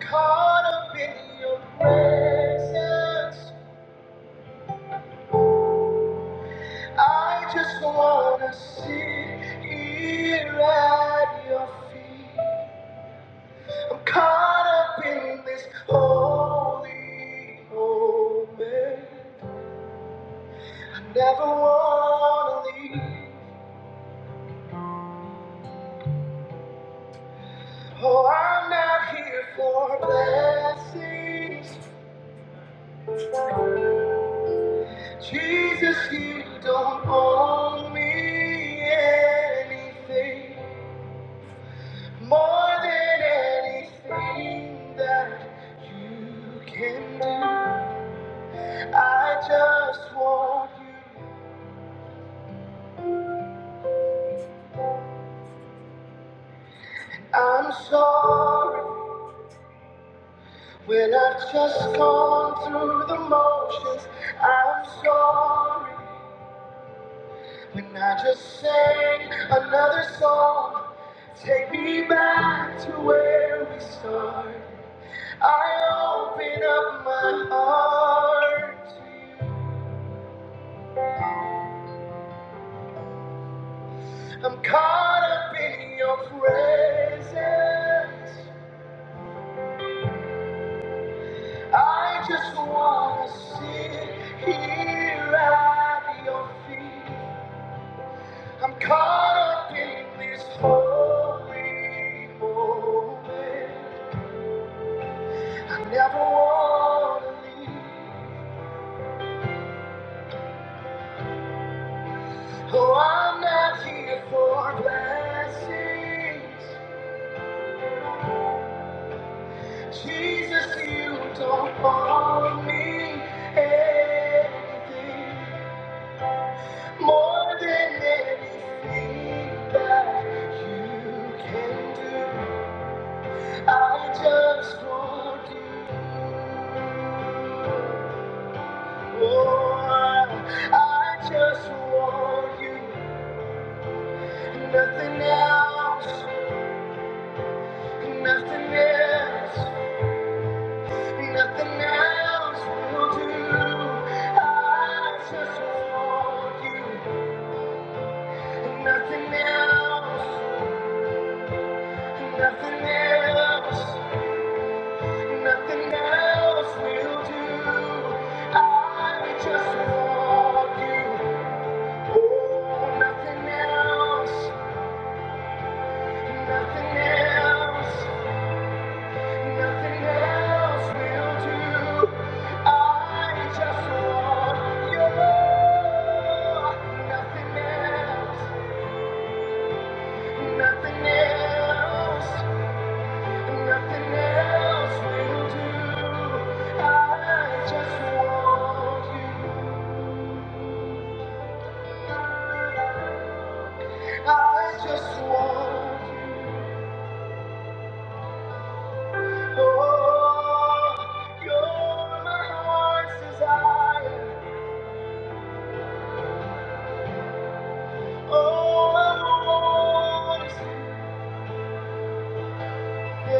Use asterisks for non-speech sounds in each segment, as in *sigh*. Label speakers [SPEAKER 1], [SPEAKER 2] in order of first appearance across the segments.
[SPEAKER 1] Caught up in your presence, I just wanna sit here at your feet. I'm caught up in this holy moment. I never wanna leave. Oh, I'm not here for blessings. Jesus, you don't owe me anything. More than anything that you can do, I just want you. I'm sorry when I've just gone through the motions. I'm sorry when I just sang another song. Take me back to where we started. I open up my heart to you. I'm caught up in your presence. I just want to sit here at your feet. I'm caught up in this holy moment. I never want to leave. Oh, I'm not here for blessings. Jesus, you don't owe me anything. More than anything that you can do, I just want you. Oh, I just want you. Nothing else, nothing else, nothing else will do. I just want you. Nothing else, nothing else. Nothing else will do. I just want you. Oh, nothing else, nothing else, nothing else will do. I just want you. Nothing else, nothing else, nothing else will do. I just want you. I just want you. Oh, you're my heart's desire. All I want is you.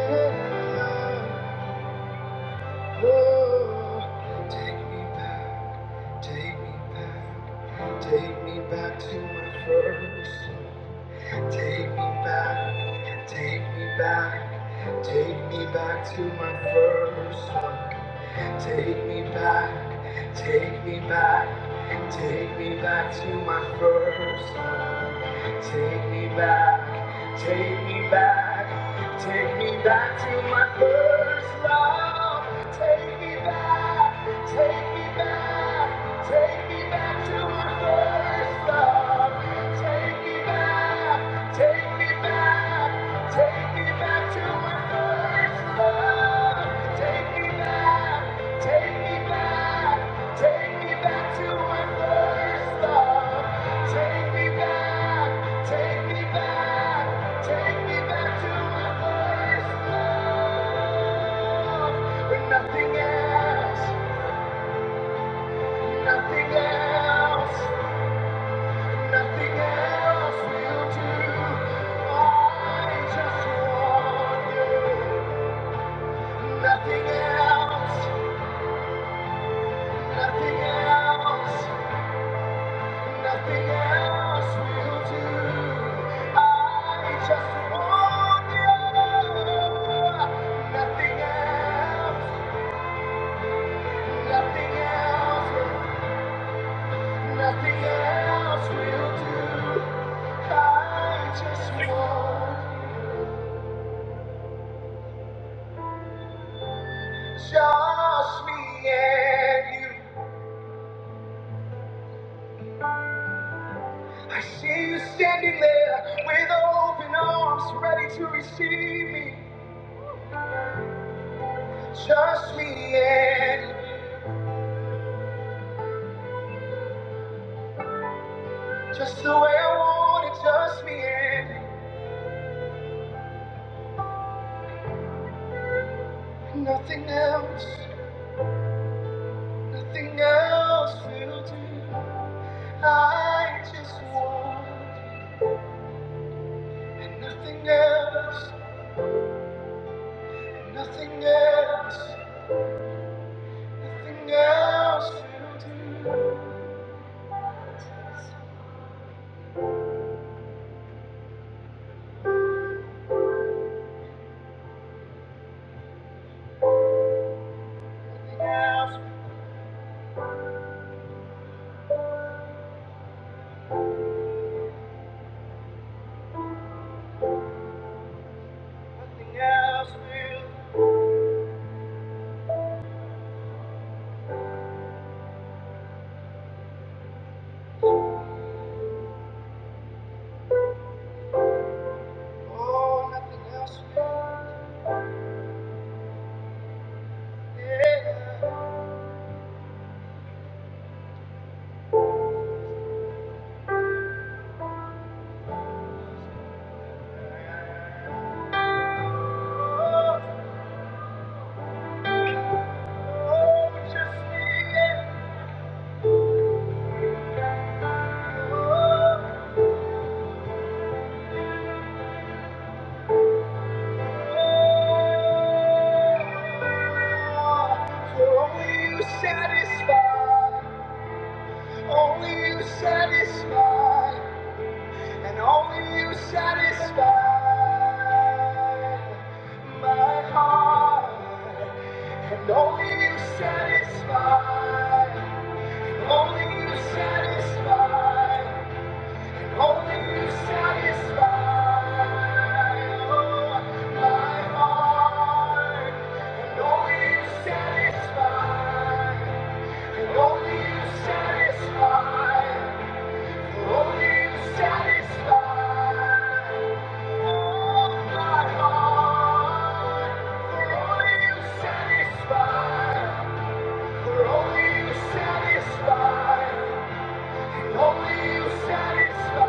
[SPEAKER 1] Oh, take me back, take me back, take me back to my first. love. Take me back, take me back, take me back to my first. love. Take me back, take me back, take me back to my first love. Take me back, take me back, take me back to my first love. Take me back, take me back, take me back to my first love. Take me back, take me back. Take me back to my first love. Take me back, take me back, take me back to my first love. Take me back, take me back, take me back to my first love. When nothing else, nothing else, nothing else will do. I just want you. Nothing else, nothing else, nothing else will do. I just want you. Nothing else, nothing else, nothing else will do. I just want just me and you. I see you standing there with open arms, ready to receive me. Just me and you, just the way I want it, just me and you. Nothing else, nothing else will do. I just want you, and nothing else, nothing else, nothing else will do. Nothing else, nothing else will. Oh, nothing else will. And only you satisfy, only you satisfy. Only you satisfy, my heart. only you satisfy. only you satisfy. only you satisfy. Oh, my heart. For only you satisfy. For only you satisfy. Only you satisfy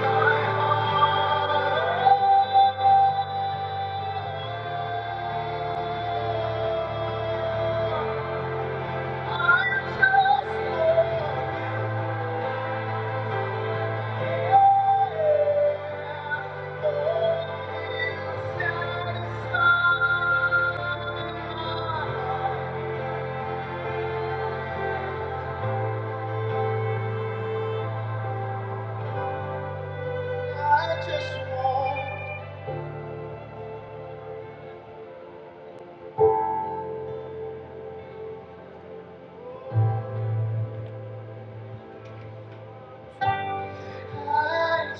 [SPEAKER 1] my heart. I just want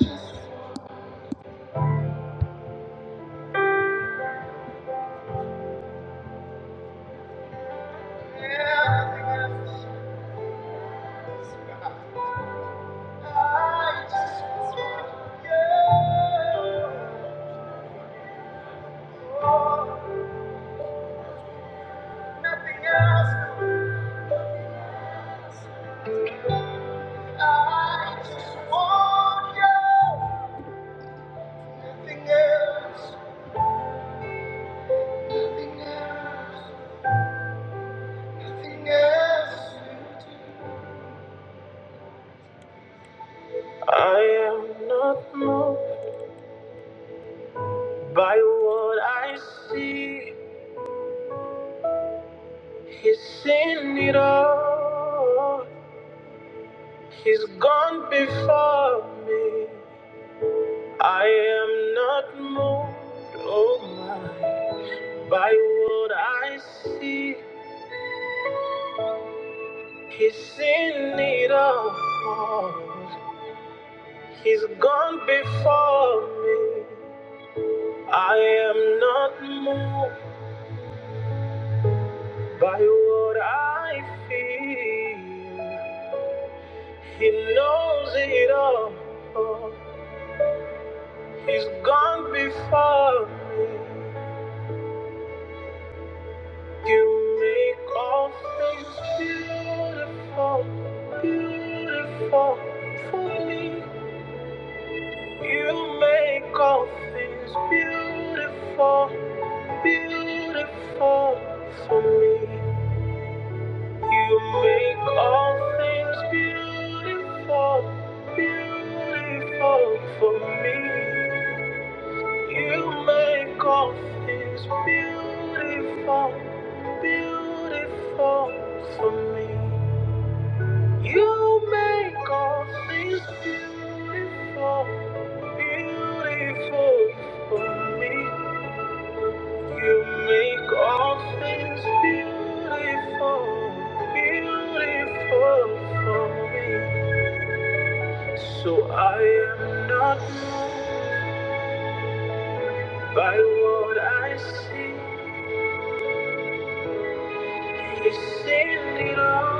[SPEAKER 1] you satisfy. I just want, I just want I just want you. Nothing else. I just want you. Nothing else. Nothing else. Nothing else. I am not moved by what I see. He's seen it all. He's gone before me. I am not moved, oh my, by what I see. He's in it all. He's gone before me. I am not moved by what I feel. He knows it all. He's gone before me. You make all things beautiful, beautiful for me. You make all things beautiful, beautiful for me. You make all things beautiful, beautiful for me. You make all things beautiful, beautiful for me. You make all things beautiful, beautiful for me. You make all things beautiful, beautiful for me. So I am not moved by what I see. He's seen it all.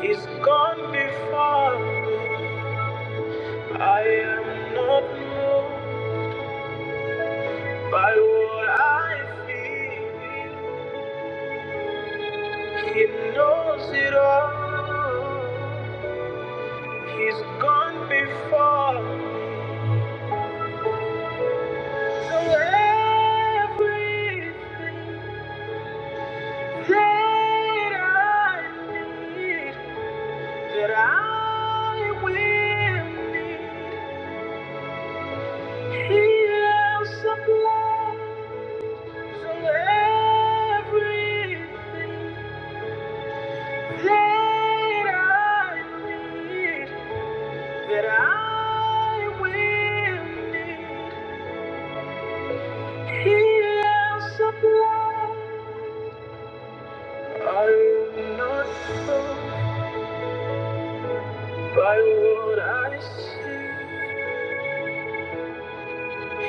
[SPEAKER 1] He's gone before me. I am not moved by what I feel. He knows it all. He's gone before. So everything that I need, that I will need, He will supply. So everything. Later I read that I will need. He has supplied. I am not fooled by what I see.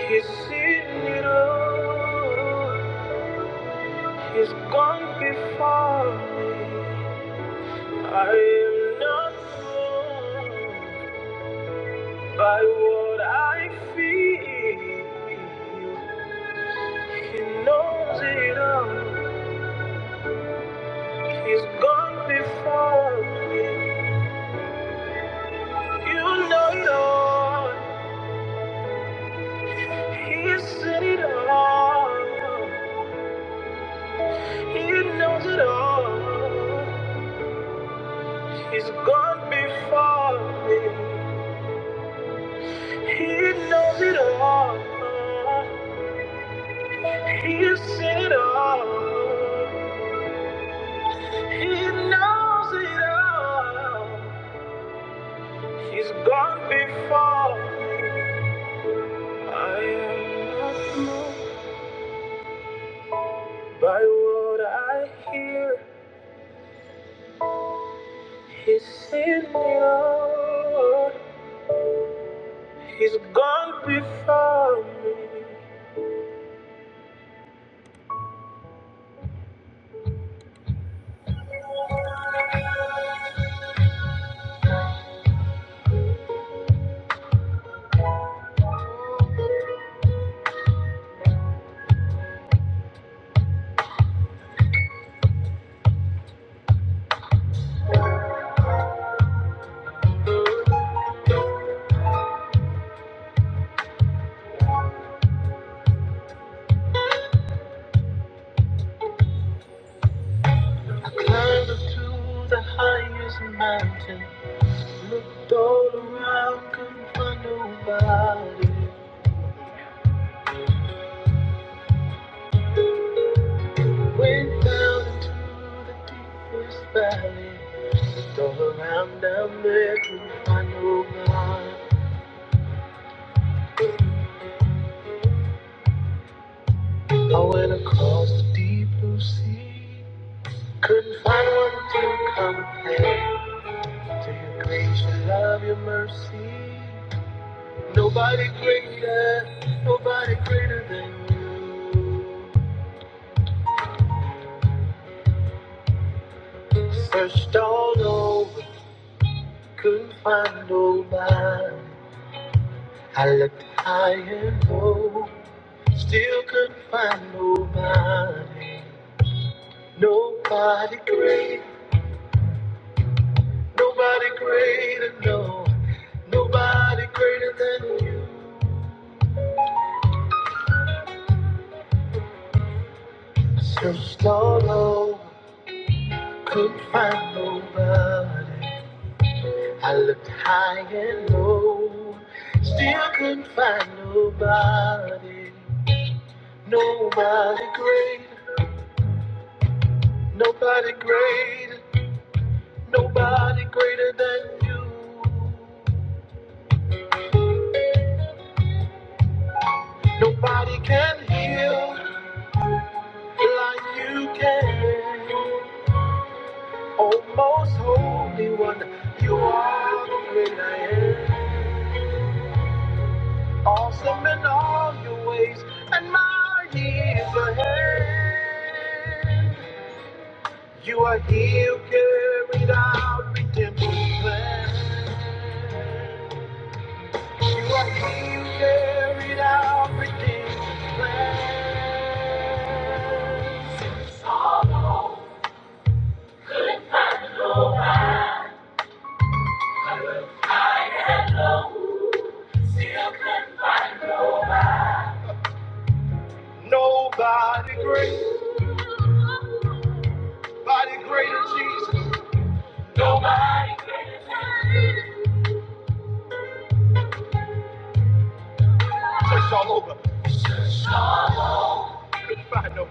[SPEAKER 1] He's seen it all. He's gone before me. I am not fooled by what I feel. He knows it all. He's gone before me. You know it all. He said it all. He knows it all. He's gone before me. He knows it all. He said it all. He knows it all. He's gone before me. I am not moved. By what I hear, he's seen me on. He's gone before me. I climbed up to the highest mountain, looked all around, couldn't find nobody. Went down into the deepest valley, looked all around down there, couldn't find nobody. I went across the deep blue sea, couldn't find one to compare. To your grace, your love, your mercy. Nobody greater, nobody greater than you. Searched all over, couldn't find nobody. I looked high and low, still couldn't find nobody. Nobody great, nobody greater, no. Nobody greater than you. Searched all over, couldn't find nobody. I looked high and low, still couldn't find nobody, nobody great, nobody great, nobody greater than you. Nobody can heal like you can. Oh, most holy one, you are the great I am. Awesome in all your ways, and mighty is your hand. You are here, you carried out redemption plan. You are here, you carried out redemption plan. Nobody great, nobody greater Jesus. Search all over, couldn't find no.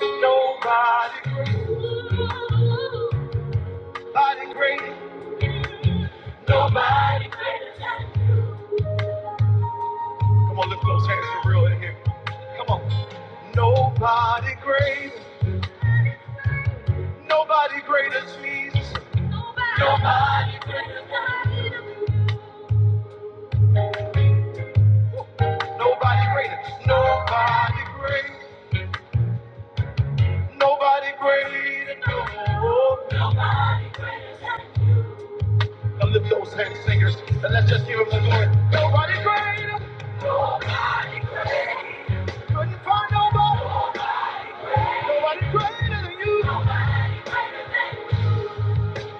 [SPEAKER 1] Nobody great, nobody great, nobody. Come on, lift those hands for real in here. Come on. Nobody great, nobody greater Jesus. Nobody. Nobody greater. Nobody great. Nobody greater. No. Now lift those hands, singers, and let's just give him the glory. Nobody greater. nobody. Couldn't find nobody. Nobody greater than you.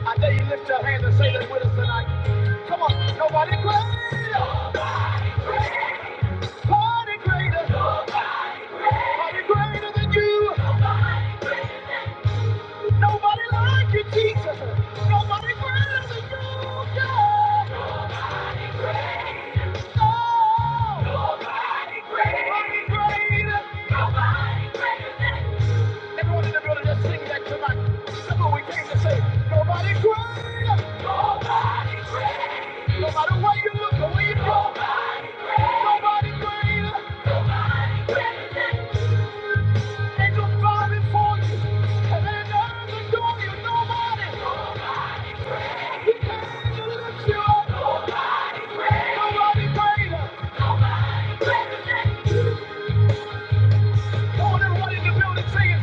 [SPEAKER 1] I dare you lift your hands and say this with us tonight. Come on. Nobody greater. Nobody greater. Nobody greater than you. Nobody like you, Jesus. Nobody greater than you. Yeah. Nobody greater. Nobody greater than Everyone in the building, just sing that tonight. That's what we came to say. Nobody greater. Nobody greater. No matter where you look or where you go. Nobody greater. Nobody greater than Angels bowing for you. Heaven and earth adore you. Nobody. Nobody. He came to lift you up. Nobody. greater. Nobody greater Come everybody in the building singing.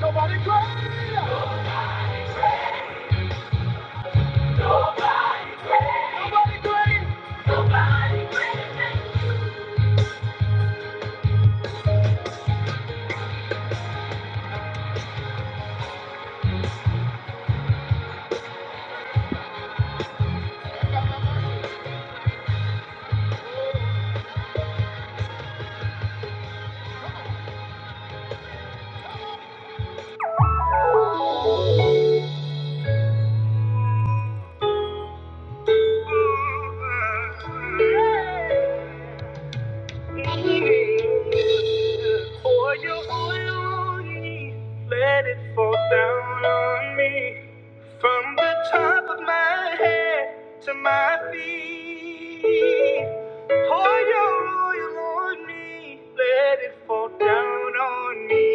[SPEAKER 1] Nobody great. Nobody great. Nobody great. Nobody great. me, Let it fall down on me from the top of my head to my feet. Pour your oil on me. Let it fall down on me.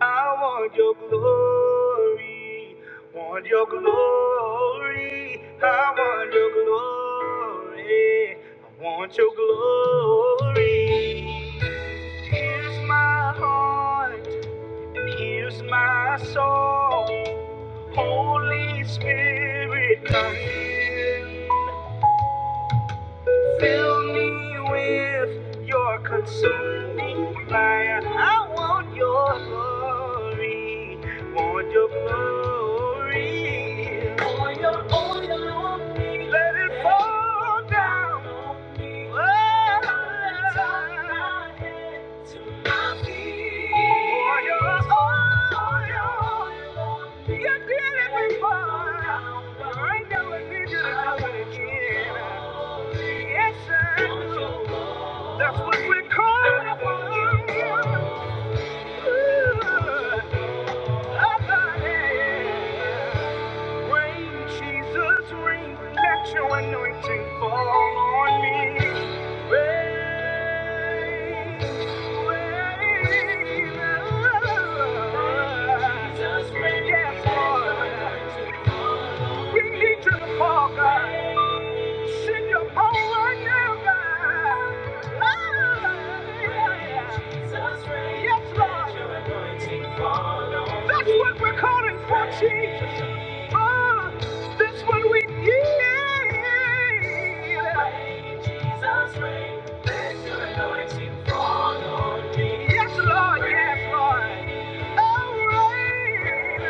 [SPEAKER 1] I want your glory. Want your glory. I want your glory. I want your glory. Here's my heart. Here's my soul, Holy Spirit, come fill me with your consuming fire. I want your glory, want your glory. Oil, oil on me. Let it fall down. on me. Oh, Let it fall down. That's what we call it. Rain, Jesus, rain, let your anointing fall on me. Rain, rain, Jesus, rain, yes, Lord. We need you to fall, God. Send your power right now, God. Yes, Lord. That's what we're calling for, Jesus. Ah, that's what we need. Jesus, reign. Let your anointing fall on me. Yes, Lord, yes, Lord. Oh, reign.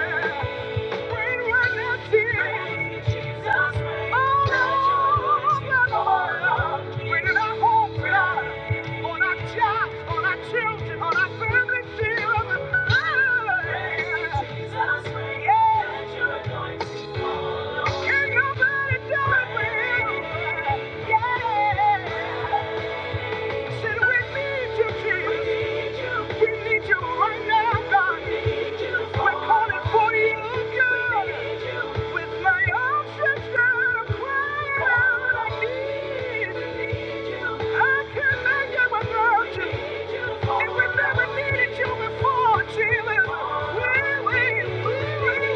[SPEAKER 1] Reign right now, Jesus. Jesus, reign. Oh, Lord. Lord, Lord. Reign in our homes, God on our jobs, on our children, on our family fields. Oh, yeah. Can nobody do it with? me? Yeah. Never needed you before, Jesus. Really, really. Yeah!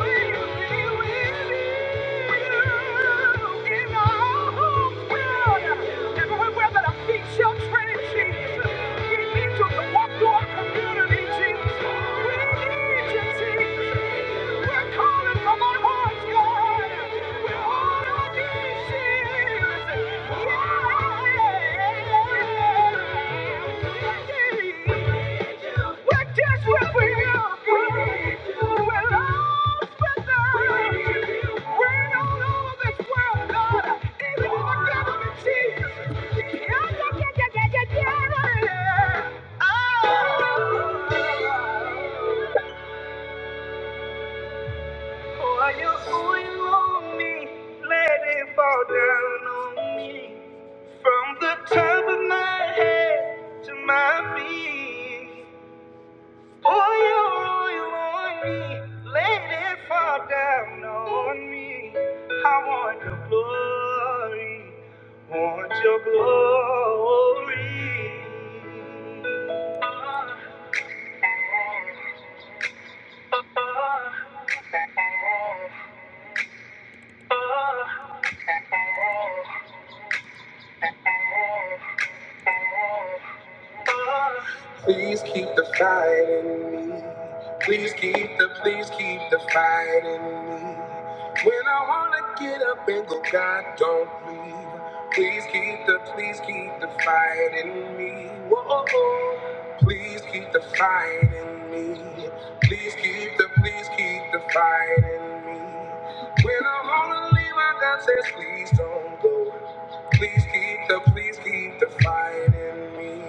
[SPEAKER 1] Oh, you, oh, you owe me, lady, fall down on me. From the top of my head to my feet, pour your oil on me, let it fall down on me. I want your glory, want your glory. Uh, uh, uh. Please keep the fight in me. Please keep the, please keep the fight in me. When I wanna get up and go, God, don't leave. Please keep the, please keep the fight in me. Whoa, please keep the fight in me. Please keep the, please keep the fight in me. When I wanna leave, my God says, please don't go. Please keep the, please keep the fight in me.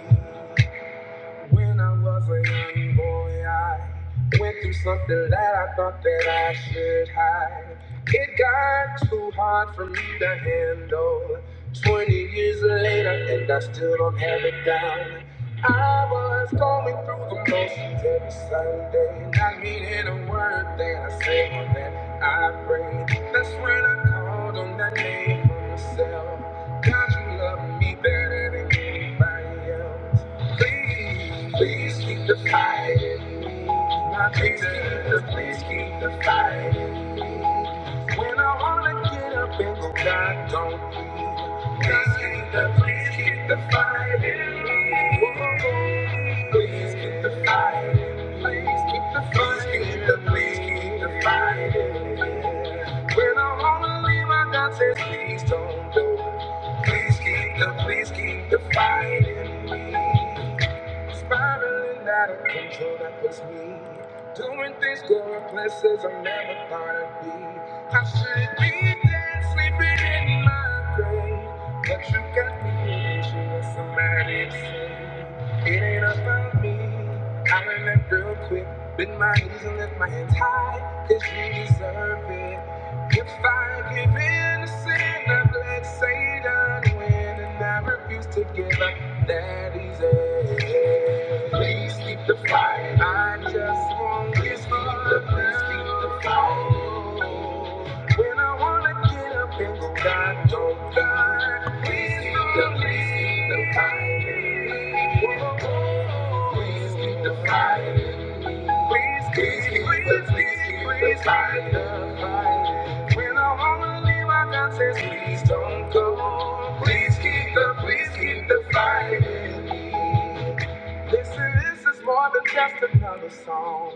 [SPEAKER 1] When I was a young boy, I went through something that I thought that I should hide. It got too hard for me to handle. 20 years later, and I still don't have it down. I was going through the motions every Sunday, not meaning a word that I say or that I pray. That's when I called on that name for myself. God, you love me better than anybody else. Please, please keep the fire in me. Now, Jesus, please keep the fire in me. When I wanna get up and go, God, don't leave. Please keep the, please keep the fire in me. Whoa, whoa, please keep the fire in me. Please keep the fire. in me please keep the, please keep the fighting. When I wanna leave, my God says, please don't go. Please keep the, please keep the fighting spiraling out of control that was me doing things going places i never thought i'd be i should be dead sleeping in my grave but you got me anxious it ain't about me. Comment that real quick. Bend my knees and lift my hands high, cause you deserve it. If I give in to sin, I've let Satan win, and I refuse to give up that easy. Please keep the fight. I just want this for the Please keep the fight. When I wanna get up and go, God, oh God, please keep the, please keep the fire. in me. Whoa, whoa, please keep the fire. in me. Please keep, please keep, the, please keep the fire. in me. When I wanna leave, I God says, please don't go. Please keep the, please keep the fire. in me. Listen, this is more than just another song.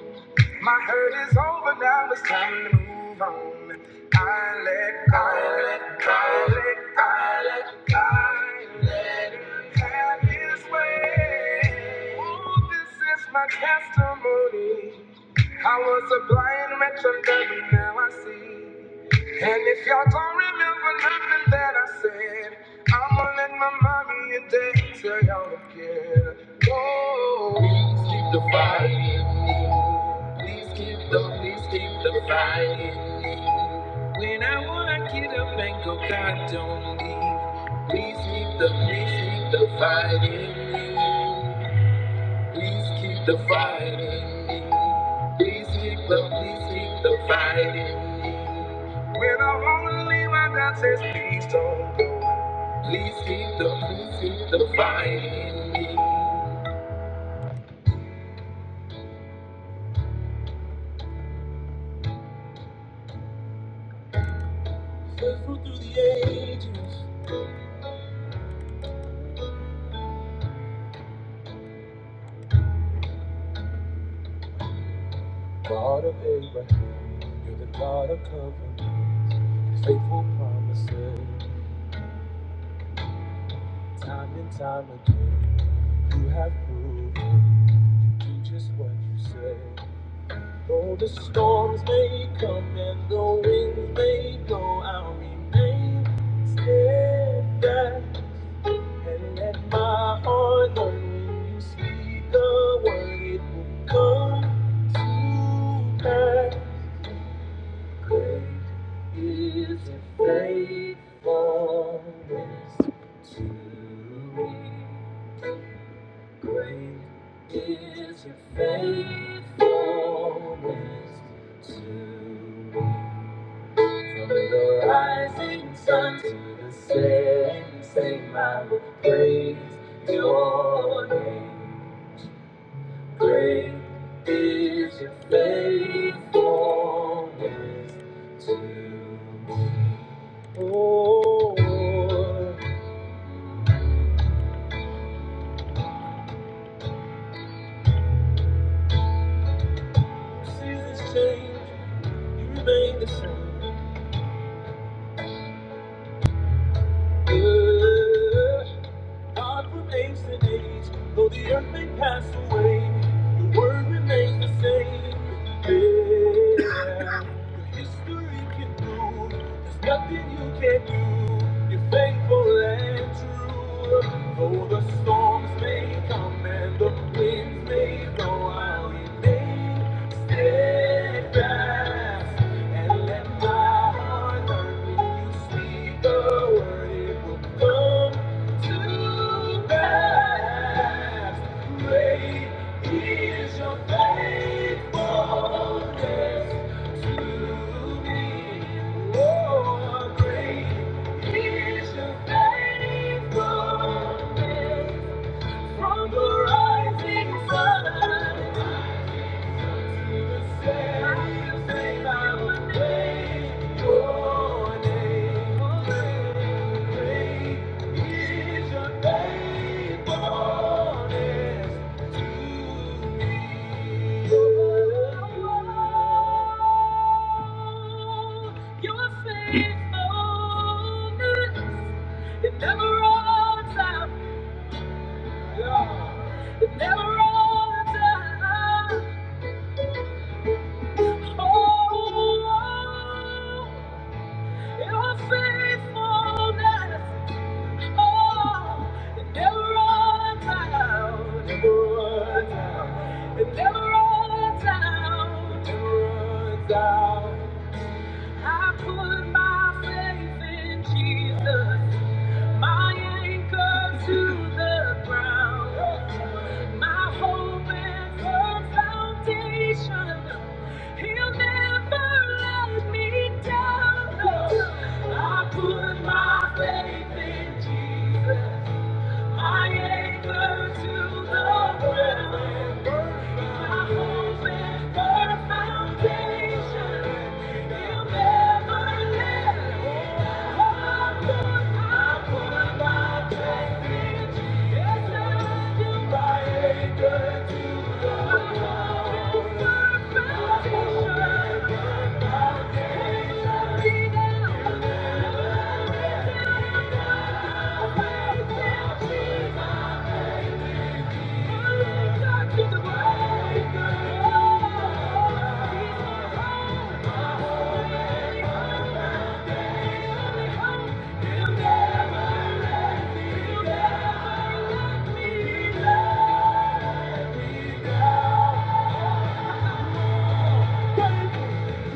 [SPEAKER 1] My hurt is over now, it's time to move on. I let go, I let go, I let go, I let go. I let him have his way. Ooh, this is my testimony. I was a blind wretch and devil, now I see. And if y'all don't remember nothing that I said, I'ma let my mommy and daddy tell y'all again. Oh, please keep the fight in me. Please keep the, please keep the fight in me. When I wanna get up and go, God don't leave. Please keep the, please keep the fight in me. Please keep the fighting. Please keep the, please keep the fighting. I wanna leave, my God says, please don't go. Please keep the, please keep the fighting. through the ages, you're the God of covenant, faithful promises, time and time again. You have proven you do just what you say. Though the storms may come and the winds may blow, I'll remain steadfast and let my heart learn when you speak the word, it will come to pass. Great is your faithfulness to me. Great is your faithfulness to me. From the rising sun to the setting, same I will praise your name. Great is your faithfulness to me. Oh, seasons change, you remain the same. Oh, God from age to age, though the earth may pass away, your word remains the same. Yeah. Your history can do, there's nothing you can't do. You're faithful and true. Though the storms may come and the winds may blow, I'll remain steadfast. And let my heart learn when you speak the word, it will come. From the rising sun it never runs out. Yeah. It never runs out. Oh, Your faithfulness, oh, it never runs out, never runs out. It never runs out, never runs out. I put my faith in Jesus. My anchor to the ground. My hope and the foundation. He'll never let me down. I put my faith in Jesus. I anchor to the ground. My hope is the foundation. he never let me down. I put my faith in Jesus. I anchor to the ground. My hope is the foundation.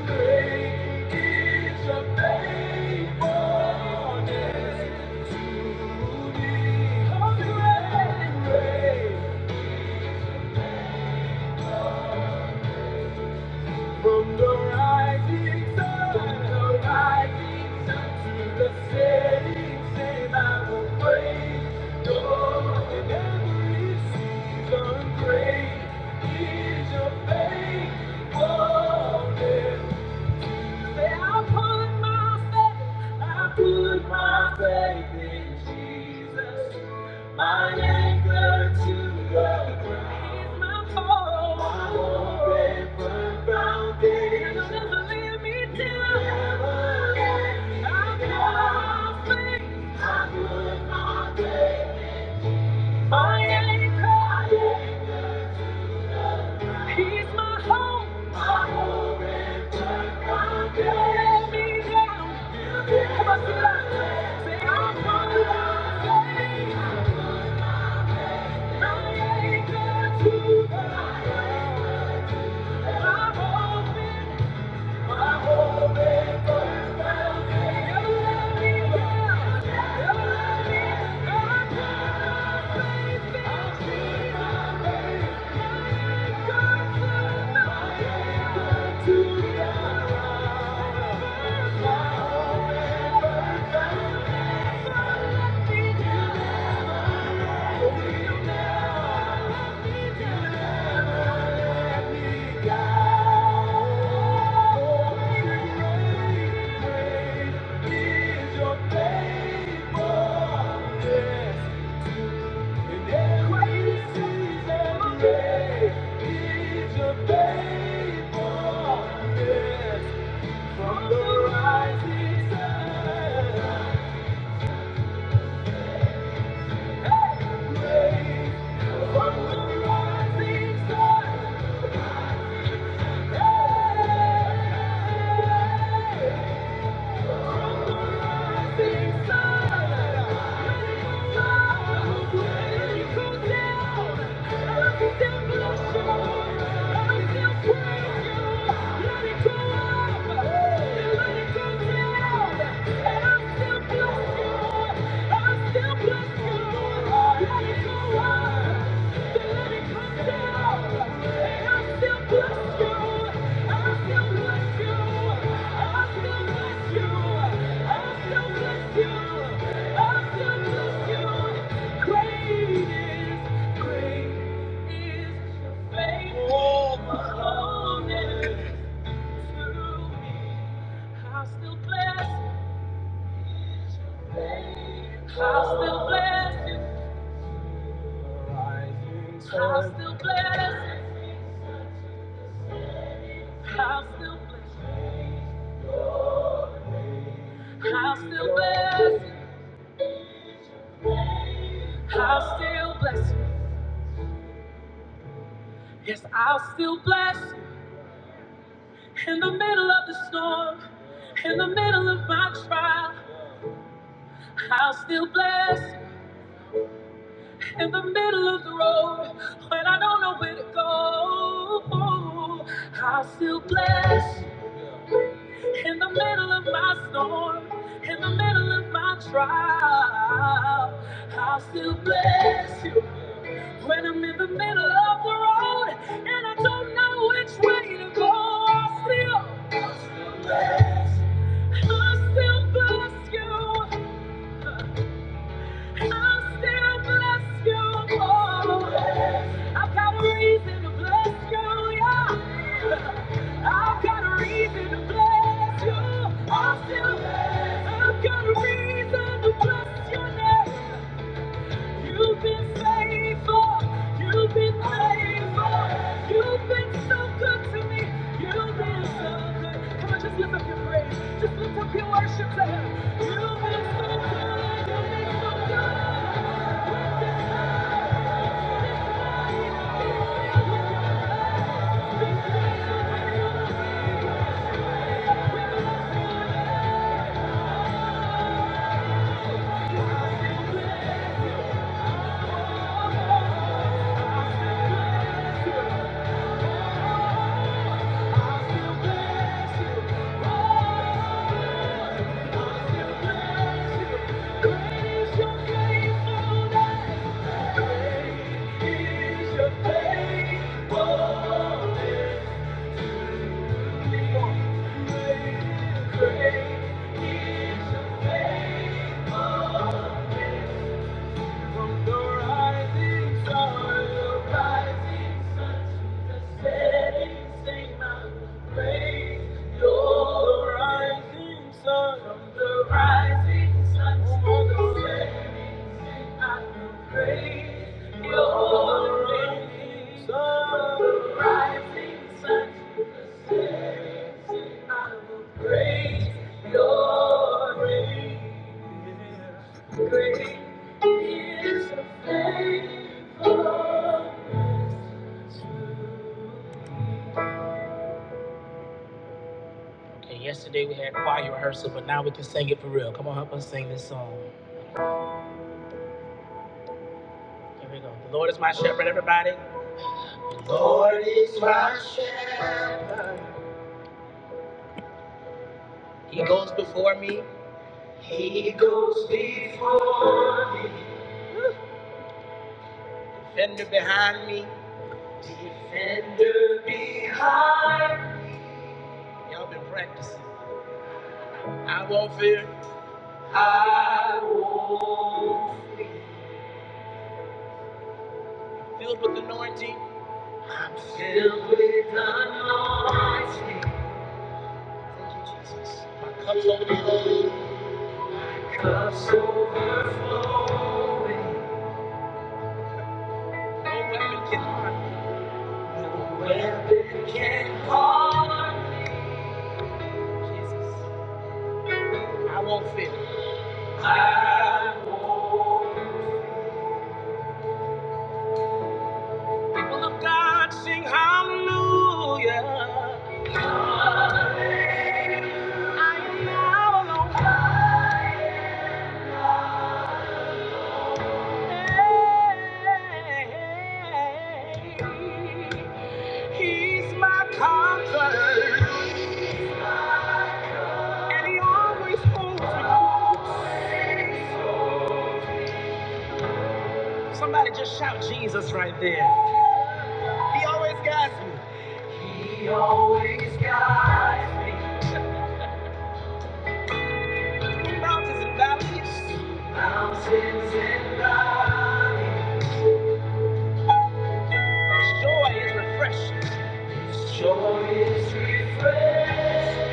[SPEAKER 1] From the rising sun, the rising sun to the setting sun, I will praise Lord in every season. Great is your faithfulness. I put my faith, I put my faith in Jesus. My anchor to the ground. He's my hope. My hope ever firm foundation. He'll never let me down. I put my faith. I put my faith. My anchor. My anchor. He's my hope. my hope. Thank you. From the rising sun, great, from the rising sun. Sing sorrow. Bless you. Yes, I'll still bless you in the middle of the storm, in the middle of my trial. I'll still bless. you. in the middle of the road when I don't know where to go. I'll still bless in the middle of my storm, in the middle of my trial. I'll still bless you when I'm in the middle of the road and I don't know which way to go. I'll still, I'll still bless. I'll still bless you i still bless you, I've got a reason to bless you, yeah. I've got a reason to bless you. i still, I've got a reason to bless your You've been faithful. You've been faithful. You've been so good to me. You've been so good. Come on, just lift up your praise. Just lift up your worship to Him. i still bless you. i still bless you. Great is your faithfulness. From the rising sun, the rising sun to the setting, sing my praise. Your rising sun, the rising sun to the setting, sing my praise. Your rising sun, the rising sun to the setting, sing my praise. Your praise. Great is the faith. Lord is my shepherd. He goes before me. He goes before me. Defender behind me. Defender behind me. Y'all been practicing. I won't fear. I won't fear. Filled with anointing. I'm filled with anointing. My cup's overflowing. He's my comforter, and he always holds me close. Somebody just shout Jesus right there. He always guides me. He always guides me. Through mountains and valleys. Through Mountains and valleys. His joy is refreshing. His joy is refreshing.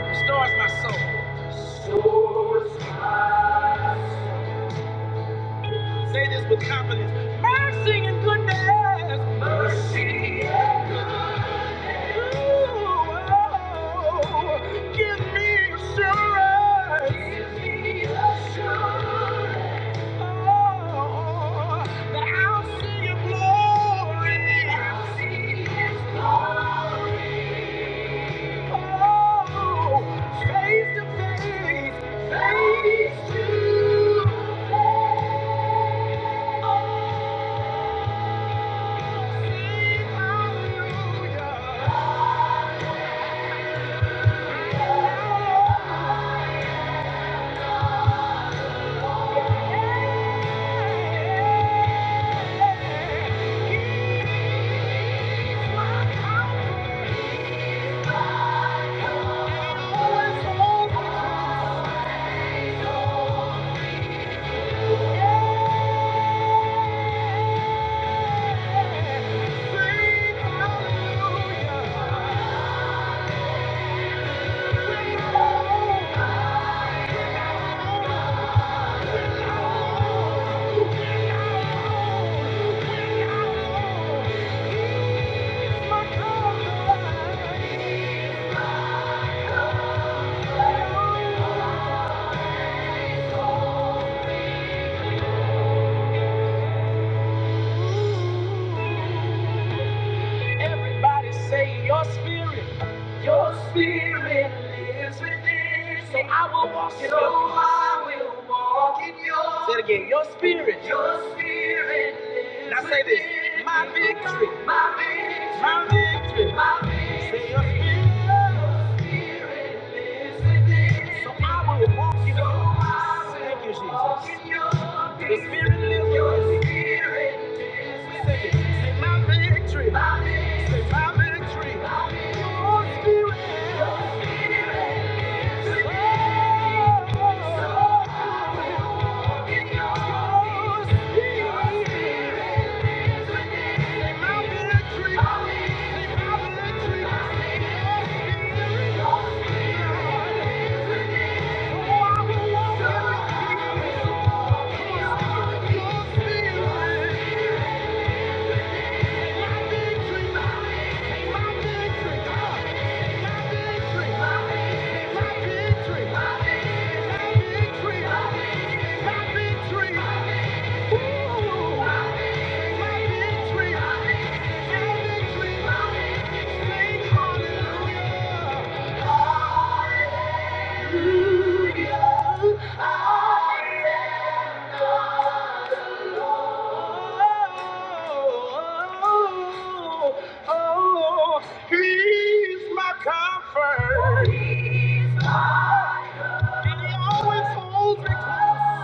[SPEAKER 1] Restores my soul. Restores my soul. Say this with confidence. Mercy and goodness. Mercy. and goodness. Ooh, give me assurance. Give me assurance. Oh, that I'll see your glory. I'll see his glory. Oh, face to face. Face to face. Oh, yeah. Always, always. Say it again. Now say this. My victory. My victory. My victory. My victory. So I will walk in your peace. Thank you, Jesus. The spirit lives within me. Say it. Say my victory. my victory. Thank you victory, Woo! He's my comfort. He always holds me close.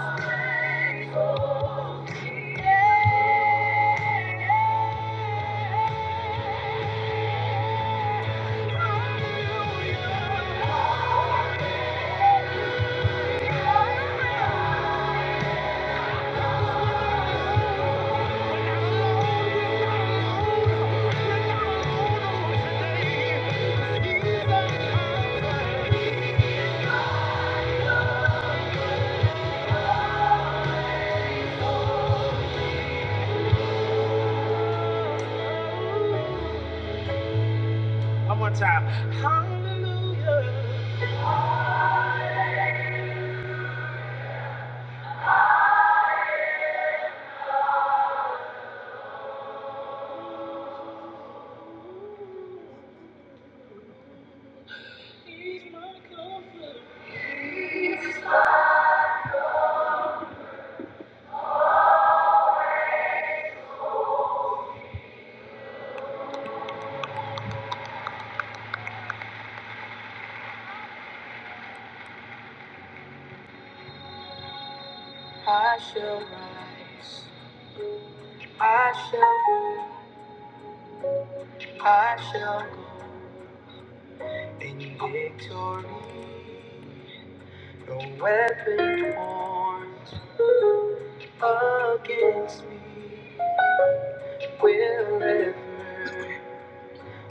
[SPEAKER 1] One more time. Hallelujah. I shall, I shall go in victory. No weapon formed against me will ever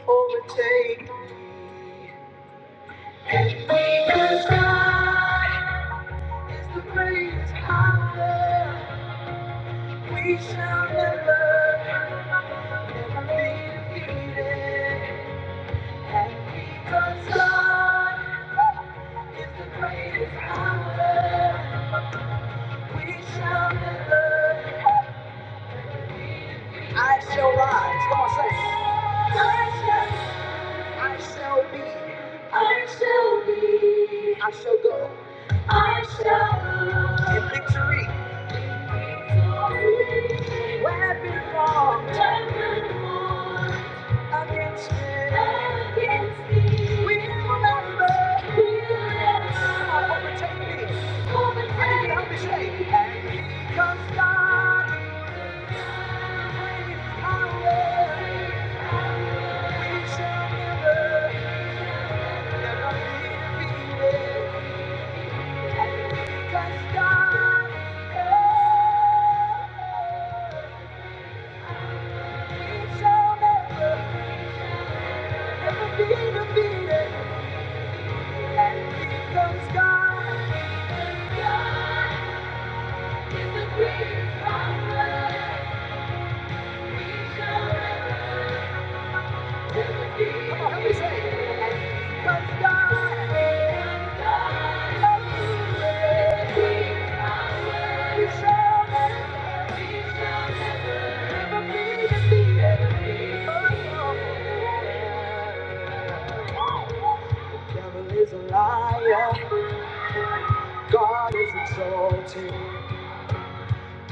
[SPEAKER 1] overtake me. Because God. It's the greatest power. We shall never, never be defeated. And because God is the greatest power, we shall never. I shall, I shall be, I shall in victory. Weapon formed, weapon formed. Against me. Against me. We will never. We will never. Overtake me. Overtake I need you to help me say. And he comes God with power. We shall never, never be defeated. And he comes God. is, We shall never, never be defeated. And he God. Come on, help me say it. 'Cause God is good. He shall never, never be defeated. Oh, no. Devil is a liar. God is exalted.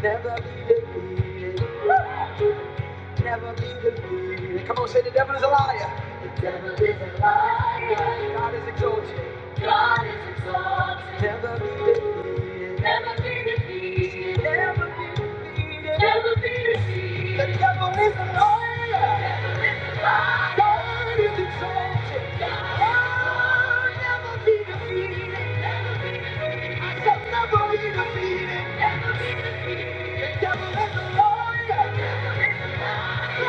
[SPEAKER 1] Never be defeated. never be defeated. Come on, say the devil is a liar. The devil is a liar. God is exalted. God is exalted. Never be defeated. Never be defeated. Never be defeated. Never be defeated. The devil is a liar. Liar. Oh, never be defeated. Never be defeated. I shall never be defeated. Never be defeated. The devil is a liar. Never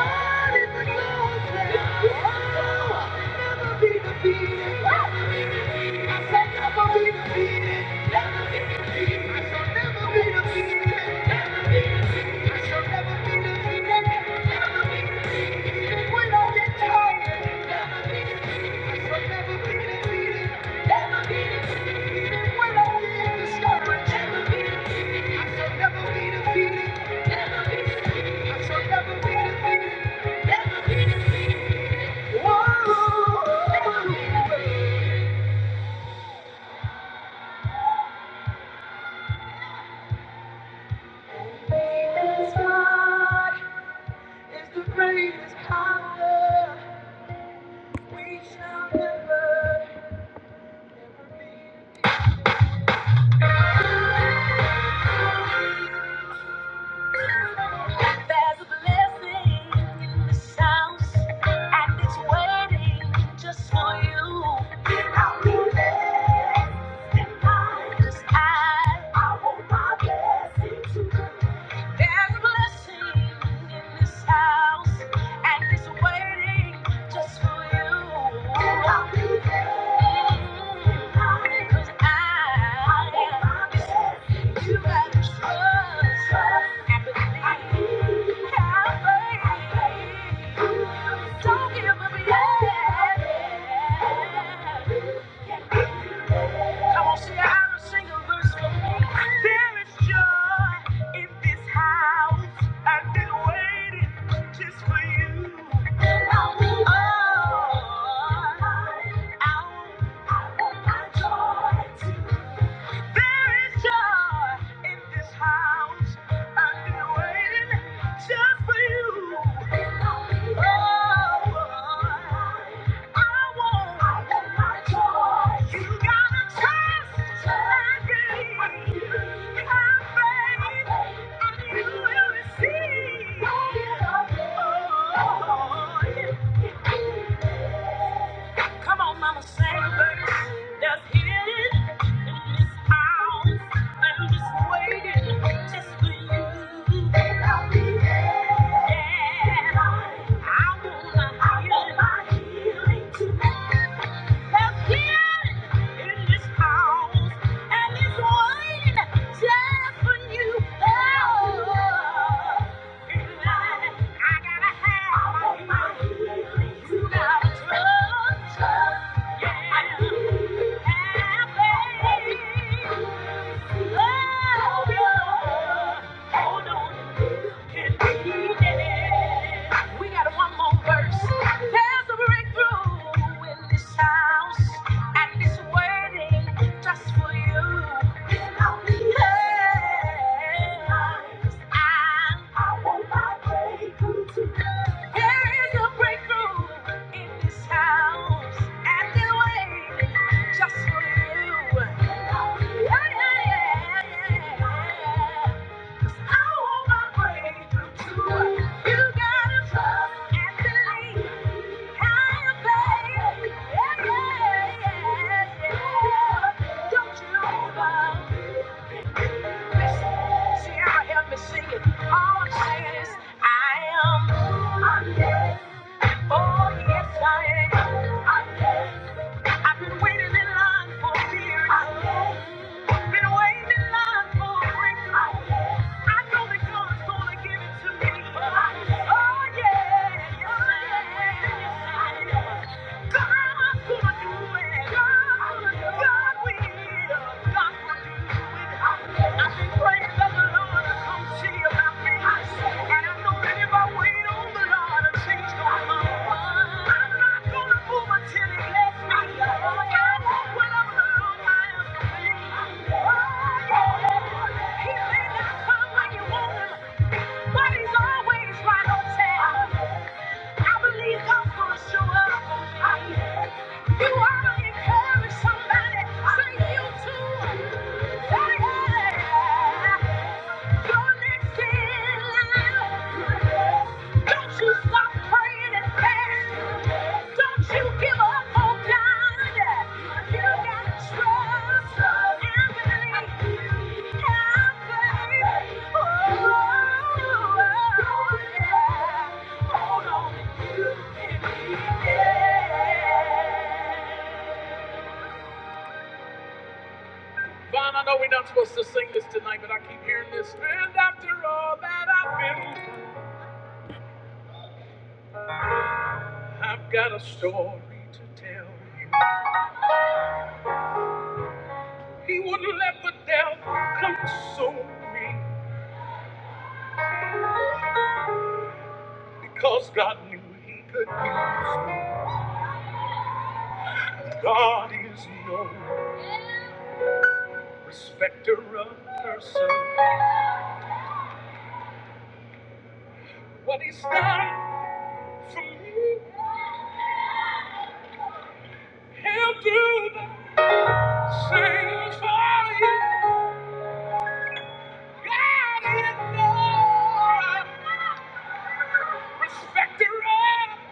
[SPEAKER 1] be defeated. Just for you, I'll be there. Cause I, I want my blessing too. There's a blessing in this house, and it's waiting just for you. And I'll be there. 'Cause I- you gotta trust and believe. Have faith. Don't give up yet. Come on, say out and sing a verse for me. There is joy in this house. I've been waiting just for you. Oh, I There is joy in this house. I've been waiting just for you. *laughs* Oh, I want, I want my joy. You gotta trust and believe. Have faith and you will receive. Oh, yeah. Come on, mama, say There's healing in this house. I'm just waiting just for you. And I'll be there. Yeah, I wanna I want my healing tonight. There's healing in this house, and it's waiting just for you. Oh. We got one more verse. There's a breakthrough in this house, and it's waiting just for you. Hey, 'cause I'm there's a breakthrough in this house. And they're waiting just for you. Yeah, yeah, yeah, yeah. 'Cause I want my breakthrough too. You gotta trust and believe. Have faith. Yeah, yeah, yeah. Don't you love Listen, see, I hear me singing. All I'm saying is, I am. I'm dead. Oh, yes, I am. I've am. i been waiting in line for years. I am. Been waiting in line for a breakthrough. I am. I know that God's gonna give it to me. I am. Oh, yeah, yes, I am. Yes, I am. God's gonna do it. God's gonna do it. God will. God will do it. I am. I've been praying that the Lord will come see about me. And I know that if I wait on the Lord, you ought to encourage somebody. Say you too. Yeah. Vaughn, I know we're not supposed to sing this tonight, but I keep hearing this. And after all that I've been, I've got a story to tell you. He wouldn't let the devil console me because God knew he could use me. God is no respecter of person. What he's done for me, he'll do the same for you. God is no Respect her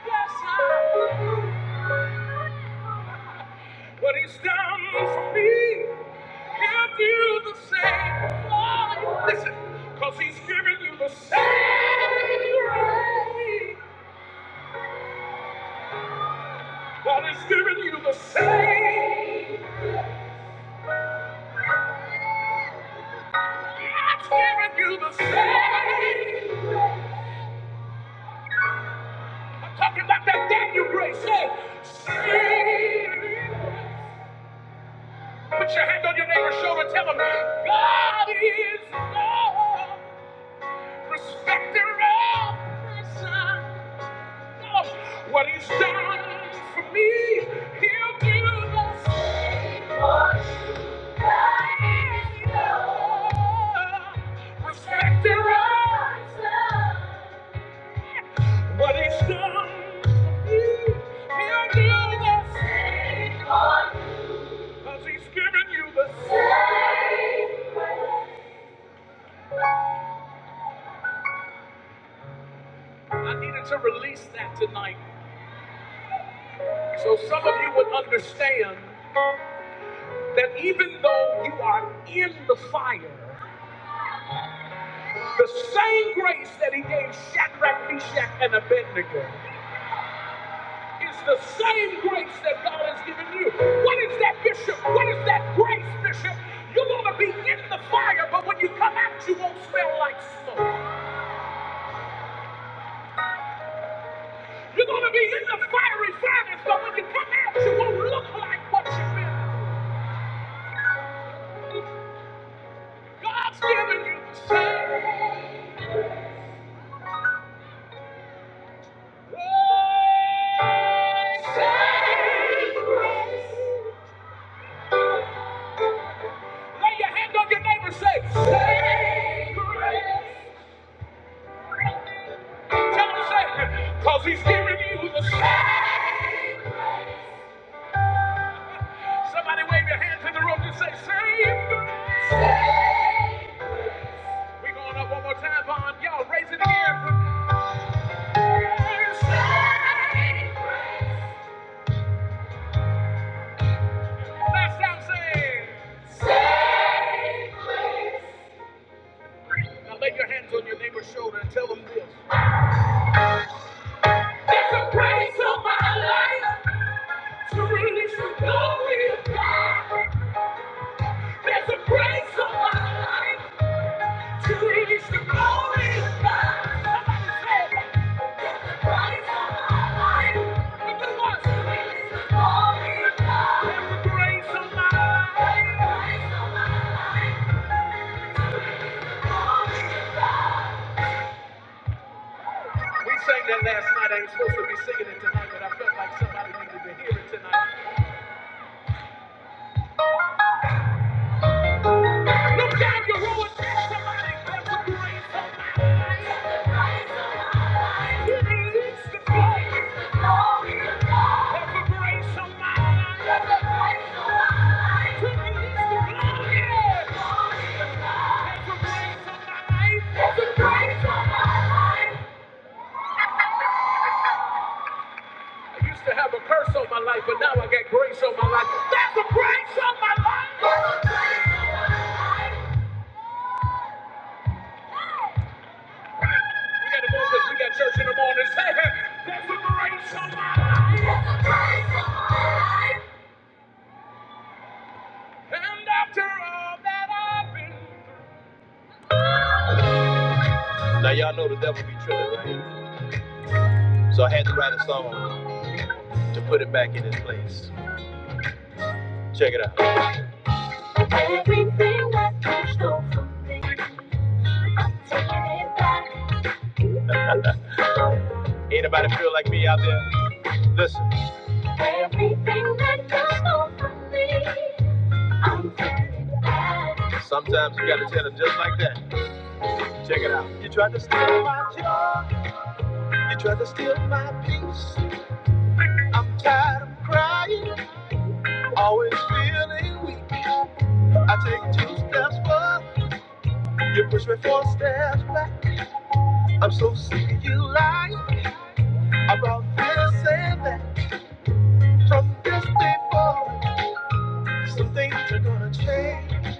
[SPEAKER 1] Respecter of blessing. What he's done for me, he'll do the same for you. Listen, cause he's giving you the same grace. God is giving you the same. God's giving you the same. I'm talking about that Daniel grace. Say, same. Put your hand on your neighbor's shoulder. Tell him, God is love. Respect and love, son. What he's done for me, he'll do the same. What he's done, because he's given you the same. I needed to release that tonight so some of you would understand that even though you are in the fire, the same grace that he gave Shadrach, Meshach, and Abednego. It's the same grace that God has given you. What is that, Bishop? What is that grace, Bishop? You're going to be in the fire, but when you come out, you won't smell like smoke. You're going to be in the fiery furnace, but when you come out, you won't look like what you've been. through. God's given you the same grace. Same grace. Lay your hand on your neighbor, say, same. Tell him, say, because he's giving you the same. Somebody wave your hands in the room and say, Save We're going up one more time, Vaughn. Y'all raise it again. Last time saying, There's a grace on my life to release the glory of God. There's a grace on my life to release the glory of God. Somebody say, There's a grace on my life. To release the glory of God. There's a grace on my life. We sang that last night. I ain't supposed to be singing it tonight, but I felt like somebody needed to hear it tonight. That's the praise on my life. Now y'all know the devil be tripping, right? So I had to write a song to put it back in its place. Check it out. Everything that you stole from me, taking it back. Anybody feel like me out there? Listen. Everything that you stole from me, I'm taking it back. Sometimes you gotta tell them just like that. Check it out. You tried to steal my joy. You tried to steal my peace. I'm tired of crying, always feeling weak. I take two steps forward, you push me four steps back. I'm so sick of you lying about this and that. From this day forward, some things are gonna change.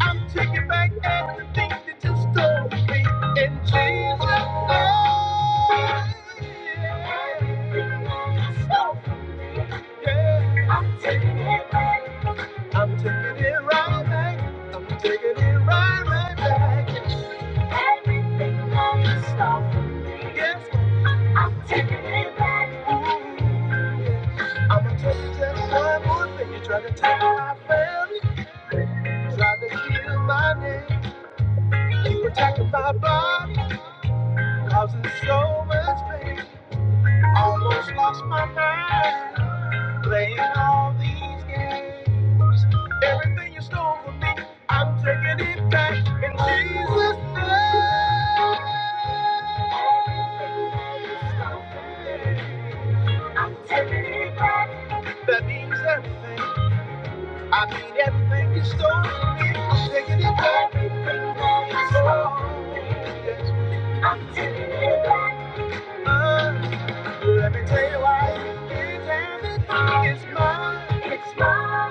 [SPEAKER 1] I'm taking back everything that you stole from me in Jesus' name. So, Yeah. I'm taking it back. I'm taking it right back. I'm taking it right, right back. Everything that you stole from me. Yes. I'm taking it back. Ooh. I'm gonna tell you just one more thing. You tried to take my family, you tried to kill my name. You attacking my body, causing so much pain. Almost lost my mind. Playing all these games. Everything you stole from me, I'm taking it back in Jesus' name. If that means everything, I mean everything you stole from me, I'm taking it back. I'm taking it back. Uh, let me tell you why. It's everything. It's mine. It's mine. It's mine.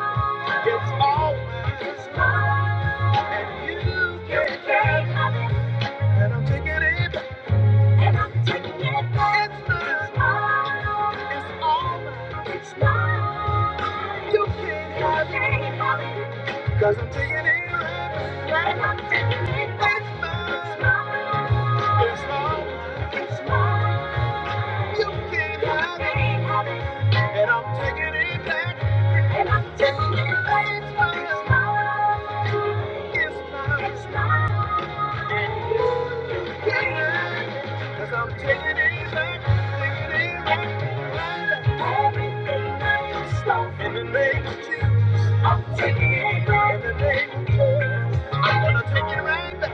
[SPEAKER 1] You can't have it. And I'm taking it back. It's mine. It's Mine. Cause I'm taking it right back. I'm taking it back. It's mine. It's mine. You can't have it. And I'm taking it back. And I'm taking it back. It's mine. It's mine. It's mine. Yeah. Cause I'm taking it back. baby. Everything I stole, I'm taking it back. Everything. I'm gonna take it right back.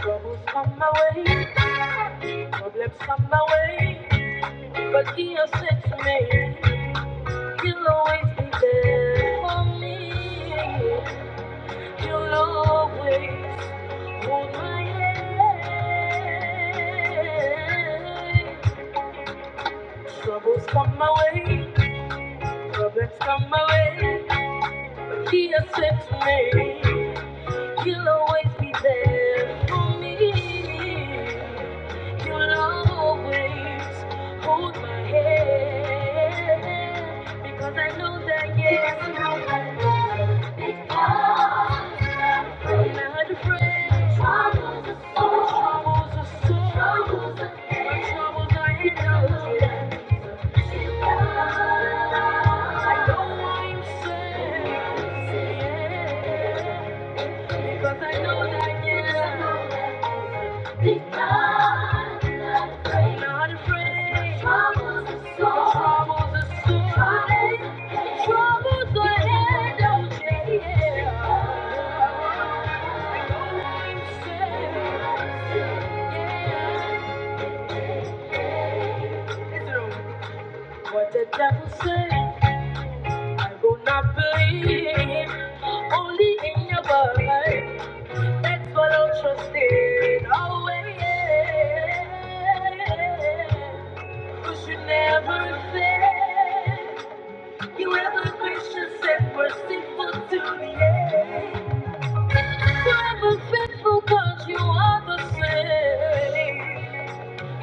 [SPEAKER 1] Troubles come my way, problems come my way, but he has sent me. You'll always be there for me. You'll always hold my hand. Troubles come my way, problems come my way. He accepts me. You'll always be there for me. You'll always hold my hand because I know that yes, you have been because I'm not afraid. Troubles are so, troubles are so, troubles are there. My troubles are enough. I know I'm safe, yeah, because I know that yes. Only in your word, that's what I'm trusting. Oh, yeah. 'Cause you never fail. You ever gracious and merciful to the end. Forever ever faithful cause you are the same.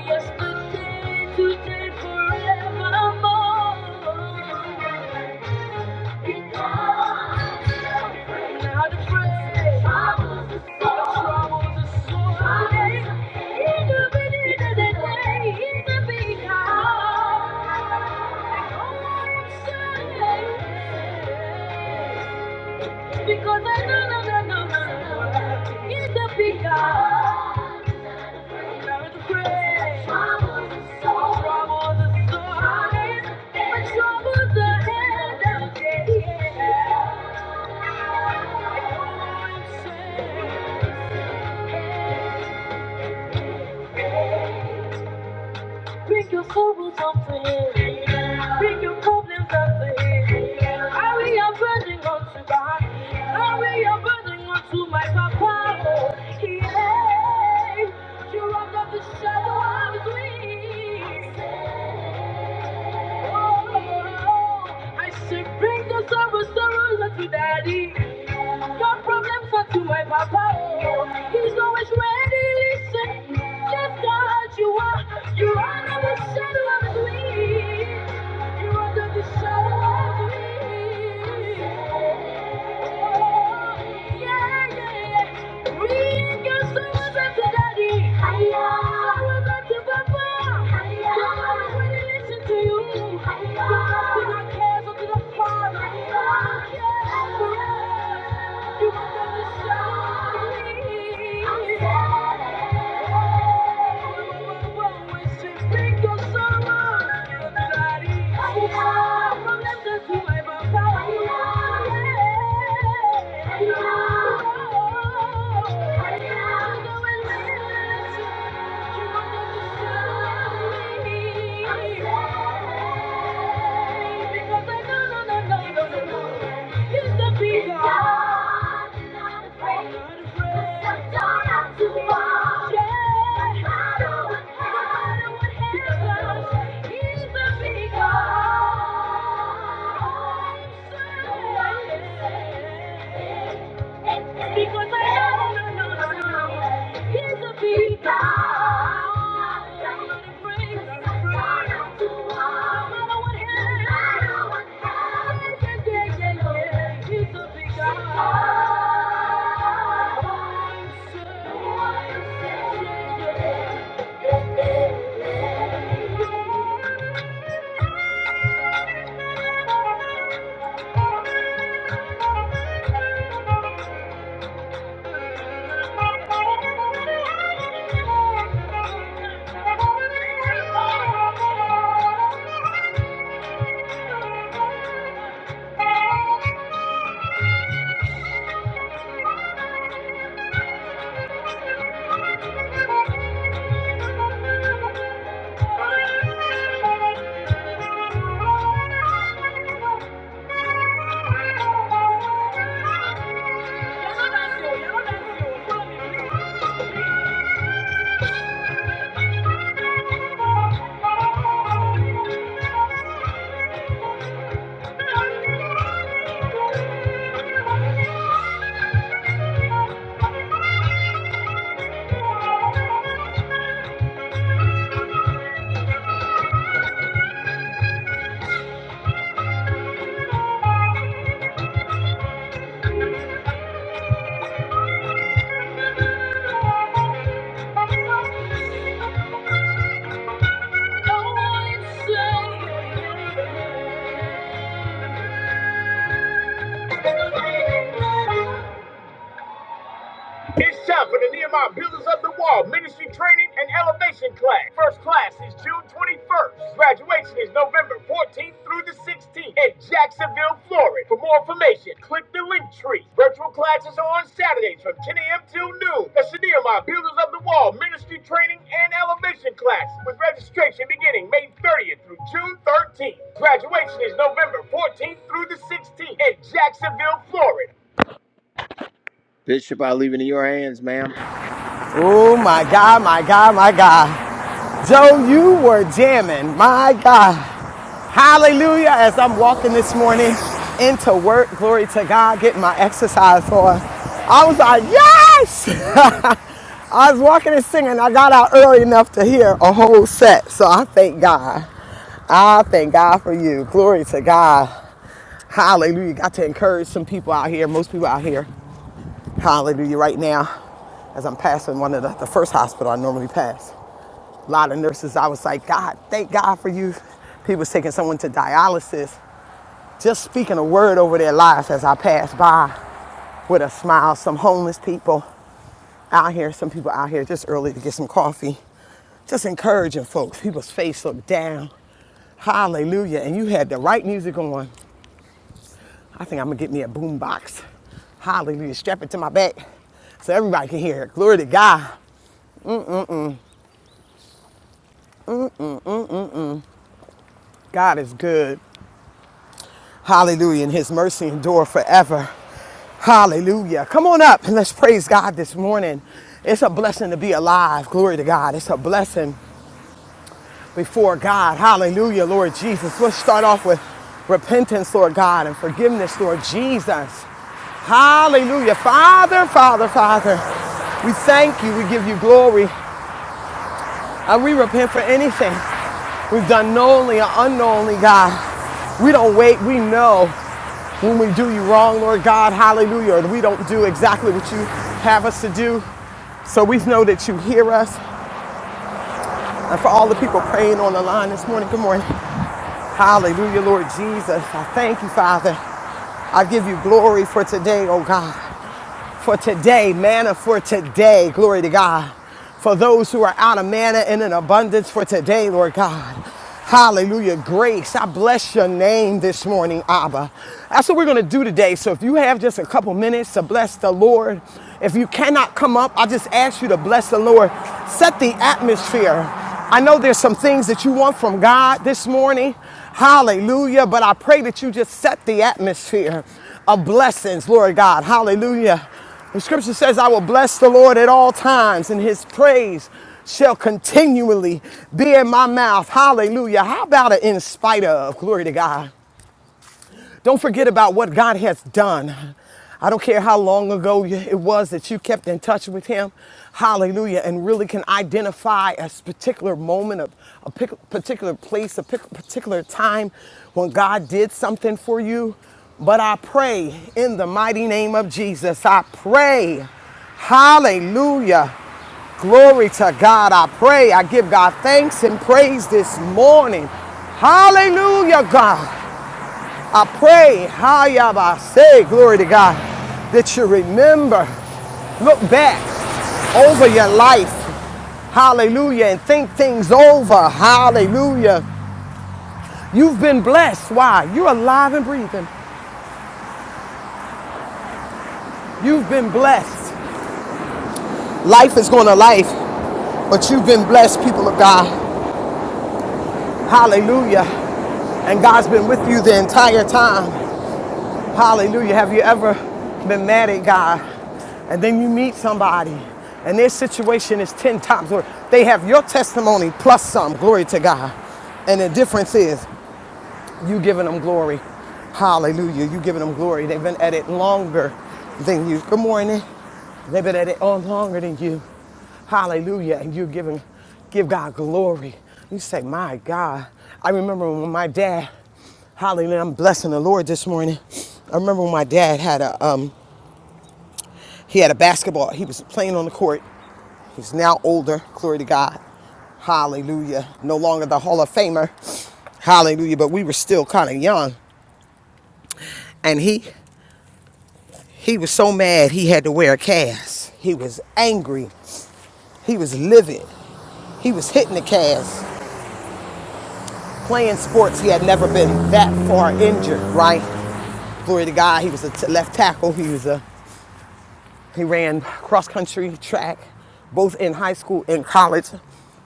[SPEAKER 1] Yesterday, today, forevermore. Because I know, no, no, no, no, no, he's a big God. Cloud of grace. Troubles are so- Troubles are so- Troubles are so- Troubles are so- Troubles are so- Bring your sorrows up to Him. Bring your problems up to Him. Carry your burden unto God. Carry your burden unto my Papa. Oh, yeah. You are under the shadow of His wings. Oh, I say, bring your sorrows, sorrows unto Daddy. Your problems are to my papa. oh. He's always ready. Listen, yes, God, you are. You are under the shadow of me. You are under the shadow of me. Yeah. Thank you. Yeah. Because I know, no, no, no, no, he's a people. Somebody praise someone to want. I don't want him, praise him. No matter what happens, yeah, yeah, yeah, yeah, he's a big God. Yeah, yeah, yeah.
[SPEAKER 2] Oh my God, my God, my God. Joe, you were jamming. My God. Hallelujah. As I'm walking this morning into work, glory to God, getting my exercise on. I was like, yes! *laughs* I was walking and singing. I got out early enough to hear a whole set. So I thank God. I thank God for you. Glory to God. Hallelujah. Got to encourage some people out here, most people out here Hallelujah. Right now, as I'm passing one of the, the first hospital I normally pass, a lot of nurses, I was like, God, thank God for you. People's taking someone to dialysis. Just speaking a word over their lives as I pass by with a smile. Some homeless people out here, some people out here just early to get some coffee. Just encouraging folks. People's face look down. Hallelujah. And you had the right music on. I think I'm gonna get me a boom box. Hallelujah. Strap it to my back so everybody can hear it. Glory to God. God is good. Hallelujah. And his mercy endure forever. Hallelujah. Come on up and let's praise God this morning. It's a blessing to be alive. Glory to God. It's a blessing before God. Hallelujah, Lord Jesus. Let's start off with repentance, Lord God, and forgiveness, Lord Jesus. Hallelujah. Father, Father, Father, we thank you. We give you glory. And we repent for anything we've done knowingly or unknowingly, God. We don't wait. We know when we do you wrong, Lord God. Hallelujah. we don't do exactly what you have us to do. So we know that you hear us. And for all the people praying on the line this morning, good morning. Hallelujah, Lord Jesus. I thank you, Father. I give you glory for today, oh God for today, manna for today. Glory to God. For those who are out of manna and in abundance for today, Lord God. Hallelujah. Grace. I bless your name this morning, Abba. That's what we're going to do today. So if you have just a couple minutes to bless the Lord, if you cannot come up, I just ask you to bless the Lord. Set the atmosphere. I know there's some things that you want from God this morning. Hallelujah. But I pray that you just set the atmosphere of blessings, Lord God. Hallelujah. The scripture says, I will bless the Lord at all times, and his praise shall continually be in my mouth. Hallelujah. How about an in spite of? Glory to God. Don't forget about what God has done. I don't care how long ago it was that you kept in touch with Him. Hallelujah. And really can identify a particular moment, of a particular place, a particular time when God did something for you. But I pray in the mighty name of Jesus. I pray. Hallelujah. Glory to God. I pray. I give God thanks and praise this morning. Hallelujah, God. I pray, Hayaba, say glory to God, that you remember, look back over your life, hallelujah, and think things over, hallelujah. You've been blessed. Why? You're alive and breathing. You've been blessed. Life is going to life, but you've been blessed, people of God, hallelujah. And God's been with you the entire time. Hallelujah. Have you ever been mad at God and then you meet somebody and their situation is 10 times worse? They have your testimony plus some. Glory to God. And the difference is you giving them glory. Hallelujah. You giving them glory. They've been at it longer than you. Good morning. They've been at it on longer than you. Hallelujah. And you're giving, give God glory. You say, my God. I remember when my dad Hallelujah. I'm blessing the Lord this morning. I remember when my dad had a um he had a basketball. He was playing on the court. He's now older. Glory to God. Hallelujah. No longer the Hall of Famer. Hallelujah. But we were still kind of young and he he was so mad he had to wear a cast. He was angry. He was livid. He was hitting the cast. Playing sports, he had never been that far injured, right? Glory to God, he was a t- left tackle. He was a he ran cross country track, both in high school and college.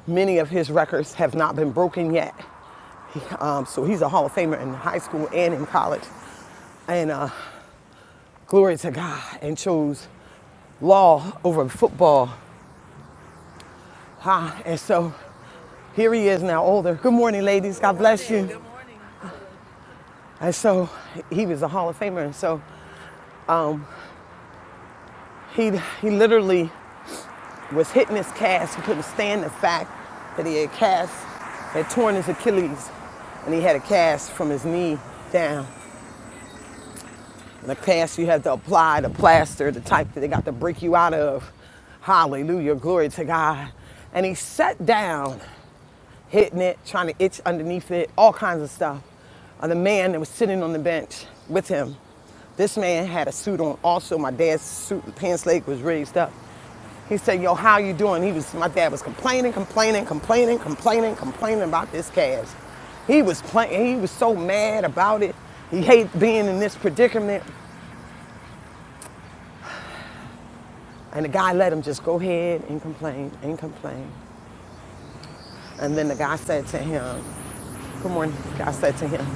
[SPEAKER 2] Many of his records have not been broken yet. He- um, so he's a Hall of Famer in high school and in college. And uh, glory to God, and chose law over football. Huh? And so here he is now older. Good morning, ladies. God bless you. And so he was a Hall of Famer. And so he he literally was hitting his cast. He couldn't stand the fact that he had cast, had torn his Achilles, and he had a cast from his knee down. And the cast you have to apply, the plaster, the type that they got to break you out of. Hallelujah. Glory to God. And he sat down hitting it, trying to itch underneath it, all kinds of stuff. And the man that was sitting on the bench with him, this man had a suit on. Also, my dad's suit and pants leg was raised up. He said, "Yo, how you doing?" He was. My dad was complaining, complaining, complaining, complaining, complaining about this cash. He was playing. He was so mad about it. He hated being in this predicament. And the guy let him just go ahead and complain and complain. And then the guy said to him, "Good morning." The guy said to him,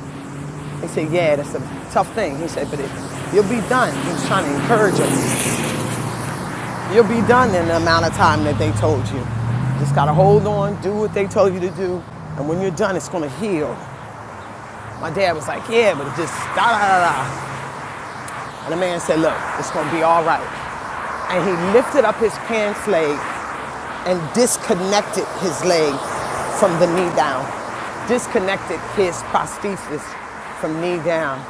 [SPEAKER 2] He said, yeah, that's a tough thing. He said, but it, you'll be done. He was trying to encourage him. You'll be done in the amount of time that they told you. Just gotta hold on, do what they told you to do, and when you're done, it's gonna heal. My dad was like, yeah, but it just da da da da. And the man said, look, it's gonna be all right. And he lifted up his pants leg and disconnected his leg from the knee down disconnected his prosthesis from knee down.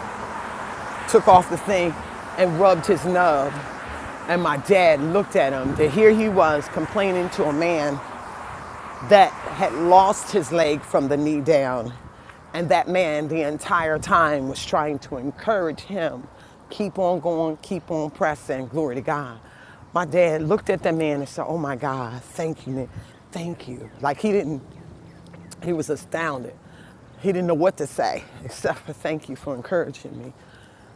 [SPEAKER 2] took off the thing and rubbed his nub. And my dad looked at him. And here he was complaining to a man that had lost his leg from the knee down. And that man, the entire time, was trying to encourage him keep on going, keep on pressing, glory to God. My dad looked at that man and said, Oh my God, thank you, Thank you. Like he didn't he was astounded. He didn't know what to say *laughs* except for thank you for encouraging me.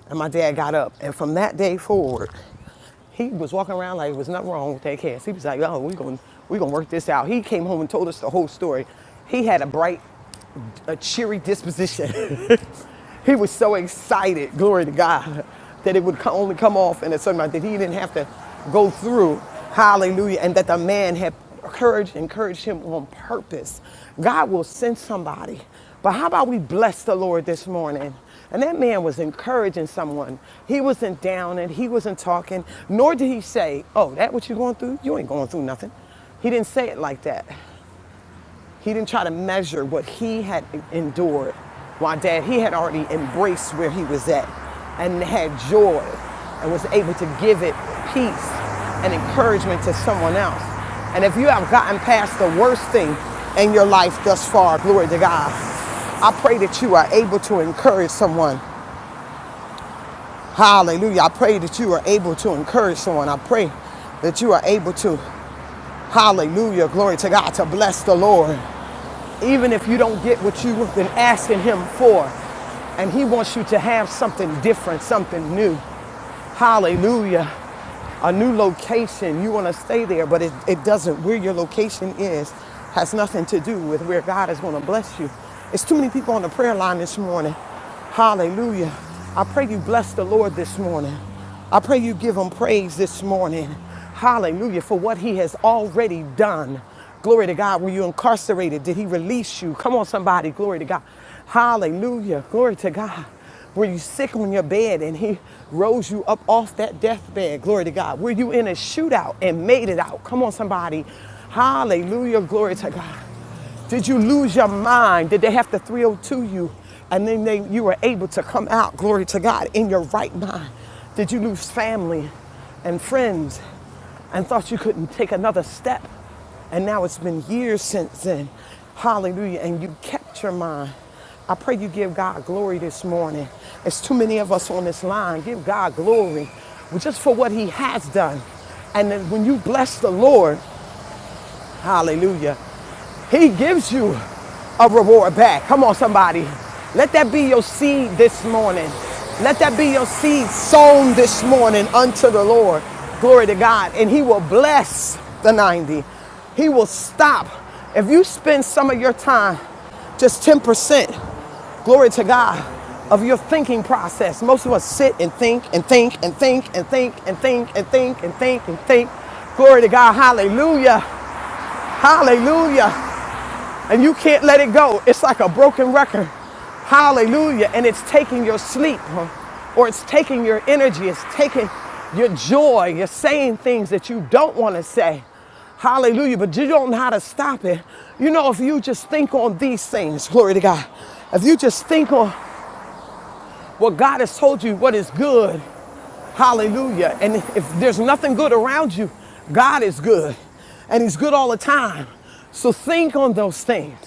[SPEAKER 2] And my dad got up. And from that day forward, he was walking around like there was nothing wrong with that cast. He was like, oh, we're going we gonna work this out. He came home and told us the whole story. He had a bright a cheery disposition. *laughs* he was so excited, glory to God, that it would only come off in a certain amount, that he didn't have to go through, hallelujah, and that the man had courage, encouraged him on purpose. God will send somebody. But how about we bless the Lord this morning? And that man was encouraging someone. He wasn't down and he wasn't talking, nor did he say, Oh, that what you going through? You ain't going through nothing. He didn't say it like that. He didn't try to measure what he had endured. My Dad, he had already embraced where he was at and had joy and was able to give it peace and encouragement to someone else. And if you have gotten past the worst thing in your life thus far, glory to God, I pray that you are able to encourage someone. Hallelujah. I pray that you are able to encourage someone. I pray that you are able to, hallelujah, glory to God, to bless the Lord even if you don't get what you've been asking Him for. And He wants you to have something different, something new. Hallelujah. A new location, you want to stay there, but it, it doesn't, where your location is, has nothing to do with where God is going to bless you. It's too many people on the prayer line this morning. Hallelujah. I pray you bless the Lord this morning. I pray you give him praise this morning. Hallelujah for what he has already done. Glory to God. Were you incarcerated? Did he release you? Come on, somebody. Glory to God. Hallelujah. Glory to God. Were you sick on your bed and he rose you up off that deathbed? Glory to God. Were you in a shootout and made it out? Come on, somebody. Hallelujah. Glory to God. Did you lose your mind? Did they have to 302 you? And then they, you were able to come out, glory to God, in your right mind. Did you lose family and friends? and thought you couldn't take another step. And now it's been years since then. Hallelujah. And you kept your mind. I pray you give God glory this morning. It's too many of us on this line. Give God glory just for what he has done. And then when you bless the Lord, hallelujah, he gives you a reward back. Come on, somebody. Let that be your seed this morning. Let that be your seed sown this morning unto the Lord. Glory to God. And He will bless the 90. He will stop. If you spend some of your time, just 10%, glory to God, of your thinking process. Most of us sit and think and think and think and think and think and think and think and think. Glory to God. Hallelujah. Hallelujah and you can't let it go. It's like a broken record. Hallelujah. And it's taking your sleep huh? or, it's taking your energy, it's taking your joy. You're saying things that you don't want to say. Hallelujah. But you don't know how to stop it. You know, if you just think on these things, glory to God, if you just think on what God has told you, what is good, Hallelujah. And if there's nothing good around you, God is good. And He's good all the time. So think on those things.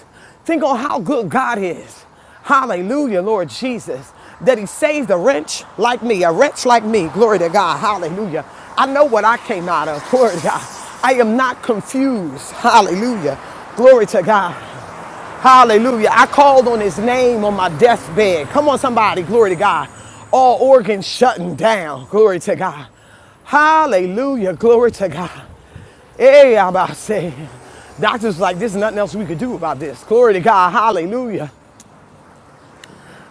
[SPEAKER 2] Think on how good God is. Hallelujah, Lord Jesus. That He saved a wretch like me, a wretch like me. Glory to God. Hallelujah. I know what I came out of. *laughs* Glory to God. I am not confused. Hallelujah. Glory to God. Hallelujah. I called on his name on my deathbed. Come on, somebody. Glory to God. All organs shutting down. Glory to God. Hallelujah. Glory to God. Hey, I'm about to say. Doctors like, there's nothing else we could do about this. Glory to God. Hallelujah.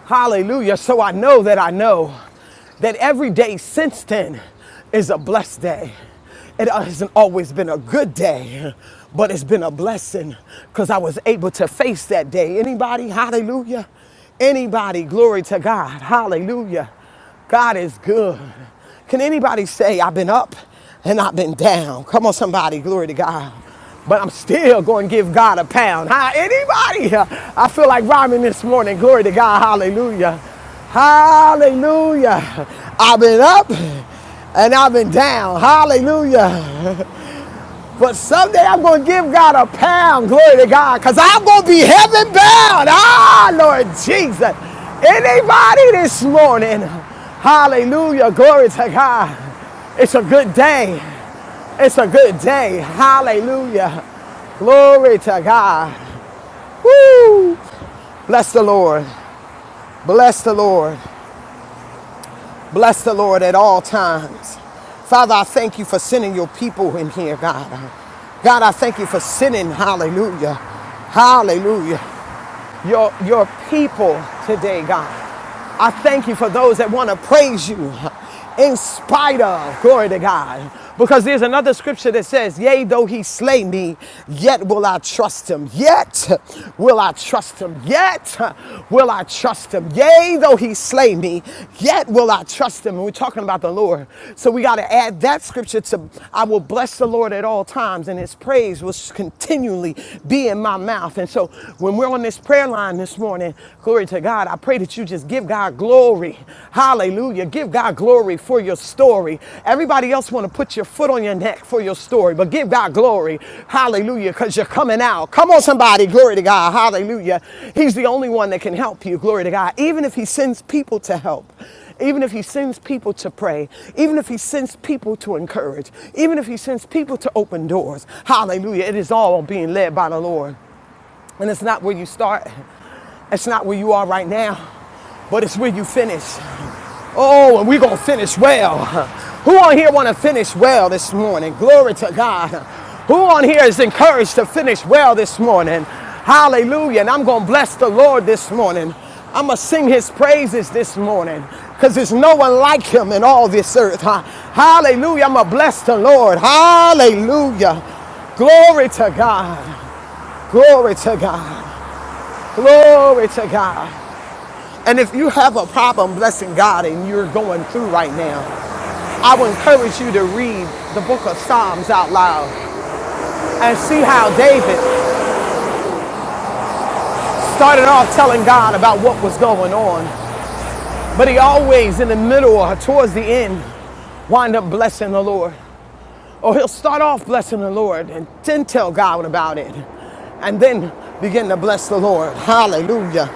[SPEAKER 2] Hallelujah. So I know that I know that every day since then is a blessed day. It hasn't always been a good day, but it's been a blessing because I was able to face that day. Anybody? Hallelujah. Anybody? Glory to God. Hallelujah. God is good. Can anybody say, I've been up and I've been down? Come on, somebody, glory to God. But I'm still going to give God a pound. Hi, anybody? I feel like rhyming this morning. Glory to God. Hallelujah. Hallelujah. I've been up and I've been down. Hallelujah. But someday I'm going to give God a pound, glory to God, because I'm going to be heaven bound. Ah, Lord Jesus. Anybody this morning, hallelujah, glory to God. It's a good day. It's a good day. Hallelujah. Glory to God. Woo! Bless the Lord. Bless the Lord. Bless the Lord at all times. Father, I thank you for sending your people in here, God. God, I thank you for sending, hallelujah. Hallelujah your, your people today, God. I thank you for those that want to praise you in spite of, glory to God. Because there's another scripture that says, Yea, though he slay me, yet will I trust him. Yet will I trust him. Yet will I trust him. Yea, though he slay me, yet will I trust him. And we're talking about the Lord. So we got to add that scripture to, I will bless the Lord at all times, and his praise will continually be in my mouth. And so when we're on this prayer line this morning, glory to God, I pray that you just give God glory. Hallelujah. Give God glory for your story. Everybody else want to put your foot on your neck for your story, but give God glory. Hallelujah, because you're coming out. Come on, somebody. Glory to God. Hallelujah. He's the only one that can help you. Glory to God. Even if he sends people to help even if he sends people to pray, even if he sends people to encourage, even if he sends people to open doors. Hallelujah. It is all being led by the Lord. And it's not where you start. It's not where you are right now, but it's where you finish. Oh, and we're going to finish well. Who on here want to finish well this morning? Glory to God. Who on here is encouraged to finish well this morning? Hallelujah. And I'm going to bless the Lord this morning. I'm going to sing his praises this morning because there's no one like him in all this earth. Hallelujah. I'm going to bless the Lord. Hallelujah. Glory to God. Glory to God. Glory to God. And if you have a problem blessing God and you're going through right now, I would encourage you to read the book of Psalms out loud and see how David started off telling God about what was going on. But he always, in the middle or towards the end, wind up blessing the Lord. Or he'll start off blessing the Lord and then tell God about it. And then begin to bless the Lord. Hallelujah.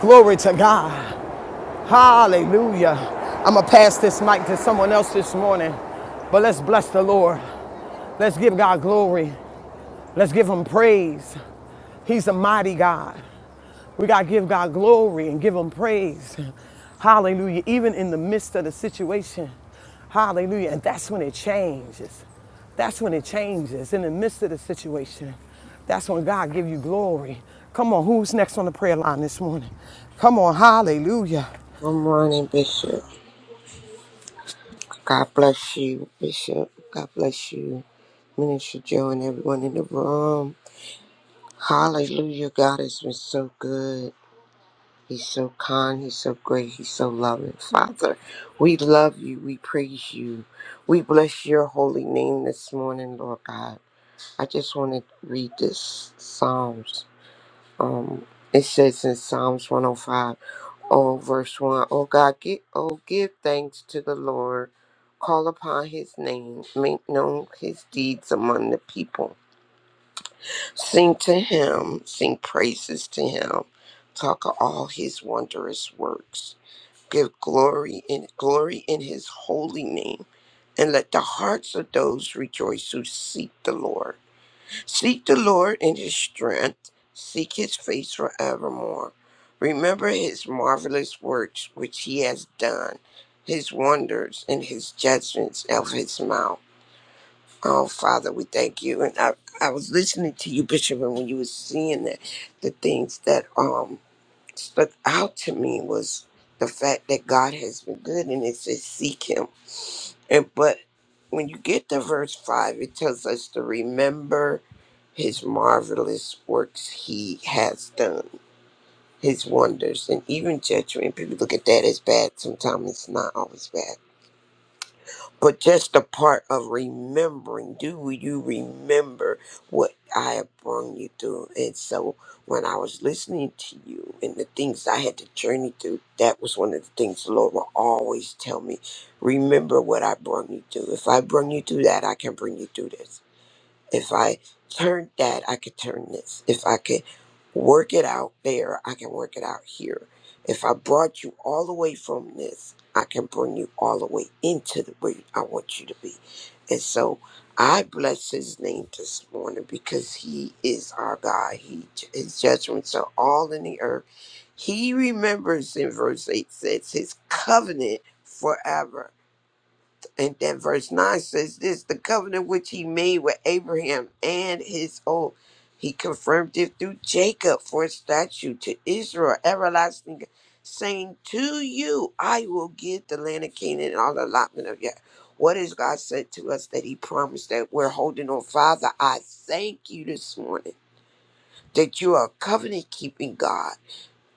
[SPEAKER 2] Glory to God. Hallelujah. I'm going to pass this mic to someone else this morning, but let's bless the Lord. Let's give God glory. Let's give him praise. He's a mighty God. We got to give God glory and give him praise. Hallelujah. Even in the midst of the situation. Hallelujah. And that's when it changes. That's when it changes. In the midst of the situation. That's when God gives you glory. Come on, who's next on the prayer line this morning? Come on, hallelujah.
[SPEAKER 3] Good morning, Bishop. God bless you, Bishop. God bless you, Minister Joe, and everyone in the room. Hallelujah. God has been so good. He's so kind. He's so great. He's so loving. Father, we love you. We praise you. We bless your holy name this morning, Lord God. I just want to read this Psalms. Um, it says in Psalms 105. Oh, verse 1. Oh God, give, oh, give thanks to the Lord. Call upon his name. Make known his deeds among the people. Sing to him. Sing praises to him. Talk of all his wondrous works. Give glory in glory in his holy name. And let the hearts of those rejoice who seek the Lord. Seek the Lord in his strength, seek his face forevermore. Remember his marvelous works which he has done, his wonders and his judgments of his mouth. Oh, Father, we thank you. And I, I was listening to you, Bishop, and when you were seeing that, the things that um stuck out to me was the fact that God has been good and it says seek him and but when you get to verse five, it tells us to remember his marvelous works he has done, his wonders, and even judgment. People look at that as bad. Sometimes it's not always bad but just the part of remembering do you remember what i have brought you through and so when i was listening to you and the things i had to journey through that was one of the things the lord will always tell me remember what i brought you through if i bring you through that i can bring you through this if I turn that, I could turn this. If I could work it out there, I can work it out here. If I brought you all the way from this, I can bring you all the way into the way I want you to be. And so I bless his name this morning because he is our God. He his judgments are all in the earth. He remembers in verse 8 says his covenant forever and then verse 9 says this the covenant which he made with Abraham and his oath, he confirmed it through Jacob for a statute to Israel, everlasting, saying, To you I will give the land of Canaan and all the allotment of Yah. What has God said to us that he promised that we're holding on? Father, I thank you this morning that you are a covenant keeping God.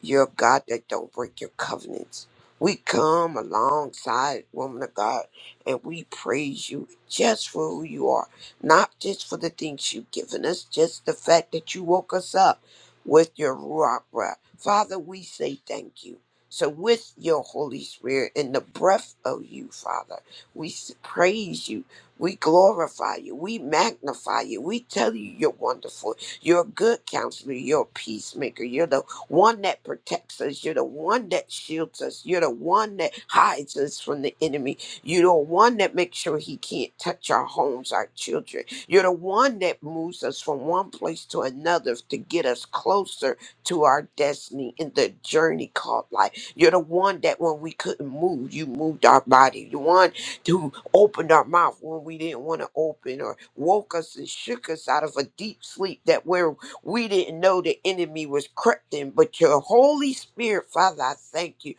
[SPEAKER 3] You're a God that don't break your covenants. We come alongside, woman of God, and we praise you just for who you are, not just for the things you've given us, just the fact that you woke us up with your Ruach breath. Father, we say thank you. So, with your Holy Spirit and the breath of you, Father, we s- praise you. We glorify you. We magnify you. We tell you you're wonderful. You're a good counselor. You're a peacemaker. You're the one that protects us. You're the one that shields us. You're the one that hides us from the enemy. You're the one that makes sure he can't touch our homes, our children. You're the one that moves us from one place to another to get us closer to our destiny in the journey called life. You're the one that when we couldn't move, you moved our body. The one who opened our mouth when we didn't want to open or woke us and shook us out of a deep sleep that we're we didn't know the enemy was creeping, but your Holy Spirit, Father, I thank you,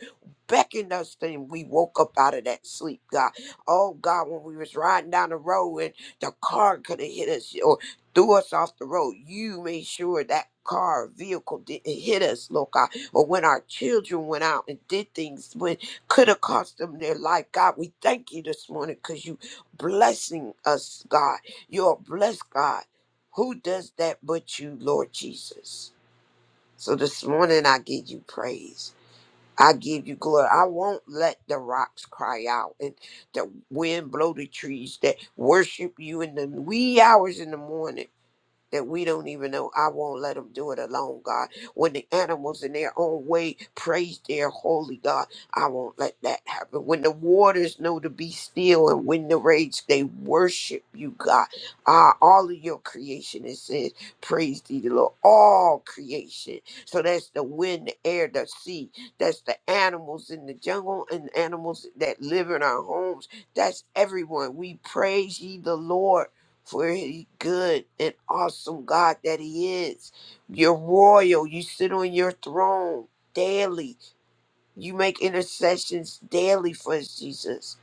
[SPEAKER 3] beckoned us and we woke up out of that sleep, God. Oh God, when we was riding down the road and the car could have hit us or threw us off the road, you made sure that car or vehicle didn't hit us, Lord God. Or when our children went out and did things when could have cost them their life, God, we thank you this morning because you blessing us, God. You're a blessed God. Who does that but you, Lord Jesus? So this morning I give you praise. I give you glory. I won't let the rocks cry out and the wind blow the trees that worship you in the wee hours in the morning that we don't even know. I won't let them do it alone, God. When the animals in their own way praise their holy God, I won't let that happen. When the waters know to be still and when the rage, they worship you, God. Ah, all of your creation, it says, praise thee, the Lord. All creation. So that's the wind, the air, the sea. That's the animals in the jungle and animals that live in our homes. That's everyone. We praise ye the Lord for he good and awesome God that he is. You're royal. You sit on your throne daily. You make intercessions daily for us, Jesus.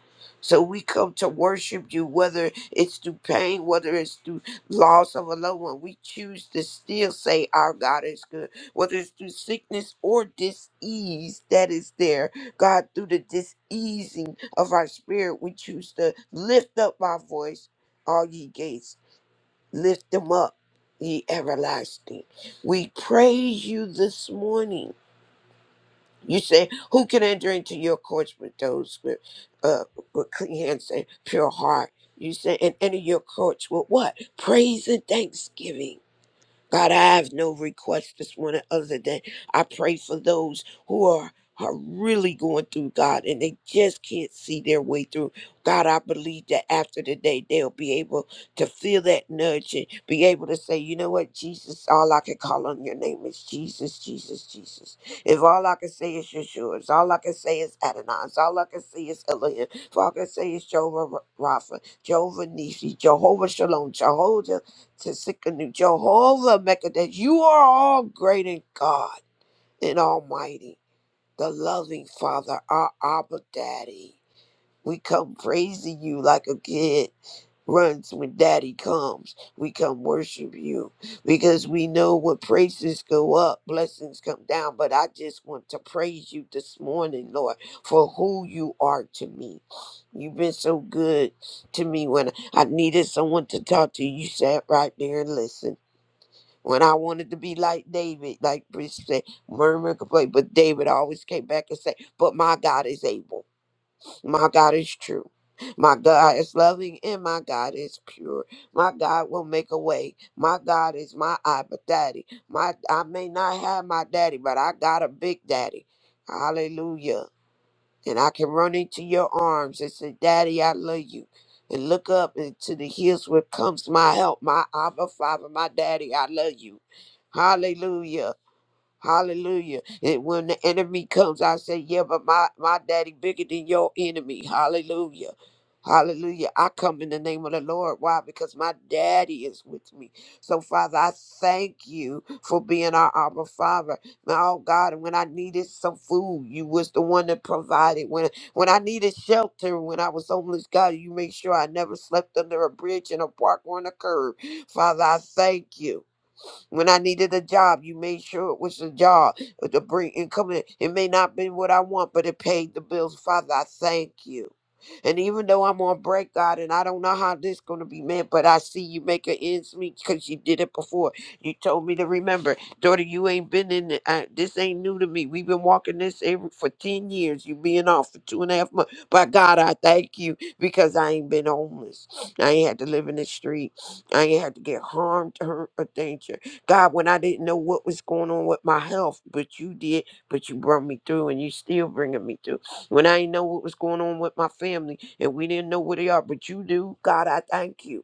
[SPEAKER 3] So we come to worship you, whether it's through pain, whether it's through loss of a loved one. We choose to still say our God is good, whether it's through sickness or disease that is there. God, through the diseasing of our spirit, we choose to lift up our voice all ye gates Lift them up, ye everlasting. We praise you this morning. You say, Who can enter into your courts with those with, uh, with clean hands and pure heart? You say, And enter your courts with what? Praise and thanksgiving. God, I have no request this morning other than I pray for those who are, are really going through, God, and they just can't see their way through. God, I believe that after today, they'll be able to feel that nudge and be able to say, you know what, Jesus, all I can call on your name is Jesus, Jesus, Jesus. If all I can say is Yeshua, if all I can say is Adonai, if all I can say is Elohim, if all I can say is Jehovah Rapha, Jehovah Nisi, Jehovah Shalom, Jehovah to Sikkenu, Jehovah Mekadesh. You are all great in God and Almighty, the loving Father, our Abba Daddy. We come praising you like a kid runs when daddy comes. We come worship you because we know when praises go up, blessings come down. But I just want to praise you this morning, Lord, for who you are to me. You've been so good to me when I needed someone to talk to. You sat right there and listened when I wanted to be like David, like Bridget said, murmur, complain. But David always came back and said, But my God is able. My God is true. My God is loving and my God is pure. My God will make a way. My God is my Abba daddy. My I may not have my daddy, but I got a big daddy. Hallelujah and I can run into your arms and say, Daddy, I love you. And look up into the hills where comes my help, my Abba Father, my Daddy, I love you. Hallelujah. Hallelujah. And when the enemy comes, I say, Yeah, but my, my daddy bigger than your enemy. Hallelujah. Hallelujah. I come in the name of the Lord. Why? Because my daddy is with me. So, Father, I thank you for being our Abba Father. Now, oh God, when I needed some food, you was the one that provided. When when I needed shelter, when I was homeless, God, you made sure I never slept under a bridge in a park or on a curb. Father, I thank you. When I needed a job, you made sure it was a job uh, to bring income. in. It may not been what I want, but it paid the bills. Father, I thank you. And even though I'm on break, God, and I don't know how this going to be met, but I see you make an ends meet because you did it before. You told me to remember, daughter, you ain't been in it. Uh, this ain't new to me. We've been walking this every, for 10 years. You being off for two and a half months. But God, I thank you because I ain't been homeless. I ain't had to live in the street. I ain't had to get harmed, hurt, or danger. God, when I didn't know what was going on with my health, but you did, but you brought me through and you still bringing me through. When I didn't know what was going on with my family and we didn't know where they are, but you do, God, I thank you.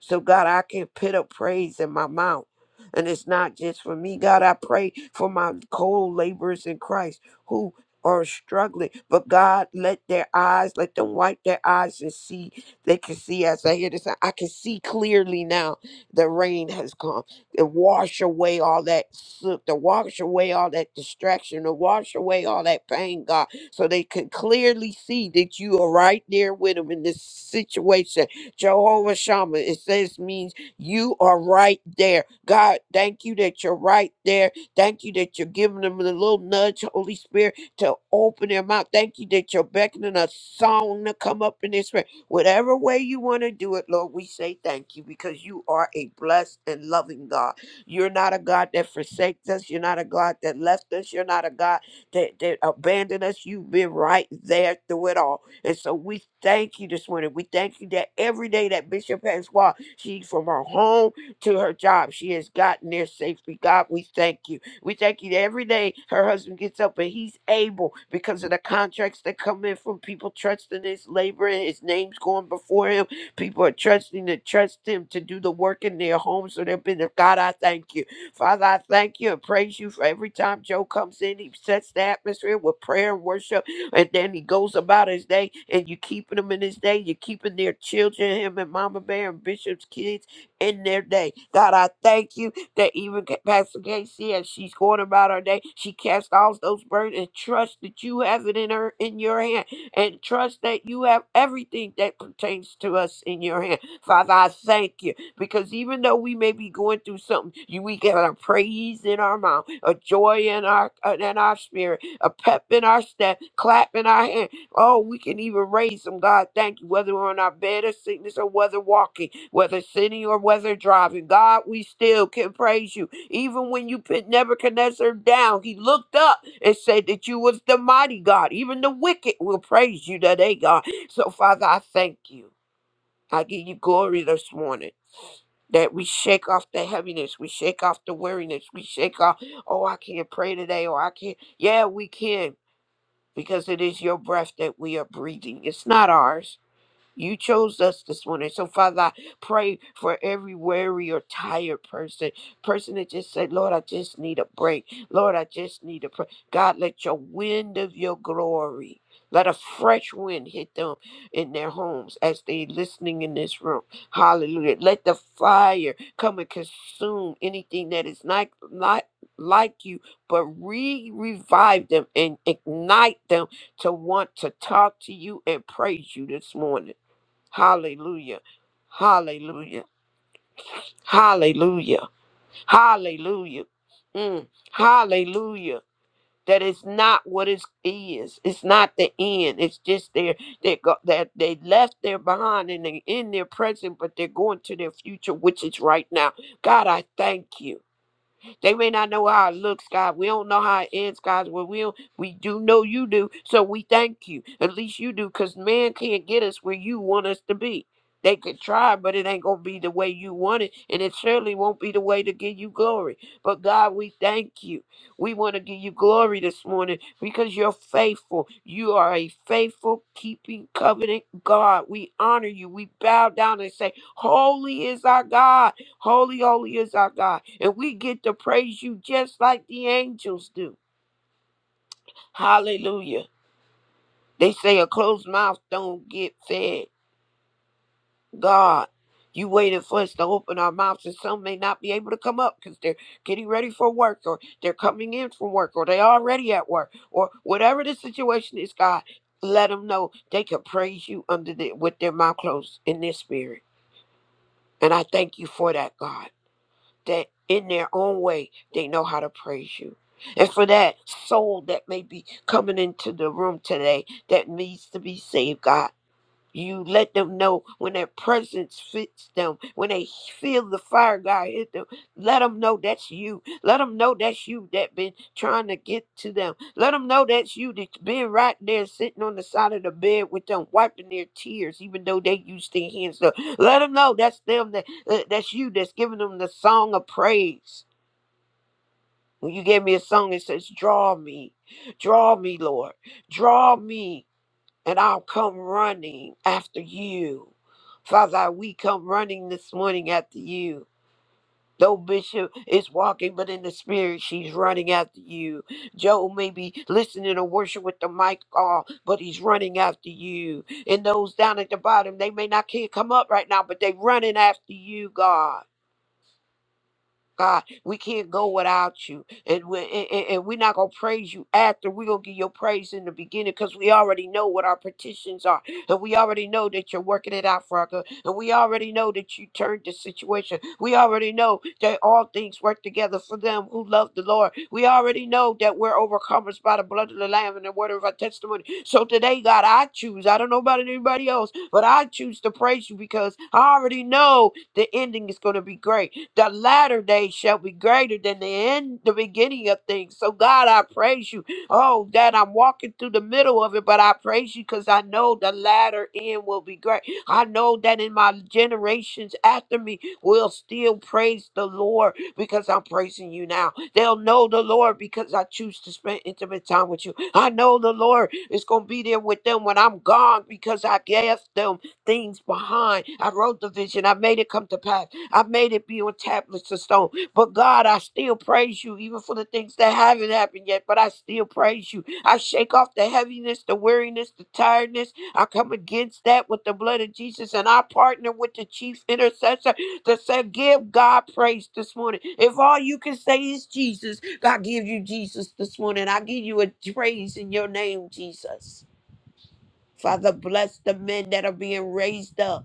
[SPEAKER 3] So, God, I can put up praise in my mouth. And it's not just for me, God. I pray for my co laborers in Christ who are struggling. But, God, let their eyes, let them wipe their eyes and see. They can see as I hear this. I can see clearly now the rain has come. It wash away all that soot, to wash away all that distraction, to wash away all that pain, God so they can clearly see that you are right there with them in this situation Jehovah Shammah. It says means you are right there. God, thank you that you're right there. Thank you that you're giving them the little nudge, Holy Spirit, to open their mouth. Thank you that you're beckoning a song to come up in this way. Whatever way you want to do it, Lord, we say thank you because you are a blessed and loving God. You're not a God that forsakes us. You're not a God that left us. You're not a God that, that abandoned us. You've been right there through it all. And so we thank you this morning. We thank you that every day that Bishop has walked, she from her home to her job, she has gotten there safely. God, we thank you. We thank you that every day her husband gets up and he's able because of the contracts that come in from people trusting his labor and his name's going before him. People are trusting to trust him to do the work in their homes or their business. God, I thank you. Father, I thank you and praise you for every time Joe comes in, he sets the atmosphere with prayer and worship. And then he goes about his day and you keeping him in his day. You're keeping their children, him and Mama Bear and Bishop's kids in their day. God, I thank you that even Ca- Pastor Casey, as she's going about her day, she casts all those burdens and trust that you have it in her in your hand. And trust that you have everything that pertains to us in your hand. Father, I thank you because even though we may be going through something, you we get a praise in our mouth, a joy in our uh, in our spirit a pep in our step, clap in our hand. Oh, we can even raise them. God, thank you. Whether we're on our bed of sickness or whether walking, whether sitting or whether driving, God, we still can praise you. Even when you put Nebuchadnezzar down, he looked up and said that you was the mighty God. Even the wicked will praise you today, God. So, Father, I thank you. I give you glory this morning that we shake off the heaviness, we shake off the weariness, we shake off, oh, I can't pray today, or I can't. Yeah, we can because it is your breath that we are breathing. It's not ours. You chose us this morning. So, Father, I pray for every weary or tired person, person that just said, Lord, I just need a break. Lord, I just need a break. God, let your wind of your glory, let a fresh wind hit them in their homes as they listening in this room. Hallelujah. Let the fire come and consume anything that is not, not like you, but re-revive them and ignite them to want to talk to you and praise you this morning. Hallelujah. Hallelujah. Hallelujah. Hallelujah. Mm. Hallelujah. That it's not what it is. It's not the end. It's just there. They go that they left there behind and they in their present, but they're going to their future, which is right now. God, I thank you. They may not know how it looks, God. We don't know how it ends, God. Well, we don't, we do know you do, so we thank you. At least you do, because man can't get us where you want us to be. They could try, but it ain't gonna be the way you want it, and it surely won't be the way to give you glory. But God, we thank you. We want to give you glory this morning because you're faithful. You are a faithful, keeping covenant God. We honor you. We bow down and say, Holy is our God. Holy, holy is our God. And we get to praise you just like the angels do. Hallelujah. They say a closed mouth don't get fed. God, you waited for us to open our mouths, and some may not be able to come up because they're getting ready for work, or they're coming in from work, or they're already at work, or whatever the situation is, God. Let them know they can praise you under the, with their mouth closed in their spirit. And I thank you for that, God. that in their own way they know how to praise you. And for that soul that may be coming into the room today that needs to be saved, God, you let them know when their presence fits them, when they feel the fire God hit them. Let them know that's you. Let them know that's you that been trying to get to them. Let them know that's you that's been right there sitting on the side of the bed with them, wiping their tears, even though they used their hands up. Let them know that's them that uh, that's you that's giving them the song of praise. When you gave me a song, it says, "Draw me, draw me, Lord, draw me." and I'll come running after you. Father, we come running this morning after you. Though Bishop is walking, but in the spirit, she's running after you. Joe may be listening to worship with the mic off, but he's running after you. And those down at the bottom, they may not can't come up right now, but they running after you, God. God, we can't go without you. And we're, and, and- and we're not going to praise you after. We're going to give your praise in the beginning because we already know what our petitions are. And we already know that you're working it out for our good. And we already know that you turned the situation. We already know that all things work together for them who love the Lord. We already know that we're overcomers by the blood of the Lamb and the word of our testimony. So today, God, I choose. I don't know about anybody else, but I choose to praise you because I already know the ending is going to be great the latter day shall be greater than the end the beginning of things so god i praise you oh that i'm walking through the middle of it but i praise you because i know the latter end will be great i know that in my generations after me will still praise the lord because i'm praising you now they'll know the lord because i choose to spend intimate time with you i know the lord is going to be there with them when i'm gone because i gave them things behind. I wrote the vision. I made it come to pass. I made it be on tablets of stone. But God, I still praise you, even for the things that haven't happened yet. But I still praise you. I shake off the heaviness, the weariness, the tiredness. I come against that with the blood of Jesus. And I partner with the chief intercessor to say, Give God praise this morning. If all you can say is Jesus, I give you Jesus this morning. I give you a praise in your name, Jesus. Father, bless the men that are being raised up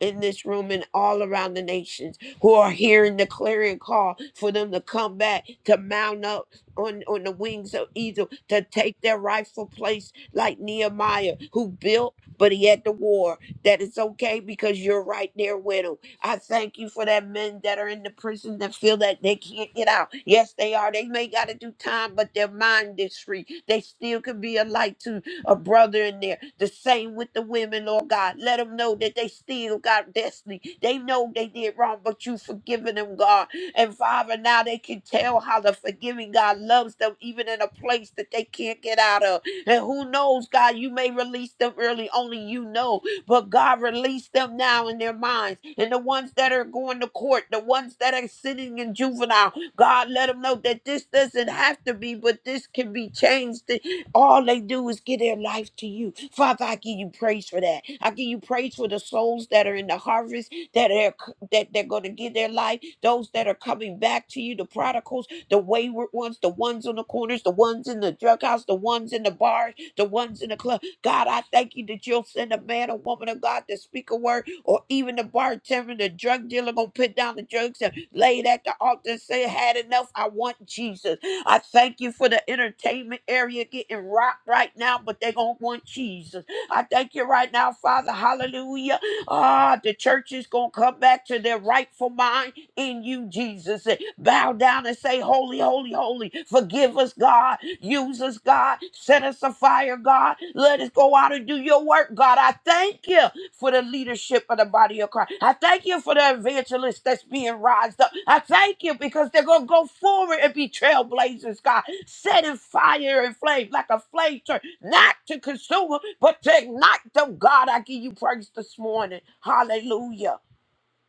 [SPEAKER 3] in this room and all around the nations who are hearing the clarion call for them to come back to mount up on, on the wings of eagle to take their rightful place like nehemiah who built but he had the war that it's okay because you're right there with him i thank you for that men that are in the prison that feel that they can't get out yes they are they may got to do time but their mind is free they still can be a light to a brother in there. The same with the women, Lord God. Let them know that they still got destiny. They know they did wrong, but you forgiven them, God. And Father, now they can tell how the forgiving God loves them, even in a place that they can't get out of. And who knows, God, you may release them early, only you know. But God, release them now in their minds. And the ones that are going to court, the ones that are sitting in juvenile, God, let them know that this doesn't have to be, but this can be changed all they do is give their life to you. Father, I give you praise for that. I give you praise for the souls that are in the harvest, that are that they're going to give their life, those that are coming back to you, the prodigals, the wayward ones, the ones on the corners, the ones in the drug house, the ones in the bars, the ones in the club. God, I thank you that you'll send a man or woman of God to speak a word, or even the bartender, the drug dealer gonna put down the drugs and lay it at the altar and say, had enough. I want Jesus. I thank you for the entertainment area getting rocked right now, but they going to want Jesus. I thank you right now, Father. Hallelujah. Ah, the church is going to come back to their rightful mind in you, Jesus. Bow down and say, Holy, holy, holy. Forgive us, God. Use us, God. Set us afire, God. Let us go out and do your work, God. I thank you for the leadership of the body of Christ. I thank you for the evangelists that's being rised up. I thank you because they're going to go forward and be trailblazers, God, set in fire and flame like a flame church, not to consume, but to ignite them. God, I give you praise this morning. Hallelujah.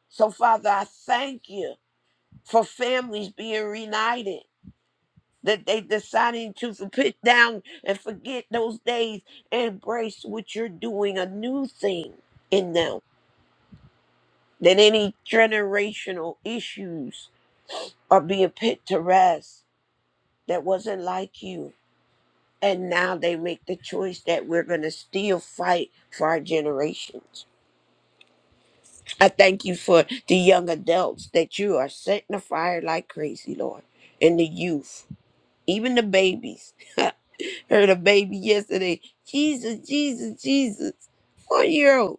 [SPEAKER 3] So, Father, I thank you for families being reunited. That they deciding to put down and forget those days, and embrace what you're doing, a new thing in them. that any generational issues are being put to rest that wasn't like you. And now they make the choice that we're going to still fight for our generations. I thank you for the young adults that you are setting a fire like crazy, Lord, and the youth, even the babies. *laughs* Heard a baby yesterday, Jesus, Jesus, Jesus, one year old.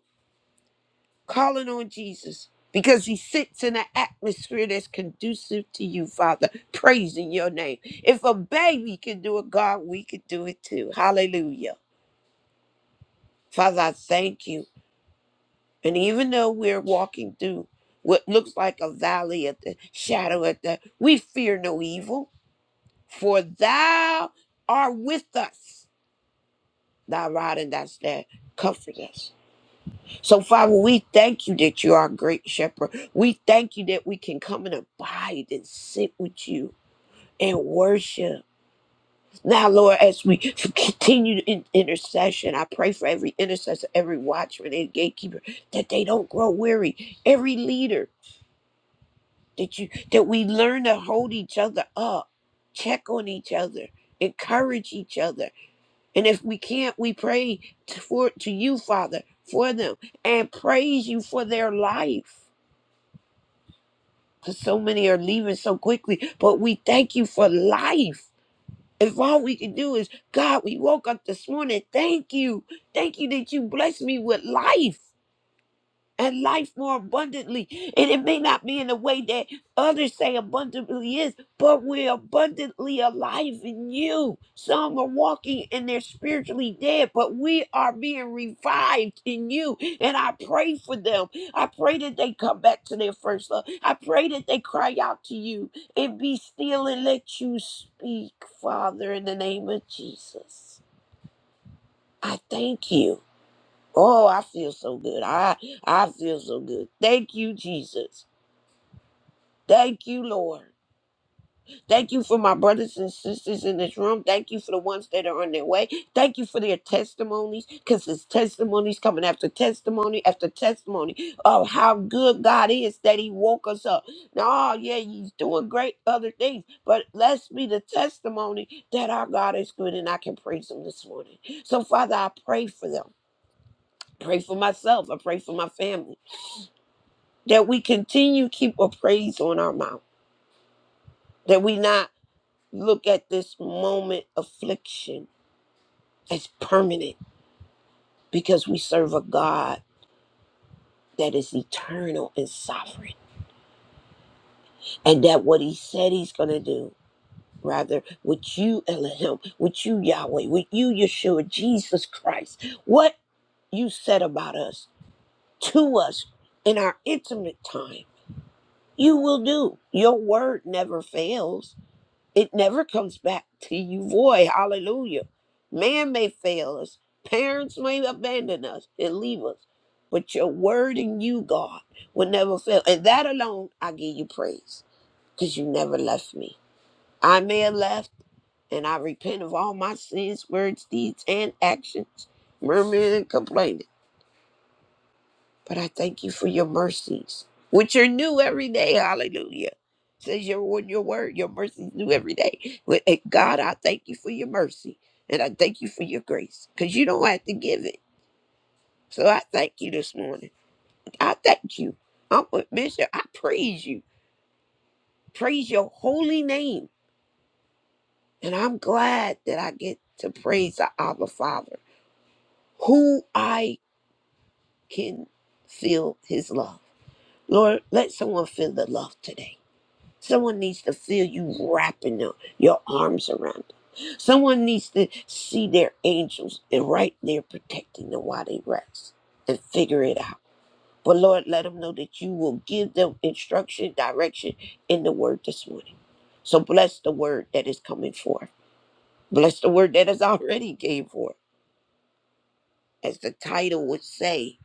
[SPEAKER 3] calling on Jesus because he sits in an atmosphere that's conducive to you, Father, praising your name. If a baby can do it, God, we can do it too. Hallelujah. Father, I thank you. And even though we're walking through what looks like a valley at the shadow of the, we fear no evil, for thou art with us. Thy rod and thy staff comfort us. So, Father, we thank you that you are a great shepherd. We thank you that we can come and abide and sit with you and worship. Now, Lord, as we continue in intercession, I pray for every intercessor, every watchman, and gatekeeper that they don't grow weary. Every leader that you that we learn to hold each other up, check on each other, encourage each other, and if we can't, we pray to, for to you, Father, for them and praise you for their life. Cause so many are leaving so quickly, but we thank you for life. If all we can do is, God, we woke up this morning. Thank you. Thank you that you blessed me with life and life more abundantly. And it may not be in the way that others say abundantly is, but we're abundantly alive in you. Some are walking and they're spiritually dead, but we are being revived in you. And I pray for them. I pray that they come back to their first love. I pray that they cry out to you and be still and let you speak, Father, in the name of Jesus. I thank you. Oh, I feel so good. I I feel so good. Thank you, Jesus. Thank you, Lord. Thank you for my brothers and sisters in this room. Thank you for the ones that are on their way. Thank you for their testimonies, because it's testimonies coming after testimony after testimony of how good God is that He woke us up. Now, oh, yeah, He's doing great other things, but let's be the testimony that our God is good and I can praise Him this morning. So, Father, I pray for them. Pray for myself. I pray for my family. that we continue keep a praise on our mouth, that we not look at this moment affliction as permanent because we serve a God that is eternal and sovereign and that what he said he's going to do rather with you Elohim with you Yahweh with you Yeshua Jesus Christ what you said about us to us in our intimate time you will do your word never fails It never comes back to you void. Hallelujah. Man may fail us, parents may abandon us and leave us, but your word and you, God, will never fail. And that alone, I give you praise because you never left me. I may have left, and I repent of all my sins, words, deeds, and actions, murmuring and complaining. But I thank you for your mercies, which are new every day. Hallelujah. It Says your word, your word, your mercies new every day. With- and God, I thank you for your mercy. And I thank you for your grace. Because you don't have to give it. So I thank you this morning. I thank you. I'm with Bishop. I praise you. Praise your holy name. And I'm glad that I get to praise the Abba Father, who I can feel his love. Lord, let someone feel the love today. Someone needs to feel you wrapping them, your arms around them. Someone needs to see their angels and right there protecting them while they rest and figure it out. But Lord, let them know that you will give them instruction, direction in the word this morning. So bless the word that is coming forth. Bless the word that is already came forth as the title would say,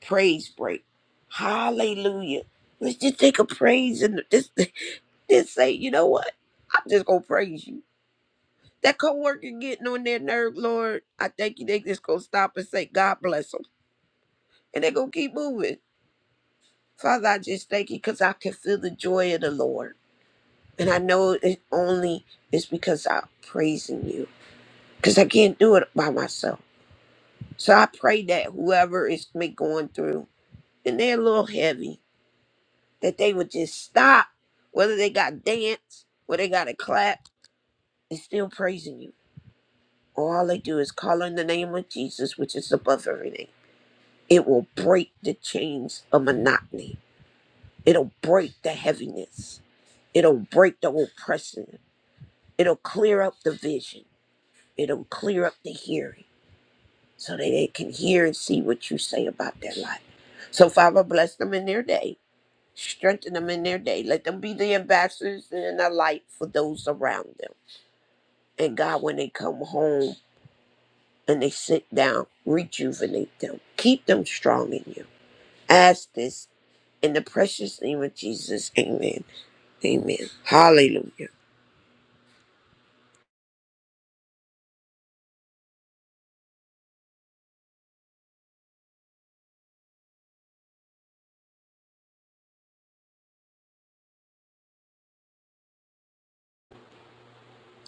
[SPEAKER 3] praise break. Hallelujah. Let's just take a praise and *laughs* just, just say, you know what? I'm just gonna praise you. That coworker getting on their nerve, Lord, I thank you. They just gonna stop and say, God bless them. And they're gonna keep moving. Father, I just thank you because I can feel the joy of the Lord. And I know it only is because I'm praising you. Because I can't do it by myself. So I pray that whoever is me going through, and they're a little heavy, that they would just stop, whether they got dance, whether they got to clap, they are still praising you. All they do is call on the name of Jesus, which is above every name. It will break the chains of monotony. It'll break the heaviness. It'll break the oppression. It'll clear up the vision. It'll clear up the hearing so that they can hear and see what you say about their life. So, Father, bless them in their day. Strengthen them in their day. Let them be the ambassadors and a light for those around them. And God, when they come home and they sit down, rejuvenate them. Keep them strong in you. Ask this in the precious name of Jesus. Amen. Amen. Hallelujah.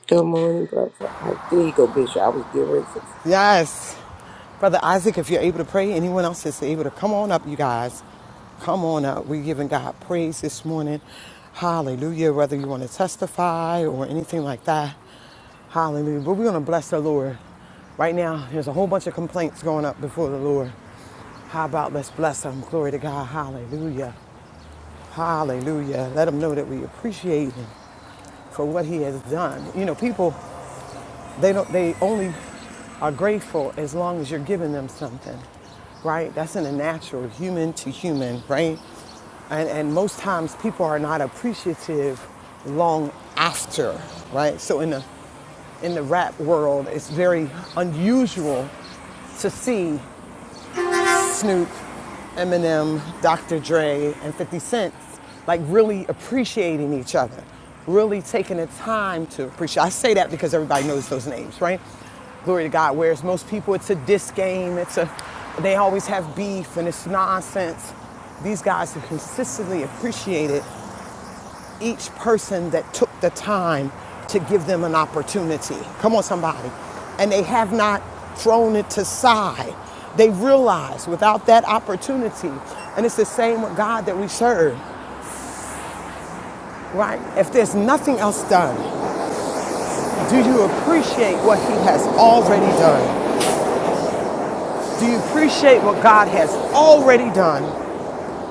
[SPEAKER 3] Good morning, brother. I, there you go, Bishop. I was getting ready to say,
[SPEAKER 2] Yes. Brother Isaac, if you're able to pray, anyone else is able to come on up, you guys. Come on up. We're giving God praise this morning. Hallelujah. Whether you want to testify or anything like that. Hallelujah. But we're going to bless the Lord. Right now, there's a whole bunch of complaints going up before the Lord. How about let's bless him? Glory to God. Hallelujah. Hallelujah. Let him know that we appreciate him for what he has done. You know, people they don't. They only are grateful as long as you're giving them something, right? That's in a natural human to human, right? And and most times people are not appreciative long after, right? So in the in the rap world, it's very unusual to see Snoop, Eminem, Dr. Dre, and 50 Cent, like really appreciating each other, really taking the time to appreciate. I say that because everybody knows those names, right? Glory to God. Whereas most people, it's a diss game. It's a, they always have beef and it's nonsense. These guys have consistently appreciated each person that took the time to give them an opportunity. Come on, somebody. And they have not thrown it to side. They realize without that opportunity, and it's the same with God that we serve, right? If there's nothing else done, do you appreciate what He has already done? Do you appreciate what God has already done?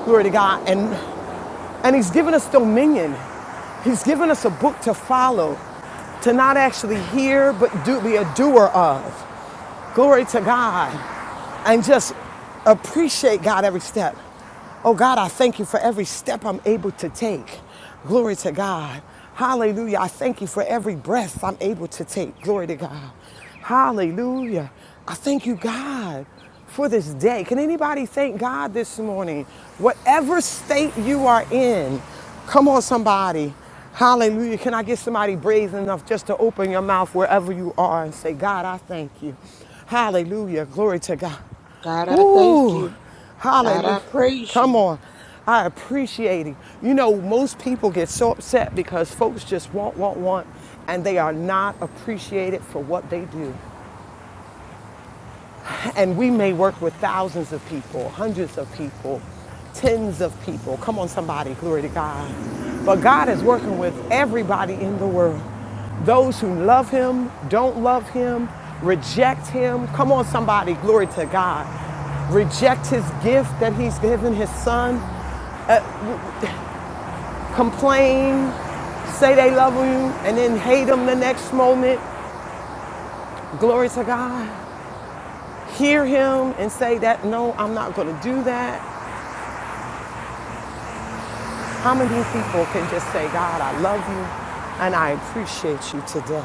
[SPEAKER 2] Glory to God. And And He's given us dominion. He's given us a book to follow, to not actually hear, but do, be a doer of. Glory to God. And just appreciate God every step. Oh God, I thank you for every step I'm able to take. Glory to God. Hallelujah. I thank you for every breath I'm able to take. Glory to God. Hallelujah. I thank you, God for this day. Can anybody thank God this morning? Whatever state you are in, come on, somebody. Hallelujah. Can I get somebody brave enough just to open your mouth wherever you are and say, God, I thank you. Hallelujah. Glory to God.
[SPEAKER 3] God, I thank
[SPEAKER 2] Ooh,
[SPEAKER 3] you. God,
[SPEAKER 2] hallelujah.
[SPEAKER 3] I praise
[SPEAKER 2] Come
[SPEAKER 3] you.
[SPEAKER 2] on. I appreciate it. You know, most people get so upset because folks just want, want, want, and they are not appreciated for what they do. And we may work with thousands of people, hundreds of people, tens of people. Come on, somebody, glory to God. But God is working with everybody in the world. Those who love Him, don't love Him, reject Him. Come on, somebody, glory to God. Reject His gift that He's given His Son, complain, say they love you, and then hate Him the next moment. Glory to God. Hear Him and say that, no, I'm not going to do that. How many people can just say, God, I love you and I appreciate you today?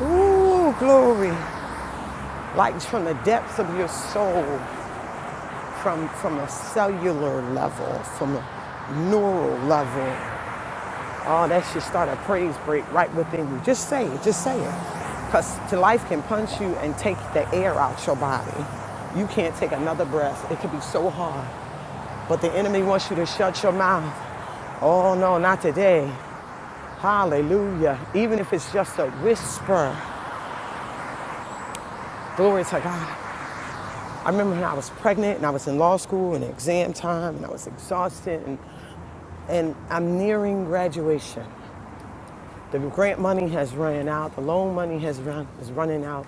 [SPEAKER 2] Ooh, glory. Like from the depths of your soul, from, from a cellular level, from a neural level. Oh, that should start a praise break right within you. Just say it, just say it. Because life can punch you and take the air out your body. You can't take another breath. It can be so hard. But the enemy wants you to shut your mouth. Oh no, not today. Hallelujah. Even if it's just a whisper. Glory to God. I remember when I was pregnant and I was in law school and exam time and I was exhausted and, and I'm nearing graduation. The grant money has run out, the loan money has run is running out.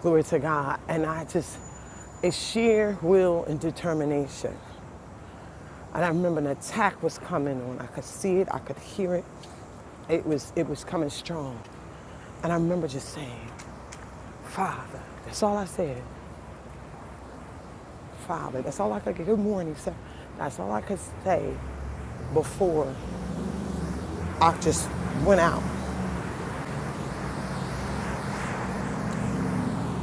[SPEAKER 2] Glory to God. And I just it's sheer will and determination. And I remember an attack was coming on. I could see it, I could hear it. It was it was coming strong. And I remember just saying, Father. That's all I said. Father. That's all I could get. Good morning, sir. That's all I could say before I just went out.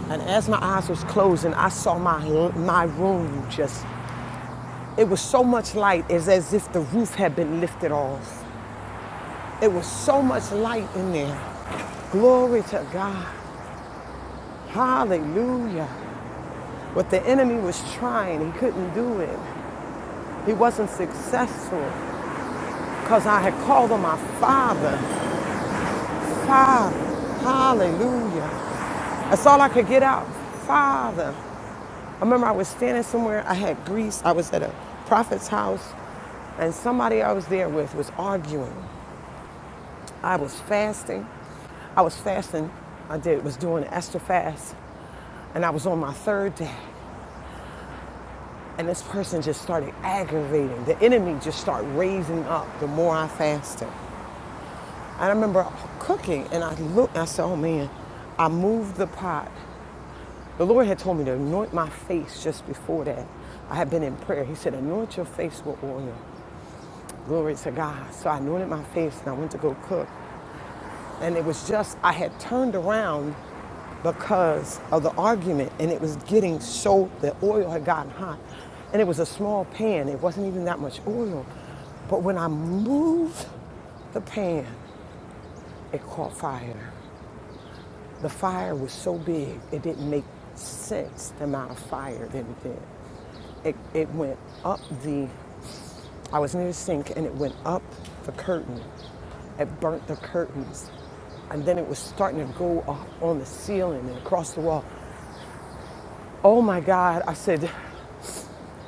[SPEAKER 2] And as my eyes was closing, I saw my my room just it was so much light it's as if the roof had been lifted off. It was so much light in there. Glory to God. Hallelujah. What the enemy was trying, he couldn't do it. He wasn't successful because I had called on my father Father, hallelujah. That's all I could get out. Father. I remember I was standing somewhere, I had grease, I was at a prophet's house, and somebody I was there with was arguing. I was fasting. I was fasting, I did was doing an Esther fast, and I was on my third day. And this person just started aggravating. The enemy just started raising up the more I fasted. And I remember cooking and I looked and I said, oh man, I moved the pot The Lord had told me to anoint my face just before that. I had been in prayer. He said, Anoint your face with oil. Glory to God. So I anointed my face and I went to go cook. And it was just, I had turned around because of the argument and it was getting so, the oil had gotten hot. And it was a small pan, it wasn't even that much oil. But when I moved the pan, it caught fire. The fire was so big, it didn't make sense the amount of fire that it did. It, it went up the, I was near the sink and it went up the curtain. It burnt the curtains. And then it was starting to go up on the ceiling and across the wall. Oh my God, I said,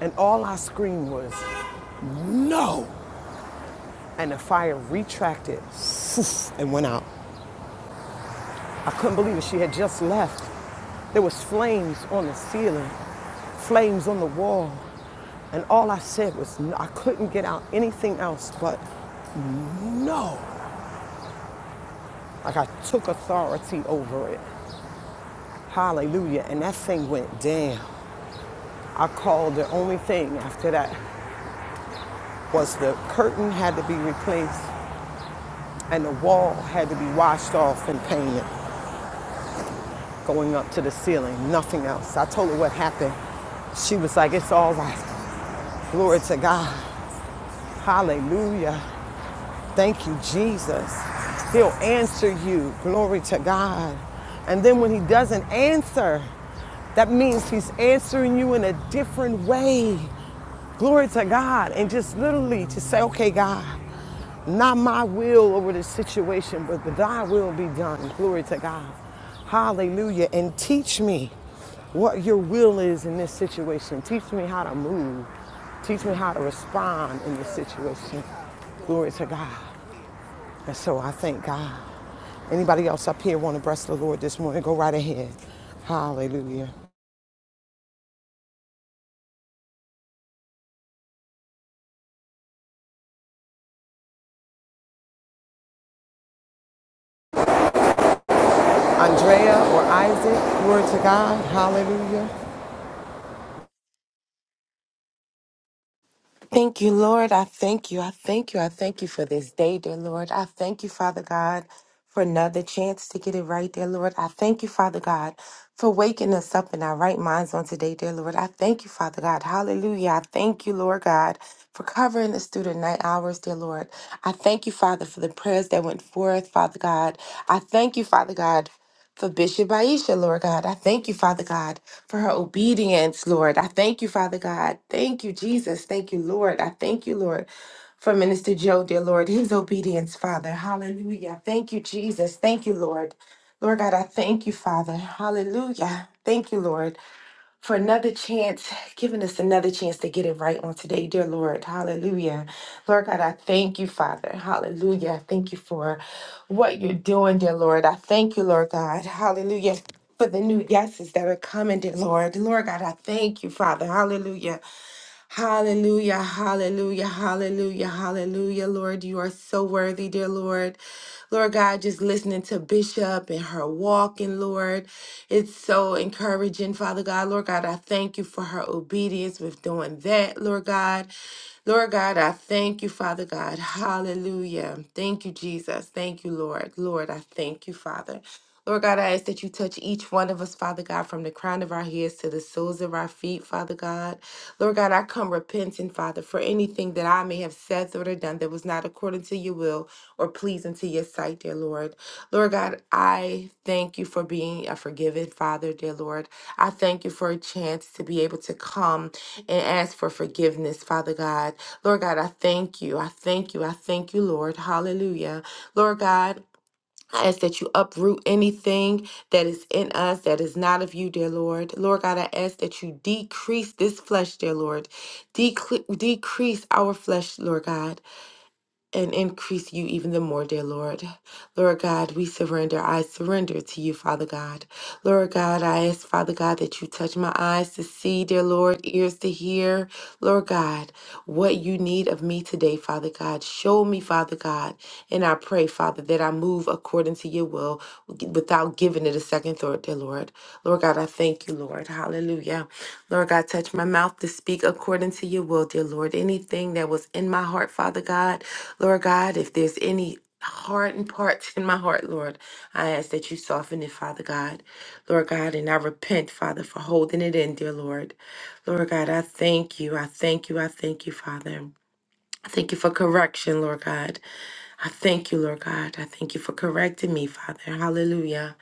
[SPEAKER 2] and all I screamed was, no! And the fire retracted *laughs* and went out. I couldn't believe it. She had just left. There was flames on the ceiling, flames on the wall. And all I said was, no, I couldn't get out anything else but no. Like I took authority over it. Hallelujah. And that thing went down. I called the only thing after that was the curtain had to be replaced and the wall had to be washed off and painted going up to the ceiling, nothing else. I told her what happened. She was like, it's all right. Glory to God. Hallelujah. Thank you, Jesus. He'll answer you. Glory to God. And then when he doesn't answer, that means he's answering you in a different way. Glory to God. And just literally to say, okay, God, not my will over this situation, but thy will be done. Glory to God. Hallelujah. And teach me what your will is in this situation. Teach me how to move. Teach me how to respond in this situation. Glory to God. And so I thank God. Anybody else up here want to bless the Lord this morning? Go right ahead. Hallelujah. Andrea or Isaac, glory to God. Hallelujah.
[SPEAKER 4] Thank you, Lord. I thank you. I thank you. I thank you for this day, dear Lord. I thank you, Father God, for another chance to get it right, dear Lord. I thank you, Father God, for waking us up in our right minds on today, dear Lord. I thank you, Father God. Hallelujah. I thank you, Lord God, for covering us through the night hours, dear Lord. I thank you, Father, for the prayers that went forth, Father God. I thank you, Father God, for Bishop Aisha, Lord God. I thank you, Father God for her obedience, Lord. I thank you, Father God. Thank you, Jesus. Thank you, Lord. I thank you, Lord, for Minister Joe, dear Lord, his obedience, Father. Hallelujah. Thank you, Jesus. Thank you, Lord. Lord God, I thank you, Father. Hallelujah. Thank you, Lord for another chance, giving us another chance to get it right on today, dear Lord. Hallelujah. Lord God, I thank you, Father. Hallelujah. I thank you for what you're doing, dear Lord. I thank you, Lord God. Hallelujah. For the new yeses that are coming, dear Lord. Lord God, I thank you, Father. Hallelujah. Hallelujah, hallelujah, hallelujah, hallelujah. Lord, you are so worthy, dear Lord. Lord God, just listening to Bishop and her walking, Lord, it's so encouraging, Father God. Lord God, I thank you for her obedience with doing that, Lord God. Lord God, I thank you, Father God. Hallelujah. Thank you, Jesus. Thank you, Lord. Lord, I thank you, Father. Lord God, I ask that you touch each one of us, Father God, from the crown of our heads to the soles of our feet, Father God. Lord God, I come repenting, Father, for anything that I may have said, thought, or done that was not according to your will or pleasing to your sight, dear Lord. Lord God, I thank you for being a forgiving Father, dear Lord. I thank you for a chance to be able to come and ask for forgiveness, Father God. Lord God, I thank you. I thank you. I thank you, Lord. Hallelujah. Lord God, I ask that you uproot anything that is in us that is not of you, dear Lord. Lord God, I ask that you decrease this flesh, dear Lord. Decre- decrease our flesh, Lord God and increase you even the more, dear Lord. Lord God, we surrender. I surrender to you, Father God. Lord God, I ask, Father God, that you touch my eyes to see, dear Lord, ears to hear. Lord God, what you need of me today, Father God. Show me, Father God. And I pray, Father, that I move according to your will without giving it a second thought, dear Lord. Lord God, I thank you, Lord. Hallelujah. Lord God, touch my mouth to speak according to your will, dear Lord. Anything that was in my heart, Father God, Lord God, if there's any hardened parts in my heart, Lord, I ask that you soften it, Father God. Lord God, and I repent, Father, for holding it in, dear Lord. Lord God, I thank you. I thank you. I thank you, Father. I Thank you for correction, Lord God. I thank you, Lord God. I thank you for correcting me, Father. Hallelujah.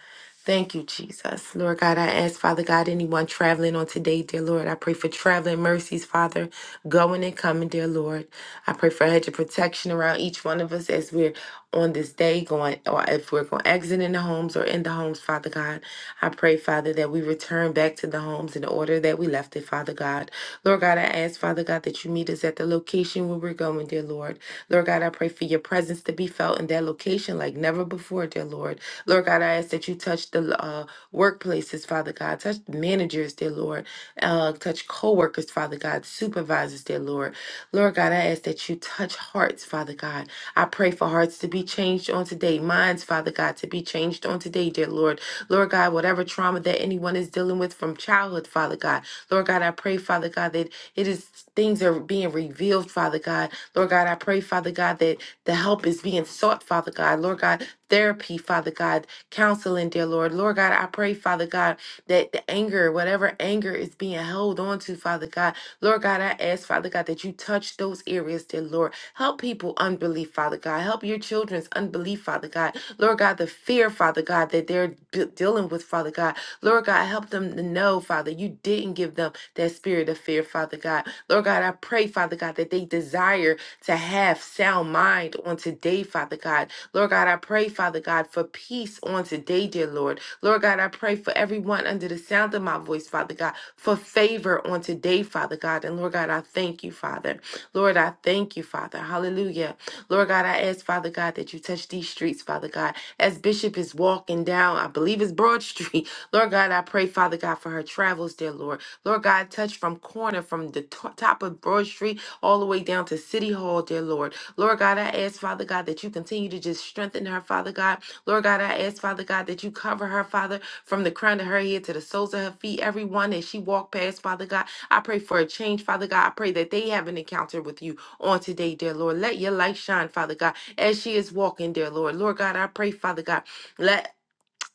[SPEAKER 4] Thank you, Jesus. Lord God, I ask, Father God, anyone traveling on today, dear Lord, I pray for traveling mercies, Father, going and coming, dear Lord. I pray for a hedge of protection around each one of us as we're on this day going, or if we're going to exit in the homes or in the homes, Father God. I pray, Father, that we return back to the homes in the order that we left it, Father God. Lord God, I ask, Father God, that you meet us at the location where we're going, dear Lord. Lord God, I pray for your presence to be felt in that location like never before, dear Lord. Lord God, I ask that you touch the uh, workplaces, Father God, touch managers, dear Lord, uh, touch co workers, Father God, supervisors, dear Lord. Lord God, I ask that you touch hearts, Father God. I pray for hearts to be changed on today, minds, Father God, to be changed on today, dear Lord. Lord God, whatever trauma that anyone is dealing with from childhood, Father God, Lord God, I pray, Father God, that it is things are being revealed, Father God Lord God, I pray, Father God, that the help is being sought, Father God. Lord God, therapy, Father God, counseling, dear Lord. Lord God, I pray, Father God, that the anger, whatever anger is being held on to, Father God, Lord God, I ask, Father God, that you touch those areas, dear Lord. Help people unbelief, Father God. Help your children's unbelief, Father God. Lord God, the fear, Father God, that they're d- dealing with, Father God. Lord God, help them to know, Father, you didn't give them that spirit of fear, Father God. Lord God, I pray, Father God, that they desire to have sound mind on today, Father God. Lord God, I pray, Father God, for peace on today, dear Lord. Lord God, I pray for everyone under the sound of my voice, Father God, for favor on today, Father God. And Lord God, I thank you, Father. Lord, I thank you, Father. Hallelujah. Lord God, I ask, Father God, that you touch these streets, Father God. As Bishop is walking down, I believe it's Broad Street. *laughs* Lord God, I pray, Father God, for her travels, dear Lord. Lord God, touch from corner, from the to- top of Broad Street all the way down to City Hall, dear Lord. Lord God, I ask, Father God, that you continue to just strengthen her, Father God. Lord God, I ask, Father God, that you cover her, Father, from the crown of her head to the soles of her feet, everyone that she walked past, Father God. I pray for a change, Father God. I pray that they have an encounter with you on today, dear Lord. Let your light shine, Father God, as she is walking, dear Lord. Lord God, I pray, Father God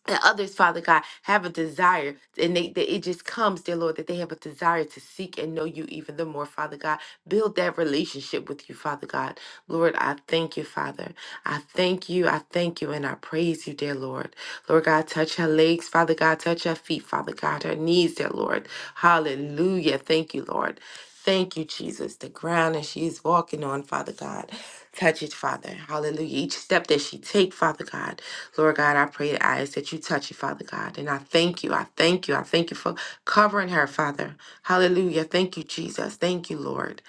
[SPEAKER 4] and others, Father God, have a desire, and they, that it just comes, dear Lord, that they have a desire to seek and know you even the more, Father God. Build that relationship with you, Father God. Lord, I thank you, Father. I thank you, I thank you, and I praise you, dear Lord. Lord God, touch her legs, Father God, touch her feet, Father God, her knees, dear Lord. Hallelujah. Thank you, Lord. Thank you, Jesus. The ground that she is walking on, Father God. Touch it, Father. Hallelujah. Each step that she take, Father God. Lord God, I pray, I ask that you touch it, Father God. And I thank you. I thank you. I thank you for covering her, Father. Hallelujah. Thank you, Jesus. Thank you, Lord.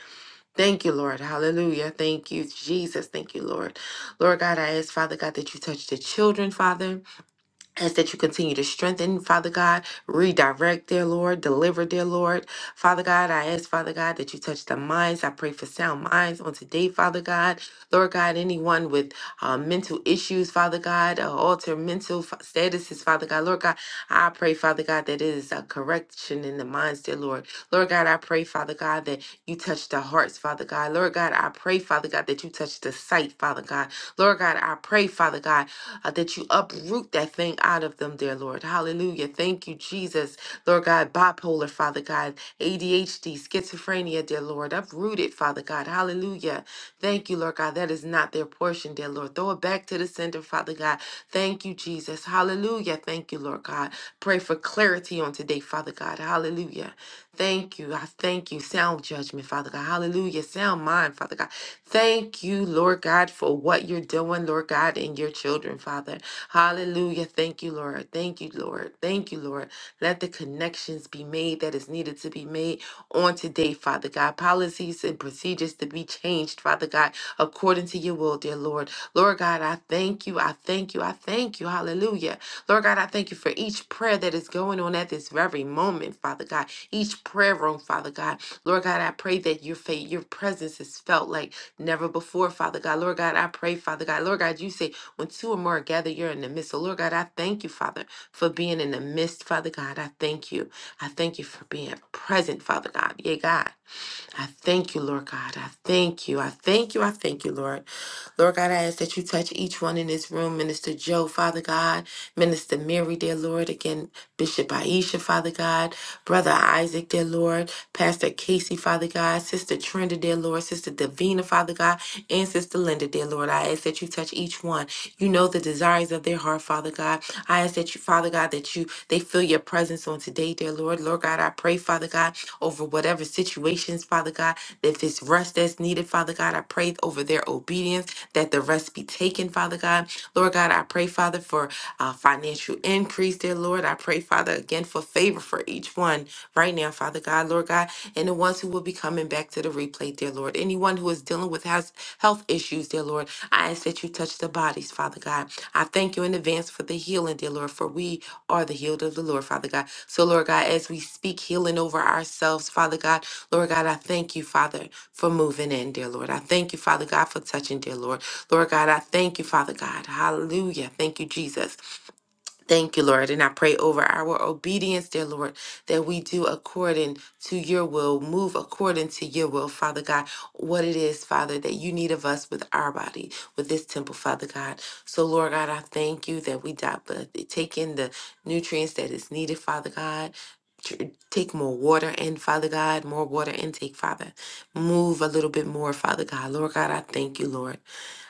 [SPEAKER 4] Thank you, Lord. Hallelujah. Thank you, Jesus. Thank you, Lord. Lord God, I ask, Father God, that you touch the children, Father ask that you continue to strengthen, Father God, redirect, dear Lord, deliver, dear Lord. Father God, I ask, Father God, that you touch the minds. I pray for sound minds on today, Father God. Lord God, anyone with uh, mental issues, Father God, uh, alter mental f- statuses, Father God. Lord God, I pray, Father God, that it is a correction in the minds, dear Lord. Lord God, I pray, Father God, that you touch the hearts, Father God. Lord God, I pray, Father God, that you touch the sight, Father God. Lord God, I pray, Father God, uh, that you uproot that thing out of them, dear Lord. Hallelujah. Thank you, Jesus. Lord God, bipolar, Father God, ADHD, schizophrenia, dear Lord, uproot it, Father God. Hallelujah. Thank you, Lord God. That is not their portion, dear Lord. Throw it back to the sender, Father God. Thank you, Jesus. Hallelujah. Thank you, Lord God. Pray for clarity on today, Father God. Hallelujah. Thank you. I thank you. Sound judgment, Father God. Hallelujah. Sound mind, Father God. Thank you, Lord God, for what you're doing, Lord God, and your children, Father. Hallelujah. Thank you, Lord. Thank you, Lord. Thank you, Lord. Let the connections be made that is needed to be made on today, Father God. Policies and procedures to be changed, Father God, according to your will, dear Lord. Lord God, I thank you. I thank you. I thank you. Hallelujah. Lord God, I thank you for each prayer that is going on at this very moment, Father God. Each prayer room, Father God. Lord God, I pray that your faith, your presence is felt like never before, Father God. Lord God, I pray, Father God. Lord God, you say when two or more are gathered, you're in the midst. So, Lord God, I thank you, Father, for being in the midst, Father God. I thank you. I thank you for being present, Father God. Yeah, God. I thank you, Lord God. I thank you. I thank you. I thank you, Lord. Lord God, I ask that you touch each one in this room. Minister Joe, Father God. Minister Mary, dear Lord. Again, Bishop Aisha, Father God. Brother Isaac, dear Lord. Pastor Casey, Father God. Sister Trenda, dear Lord. Sister Davina, Father God. And Sister Linda, dear Lord. I ask that you touch each one. You know the desires of their heart, Father God. I ask that you, Father God, that you they feel your presence on today, dear Lord. Lord God, I pray, Father God, over whatever situations, Father God. If it's rest that's needed, Father God, I pray over their obedience that the rest be taken, Father God. Lord God, I pray, Father, for uh, financial increase, dear Lord. I pray, Father, again for favor for each one right now, Father God, Lord God, and the ones who will be coming back to the replay, dear Lord. Anyone who is dealing with house health issues, dear Lord. I ask that you touch the bodies, Father God. I thank you in advance for the healing, dear Lord, for we are the healed of the Lord, Father God. So, Lord God, as we speak healing over ourselves, Father God, Lord God, I thank you, Father, for moving in, dear Lord. I thank you, Father God, for touching, dear Lord. Lord God, I thank you, Father God. Hallelujah. Thank you, Jesus. Thank you, Lord. And I pray over our obedience, dear Lord, that we do according to your will, move according to your will, Father God, what it is, Father, that you need of us with our body, with this temple, Father God. So, Lord God, I thank you that we di- but take in the nutrients that is needed, Father God. Tr- Take more water in, Father God, more water intake, Father. Move a little bit more, Father God. Lord God, I thank you, Lord.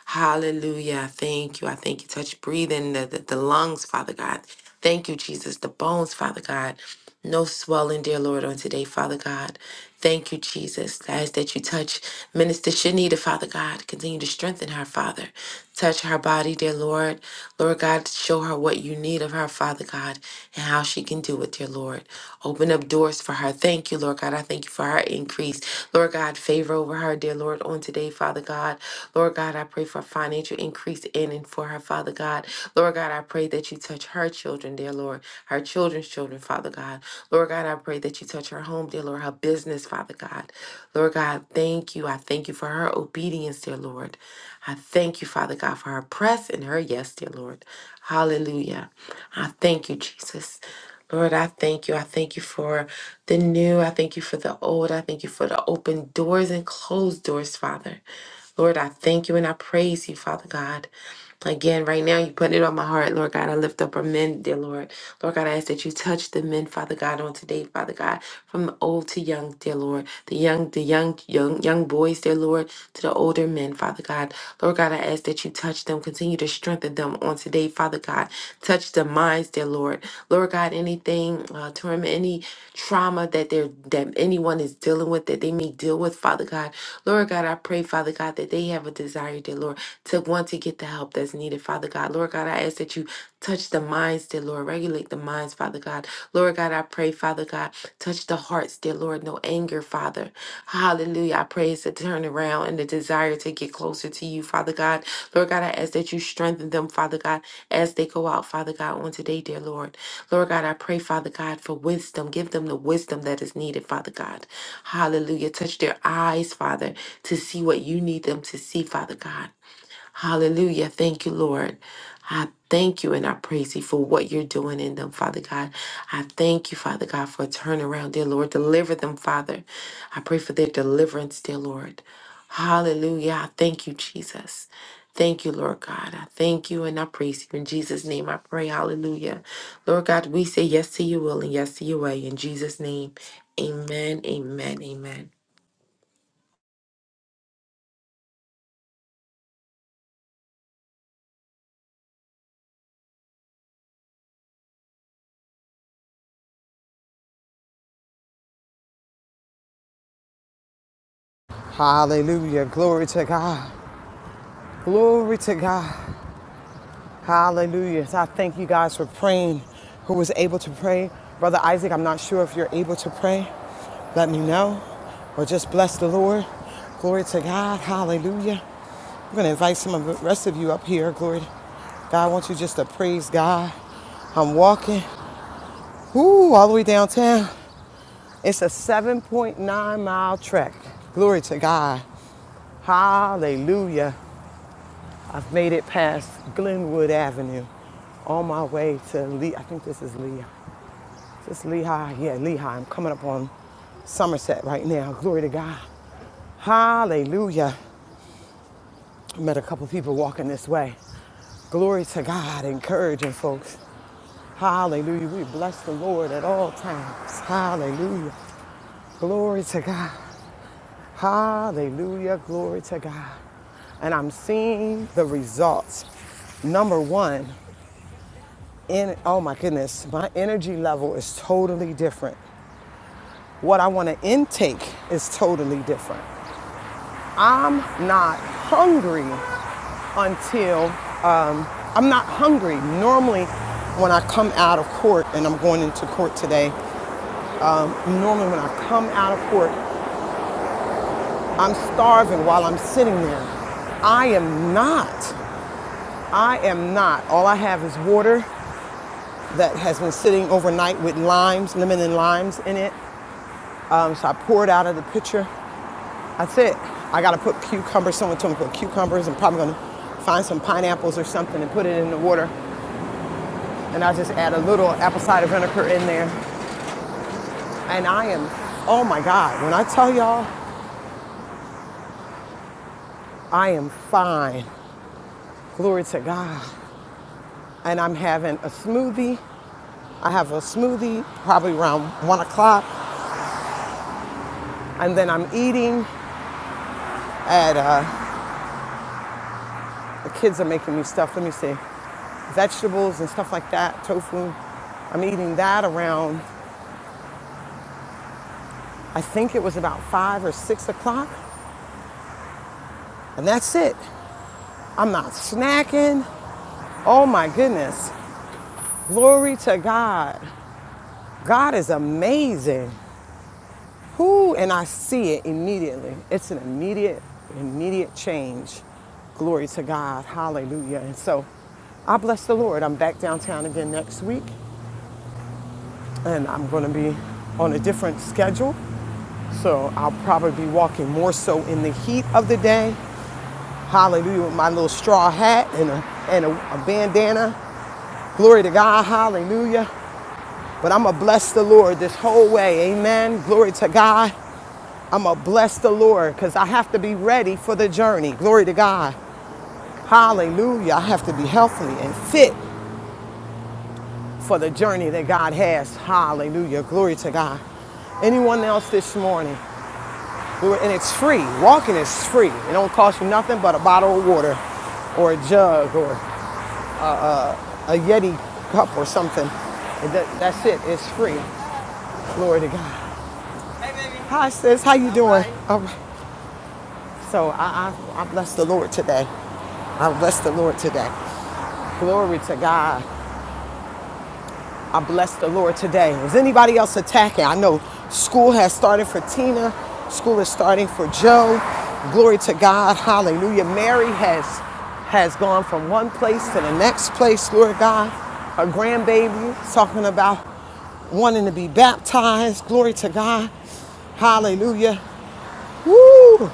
[SPEAKER 4] Hallelujah. I Thank you. I thank you. Touch breathing, the, the, the lungs, Father God. Thank you, Jesus. The bones, Father God. No swelling, dear Lord, on today, Father God. Thank you, Jesus. I ask that you touch Minister Shanita, Father God. Continue to strengthen her, Father. Touch her body, dear Lord. Lord God, show her what you need of her, Father God and how she can do it, dear Lord. Open up doors for her. Thank you, Lord God. I thank you for her increase. Lord God, favor over her, dear Lord, on today, Father God. Lord God, I pray for financial increase in and for her, Father God. Lord God, I pray that you touch her children, dear Lord, her children's children, Father God. Lord God, I pray that you touch her home, dear Lord, her business, Father God. Lord God, thank you. I thank you for her obedience, dear Lord. I thank you, Father God, for her press and her yes, dear Lord. Hallelujah. I thank you, Jesus. Lord, I thank you. I thank you for the new. I thank you for the old. I thank you for the open doors and closed doors, Father. Lord, I thank you and I praise you, Father God. Again, right now, you put it on my heart, Lord God. I lift up our men, dear Lord. Lord God, I ask that you touch the men, Father God, on today, Father God, from the old to young, dear Lord. The young, the young, young, young boys, dear Lord, to the older men, Father God. Lord God, I ask that you touch them, continue to strengthen them on today, Father God. Touch the minds, dear Lord. Lord God, anything, uh, torment, any trauma that they're that anyone is dealing with, that they may deal with, Father God. Lord God, I pray, Father God, that they have a desire, dear Lord to want to get the help that's needed, Father God. Lord God, I ask that you touch the minds, dear Lord. Regulate the minds, Father God. Lord God, I pray, Father God, touch the hearts, dear Lord. No anger, Father. Hallelujah. I pray it's a turnaround and the desire to get closer to you, Father God. Lord God, I ask that you strengthen them, Father God, as they go out, Father God, on today, dear Lord. Lord God, I pray, Father God, for wisdom. Give them the wisdom that is needed, Father God. Hallelujah. Touch their eyes, Father, to see what you need them to see, Father God. Hallelujah. Thank you, Lord. I thank you and I praise you for what you're doing in them, Father God. I thank you, Father God, for a turnaround, dear Lord. Deliver them, Father. I pray for their deliverance, dear Lord. Hallelujah. I thank you, Jesus. Thank you, Lord God. I thank you and I praise you. In Jesus' name I pray. Hallelujah. Lord God, we say yes to your will and yes to your way. In Jesus' name, amen, amen, amen.
[SPEAKER 2] Hallelujah. Glory to God. Glory to God. Hallelujah. So I thank you guys for praying. Who was able to pray? Brother Isaac, I'm not sure if you're able to pray. Let me know. Or just bless the Lord. Glory to God. Hallelujah. I'm going to invite some of the rest of you up here. Glory to God. I want you just to praise God. I'm walking. Ooh, all the way downtown. It's a 7.9 mile trek. Glory to God. Hallelujah. I've made it past Glenwood Avenue on my way to Lee. I think this is Lee. Is this Lehigh? Yeah, Lehigh. I'm coming up on Somerset right now. Glory to God. Hallelujah. I Met a couple people walking this way. Glory to God, encouraging folks. Hallelujah. We bless the Lord at all times. Hallelujah. Glory to God. Hallelujah. Glory to God. And I'm seeing the results. Number one, in oh my goodness, my energy level is totally different. What I want to intake is totally different. I'm not hungry until um, I'm not hungry. Normally, when I come out of court, and I'm going into court today, normally when I come out of court, I'm starving while I'm sitting there. I am not. I am not. All I have is water that has been sitting overnight with limes, lemon and limes in it. Um, so I pour it out of the pitcher That's it. I gotta put cucumbers. Someone told me to put cucumbers. I'm probably gonna find some pineapples or something and put it in the water. And I just add a little apple cider vinegar in there. And I am, oh my God, when I tell y'all, I am fine. Glory to God. And I'm having a smoothie. I have a smoothie probably around one o'clock. And then I'm eating at, uh, the kids are making me stuff, let me see, vegetables and stuff like that, tofu. I'm eating that around I think it was about five or six o'clock, and that's it. I'm not snacking. Oh my goodness. Glory to God. God is amazing. Who and I see it immediately. It's an immediate, immediate change. Glory to God. Hallelujah. And so I bless the Lord. I'm back downtown again next week, and I'm going to be on a different schedule. So I'll probably be walking more so in the heat of the day Hallelujah. With my little straw hat and a, and a, a bandana. Glory to God. Hallelujah. But I'm going to bless the Lord this whole way. Amen. Glory to God. I'm going to bless the Lord because I have to be ready for the journey. Glory to God. Hallelujah. I have to be healthy and fit for the journey that God has. Hallelujah. Glory to God anyone else this morning. Lord, And it's free. Walking is free. It don't cost you nothing but a bottle of water or a jug or a Yeti cup or something. And that, that's it. It's free. Glory to God. Hi, sis. How you doing? All right. So I, I, I bless the Lord today. I bless the Lord today. Glory to God. I bless the Lord today. Is anybody else attacking? I know school has started for Tina, school is starting for Joe. Glory to God. Hallelujah. Mary has has gone from one place to the next place, Lord God. Her grandbaby is talking about wanting to be baptized. Glory to God. Hallelujah. Woo!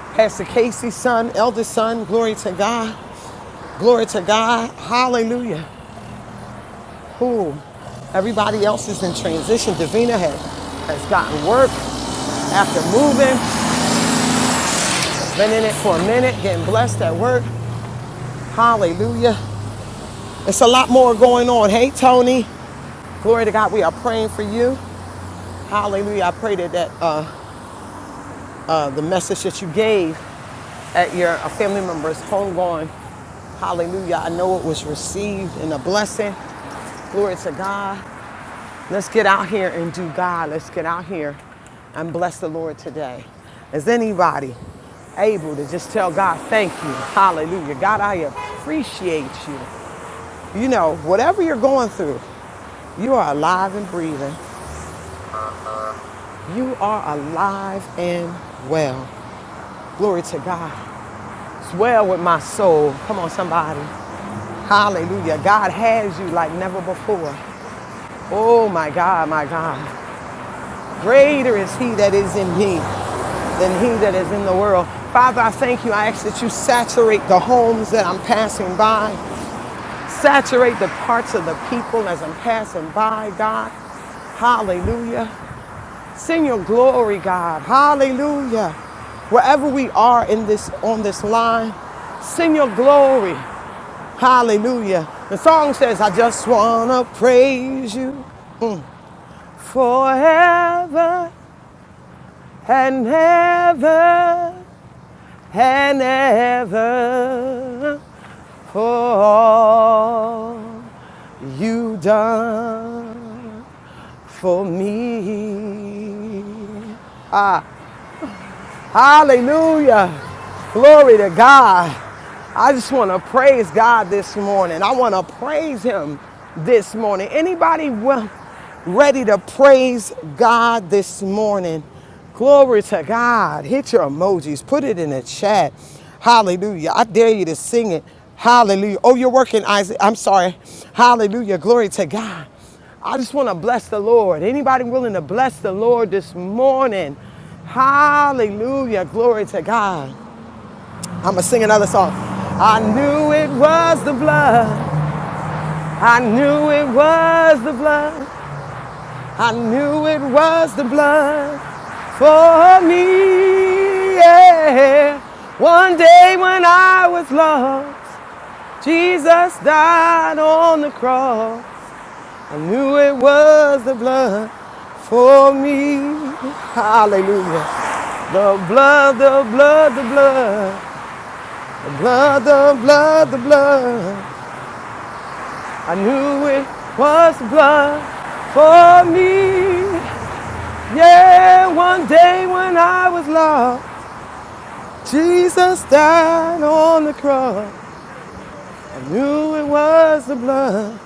[SPEAKER 2] Pastor Casey's son, eldest son, glory to God. Glory to God. Hallelujah. who everybody else is in transition. Davina has has gotten work after moving, been in it for a minute, getting blessed at work. Hallelujah. It's a lot more going on. Hey, Tony. Glory to God. We are praying for you. Hallelujah. I pray that, that uh, uh, the message that you gave at your uh, family member's homegoing, hallelujah. I know it was received in a blessing. Glory to God. Let's get out here and do God. Let's get out here and bless the Lord today. Is anybody able to just tell God, thank you? Hallelujah. God, I appreciate you. You know, whatever you're going through, you are alive and breathing. You are alive and well. Glory to God. It's well with my soul. Come on, somebody. Hallelujah. God has you like never before. Oh my God, my God. Greater is he that is in me than he that is in the world. Father, I thank you. I ask that you saturate the homes that I'm passing by, saturate the parts of the people as I'm passing by, God. Hallelujah. Send your glory, God. Hallelujah. Wherever we are in this on this line, send your glory. Hallelujah. The song says, I just wanna praise you forever and ever. and ever for all you have done for me. Ah. Hallelujah. Glory to God. I just want to praise God this morning. I want to praise him this morning. Anybody ready to praise God this morning? Glory to God. Hit your emojis. Put it in the chat. Hallelujah. I dare you to sing it. Hallelujah. Oh, you're working, Isaac. I'm sorry. Hallelujah. Glory to God. I just want to bless the Lord. Anybody willing to bless the Lord this morning? Hallelujah. Glory to God. I'm going to sing another song. I knew it was the blood. I knew it was the blood. I knew it was the blood for me. Yeah. One day when I was lost, Jesus died on the cross. I knew it was the blood for me. Hallelujah. The blood, the blood, the blood. Blood, the blood, the blood. I knew it was blood for me. Yeah, one day when I was lost, Jesus died on the cross. I knew it was the blood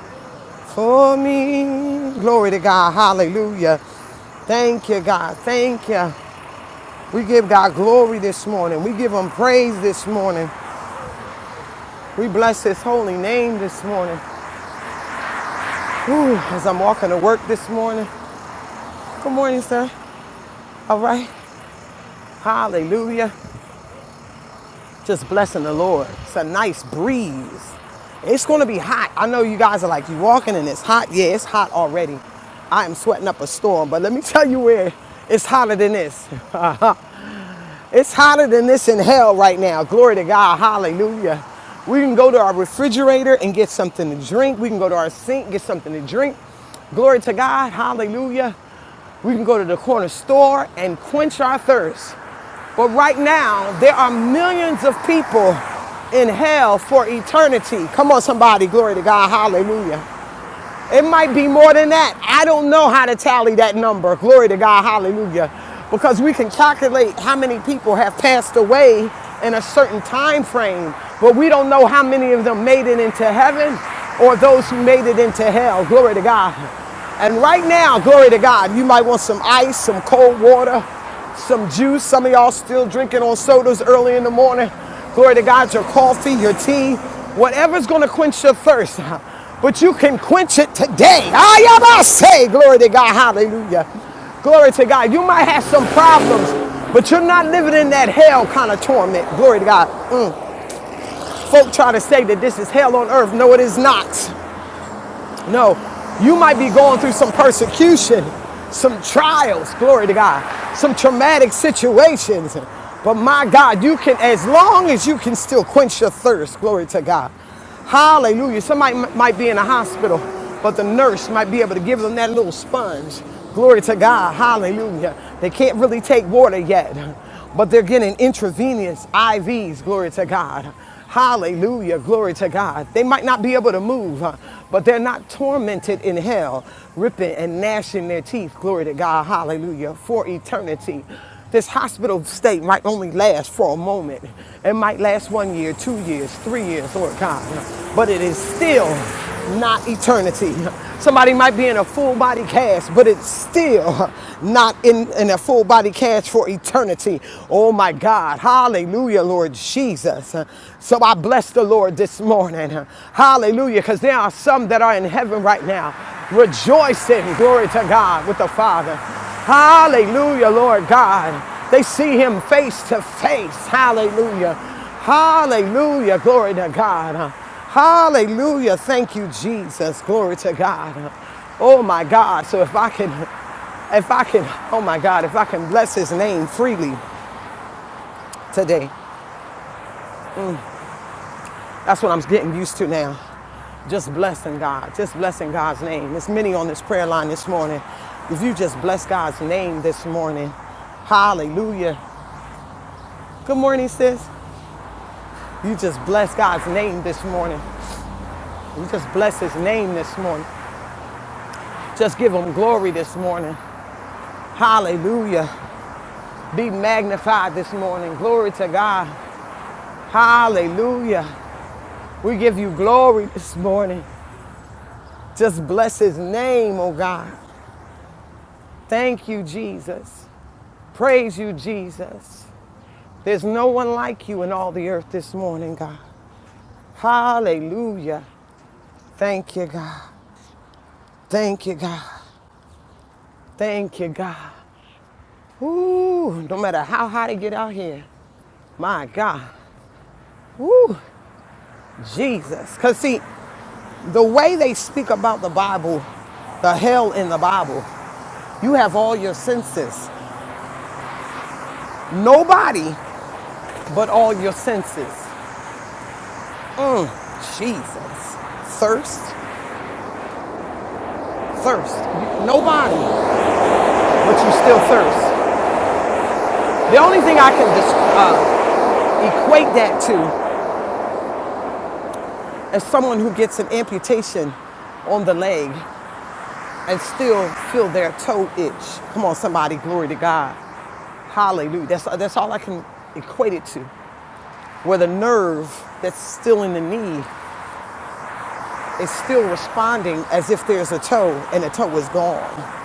[SPEAKER 2] for me. Glory to God. Hallelujah. Thank you, God. Thank you. We give God glory this morning. We give him praise this morning. We bless his holy name this morning. Ooh, as I'm walking to work this morning, Good morning, sir. All right. Hallelujah. Just blessing the Lord. It's a nice breeze. It's going to be hot. I know you guys are like, you walking and it's hot. Yeah, it's hot already. I am sweating up a storm, but let me tell you where it's hotter than this. *laughs* All It's hotter than this in hell right now. Glory to God. Hallelujah. We can go to our refrigerator and get something to drink. We can go to our sink, and get something to drink. Glory to God. Hallelujah. We can go to the corner store and quench our thirst. But right now, there are millions of people in hell for eternity. Come on, somebody. Glory to God. Hallelujah. It might be more than that. I don't know how to tally that number. Glory to God. Hallelujah. Because we can calculate how many people have passed away in a certain time frame, but we don't know how many of them made it into heaven or those who made it into hell. Glory to God. And right now, glory to God, you might want some ice, some cold water, some juice. Some of y'all still drinking on sodas early in the morning. Glory to God, your coffee, your tea, whatever's going to quench your thirst. *laughs* But you can quench it today. I say, glory to God, hallelujah. Glory to God. You might have some problems, but you're not living in that hell kind of torment. Glory to God. Mm. Folk try to say that this is hell on earth. No, it is not. No, you might be going through some persecution, some trials, glory to God, some traumatic situations. But my God, you can, as long as you can still quench your thirst, glory to God. Hallelujah. Somebody might be in a hospital, but the nurse might be able to give them that little sponge. Glory to God. Hallelujah. They can't really take water yet, but they're getting intravenous IVs, glory to God. Hallelujah. Glory to God. They might not be able to move, huh, but they're not tormented in hell, ripping and gnashing their teeth. Glory to God. Hallelujah. For eternity. This hospital stay might only last for a moment. It might last one year, two years, three years, Lord God. But it is still not eternity. Somebody might be in a full body cast, but it's still not in, in a full body cast for eternity. Oh my God. Hallelujah, Lord Jesus. Uh, So I bless the Lord this morning. Uh, Hallelujah. Because there are some that are in heaven right now rejoicing. Glory to God with the Father. Hallelujah, Lord God. They see him face to face. Hallelujah. Hallelujah. Glory to God. Uh, Hallelujah. Thank you, Jesus. Glory to God. Uh, Oh my God. So if I can if I can, oh my God, if I can bless his name freely, today. That's what I'm getting used to now. Just blessing God, just blessing God's name. There's many on this prayer line this morning. If you just bless God's name this morning, hallelujah. Good morning, sis. You just bless God's name this morning. You just bless his name this morning. Just give him glory this morning. Hallelujah. Be magnified this morning. Glory to God. Hallelujah. We give you glory this morning. Just bless his name, oh God. Thank you, Jesus. Praise you, Jesus. There's no one like you in all the earth this morning, God. Hallelujah. Thank you, God. Thank you, God. Thank you, God. Ooh, no matter how hot it get out here, my God. Ooh, Jesus. Because, see, the way they speak about the Bible, the hell in the Bible, you have all your senses. Nobody but all your senses. Mm, Jesus. Thirst, thirst. Nobody, but you still thirst. The only thing I can dis- uh, equate that to is someone who gets an amputation on the leg and still feel their toe itch. Come on, somebody, glory to God. Hallelujah. That's, that's all I can equate it to. Where the nerve that's still in the knee is still responding as if there's a toe and the toe is gone.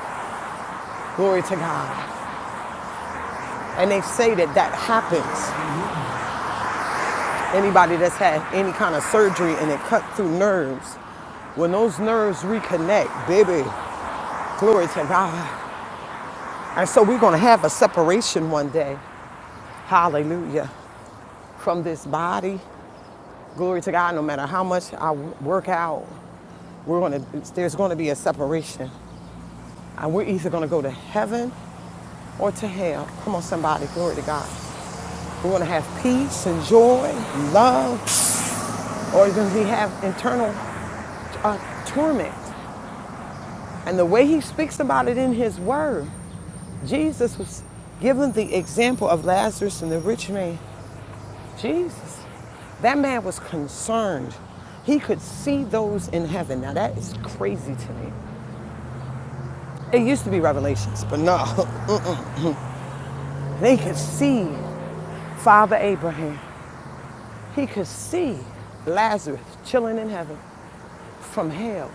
[SPEAKER 2] Glory to God. And they say that that happens Anybody that's had any kind of surgery and it cut through nerves, when those nerves reconnect, baby, glory to God. And so we're going to have a separation one day. Hallelujah. From this body, glory to God, no matter how much I work out, we're going to, there's going to be a separation. And we're either going to go to heaven or to hell. Come on, somebody, glory to God. We want to have peace and joy, love, or does he have internal uh, torment? And the way he speaks about it in his word, Jesus was given the example of Lazarus and the rich man. Jesus, that man was concerned. He could see those in heaven. Now that is crazy to me. It used to be revelations, but no. *laughs* They could see Father Abraham. He could see Lazarus chilling in heaven. from hell.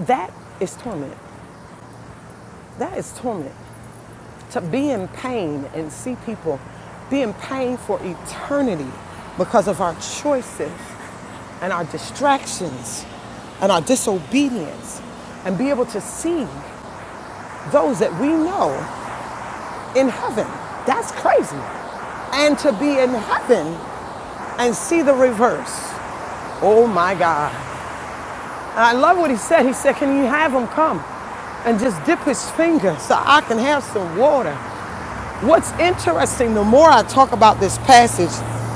[SPEAKER 2] That is torment. That is torment. To be in pain and see people be in pain for eternity because of our choices and our distractions and our disobedience and be able to see those that we know in heaven. That's crazy. And to be in heaven and see the reverse. Oh my God. And I love what he said. He said, Can you have him come and just dip his finger so I can have some water? What's interesting, the more I talk about this passage,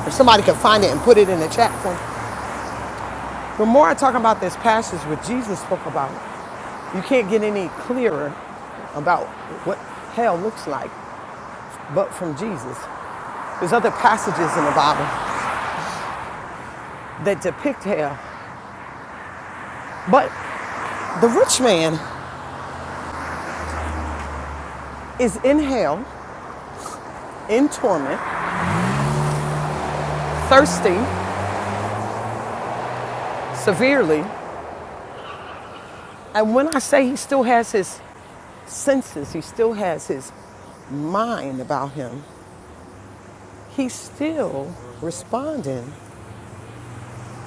[SPEAKER 2] if somebody could find it and put it in the chat for me, the more I talk about this passage, what Jesus spoke about, you can't get any clearer about what hell looks like but from Jesus. There's other passages in the Bible that depict hell, but the rich man is in hell, in torment, thirsty severely, And when I say he still has his senses, he still has his mind about him, he's still responding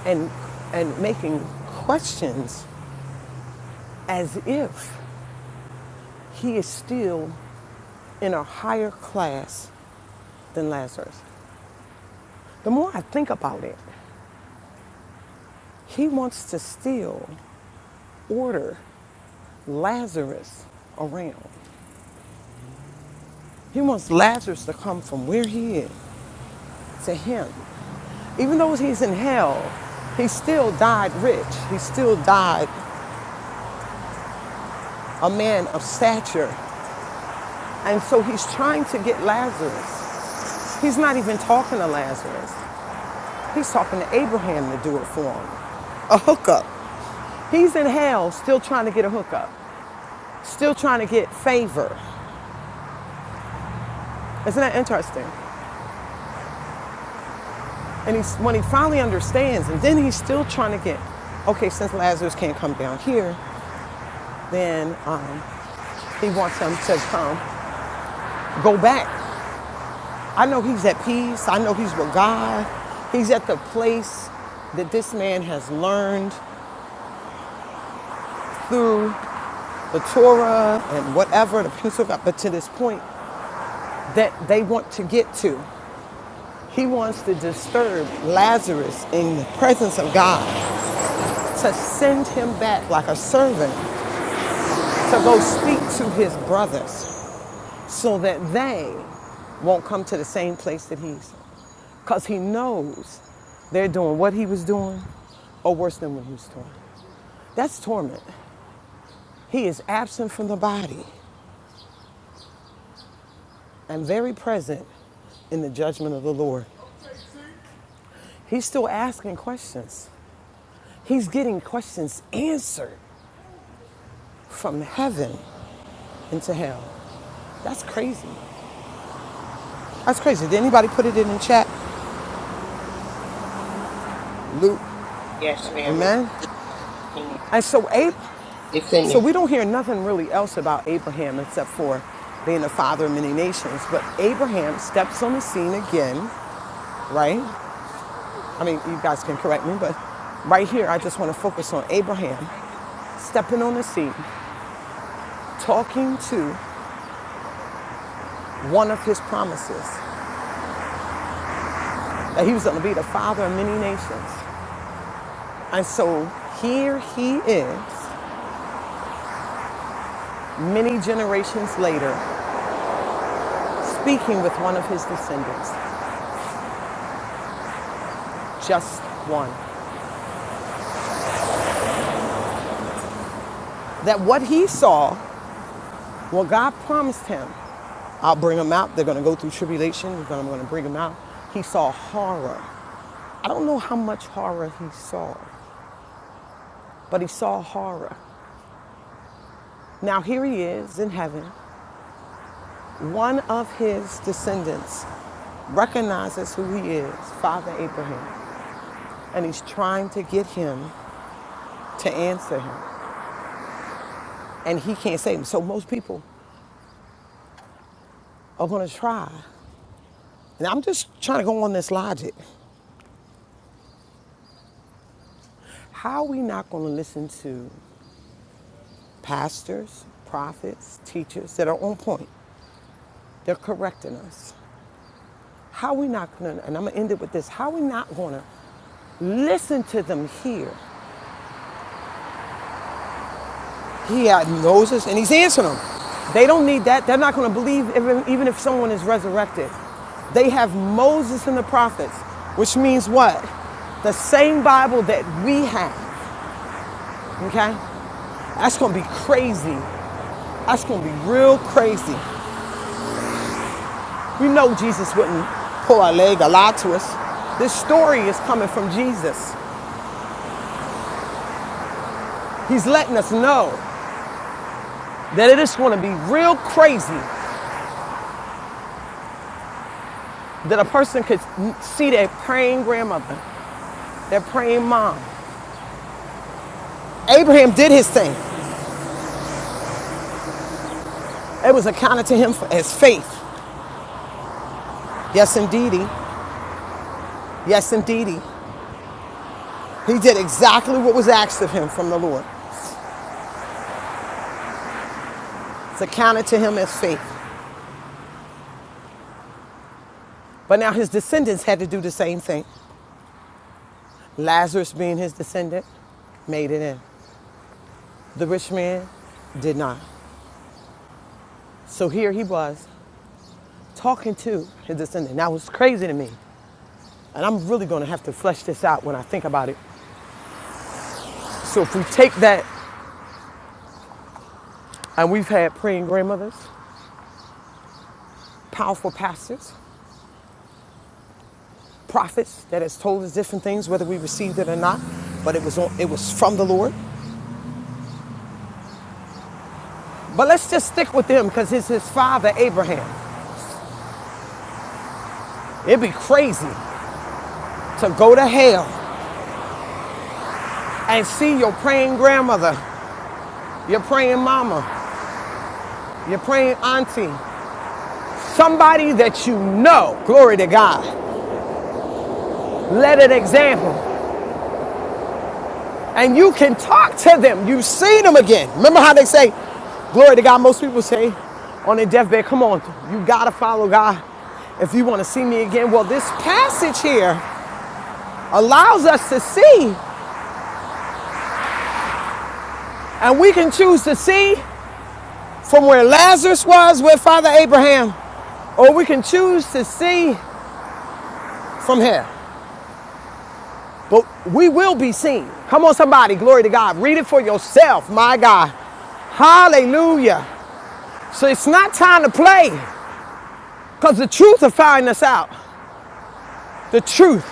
[SPEAKER 2] and, and making questions as if he is still in a higher class than Lazarus. The more I think about it, he wants to still order Lazarus around. He wants Lazarus to come from where he is to him. Even though he's in hell, he still died rich. He still died a man of stature. And so he's trying to get Lazarus. He's not even talking to Lazarus. He's talking to Abraham to do it for him. A hookup. He's in hell still trying to get a hookup, still trying to get favor. Isn't that interesting? And he's, when he finally understands, and then he's still trying to get, okay, since Lazarus can't come down here, then um, he wants him to come go back. I know he's at peace. I know he's with God. He's at the place that this man has learned through the Torah and whatever, the Pentateuch, but to this point that they want to get to. He wants to disturb Lazarus in the presence of God, to send him back like a servant, to go speak to his brothers. so that they won't come to the same place that he's. Because he knows they're doing what he was doing or worse than what he was doing. That's torment. He is absent from the body and very present in the judgment of the Lord. He's still asking questions. He's getting questions answered from heaven into hell. That's crazy. That's crazy. Did anybody put it in the chat? Luke,
[SPEAKER 3] Yes, ma'am.
[SPEAKER 2] amen? And so Ab-
[SPEAKER 3] It's in
[SPEAKER 2] So
[SPEAKER 3] you.
[SPEAKER 2] we don't hear nothing really else about Abraham except for being the father of many nations. But Abraham steps on the scene again, right? I mean, you guys can correct me, but right here, I just want to focus on Abraham stepping on the scene, talking to one of his promises that he was going to be the father of many nations. And so here he is many generations later, speaking with one of his descendants, just one, that what he saw Well, God promised him, I'll bring them out. They're going to go through tribulation. He's gonna- I'm going to bring them out. He saw horror. I don't know how much horror he saw, but he saw horror. Now, here he is in heaven. One of his descendants recognizes who he is, Father Abraham, and he's trying to get him to answer him. And he can't save him. So, most people are going to try. And I'm just trying to go on this logic. How are we not going to listen to pastors, prophets, teachers that are on point. They're correcting us. How are we not gonna, and I'm gonna end it with this, how are we not gonna listen to them here? He had- knows us and he's answering them. They don't need that. They're not gonna believe even, even if someone is resurrected. They have Moses and the prophets, which means what? The same Bible that we have, okay? That's gonna be crazy. That's gonna be real crazy. We know Jesus wouldn't pull our leg or lie to us. This story is coming from Jesus. He's letting us know that it is going to be real crazy that a person could see their praying grandmother, their praying mom. Abraham did his thing. It was accounted to him as faith. Yes, indeedy. Yes, indeedy. He did exactly what was asked of him from the Lord. It's accounted to him as faith. But now his descendants had to do the same thing. Lazarus, being his descendant, made it in. The rich man did not. So here he was talking to his descendant. That was crazy to me. And I'm really going to have to flesh this out when I think about it. So if we take that, and we've had praying grandmothers, powerful pastors, prophets that has told us different things, whether we received it or not, but it was, on, it was from the Lord. But let's just stick with them because it's his father, Abraham. It'd be crazy to go to hell and see your praying grandmother, your praying mama, your praying auntie, somebody that you know, glory to God, let an example. And you can talk to them. You've seen them again. Remember how they say, glory to God, most people say on their deathbed, come on, you gotta follow God if you wanna see me again. Well, this passage here allows us to see, and we can choose to see from where Lazarus was with Father Abraham, or we can choose to see from here. But we will be seen. Come on, somebody, glory to God. Read it for yourself, my God. Hallelujah. So it's not time to play because the truth will find us out. The truth,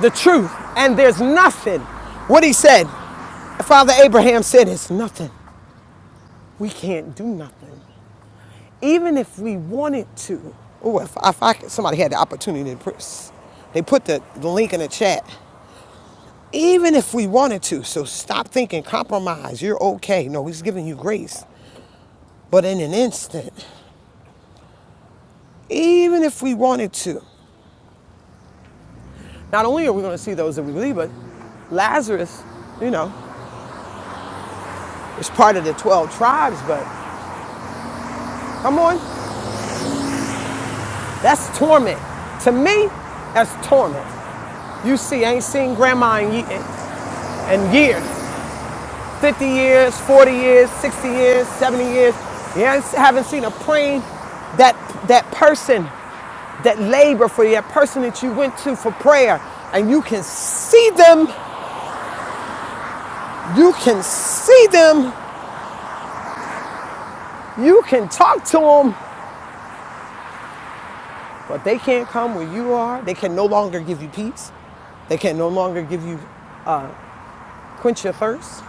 [SPEAKER 2] the truth. And there's nothing. What he said, Father Abraham said, it's nothing. We can't do nothing. Even if we wanted to. Oh, if, if I, somebody had the opportunity to press, they put the, the link in the chat. Even if we wanted to, so stop thinking compromise, you're okay. No, he's giving you grace. But in an instant, even if we wanted to, Not only are we going to see those that we believe, but Lazarus, you know, is part of the 12 tribes, but come on, that's torment. To me, that's torment. You see, I ain't seen grandma in, ye- in years 50 years, 40 years, 60 years, 70 years. You ain't- haven't seen a praying that that person that labor for you, that person that you went to for prayer and you can see them you can see them you can talk to them But they can't come where you are. They can no longer give you peace. They can no longer give you quench your thirst.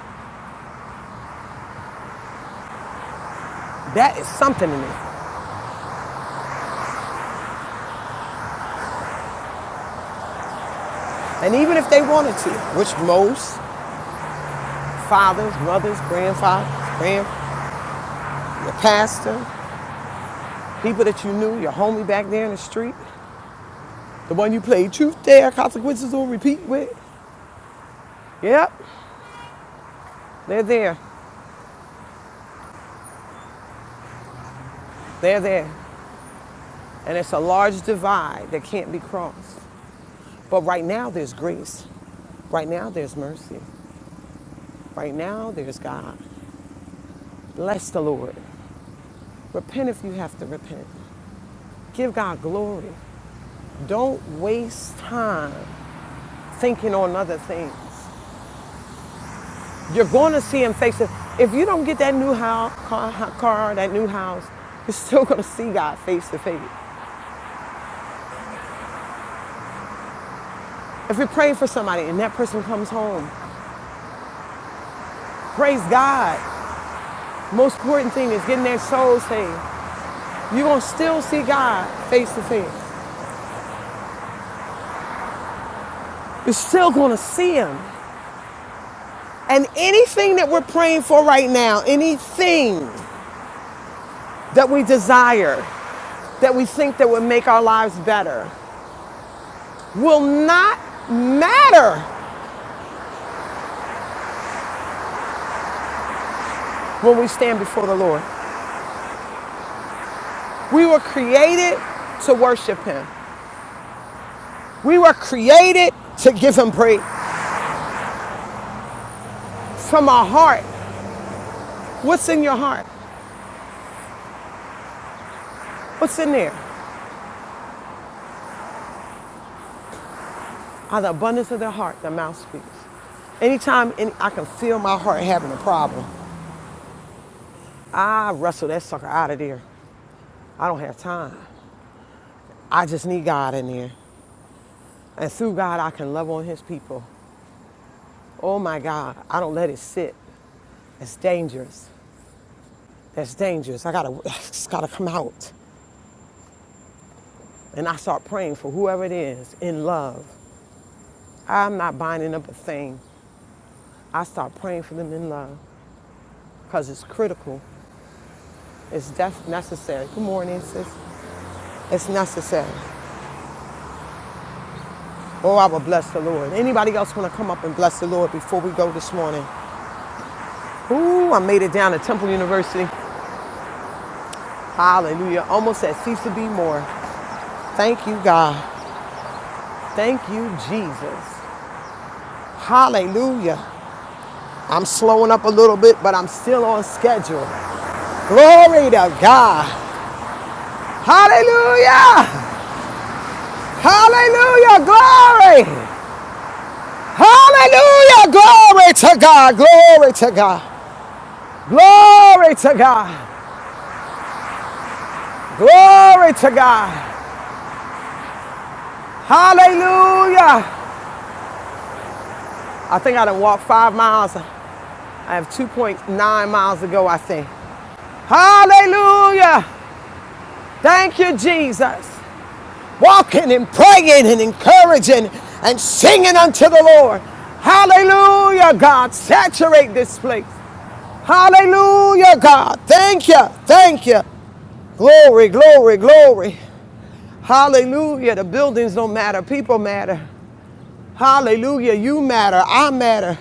[SPEAKER 2] That is something in it. And even if they wanted to, which most fathers, mothers, grandfathers, grand, your pastor, people that you knew, your homie back there in the street, the one you played truth there, consequences on repeat with. Yep, they're there. They're there. And it's a large divide that can't be crossed. But right now there's grace. Right now there's mercy. Right now, there's God. Bless the Lord. Repent if you have to repent. Give God glory. Don't waste time thinking on other things. You're going to see Him face to If you don't get that new house, car, car, that new house, you're still going to see God face to face. If you're praying for somebody and that person comes home, praise God. Most important thing is getting their soul saved. You're going to still see God face to face. You're still going to see Him. And anything that we're praying for right now, anything that we desire, that we think that would make our lives better, will not matter when we stand before the Lord. We were created to worship Him. We were created to give Him praise from our heart. What's in your heart? What's in there? Out of the abundance of their heart, their mouth speaks. Anytime any, I can feel my heart having a problem, I wrestle that sucker out of there. I don't have time. I just need God in there. And through God, I can love on His people. Oh my God, I don't let it sit. It's dangerous. That's dangerous. I gotta, *laughs* it's gotta come out. And I start praying for whoever it is in love. I'm not binding up a thing. I start praying for them in love because it's critical. It's def- necessary. Good morning, sis. It's necessary. Oh, I will bless the Lord. Anybody else want to come up and bless the Lord before we go this morning? Ooh, I made it down to Temple University. Hallelujah. Almost said, cease to be more. Thank you, God. Thank you, Jesus. Hallelujah. I'm slowing up a little bit, but I'm still on schedule. Glory to God. Hallelujah. Hallelujah. Glory. Hallelujah. Glory to God. Glory to God. Glory to God. Glory to God. Hallelujah. I think I done walked five miles. I have 2.9 miles to go, I think. Hallelujah. Thank you, Jesus. walking and praying and encouraging and singing unto the Lord. Hallelujah, God. Saturate this place. Hallelujah, God. Thank you. Thank you. Glory, glory, glory. Hallelujah. The buildings don't matter. People matter. Hallelujah. You matter. I matter.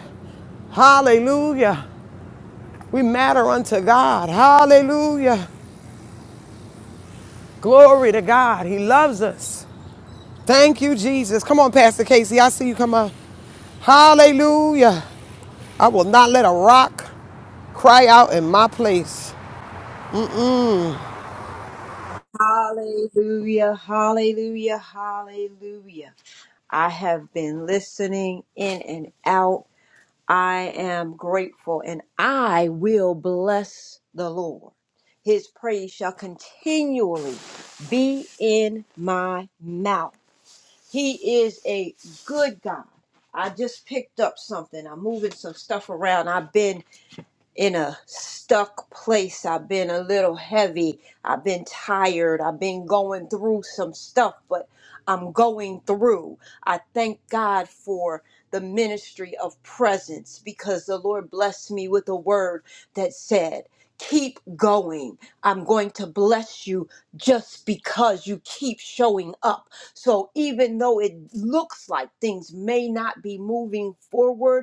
[SPEAKER 2] Hallelujah. We matter unto God. Hallelujah. Glory to God. He loves us. Thank you, Jesus. Come on, Pastor Casey. I see you come on. Hallelujah. I will not let a rock cry out in my place.
[SPEAKER 5] Hallelujah, hallelujah, hallelujah. I have been listening in and out. I am grateful and I will bless the Lord. His praise shall continually be in my mouth. He is a good God. I just picked up something. I'm moving some stuff around. I've been in a stuck place. I've been a little heavy. I've been tired. I've been going through some stuff, but I'm going through. I thank God for the ministry of presence because the Lord blessed me with a word that said, Keep going. I'm going to bless you just because you keep showing up. So, even though it looks like things may not be moving forward,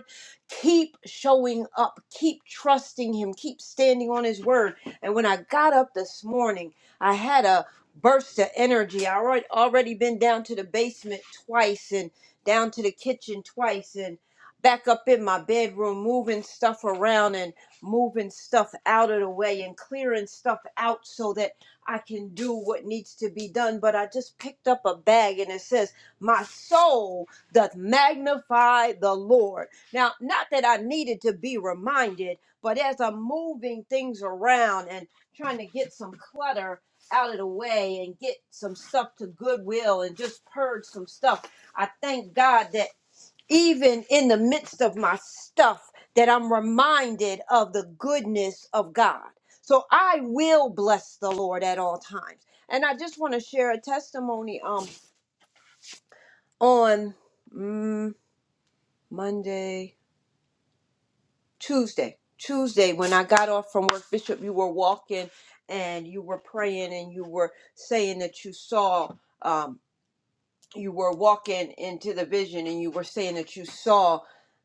[SPEAKER 5] Keep showing up, keep trusting Him, keep standing on His word. And when I got up this morning, I had a burst of energy. I already already been down to the basement twice and down to the kitchen twice and back up in my bedroom moving stuff around and moving stuff out of the way and clearing stuff out so that I can do what needs to be done. But I just picked up a bag and it says, My soul doth magnify the Lord now, not that I needed to be reminded, but as I'm moving things around and trying to get some clutter out of the way and get some stuff to Goodwill and just purge some stuff, I thank God that even in the midst of my stuff that I'm reminded of the goodness of God. So I will bless the Lord at all times. And I just want to share a testimony um on mm, Monday. Tuesday. Tuesday, when I got off from work, Bishop, you were walking and you were praying and you were saying that you saw, um, you were walking into the vision and you were saying that you saw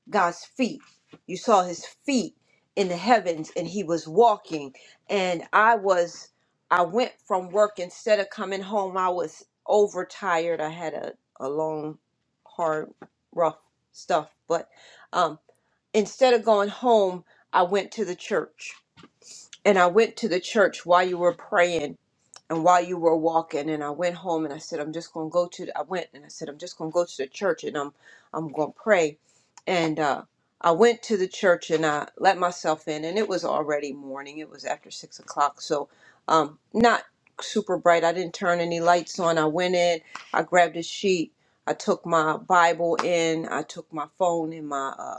[SPEAKER 5] God's feet. You saw his feet in the heavens and he was walking. And I was, I went from work instead of coming home, I was overtired. I had a, a long, hard, rough stuff, but. Um, instead of going home, I went to the church. And I went to the church while you were praying and while you were walking. And I went home and I said, I'm just going to go to, the, I went and I said, I'm just going to go to the church and I'm, I'm going to pray. And, uh, I went to the church and I let myself in and it was already morning. It was after six o'clock. So, um, not super bright. I didn't turn any lights on. I went in, I grabbed a sheet. I took my Bible in, I took my phone and my, uh,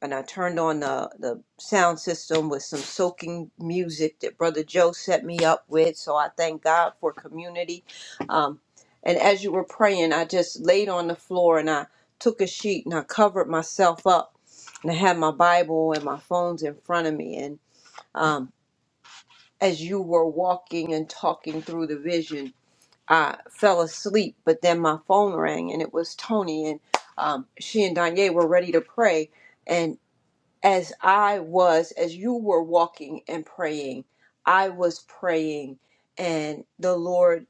[SPEAKER 5] and I turned on the, the sound system with some soaking music that Brother Joe set me up with. So I thank God for community. Um, and as you were praying, I just laid on the floor and I took a sheet and I covered myself up. And I had my Bible and my phones in front of me. And um, as you were walking and talking through the vision, I fell asleep. But then my phone rang and it was Tony. And um, she and Danye were ready to pray as I was, as you were walking and praying, I was praying, and the Lord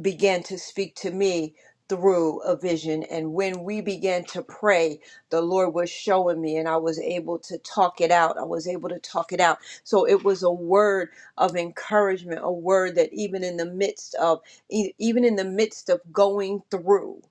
[SPEAKER 5] began to speak to me through a vision. And when we began to pray, the Lord was showing me, and I was able to talk it out. I was able to talk it out. So it was a word of encouragement, a word that even in the midst of, e- even in the midst of going through,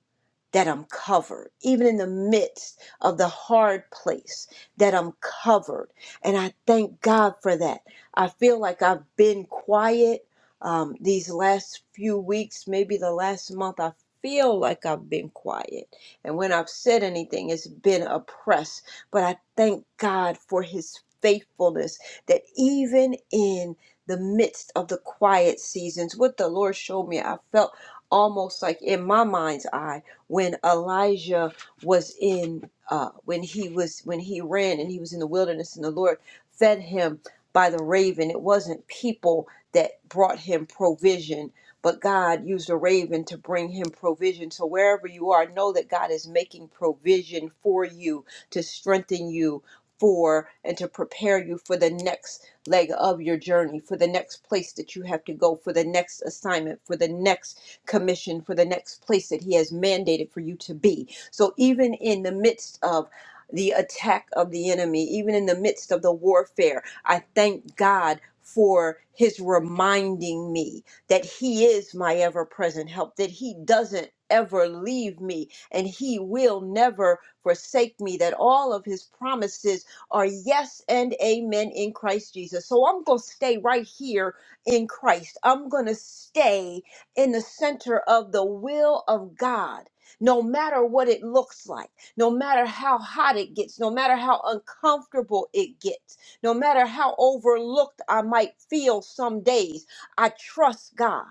[SPEAKER 5] that I'm covered, even in the midst of the hard place, that I'm covered. And I thank God for that. I feel like I've been quiet um, these last few weeks, maybe the last month. I feel like I've been quiet. And when I've said anything, it's been oppressed. But I thank God for His faithfulness that even in the midst of the quiet seasons, what the Lord showed me, I felt almost like in my mind's eye when Elijah was in uh, when he was when he ran and he was in the wilderness and the Lord fed him by the raven. It wasn't people that brought him provision, but God used a raven to bring him provision. So wherever you are, know that God is making provision for you to strengthen you for and to prepare you for the next leg of your journey, for the next place that you have to go, for the next assignment, for the next commission for the next place that He has mandated for you to be. So even in the midst of the attack of the enemy, even in the midst of the warfare, I thank God for His reminding me that He is my ever present help, that He doesn't ever leave me and He will never forsake me, that all of His promises are yes and amen in Christ Jesus. So I'm going to stay right here in Christ. I'm going to stay in the center of the will of God, no matter what it looks like, no matter how hot it gets, no matter how uncomfortable it gets, no matter how overlooked I might feel some days, I trust God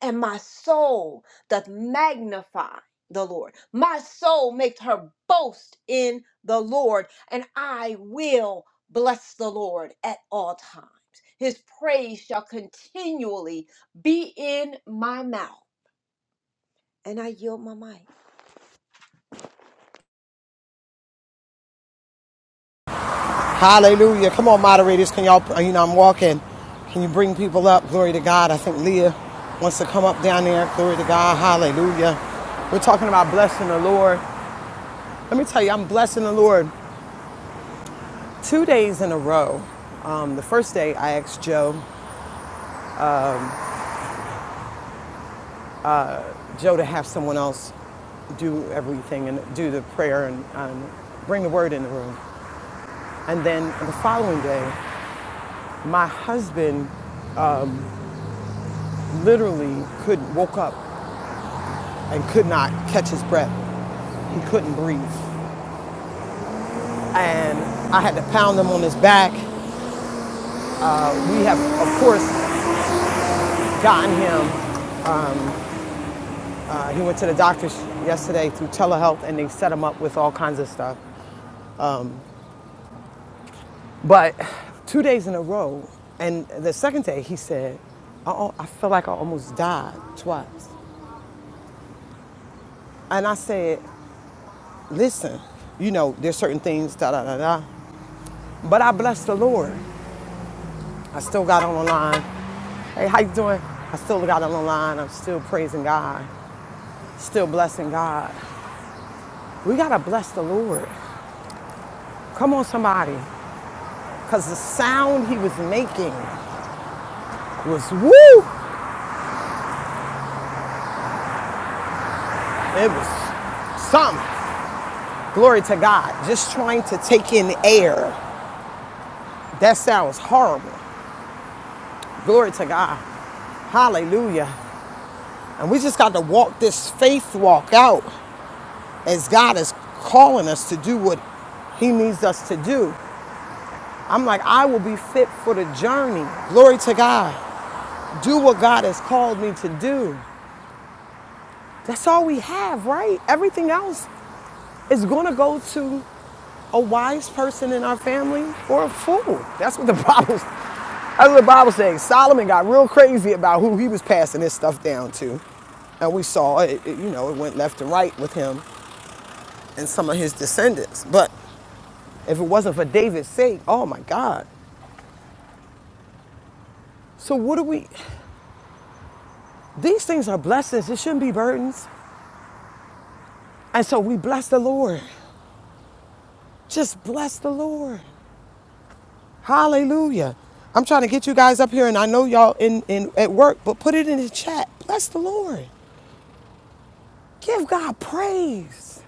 [SPEAKER 5] and my soul doth magnify the Lord. My soul makes her boast in the Lord, and I will bless the Lord at all times. His praise shall continually be in my mouth. And I yield my mic.
[SPEAKER 2] Hallelujah. Come on, moderators. Can y'all, you know, I'm walking. Can you bring people up? Glory to God. I think Leah wants to come up down there. Glory to God. Hallelujah. We're talking about blessing the Lord. Let me tell you, I'm blessing the Lord two days in a row. Um, the first day, I asked Joe Joe to have someone else do everything and do the prayer and, and bring the word in the room. And then the following day, my husband literally could not woke up and could not catch his breath. He couldn't breathe. And I had to pound him on his back. We have, of course, gotten him. Uh, he went to the doctor yesterday through telehealth and they set him up with all kinds of stuff. But two days in a row, and the second day he said, I, I feel like I almost died twice. And I said, listen, you know, there's certain things, da da da da. But I blessed the Lord. I still got on the line. Hey, how you doing? I still got on the line. I'm still praising God, still blessing God. We gotta bless the Lord. Come on, somebody. Cause the sound he was making was woo! It was something. Glory to God. Just trying to take in air. That sounds horrible. Glory to God. Hallelujah. And we just got to walk this faith walk out as God is calling us to do what He needs us to do. I'm like, I will be fit for the journey. Glory to God. Do what God has called me to do. That's all we have, right? Everything else is going to go to a wise person in our family or a fool. That's what the *laughs* Bible That's what the Bible says. Solomon got real crazy about who he was passing his stuff down to. And we saw it, it- you know, it went left and right with him and some of his descendants. But if it wasn't for David's sake, oh my God. So what do we, these things are blessings. It shouldn't be burdens. And so we bless the Lord. Just bless the Lord. Hallelujah. I'm trying to get you guys up here and I know y'all in, in at work, but put it in the chat. Bless the Lord. Give God praise.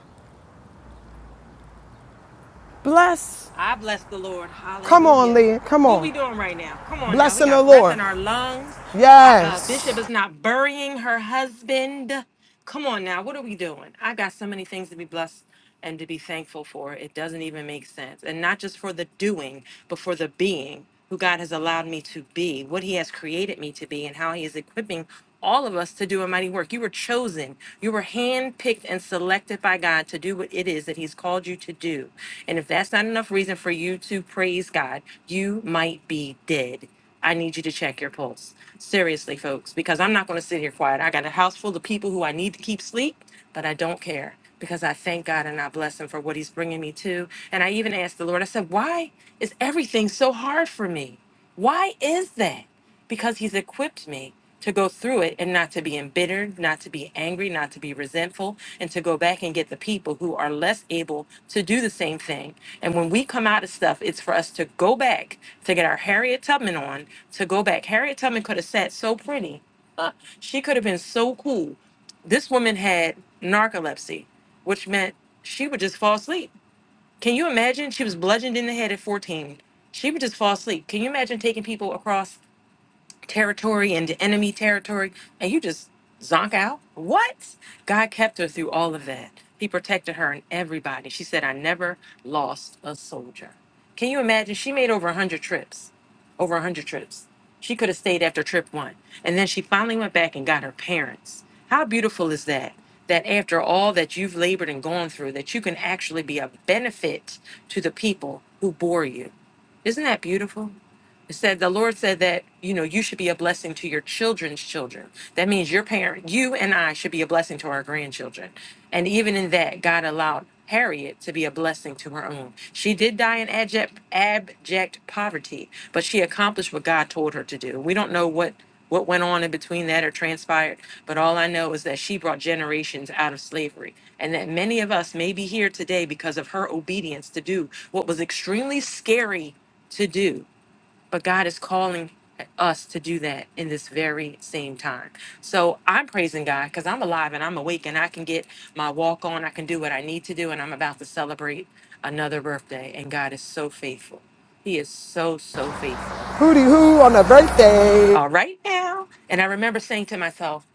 [SPEAKER 2] Bless
[SPEAKER 6] I bless the Lord.
[SPEAKER 2] Come on,
[SPEAKER 6] Hallelujah.
[SPEAKER 2] Leah. Come
[SPEAKER 6] What
[SPEAKER 2] on.
[SPEAKER 6] we doing right now? Come on now. We
[SPEAKER 2] Blessing the
[SPEAKER 6] got breath
[SPEAKER 2] Lord.
[SPEAKER 6] in our lungs. Uh, uh,
[SPEAKER 2] Yes.
[SPEAKER 6] Bishop is not burying her husband. Come on now. What are we doing? I got so many things to be blessed and to be thankful for. It doesn't even make sense. And not just for the doing, but for the being who God has allowed me to be, what He has created me to be, and how He is equipping all of us to do a mighty work. You were chosen. You were handpicked and selected by God to do what it is that He's called you to do. And if that's not enough reason for you to praise God, you might be dead. I need you to check your pulse. Seriously, folks, because I'm not going to sit here quiet. I got a house full of people who I need to keep sleep, but I don't care because I thank God and I bless Him for what He's bringing me to. And I even asked the Lord, I said, Why is everything so hard for me? Why is that? because he's equipped me to go through it and not to be embittered, not to be angry, not to be resentful, and to go back and get the people who are less able to do the same thing. And when we come out of stuff, it's for us to go back to get our Harriet Tubman on, to go back. Harriet Tubman could have sat so pretty. Uh, she could have been so cool. This woman had narcolepsy, which meant she would just fall asleep. Can you imagine? She was bludgeoned in the head at 14. She would just fall asleep. Can you imagine taking people across territory into enemy territory, and you just zonk out? What? God kept her through all of that. He protected her and everybody. She said, I never lost a soldier. Can you imagine? She made over 100 trips. Over 100 trips. She could have stayed after trip one. And then she finally went back and got her parents. How beautiful is that? That after all that you've labored and gone through, that you can actually be a benefit to the people who bore you. Isn't that beautiful? It said the Lord said that you know you should be a blessing to your children's children. That means your parent, you and I should be a blessing to our grandchildren. And even in that, God allowed Harriet to be a blessing to her own. She did die in abject, abject poverty, but she accomplished what God told her to do. We don't know what what went on in between that or transpired, but all I know is that she brought generations out of slavery and that many of us may be here today because of her obedience to do what was extremely scary to do but God is calling us to do that in this very same time. So I'm praising God because I'm alive and I'm awake and I can get my walk on. I can do what I need to do, and I'm about to celebrate another birthday. And God is so faithful. He is so, so faithful.
[SPEAKER 2] Hooty hoo on a birthday.
[SPEAKER 6] All right now. And I remember saying to myself,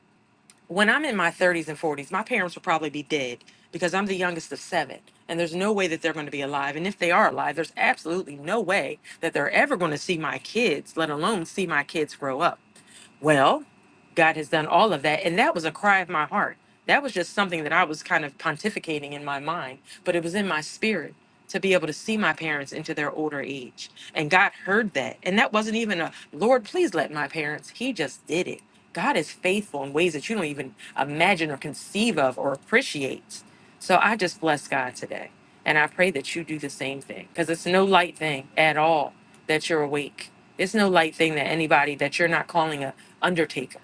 [SPEAKER 6] when I'm in my 30s and 40s, my parents will probably be dead because I'm the youngest of seven. And there's no way that they're going to be alive. And if they are alive, there's absolutely no way that they're ever going to see my kids, let alone see my kids grow up. Well, God has done all of that. And that was a cry of my heart. That was just something that I was kind of pontificating in my mind, but it was in my spirit to be able to see my parents into their older age. And God heard that. And that wasn't even a Lord, please let my parents. He just did it. God is faithful in ways that you don't even imagine or conceive of or appreciate. So I just bless God today. And I pray that you do the same thing because it's no light thing at all that you're awake. It's no light thing that anybody that you're not calling a undertaker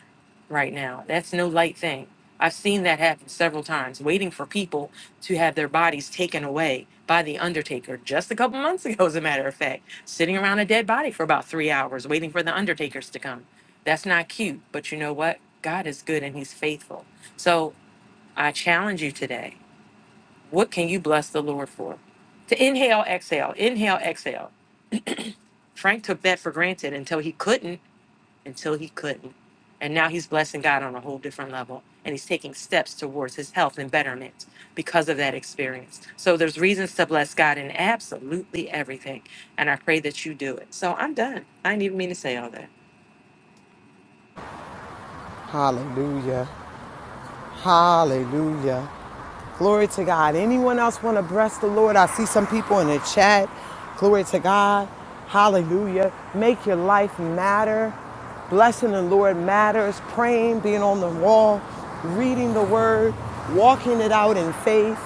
[SPEAKER 6] right now. That's no light thing. I've seen that happen several times, waiting for people to have their bodies taken away by the undertaker just a couple months ago, as a matter of fact, sitting around a dead body for about three hours, waiting for the undertakers to come. That's not cute, but you know what? God is good and he's faithful. So I challenge you today. What can you bless the Lord for? To inhale, exhale, inhale, exhale. Frank took that for granted until he couldn't until he couldn't. And now he's blessing God on a whole different level. And he's taking steps towards his health and betterment because of that experience. So there's reasons to bless God in absolutely everything. And I pray that you do it. So I'm done. I didn't even mean to say all that.
[SPEAKER 2] Hallelujah. Hallelujah. Glory to God. Anyone else want to bless the Lord? I see some people in the chat. Glory to God. Hallelujah. Make your life matter. Blessing the Lord matters. Praying, being on the wall, reading the word, walking it out in faith.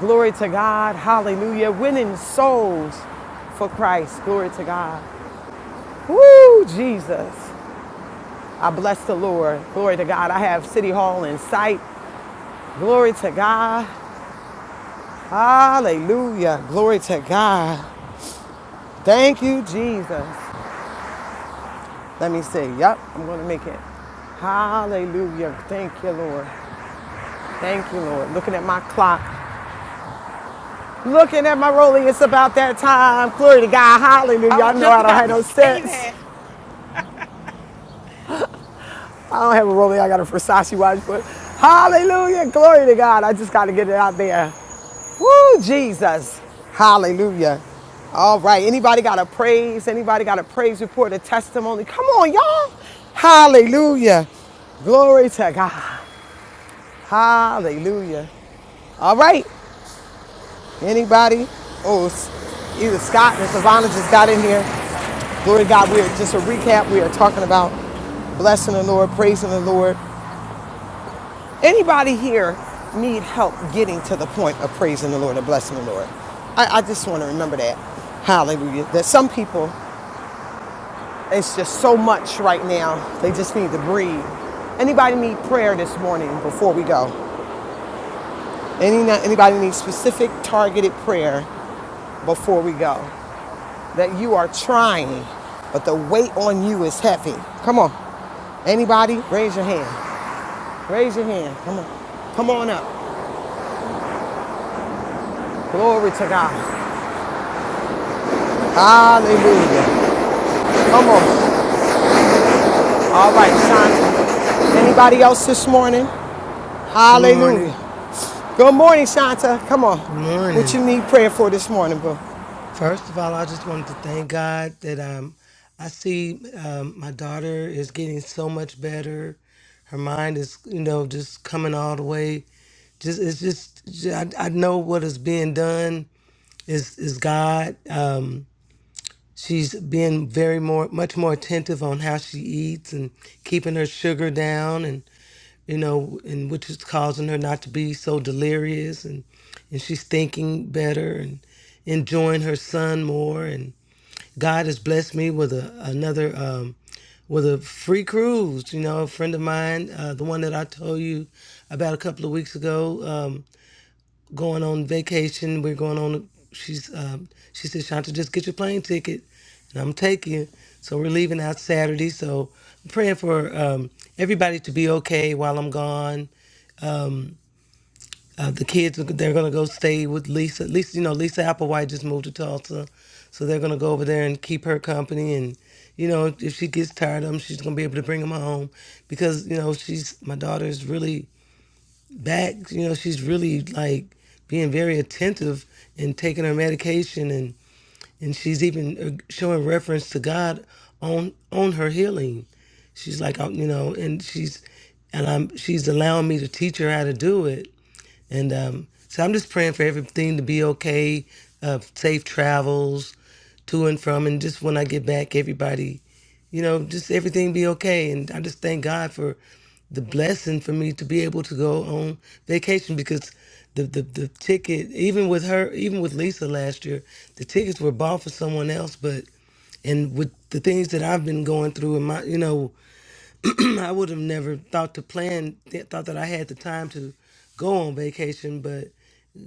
[SPEAKER 2] Glory to God. Hallelujah. Winning souls for Christ. Glory to God. Woo, Jesus. I bless the Lord. Glory to God. I have City Hall in sight. Glory to God. Hallelujah. Glory to God. Thank you, Jesus. Let me see. Yep, I'm going to make it. Hallelujah. Thank you, Lord. Thank you, Lord. Looking at my clock. Looking at my rolling. It's about that time. Glory to God.
[SPEAKER 6] I
[SPEAKER 2] Hallelujah.
[SPEAKER 6] was
[SPEAKER 2] I know
[SPEAKER 6] just
[SPEAKER 2] I don't
[SPEAKER 6] about
[SPEAKER 2] have
[SPEAKER 6] to *laughs*
[SPEAKER 2] no sense.
[SPEAKER 6] say
[SPEAKER 2] I don't have a Rolex, I got a Versace watch, but hallelujah, glory to God. I just got to get it out there. Woo, Jesus. Hallelujah. All right, anybody got a praise? Anybody got a praise report, a testimony? Come on, y'all. Hallelujah. Glory to God. Hallelujah. All right, anybody? Oh, either Scott or Savannah just got in here. Glory to God. We're just a recap. We are talking about blessing the Lord, praising the Lord, Anybody here need help getting to the point of praising the Lord and blessing the Lord? I, I just want to remember that. Hallelujah. That some people, it's just so much right now, they just need to breathe. Anybody need prayer this morning before we go? Any, anybody need specific targeted prayer before we go? That you are trying, but the weight on you is heavy. Come on. Anybody? Raise your hand. Raise your hand. Come on. Come on up. Glory to God. Hallelujah. Come on. All right, Shanta. Anybody else this morning?
[SPEAKER 7] Good
[SPEAKER 2] Hallelujah.
[SPEAKER 7] morning.
[SPEAKER 2] Good morning, Shanta. Come on.
[SPEAKER 7] Good
[SPEAKER 2] What
[SPEAKER 7] morning.
[SPEAKER 2] you need prayer for this morning, boo?
[SPEAKER 7] First of all, I just wanted to thank God that um, I see um, my daughter is getting so much better. Her mind is, you know, just coming all the way. Just it's just j- I, I know what is being done is is God. Um, she's being very more much more attentive on how she eats and keeping her sugar down you know, and which is causing her not to be so delirious and and she's thinking better and enjoying her son more and God has blessed me with a another um with a free cruise, you know, a friend of mine, uh, the one that I told you about a couple of weeks ago, um, going on vacation. We're going on. She's um, she said, Shanta, just get your plane ticket, and I'm taking you. So we're leaving out Saturday. So I'm praying for um, everybody to be okay while I'm gone. Um, uh, the kids they're gonna go stay with Lisa. Lisa, you know, Lisa Applewhite just moved to Tulsa, so they're gonna go over there and keep her company. And you know, if she gets tired of them, she's gonna be able to bring them home because you know she's my daughter is really back. You know, she's really like being very attentive and taking her medication, and and she's even uh, showing reference to God on on her healing. She's like, uh, you know, and she's and I'm she's allowing me to teach her how to do it and um, so I'm just praying for everything to be okay, uh, safe travels to and from, and just when I get back, everybody, you know, just everything be okay. And I just thank God for the blessing for me to be able to go on vacation because the, the, the ticket, even with her, even with Lisa last year, the tickets were bought for someone else, but and with the things that I've been going through and my, you know, *clears throat* I would have never thought to plan, th- thought that I had the time to go on vacation, but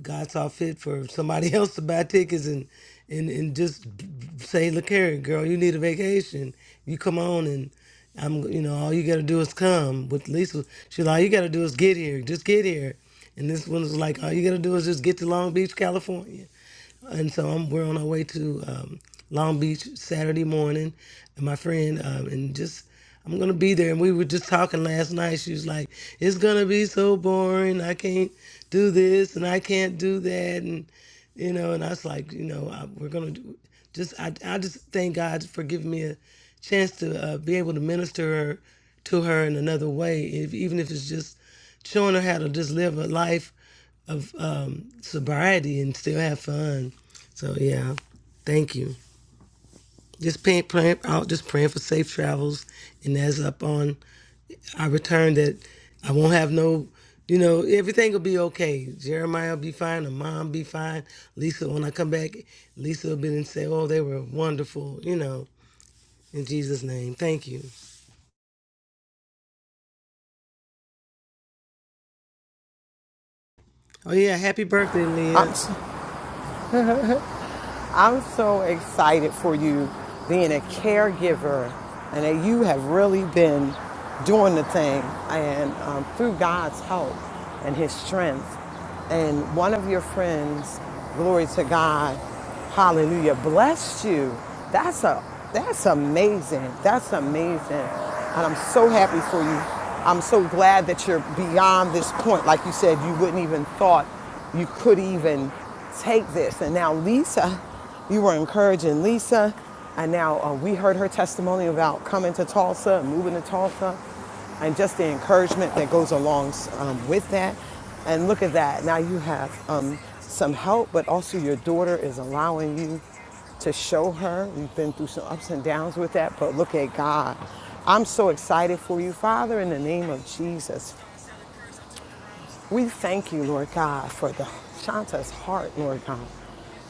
[SPEAKER 7] God saw fit for somebody *laughs* else to buy tickets and and and just b- b- say, "Look here, girl, you need a vacation. You come on and." I'm, you know, all you gotta do is come. With Lisa, she's like, all you gotta do is get here. Just get here. And this one was like, all you gotta do is just get to Long Beach, California and so I'm, we're on our way to um, Long Beach Saturday morning, and my friend um, and just I'm gonna be there. And we were just talking last night. She was like, "It's gonna be so boring. I can't do this and I can't do that." And you know, and I was like, you know, I, we're gonna do, just I I just thank God for giving me a chance to uh, be able to minister her, to her in another way, if, even if it's just showing her how to just live a life of um, sobriety and still have fun. So yeah, thank you. Just paying, praying out, just praying for safe travels, and that's up on our return that I won't have no, you know, everything will be okay. Jeremiah will be fine, the mom be fine. Lisa, when I come back, Lisa will be and say, oh, they were wonderful, you know. In Jesus' name, thank you. Oh yeah, happy birthday, Leah.
[SPEAKER 2] I'm, I'm so excited for you being a caregiver and that you have really been doing the thing and um, through God's help and His strength. And one of your friends, glory to God, hallelujah, blessed you. That's a that's amazing. That's amazing. And I'm so happy for you. I'm so glad that you're beyond this point. Like you said, you wouldn't even thought you could even take this. And now, Lisa, you were encouraging Lisa. And now uh, we heard her testimony about coming to Tulsa and moving to Tulsa and just the encouragement that goes along um, with that. And look at that. Now you have um, some help, but also your daughter is allowing you to show her. We've been through some ups and downs with that, but look at God. I'm so excited for you, Father, in the name of Jesus. We thank you, Lord God, for the Shanta's heart, Lord God,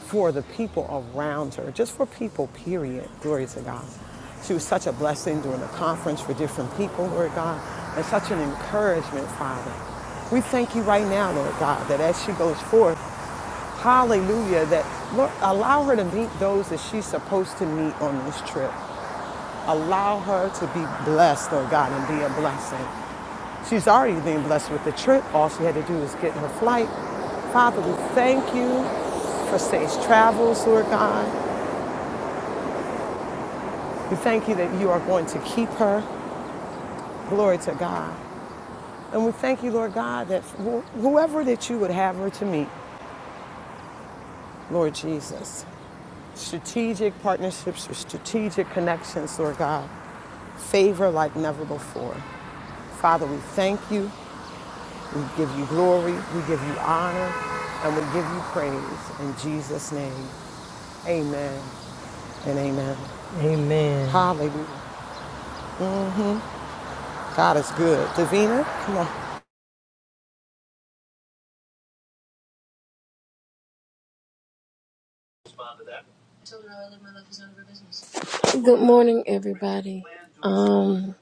[SPEAKER 2] for the people around her, just for people, period. Glory to God. She was such a blessing during the conference for different people, Lord God, and such an encouragement, Father. We thank you right now, Lord God, that as she goes forth, hallelujah, that Lord, allow her to meet those that she's supposed to meet on this trip. Allow her to be blessed, Lord God, and be a blessing. She's already been blessed with the trip. All she had to do was get her flight. Father, we thank you for safe travels, Lord God. We thank you that you are going to keep her. Glory to God. And we thank you, Lord God, that wh- whoever that you would have her to meet, Lord Jesus, strategic partnerships or strategic connections, Lord God, favor like never before. Father, we thank you. We give you glory, we give you honor, and we give you praise in Jesus' name. Amen and amen.
[SPEAKER 7] Amen.
[SPEAKER 2] Hallelujah. God is good. Davina, come on.
[SPEAKER 8] Good morning, everybody. Um,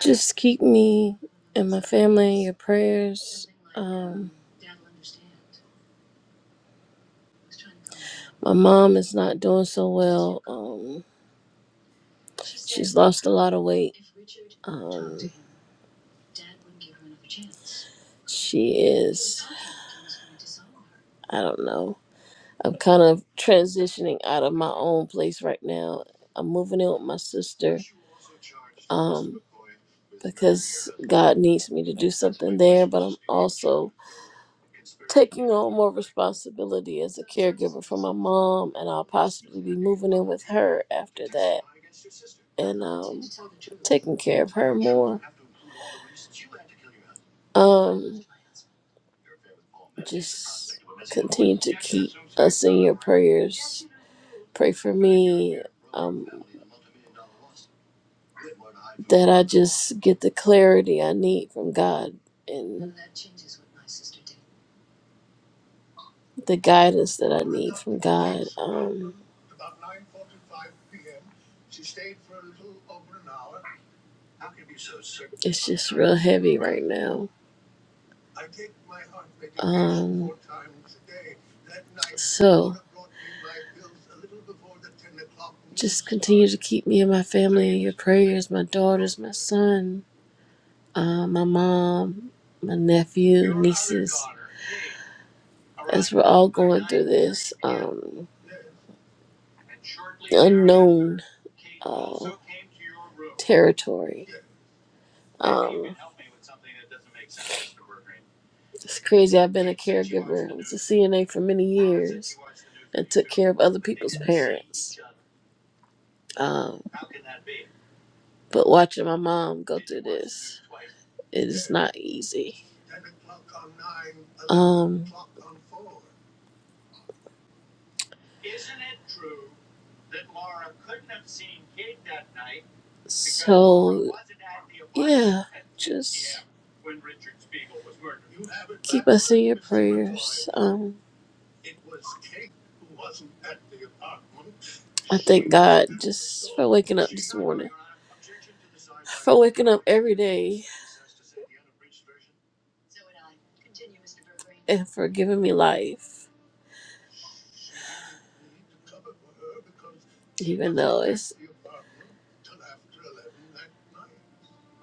[SPEAKER 8] just keep me and my family in your prayers. Um, my mom is not doing so well. Um, she's lost a lot of weight. Um, she is, I don't know. I'm kind of transitioning out of my own place right now. I'm moving in with my sister um, because God needs me to do something there, but I'm also taking on more responsibility as a caregiver for my mom, and I'll possibly be moving in with her after that, and um, taking care of her more. Um, just continue to keep us in your prayers. Pray for me um, that I just get the clarity I need from God and the guidance that I need from God. Um, it's just real heavy right now Um, so just continue to keep me and my family in your prayers, my daughters, my son, uh, my mom, my nephew, nieces, as we're all going through this um, unknown uh, territory. Um, It's crazy. I've been a caregiver. I was a CNA for many years and took care of other people's parents. Um, but watching my mom go through this, it is not easy. Um, so, yeah, just keep us in your prayers. Um, I thank God just for waking up this morning, for waking up every day, and for giving me life, even though it's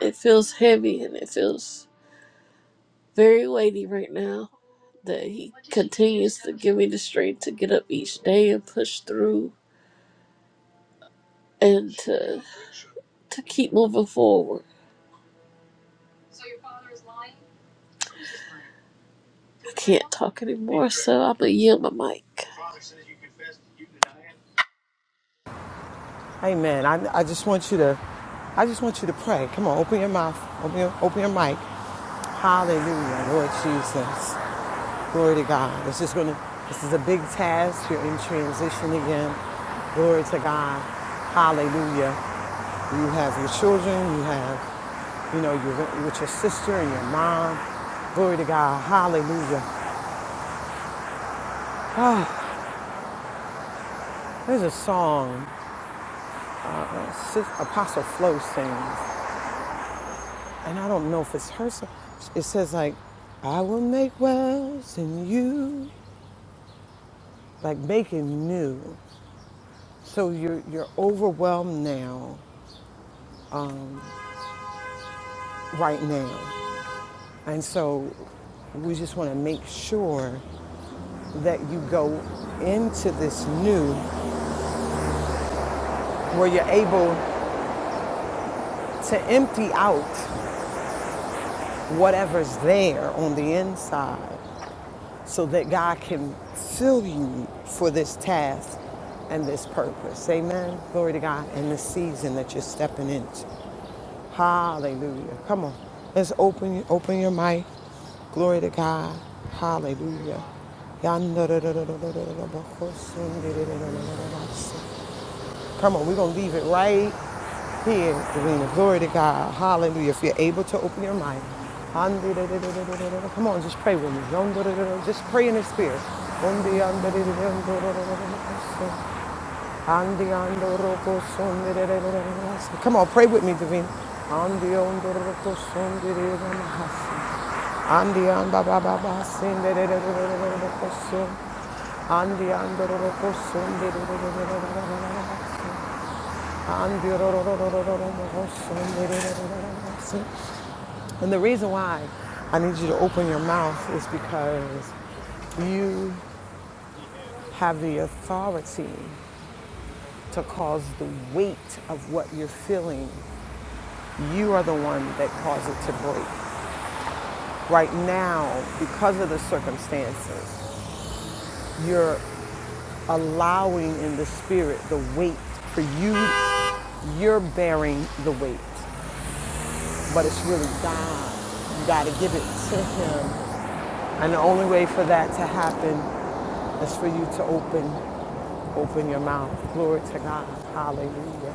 [SPEAKER 8] it feels heavy and it feels very weighty right now. That He continues to give me the strength to get up each day and push through and to to keep moving forward. I can't talk anymore, so I'm gonna yield my mic.
[SPEAKER 2] Amen. I, I just want you to, I just want you to pray. Come on, open your mouth, open your, open your mic. Hallelujah, Lord Jesus. Glory to God. It's just gonna. This is a big task. You're in transition again. Glory to God. Hallelujah. You have your children. You have, you know, you're with your sister and your mom. Glory to God. Hallelujah. There's a song Apostle Flo sings, and I don't know if it's her. song. It says like, "I will make wells in you, like making new." So you're you're overwhelmed now, right now. And so we just want to make sure that you go into this new where you're able to empty out whatever's there on the inside so that God can fill you for this task and this purpose. Amen. Glory to God in this season that you're stepping into. Hallelujah. Come on. Let's open open your mic. Glory to God. Hallelujah. Come on, we're gonna leave it right here, Delina. Glory to God. Hallelujah. If you're able to open your mic. Come on, just pray with me. Just pray in the spirit. Come on, pray with me, Davina. And the reason why I need you to open your mouth is because you have the authority to cause the weight of what you're feeling. You are the one that caused it to break. Right now, because of the circumstances, you're allowing in the spirit the weight for you. You're bearing the weight, but it's really God. You got to give it to Him. And the only way for that to happen is for you to open, open your mouth. Glory to God. Hallelujah.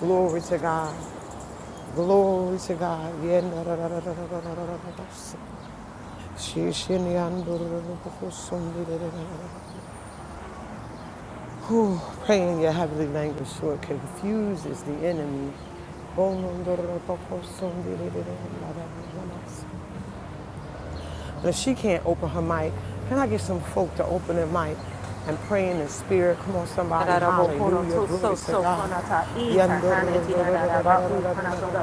[SPEAKER 2] Glory to God. Glory to God. Whew, pray in your heavenly language so it confuses the enemy. But if she can't open her mic, can I get some folk to open their mic and pray in the spirit? Come on, somebody. Hallelujah. Glory to God.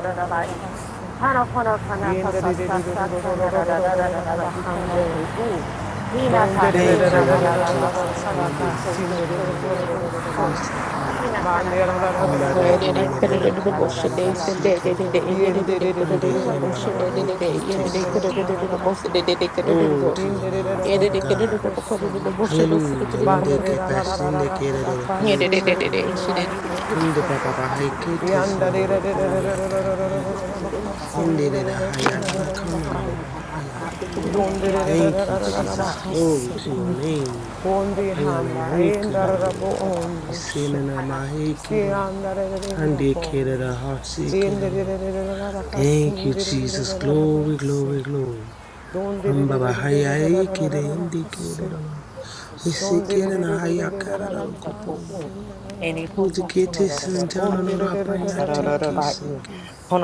[SPEAKER 6] that. Hana hana hana
[SPEAKER 2] Yen da
[SPEAKER 6] hasa
[SPEAKER 2] di di
[SPEAKER 6] sa
[SPEAKER 2] di di
[SPEAKER 6] sa
[SPEAKER 2] do do do
[SPEAKER 6] hana ra ra ra ra ra ra ra ikano tu u. Hina
[SPEAKER 2] Yanda
[SPEAKER 6] ta
[SPEAKER 7] Thank
[SPEAKER 6] e ra
[SPEAKER 7] you,
[SPEAKER 6] ra ra
[SPEAKER 7] Lord
[SPEAKER 6] ra ra a
[SPEAKER 7] Jesus.
[SPEAKER 6] hana tu so
[SPEAKER 7] Hallelujah.
[SPEAKER 6] so so
[SPEAKER 7] Grandmother,
[SPEAKER 6] kino ro ro ro ro ra i. Hina hana hana hasi
[SPEAKER 7] Ambara
[SPEAKER 6] u ai
[SPEAKER 7] hine
[SPEAKER 6] e
[SPEAKER 7] nena
[SPEAKER 6] na ra ra
[SPEAKER 7] kola
[SPEAKER 6] ra ra ra
[SPEAKER 7] rere
[SPEAKER 6] ra i
[SPEAKER 7] siki
[SPEAKER 6] so so
[SPEAKER 7] nena na.
[SPEAKER 6] so u.
[SPEAKER 7] Hande
[SPEAKER 6] Hina tu
[SPEAKER 7] himba
[SPEAKER 6] u
[SPEAKER 7] baba
[SPEAKER 6] u na ra ina
[SPEAKER 7] haikete
[SPEAKER 6] tu su
[SPEAKER 7] siki
[SPEAKER 6] si sa
[SPEAKER 7] rero.
[SPEAKER 6] sa hana tu u ra ra ra ra ra ra
[SPEAKER 7] Glory to your name, Father
[SPEAKER 6] ra
[SPEAKER 7] God.
[SPEAKER 6] ra
[SPEAKER 7] Hallelujah. Nde ke pasinde ke rero ku siki.
[SPEAKER 6] ra ra ra ra
[SPEAKER 7] Hinde baba baba haikete sina rero ku ya tayi. Hinde rere haya kona nono baba Thank you, Jesus. Glory
[SPEAKER 2] Dondererererererabahasa.
[SPEAKER 7] to
[SPEAKER 4] Yeah,
[SPEAKER 7] your name. Haya
[SPEAKER 2] Bondihamba
[SPEAKER 7] nana hiki rero.
[SPEAKER 2] endarabo ombushe.
[SPEAKER 7] Isene na mahikiri.
[SPEAKER 2] Siandarererenda
[SPEAKER 7] Hande ke
[SPEAKER 2] komo.
[SPEAKER 7] rero hasi ke rero. Thank you, Jesus. Glory,
[SPEAKER 2] Denderererererabakasunderererererabase.
[SPEAKER 7] glory, glory. Hamba hayai kire indi
[SPEAKER 2] Donderererererererabase.
[SPEAKER 7] kire dalo. Hisi kire na haya kara dalo kopo.
[SPEAKER 2] Shondererererererabase.
[SPEAKER 7] Indi kiti sente ono no rapayati
[SPEAKER 6] Arararabai,
[SPEAKER 7] kisi kire.
[SPEAKER 2] Gondererererererabase.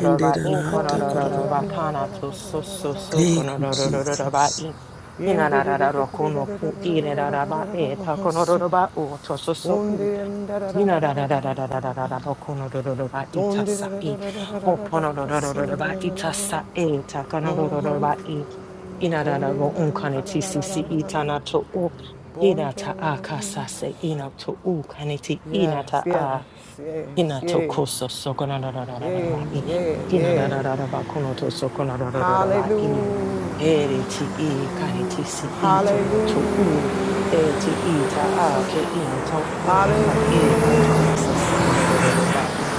[SPEAKER 7] Inde dana hata kororo.
[SPEAKER 6] konorararabakana to so so so
[SPEAKER 7] Thank you,
[SPEAKER 2] Bokondorererererabase.
[SPEAKER 7] Jesus.
[SPEAKER 6] konorararabai.
[SPEAKER 2] Yes,
[SPEAKER 6] Hinararararokuno ku irerarabae ta konorarabau to so so u. Hinarararararararokunorararabai ta sa i. Ho konorarararabai ta sa e ta konorararabai. Inararabo unkane TCC itana to u hinata a kasase ina to u kaneti inata
[SPEAKER 2] yes,
[SPEAKER 6] a
[SPEAKER 2] yes,
[SPEAKER 6] hinato
[SPEAKER 2] yes,
[SPEAKER 6] koso
[SPEAKER 2] yeah,
[SPEAKER 6] sokonarararararaba i
[SPEAKER 2] yeah, yeah.
[SPEAKER 6] hinararararaba konoto sokonararararaba i
[SPEAKER 2] Hallelujah,
[SPEAKER 6] ere ti i kaneti si ito no to
[SPEAKER 2] hallelujah,
[SPEAKER 6] u e ti ita a ke into u ka e tata ta
[SPEAKER 2] hallelujah.
[SPEAKER 6] kasa sanararararaba i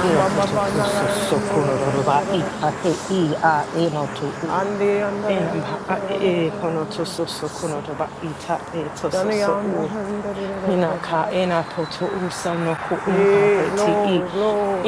[SPEAKER 6] hinapoto koso sokonarararaba i ka e i a e no to u Enamba a e e kono to so so kono to ba ita e to so so u. Ina ka ena poto u so no ku unka pe ti i.
[SPEAKER 2] Glory,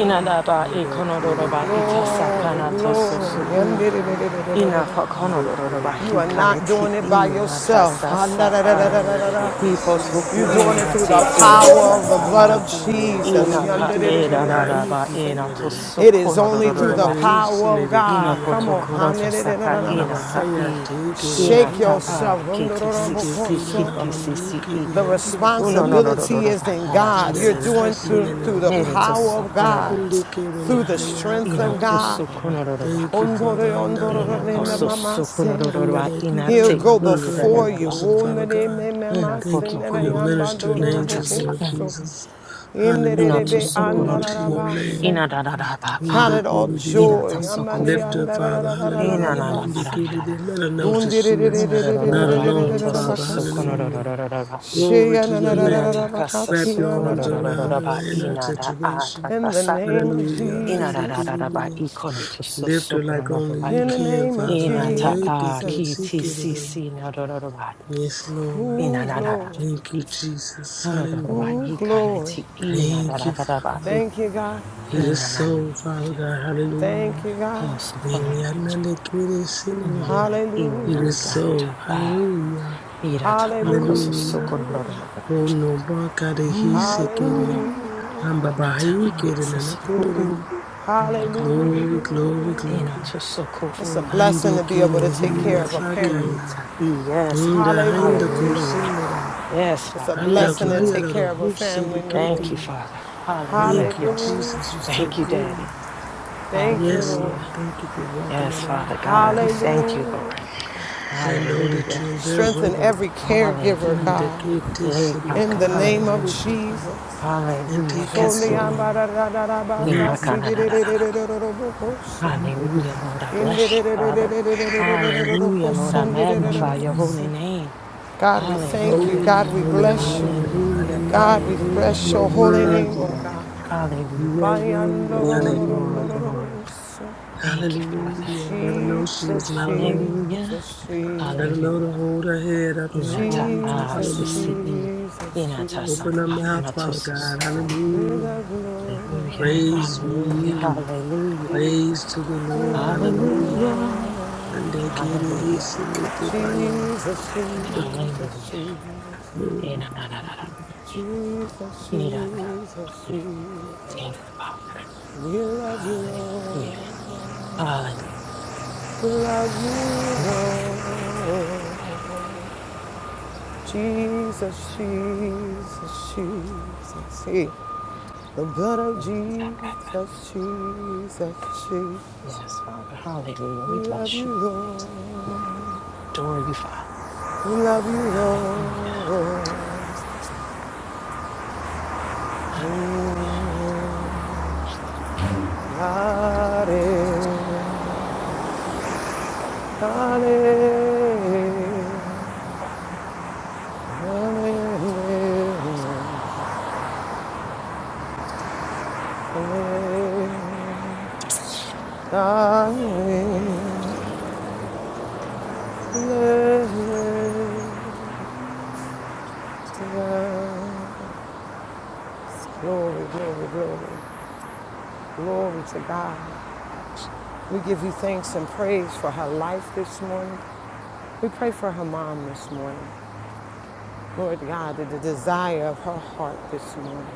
[SPEAKER 6] Ina da ba e
[SPEAKER 7] Hamba
[SPEAKER 6] kono do do
[SPEAKER 7] kire
[SPEAKER 6] ba
[SPEAKER 7] ni
[SPEAKER 6] ita
[SPEAKER 7] handa
[SPEAKER 6] sa
[SPEAKER 2] Glory,
[SPEAKER 6] kana
[SPEAKER 7] kore
[SPEAKER 6] to so
[SPEAKER 7] hisi
[SPEAKER 2] glory.
[SPEAKER 6] so
[SPEAKER 7] na
[SPEAKER 6] u.
[SPEAKER 7] mabahaya.
[SPEAKER 6] Ina pa kono
[SPEAKER 7] Inde
[SPEAKER 6] do do do
[SPEAKER 7] kire
[SPEAKER 6] ba
[SPEAKER 7] na
[SPEAKER 2] You
[SPEAKER 6] hi
[SPEAKER 2] are
[SPEAKER 7] haya
[SPEAKER 6] kane
[SPEAKER 2] not
[SPEAKER 6] ti
[SPEAKER 2] doing it
[SPEAKER 6] i
[SPEAKER 7] kire
[SPEAKER 2] by
[SPEAKER 7] na
[SPEAKER 6] na ta
[SPEAKER 7] rupita.
[SPEAKER 2] yourself.
[SPEAKER 6] sa sa a.
[SPEAKER 7] Nandere
[SPEAKER 6] Hi
[SPEAKER 7] hisine
[SPEAKER 6] poto ku
[SPEAKER 2] You're
[SPEAKER 7] tiki
[SPEAKER 2] doing it
[SPEAKER 6] una
[SPEAKER 2] through the
[SPEAKER 6] te e
[SPEAKER 7] babaji.
[SPEAKER 6] na ta
[SPEAKER 2] power of the
[SPEAKER 6] sa
[SPEAKER 2] blood
[SPEAKER 7] Anda
[SPEAKER 6] a.
[SPEAKER 2] of
[SPEAKER 7] koyo to
[SPEAKER 2] Jesus.
[SPEAKER 6] Ina ka
[SPEAKER 7] yente
[SPEAKER 6] e
[SPEAKER 7] ki
[SPEAKER 6] da da
[SPEAKER 7] ai
[SPEAKER 6] da ba e
[SPEAKER 7] tiki
[SPEAKER 6] na to
[SPEAKER 7] nerere.
[SPEAKER 6] so
[SPEAKER 2] It is
[SPEAKER 6] kono do do
[SPEAKER 2] only
[SPEAKER 6] do
[SPEAKER 2] through
[SPEAKER 6] do
[SPEAKER 2] the
[SPEAKER 7] Mbaya
[SPEAKER 6] ba
[SPEAKER 2] power
[SPEAKER 7] hisine
[SPEAKER 2] of
[SPEAKER 7] tiki
[SPEAKER 6] Hina
[SPEAKER 2] God. Come on.
[SPEAKER 7] ada.
[SPEAKER 6] fotokoro to saka
[SPEAKER 7] Hamba
[SPEAKER 6] ina ta
[SPEAKER 7] bahaya
[SPEAKER 6] i.
[SPEAKER 7] tiki re
[SPEAKER 6] Hina
[SPEAKER 2] Shake
[SPEAKER 7] hamba
[SPEAKER 6] ta
[SPEAKER 7] ba.
[SPEAKER 6] a
[SPEAKER 2] yourself.
[SPEAKER 7] Yente ki
[SPEAKER 6] KTCC
[SPEAKER 7] na na honi ki
[SPEAKER 6] KTCCE.
[SPEAKER 7] re
[SPEAKER 2] The
[SPEAKER 7] ando
[SPEAKER 6] Uno
[SPEAKER 7] pani
[SPEAKER 6] no no no no
[SPEAKER 7] tiki.
[SPEAKER 2] responsibility
[SPEAKER 6] no
[SPEAKER 2] is in
[SPEAKER 6] bakara cha
[SPEAKER 2] God. You're
[SPEAKER 7] Andere
[SPEAKER 6] sa sa
[SPEAKER 2] doing
[SPEAKER 6] i.
[SPEAKER 2] through,
[SPEAKER 7] hasine ne
[SPEAKER 2] through the
[SPEAKER 6] Here
[SPEAKER 7] mama.
[SPEAKER 6] to
[SPEAKER 2] power of
[SPEAKER 6] soko no no
[SPEAKER 2] God,
[SPEAKER 6] no no
[SPEAKER 7] Yente
[SPEAKER 6] no
[SPEAKER 7] ki re na
[SPEAKER 6] i.
[SPEAKER 2] through the
[SPEAKER 7] haya
[SPEAKER 2] strength
[SPEAKER 6] Ina
[SPEAKER 2] of
[SPEAKER 7] kala
[SPEAKER 6] to
[SPEAKER 2] God.
[SPEAKER 6] soko no no no ba
[SPEAKER 7] Thank you,
[SPEAKER 6] a.
[SPEAKER 7] Father. Anda no
[SPEAKER 6] Ina to so
[SPEAKER 7] no
[SPEAKER 6] soko no no no no
[SPEAKER 7] and that
[SPEAKER 6] ba
[SPEAKER 7] they keep
[SPEAKER 6] ina
[SPEAKER 7] in
[SPEAKER 2] He'll
[SPEAKER 6] te
[SPEAKER 7] and the
[SPEAKER 2] go
[SPEAKER 7] rock
[SPEAKER 6] i
[SPEAKER 7] her
[SPEAKER 6] da
[SPEAKER 7] in
[SPEAKER 6] da
[SPEAKER 2] before
[SPEAKER 7] your
[SPEAKER 6] da
[SPEAKER 2] you.
[SPEAKER 6] ba
[SPEAKER 7] bosom,
[SPEAKER 6] a.
[SPEAKER 7] Father God.
[SPEAKER 6] Ina
[SPEAKER 7] Thank you for your
[SPEAKER 6] fotoku.
[SPEAKER 7] ministering
[SPEAKER 6] Ina ta
[SPEAKER 7] angels,
[SPEAKER 6] sa
[SPEAKER 7] Lord
[SPEAKER 6] i.
[SPEAKER 7] Jesus.
[SPEAKER 2] In
[SPEAKER 6] Ina to
[SPEAKER 7] Hallelujah.
[SPEAKER 6] soko no
[SPEAKER 7] Glory
[SPEAKER 6] to
[SPEAKER 7] to
[SPEAKER 6] u.
[SPEAKER 7] your
[SPEAKER 2] the
[SPEAKER 6] Ina
[SPEAKER 7] name.
[SPEAKER 6] da da da ba
[SPEAKER 2] Count
[SPEAKER 6] a.
[SPEAKER 2] it all
[SPEAKER 7] Indikididi.
[SPEAKER 6] Ina ta
[SPEAKER 2] joy.
[SPEAKER 6] soko
[SPEAKER 7] Lift her, Father. Hallelujah.
[SPEAKER 6] Inanana,
[SPEAKER 2] Amaniandararararararabasi.
[SPEAKER 7] Indikididi. Let her know that she is not alone, Father.
[SPEAKER 2] Dundiriririririririririririririribakoso.
[SPEAKER 7] Hallelujah. Glory to your name. Wrap your arms around her in
[SPEAKER 2] Sheyanararararabakatiyanarararabasi.
[SPEAKER 7] her situation.
[SPEAKER 2] In the name of Jesus.
[SPEAKER 7] Hallelujah. Lift her like only you
[SPEAKER 2] In the
[SPEAKER 7] can,
[SPEAKER 2] name of
[SPEAKER 7] Father. I hate to get sick of
[SPEAKER 2] Jesus.
[SPEAKER 7] them. Yes, Lord.
[SPEAKER 2] Ooh, glory.
[SPEAKER 7] Thank you, Jesus. Hallelujah.
[SPEAKER 2] Ooh, glory.
[SPEAKER 7] Thank you, Father.
[SPEAKER 2] Thank you, God.
[SPEAKER 7] It is so, Father God. Hallelujah.
[SPEAKER 2] Thank you, God.
[SPEAKER 6] Oh, so
[SPEAKER 7] Mary,
[SPEAKER 6] fun.
[SPEAKER 7] I know that kid is sinning today.
[SPEAKER 6] Mana, even
[SPEAKER 7] It
[SPEAKER 6] I
[SPEAKER 2] Hallelujah.
[SPEAKER 7] is so.
[SPEAKER 6] got.
[SPEAKER 7] Hallelujah.
[SPEAKER 6] Hirata
[SPEAKER 2] Hallelujah.
[SPEAKER 6] akoso
[SPEAKER 7] Hallelujah.
[SPEAKER 6] sokororo.
[SPEAKER 7] Oh, no, Baka, the he sick it is.
[SPEAKER 2] Hallelujah.
[SPEAKER 7] I'm Baba,
[SPEAKER 6] Inata
[SPEAKER 7] he
[SPEAKER 6] ala
[SPEAKER 7] kid and I know God
[SPEAKER 6] sosoku
[SPEAKER 7] it
[SPEAKER 6] u.
[SPEAKER 7] is.
[SPEAKER 6] Irapa ala.
[SPEAKER 2] Hallelujah.
[SPEAKER 7] Glory, glory,
[SPEAKER 6] Ina
[SPEAKER 7] glory.
[SPEAKER 6] to soko
[SPEAKER 2] It's a
[SPEAKER 6] u.
[SPEAKER 7] And
[SPEAKER 2] blessing
[SPEAKER 7] they
[SPEAKER 2] to be
[SPEAKER 7] kid
[SPEAKER 2] able to
[SPEAKER 7] and
[SPEAKER 2] take
[SPEAKER 7] he,
[SPEAKER 6] Ina
[SPEAKER 2] care of a
[SPEAKER 6] to
[SPEAKER 2] parent.
[SPEAKER 7] Baka,
[SPEAKER 6] ita. Yes, Papa.
[SPEAKER 7] Inda hinda
[SPEAKER 2] Hallelujah!
[SPEAKER 6] Hallelujah.
[SPEAKER 7] kosindara.
[SPEAKER 6] Yes,
[SPEAKER 2] It's a
[SPEAKER 6] Father.
[SPEAKER 7] Handa
[SPEAKER 6] Thank
[SPEAKER 2] blessing
[SPEAKER 6] you,
[SPEAKER 2] to
[SPEAKER 7] kaya
[SPEAKER 6] Lord.
[SPEAKER 2] take
[SPEAKER 7] dada
[SPEAKER 2] care of a family member.
[SPEAKER 6] Thank you,
[SPEAKER 7] husedikiti.
[SPEAKER 6] Father.
[SPEAKER 7] Thank you,
[SPEAKER 6] Hallelujah.
[SPEAKER 2] Hallelujah!
[SPEAKER 7] Jesus. You're so
[SPEAKER 6] Thank you,
[SPEAKER 7] good.
[SPEAKER 6] Daddy.
[SPEAKER 2] Thank you,
[SPEAKER 7] Yes,
[SPEAKER 2] Lord.
[SPEAKER 6] Hallelujah.
[SPEAKER 7] Lord. Thank you for walking
[SPEAKER 6] Yes,
[SPEAKER 7] it out,
[SPEAKER 6] Father
[SPEAKER 7] Father
[SPEAKER 6] God. We
[SPEAKER 7] God.
[SPEAKER 6] thank you, Lord.
[SPEAKER 2] Hallelujah!
[SPEAKER 7] I know that
[SPEAKER 6] Hallelujah.
[SPEAKER 7] you're there
[SPEAKER 2] Strengthen
[SPEAKER 7] with us.
[SPEAKER 2] every caregiver,
[SPEAKER 7] And
[SPEAKER 6] Hallelujah.
[SPEAKER 7] the kid
[SPEAKER 2] God.
[SPEAKER 7] is
[SPEAKER 6] Yea,
[SPEAKER 7] in the
[SPEAKER 2] In
[SPEAKER 6] Papa.
[SPEAKER 2] the
[SPEAKER 7] kid on
[SPEAKER 2] name
[SPEAKER 7] the
[SPEAKER 2] of
[SPEAKER 6] Hallelujah.
[SPEAKER 7] purple phone.
[SPEAKER 2] Jesus.
[SPEAKER 7] And
[SPEAKER 6] Hallelujah.
[SPEAKER 7] take
[SPEAKER 6] Yes,
[SPEAKER 7] his
[SPEAKER 6] Lord.
[SPEAKER 7] name. Thank you,
[SPEAKER 6] Inakanadadadada.
[SPEAKER 7] Jesus. Father God,
[SPEAKER 6] Hallelujah, Lord. I bless you, Father. Hallelujah, Lord. I
[SPEAKER 7] thank you,
[SPEAKER 6] magnify your
[SPEAKER 7] Father.
[SPEAKER 6] holy name.
[SPEAKER 2] God, we thank you.
[SPEAKER 6] Hallelujah.
[SPEAKER 7] Holy,
[SPEAKER 2] God, we
[SPEAKER 7] holy,
[SPEAKER 2] bless you.
[SPEAKER 7] holy.
[SPEAKER 6] Hallelujah.
[SPEAKER 2] God, we
[SPEAKER 7] Hallelujah.
[SPEAKER 6] Hallelujah.
[SPEAKER 2] bless
[SPEAKER 7] You are
[SPEAKER 2] your holy
[SPEAKER 6] Thank
[SPEAKER 2] name,
[SPEAKER 6] you,
[SPEAKER 7] worthy.
[SPEAKER 2] oh
[SPEAKER 6] Daddy.
[SPEAKER 2] God.
[SPEAKER 7] You
[SPEAKER 6] Hallelujah.
[SPEAKER 7] are worthy.
[SPEAKER 6] Glory, glory,
[SPEAKER 7] Hallelujah.
[SPEAKER 6] glory. Thank you, Father.
[SPEAKER 7] Hallelujah. Let her know she
[SPEAKER 2] Jesus,
[SPEAKER 7] is not alone.
[SPEAKER 6] Hallelujah.
[SPEAKER 2] Jesus, Jesus,
[SPEAKER 7] Let her know to
[SPEAKER 6] Hallelujah.
[SPEAKER 7] hold her head up in her
[SPEAKER 6] Inata
[SPEAKER 7] arms. up.
[SPEAKER 2] Jesus,
[SPEAKER 7] Hallelujah.
[SPEAKER 6] asisi.
[SPEAKER 2] Jesus,
[SPEAKER 6] Inata sa-
[SPEAKER 7] Open her
[SPEAKER 2] Jesus.
[SPEAKER 7] mouth, Father God.
[SPEAKER 6] afanatosuso.
[SPEAKER 2] We
[SPEAKER 7] Hallelujah.
[SPEAKER 2] love you,
[SPEAKER 6] Hallelujah.
[SPEAKER 2] Lord.
[SPEAKER 7] Praise
[SPEAKER 6] Hallelujah.
[SPEAKER 7] we.
[SPEAKER 6] Hallelujah.
[SPEAKER 7] Praise to the
[SPEAKER 2] We
[SPEAKER 7] Lord.
[SPEAKER 2] love you,
[SPEAKER 7] Hallelujah.
[SPEAKER 6] Hallelujah.
[SPEAKER 2] Lord.
[SPEAKER 7] And they can't
[SPEAKER 6] Hallelujah.
[SPEAKER 7] hasten it
[SPEAKER 2] Jesus,
[SPEAKER 7] by
[SPEAKER 2] Jesus,
[SPEAKER 6] Hallelujah.
[SPEAKER 2] Jesus.
[SPEAKER 6] Eh, na, na, na, na, na. Eh,
[SPEAKER 2] Jesus,
[SPEAKER 6] eh, na, na, na.
[SPEAKER 2] Jesus,
[SPEAKER 6] Eh,
[SPEAKER 2] Jesus.
[SPEAKER 6] Thank you, Father.
[SPEAKER 2] We love you,
[SPEAKER 6] Hallelujah.
[SPEAKER 2] Lord.
[SPEAKER 6] Hallelujah.
[SPEAKER 2] To love you, Lord. Jesus, Jesus, Jesus. Hey, the blood of Jesus, Jesus, Jesus.
[SPEAKER 6] Yes, Father. Hallelujah.
[SPEAKER 2] We
[SPEAKER 6] We
[SPEAKER 2] love
[SPEAKER 6] bless
[SPEAKER 2] you,
[SPEAKER 6] you.
[SPEAKER 2] Lord.
[SPEAKER 6] Adore you, Father.
[SPEAKER 2] We love you,
[SPEAKER 6] Hallelujah.
[SPEAKER 2] Lord.
[SPEAKER 6] Hallelujah.
[SPEAKER 2] Mm. Hallelujah. Hallelujah. Hallelujah. Glory, glory, glory, glory to God. We give you thanks and praise for her life this morning. We pray for her mom this morning. Lord God, the the desire of her heart this morning.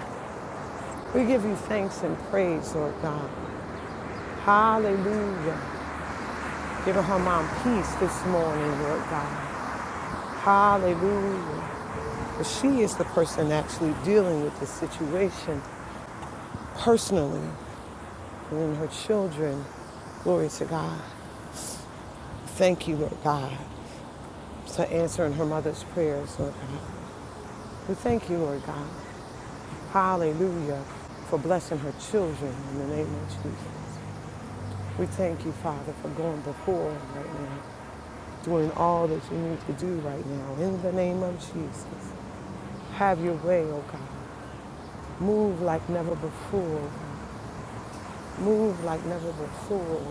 [SPEAKER 2] We give you thanks and praise, Lord God. Hallelujah. Give her mom peace this morning, Lord God. Hallelujah. But she is the person actually dealing with the situation personally. and in her children. Glory to God. Thank you, Lord God, for answering her mother's prayers, Lord God. We thank you, Lord God. Hallelujah, for blessing her children in the name of Jesus. We thank you, Father, for going before right now, doing all that you need to do right now in the name of Jesus. Have your way, oh God. Move like never before. Move like never before.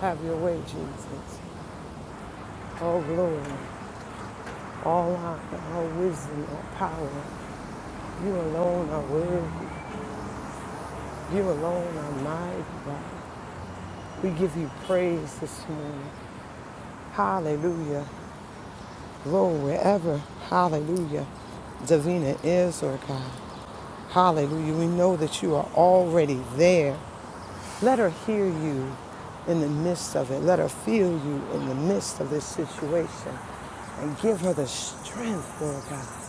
[SPEAKER 2] Have your way, Jesus. all glory, all honor, all wisdom, all power. You alone are worthy. You alone are mighty God. We give you praise this morning. Hallelujah. Lord, wherever, hallelujah, Davina is, or God. Hallelujah. We know that you are already there. Let her hear you in the midst of it. Let her feel you in the midst of this situation. And give her the strength, Lord God.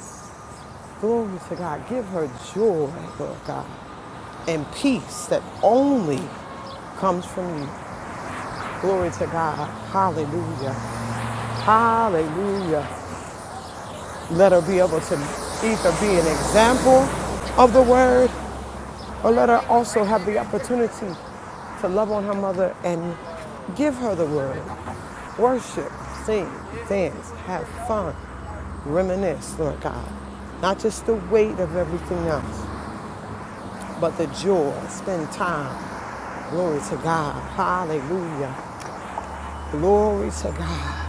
[SPEAKER 2] Glory to God. Give her joy, Lord God, and peace that only comes from you. Glory to God. Hallelujah. Hallelujah. Let her be able to either be an example of the word or let her also have the opportunity to love on her mother and give her the word. Worship, sing, dance, have fun, reminisce, Lord God. Not just the weight of everything else. but the joy, spend time. Glory to God. Hallelujah. Glory to God.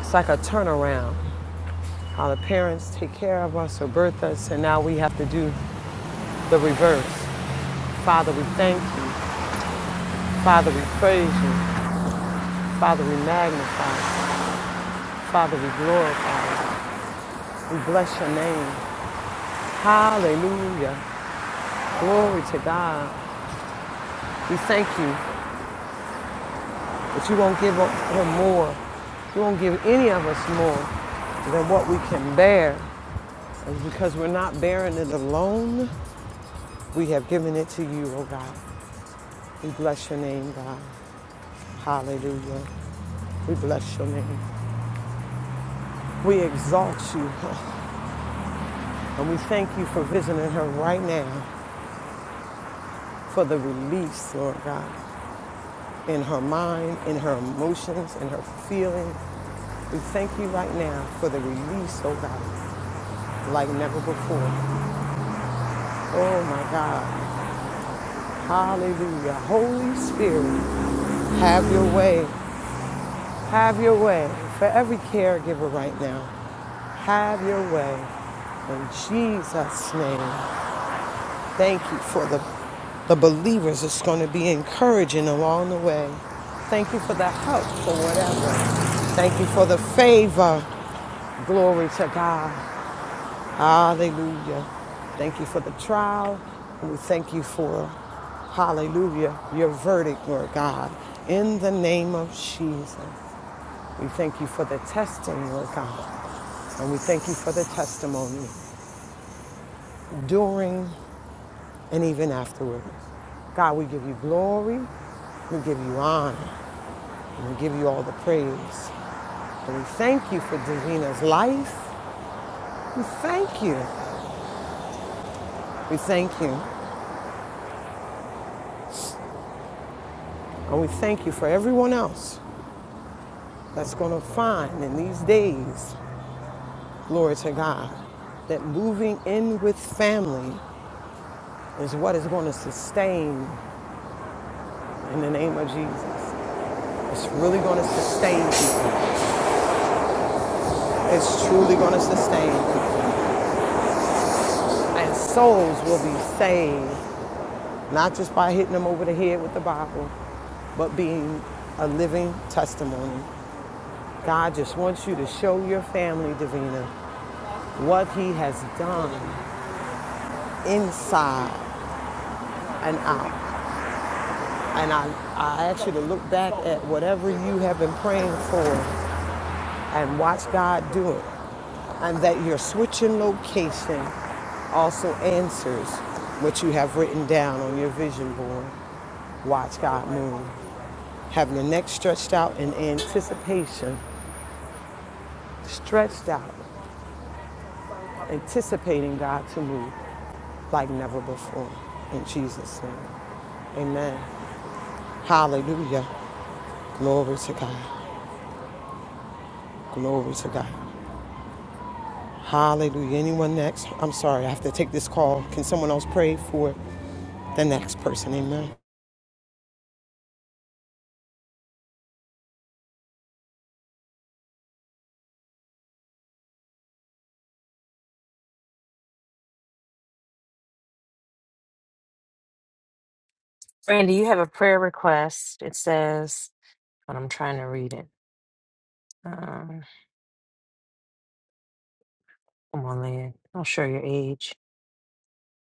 [SPEAKER 2] It's like a turnaround. How the parents take care of us or birth us, and now we have to do the reverse. Father, we thank you. Father, we praise you. Father, we magnify you. Father, we glorify you. We bless your name. Hallelujah. Glory to God. We thank you But you won't give her more. You won't give any of us more than what we can bear. And because we're not bearing it alone, we have given it to you, oh God. We bless your name, God. Hallelujah. We bless your name. We exalt you. And we thank you for visiting her right now for the release, Lord God, in her mind, in her emotions, in her feelings. We thank you right now for the release, oh God. like never before. Oh my God. Hallelujah. Holy Spirit, have your way. Have your way for every caregiver right now. Have your way. In Jesus' name, thank you for the, the believers that's going to be encouraging along the way. Thank you for the help for whatever. Thank you for the favor. Glory to God. Hallelujah. Thank you for the trial. And we thank you for, hallelujah, your verdict, Lord God. In the name of Jesus, we thank you for the testing, Lord God. And we thank you for the testimony during and even afterwards. God, we give you glory. We give you honor. And we give you all the praise. And we thank you for Davina's life. We thank you. We thank you. And we thank you for everyone else that's going to find in these days, glory to God, that moving in with family is what is going to sustain in the name of Jesus. It's really going to sustain people. It's truly going to sustain. people. And souls will be saved, not just by hitting them over the head with the Bible, but being a living testimony. God just wants you to show your family, Davina, what he has done inside and out. And I, I ask you to look back at whatever you have been praying for and watch God do it. And that your switching location also answers what you have written down on your vision board. Watch God move. Having your neck stretched out in anticipation, stretched out, anticipating God to move like never before. In Jesus' name, amen. Hallelujah. Glory to God. Glory to God. Hallelujah. Anyone next? I'm sorry, I have to take this call. Can someone else pray for the next person? Amen.
[SPEAKER 6] Randy, you have a prayer request. It says, but I'm trying to read it. Um, come on, Lynn. I'll show your age.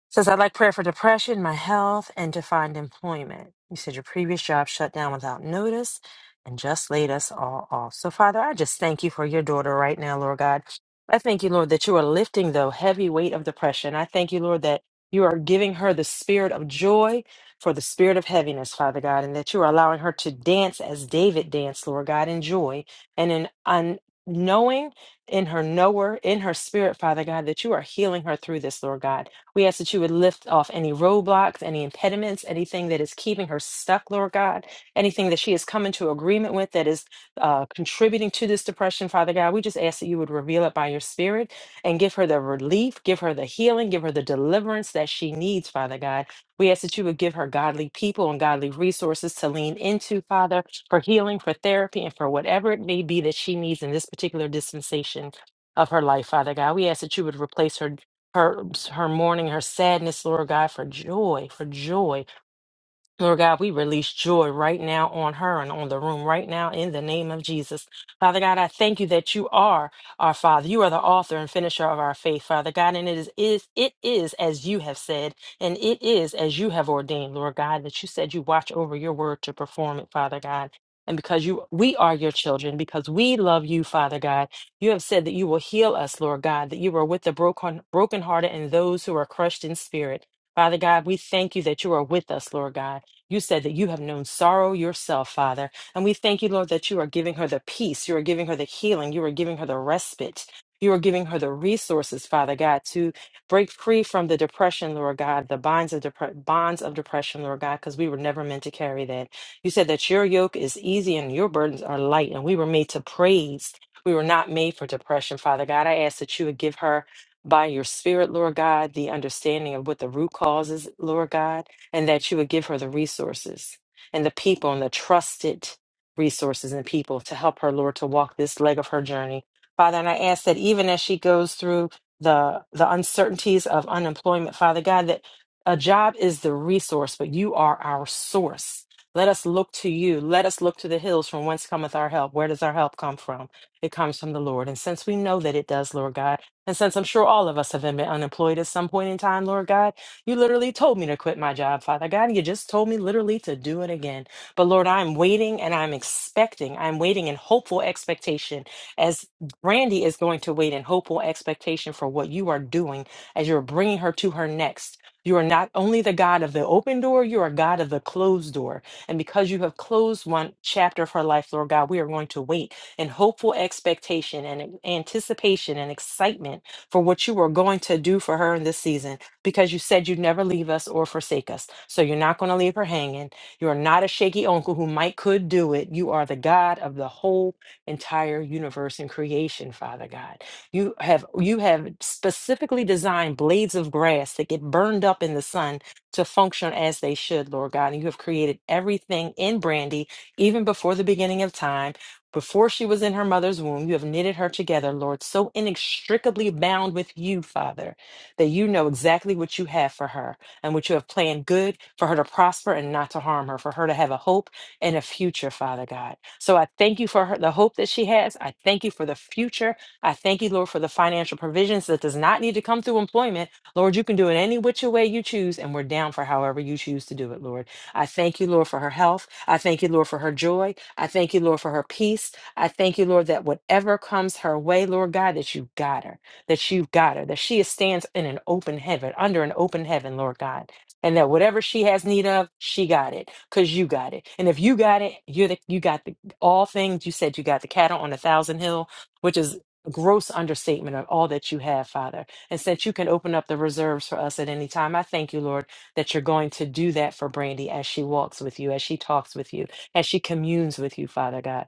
[SPEAKER 6] Says, I'd like prayer for depression, my health, and to find employment. You said your previous job shut down without notice and just laid us all off. So, Father, I just thank you for your daughter right now, Lord God. I thank you, Lord, that you are lifting the heavy weight of depression. I thank you, Lord, that you are giving her the spirit of joy for the spirit of heaviness, Father God, and that you are allowing her to dance as David danced, Lord God, in joy and in un- knowing in her knower, in her spirit, Father God, that you are healing her through this, Lord God. We ask that you would lift off any roadblocks, any impediments, anything that is keeping her stuck, Lord God, anything that she has come into agreement with that is uh, contributing to this depression, Father God. We just ask that you would reveal it by your spirit and give her the relief, give her the healing, give her the deliverance that she needs, Father God. We ask that you would give her godly people and godly resources to lean into, Father, for healing, for therapy, and for whatever it may be that she needs in this particular dispensation of her life, Father God. We ask that you would replace her her her mourning, her sadness, Lord God, for joy, for joy. Lord God, we release joy right now on her and on the room right now in the name of Jesus. Father God, I thank you that you are our Father. You are the author and finisher of our faith, Father God, and it is, is it is as you have said, and it is as you have ordained, Lord God, that you said you watch over your word to perform it, Father God. And because you we are your children, because we love you, Father God, you have said that you will heal us, Lord God, that you are with the broken brokenhearted and those who are crushed in spirit. Father God, we thank you that you are with us, Lord God. You said that you have known sorrow yourself, Father. And we thank you, Lord, that you are giving her the peace. You are giving her the healing. You are giving her the respite. You are giving her the resources, Father God, to break free from the depression, Lord God, the bonds of depre- bonds of depression, Lord God, because we were never meant to carry that. You said that your yoke is easy and your burdens are light, and we were made to praise. We were not made for depression, Father God. I ask that you would give her by your spirit, Lord God, the understanding of what the root causes, Lord God and that you would give her the resources and the people and the trusted resources and people to help her, Lord, to walk this leg of her journey. Father, and I ask that even as she goes through the the uncertainties of unemployment, Father God, that a job is the resource, but you are our source. Let us look to you. Let us look to the hills from whence cometh our help. Where does our help come from? It comes from the Lord. And since we know that it does, Lord God, and since I'm sure all of us have been unemployed at some point in time, Lord God, you literally told me to quit my job, Father God. You just told me literally to do it again. But Lord, I'm waiting and I'm expecting. I'm waiting in hopeful expectation as Brandy is going to wait in hopeful expectation for what you are doing as you're bringing her to her next. You are not only the God of the open door, you are God of the closed door. And because you have closed one chapter of her life, Lord God, we are going to wait in hopeful expectation and anticipation and excitement for what you are going to do for her in this season because you said you'd never leave us or forsake us. So you're not going to leave her hanging. You are not a shaky uncle who might could do it. You are the God of the whole entire universe and creation, Father God. You have you have specifically designed blades of grass that get burned up in the sun to function as they should, Lord God. And you have created everything in Brandy even before the beginning of time. Before she was in her mother's womb, you have knitted her together, Lord, so inextricably bound with you, Father that you know exactly what you have for her and what you have planned good for her to prosper and not to harm her, for her to have a hope and a future, Father God. So I thank you for her, the hope that she has. I thank you for the future. I thank you, Lord, for the financial provisions that does not need to come through employment. Lord, you can do it any which way you choose, and we're down for however you choose to do it, Lord. I thank you, Lord, for her health. I thank you, Lord, for her joy. I thank you, Lord, for her peace. I thank you, Lord, that whatever comes her way, Lord God, that you got her that you've got her, that she stands in an open heaven, under an open heaven, Lord God, and that whatever she has need of, she got it, cause you got it. And if you got it, you're the you got the all things. You said you got the cattle on a thousand hill, which is a gross understatement of all that you have, Father. And since you can open up the reserves for us at any time, I thank you, Lord, that you're going to do that for Brandy as she walks with you, as she talks with you, as she communes with you, Father God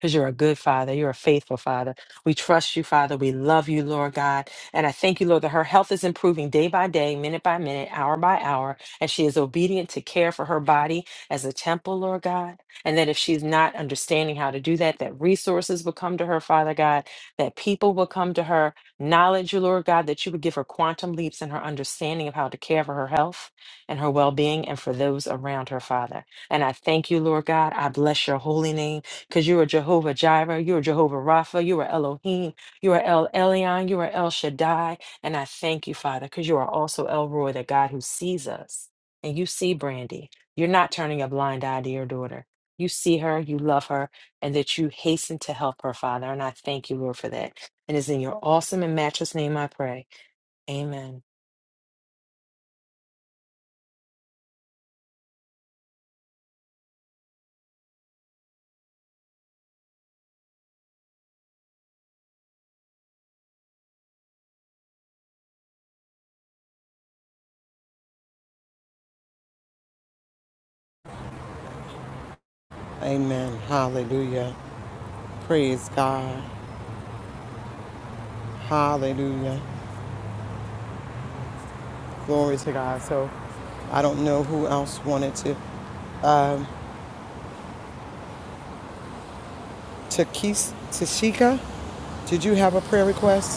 [SPEAKER 6] because you're a good father. You're a faithful father. We trust you, Father. We love you, Lord God. And I thank you, Lord, that her health is improving day by day, minute by minute, hour by hour, and she is obedient to care for her body as a temple, Lord God. And that if she's not understanding how to do that, that resources will come to her, Father God, that people will come to her, knowledge, Lord God, that you would give her quantum leaps in her understanding of how to care for her health and her well being and for those around her, Father. And I thank you, Lord God. I bless your holy name because you are Jehovah Jireh, you are Jehovah Rapha, you are Elohim, you are El Elyon, you are El Shaddai. And I thank you, Father, because you are also El Roy, the God who sees us. And you see Brandy. You're not turning a blind eye to your daughter. You see her, you love her, and that you hasten to help her, Father. And I thank you, Lord, for that. And it's in your awesome and matchless name I pray. Amen.
[SPEAKER 2] Amen. Hallelujah. Praise God. Hallelujah. Glory to God. So I don't know who else wanted to. Takis Tashika, did you have a prayer request?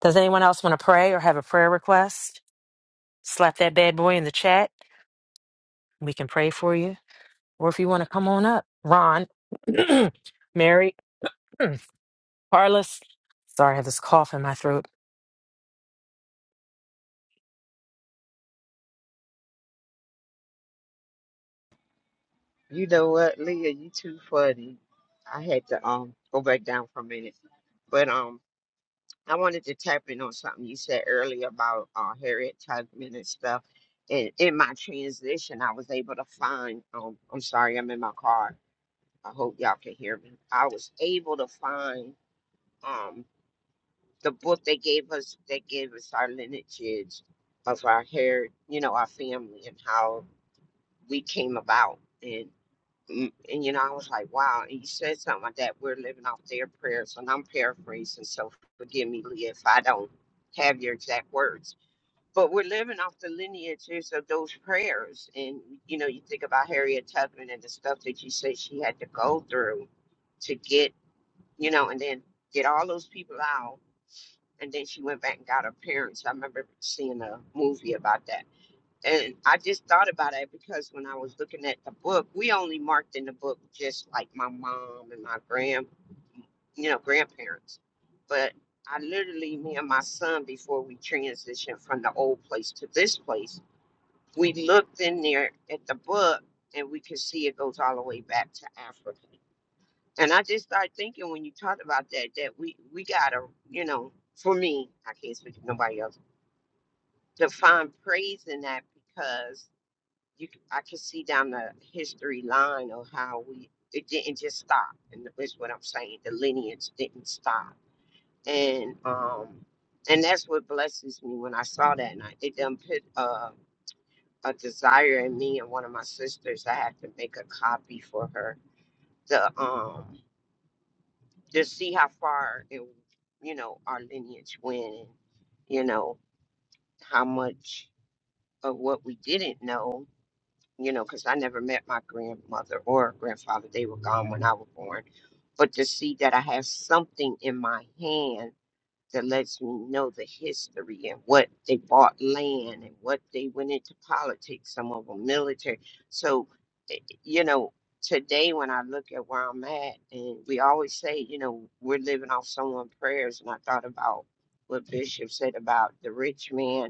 [SPEAKER 6] Does anyone else want to pray or have a prayer request? Slap that bad boy in the chat. We can pray for you. or if you want to come on up, Ron, *clears throat* Mary, Carla. Sorry, I have this cough in my throat.
[SPEAKER 3] You know what, Leah, you too funny. I had to um go back down for a minute. But um I wanted to tap in on something you said earlier about uh Harriet Tubman and stuff. And in my transition I was able to find um I'm sorry, I'm in my car. I hope y'all can hear me. I was able to find um the book they gave us that gave us our lineages of our hair, you know, our family and how we came about and. Mm, and you know, I was like, wow. And you said something like that. We're living off their prayers, and I'm paraphrasing, so forgive me, Leah, if I don't have your exact words. But we're living off the lineages of those prayers, and you know, you think about Harriet Tubman and the stuff that you said she had to go through to get, you know, and then get all those people out, and then she went back and got her parents. I remember seeing a movie about that and I just thought about it because when I was looking at the book, we only marked in the book just like my mom and my grand, you know, grandparents. But I literally, me and my son, before we transitioned from the old place to this place, we looked in there at the book and we could see it goes all the way back to Africa. And I just started thinking when you talked about that, that we, we got to, you know, for me, I can't speak to nobody else, to find praise in that because. you c- I can see down the history line of how we it didn't just stop, and that's what I'm saying. The lineage didn't stop, and um, and that's what blesses me when I saw that, and I, it done put uh, a desire in me and one of my sisters. I had to make a copy for her to um to see how far it, you know our lineage went, and you know how much of what we didn't know you know, because I never met my grandmother or grandfather. They were gone when I was born. But to see that I have something in my hand that lets me know the history and what they bought land and what they went into politics, some of them military. So, eh, you know, today when I look at where I'm at, and we always say, you know, we're living off someone's prayers. And I thought about what Bishop said about the rich man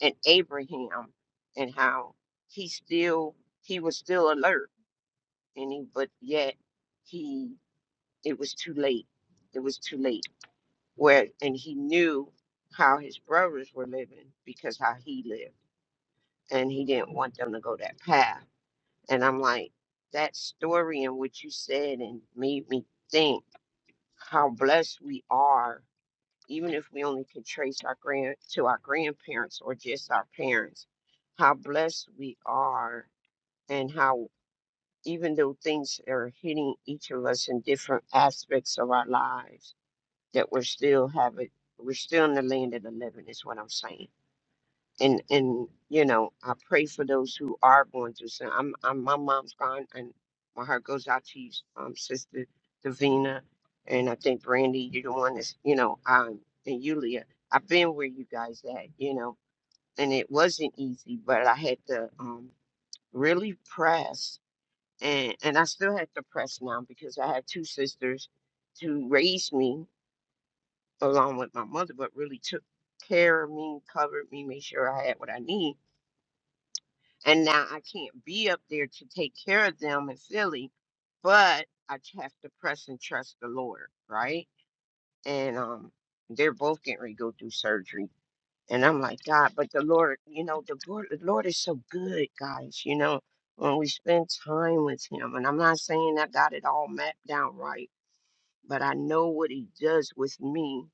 [SPEAKER 3] and Abraham and how he still he was still alert and he but yet he it was too late. It was too late. Where and he knew how his brothers were living because how he lived and he didn't want them to go that path. And I'm like, that story and what you said and made me think how blessed we are even if we only can trace our grand to our grandparents or just our parents, how blessed we are and how even though things are hitting each of us in different aspects of our lives, that we're still having we're still in the land of the living is what I'm saying and and you know I pray for those who are going through some. I'm, I'm my mom's gone, and my heart goes out to you, um, sister Davina, and I think Brandy, you're the one that's you know, um, and Yulia. I've been where you guys at, you know, and it wasn't easy, but I had to um really press, and and I still have to press now because I have two sisters to raise me along with my mother, but really took care of me, covered me, made sure I had what I need And now I can't be up there to take care of them in Philly, but I t- have to press and trust the Lord, right? And um, they're both getting ready to go through surgery. And I'm like, God, but the Lord, you know, the Lord, the Lord is so good, guys. You know, when we spend time with Him, and I'm not saying I got it all mapped out right, but I know what He does with me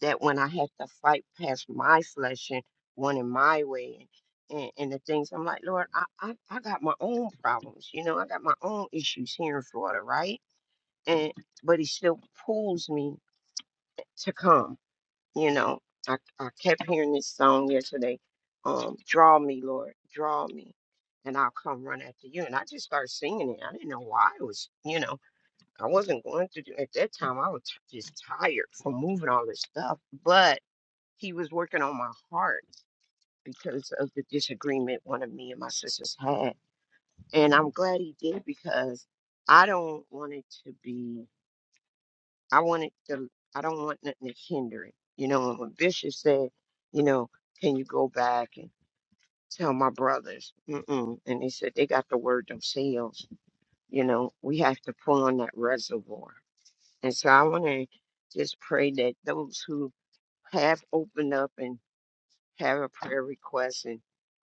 [SPEAKER 3] that when I have to fight past my flesh and wanting my way and, and, and the things, I'm like, Lord, I, I, I got my own problems, you know, I got my own issues here in Florida, right? And but he still pulls me to come, you know. I, I kept hearing this song yesterday, um, draw me, Lord, draw me, and I'll come run after you. And I just started singing it. I didn't know why I was, you know, I wasn't going to do at that time. I was t- just tired from moving all this stuff, but he was working on my heart because of the disagreement one of me and my sisters had. And I'm glad he did because I don't want it to be, I want it to, I don't want nothing to hinder it. You know, and when Bishop said, you know, can you go back and tell my brothers? Mm-mm. And they said they got the word themselves. You know, we have to pull on that reservoir. And so I want to just pray that those who have opened up and have a prayer request and.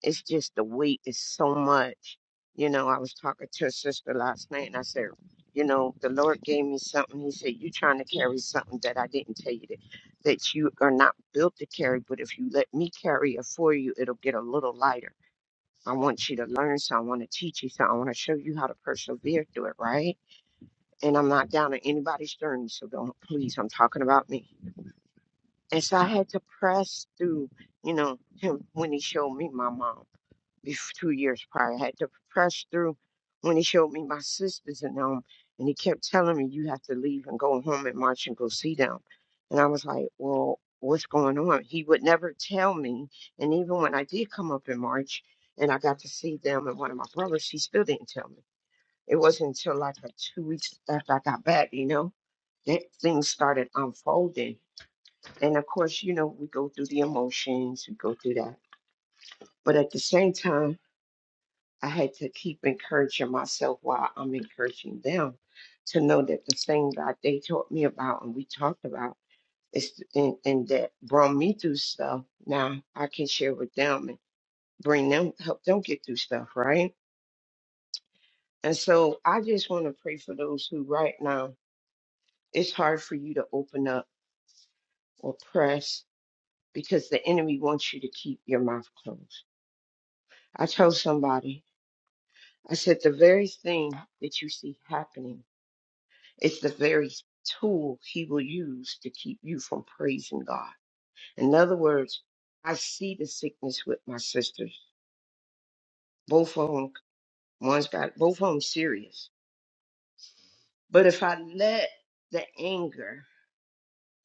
[SPEAKER 3] It's just the weight is so much. You know, I was talking to a sister last night and I said, you know, the Lord gave me something. He said, You're trying to carry something that I didn't tell you that, that you are not built to carry, but if you let me carry it for you, it'll get a little lighter. I want you to learn something. I want to teach you something. I want to show you how to persevere through it, right? And I'm not down on anybody's journey, so don't please, I'm talking about me and so I had to press through, you know, him when he showed me my mom bef- two years prior. I had to press through when he showed me my sisters and them. And he kept telling me, you have to leave and go home and march and go see them. And I was like, well, what's going on? He would never tell me. And even when I did come up in March and I got to see them and one of my brothers, he still didn't tell me. It wasn't until like a two weeks after I got back, you know, that things started unfolding. And of course, you know, we go through the emotions, we go through that. But at the same time, I had to keep encouraging myself while I'm encouraging them to know that the thing that they taught me about and we talked about is and, and that brought me through stuff. Now I can share with them and bring them help them get through stuff, right? And so I just want to pray for those who right now it's hard for you to open up or press because the enemy wants you to keep your mouth closed. I told somebody I said, the very thing that you see happening is the very tool he will use to keep you from praising God. In other words, I see the sickness with my sisters. Both of them, one's got both of them serious. But if I let the anger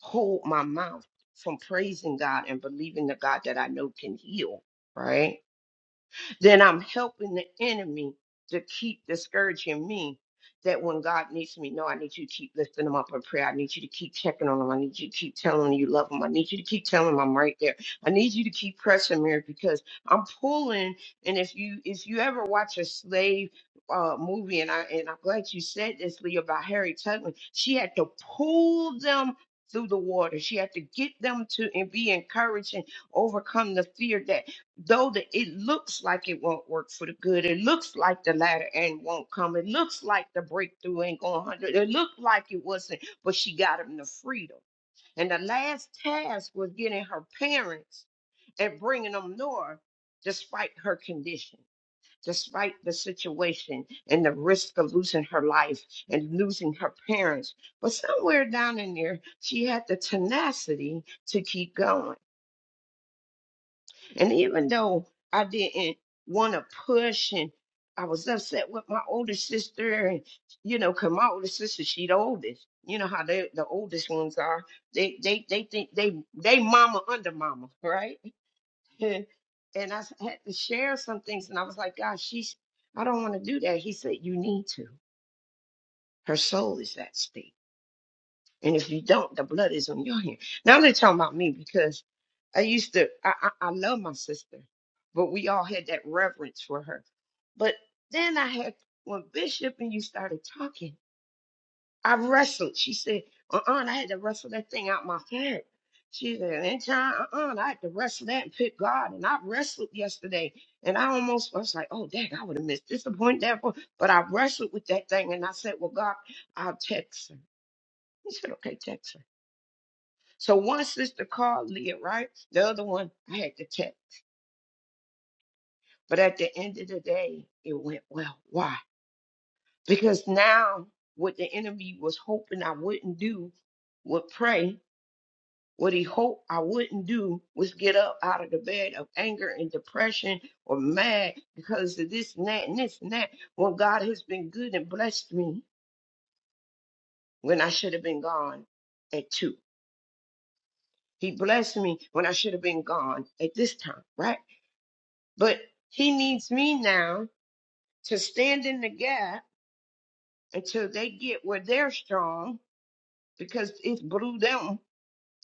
[SPEAKER 3] hold my mouth from praising God and believing the God that I know can heal, right? then I'm helping the enemy to keep discouraging me. That when God needs me, no, I need you to keep lifting them up in prayer. I need you to keep checking on them. I need you to keep telling them you love them. I need you to keep telling them I'm right there. I need you to keep pressing, Mary, because I'm pulling. And if you if you ever watch a slave uh, movie, and I and I'm glad you said this, Lee, about Harry Tubman, she had to pull them through the water. She had to get them to and be encouraged and overcome the fear that though the, it looks like it won't work for the good, it looks like the latter end won't come, it looks like the breakthrough ain't going to hundred, it looked like it wasn't, but she got him the freedom. And the last task was getting her parents and bringing them north, despite her condition, despite the situation and the risk of losing her life and losing her parents. But somewhere down in there, she had the tenacity to keep going and even though I didn't want to push and I was upset with my older sister, and you know, 'cause my older sister, she the oldest. You know how they the oldest ones are. They they they think they they mama under mama, right? *laughs* and I s- had to share some things, and I was like, God, she's I don't want to do that. He said, You need to. Her soul is at stake. And if you don't, the blood is on your hand. Now they're talking about me because I used to I, I, I love my sister, but we all had that reverence for her. But then I had when Bishop and you started talking, I wrestled. She said, uh uh I had to wrestle that thing out my head. She said, and John, uh uh I had to wrestle that and pick God. And I wrestled yesterday. And I almost I was like, oh, dang, I would have missed this appointment. that appointment." But I wrestled with that thing and I said, well, God, I'll text her. He said, okay, text her. So one sister called Leah, right? The other one I had to text. But at the end of the day, it went well. Why? Because now what the enemy was hoping I wouldn't do would pray. What he hoped I wouldn't do was get up out of the bed of anger and depression or mad because of this and that and this and that. When God has been good and blessed me when I should have been gone at two. He blessed me when I should have been gone at this time, right? But he needs me now to stand in the gap until they get where they're strong because it's blew them,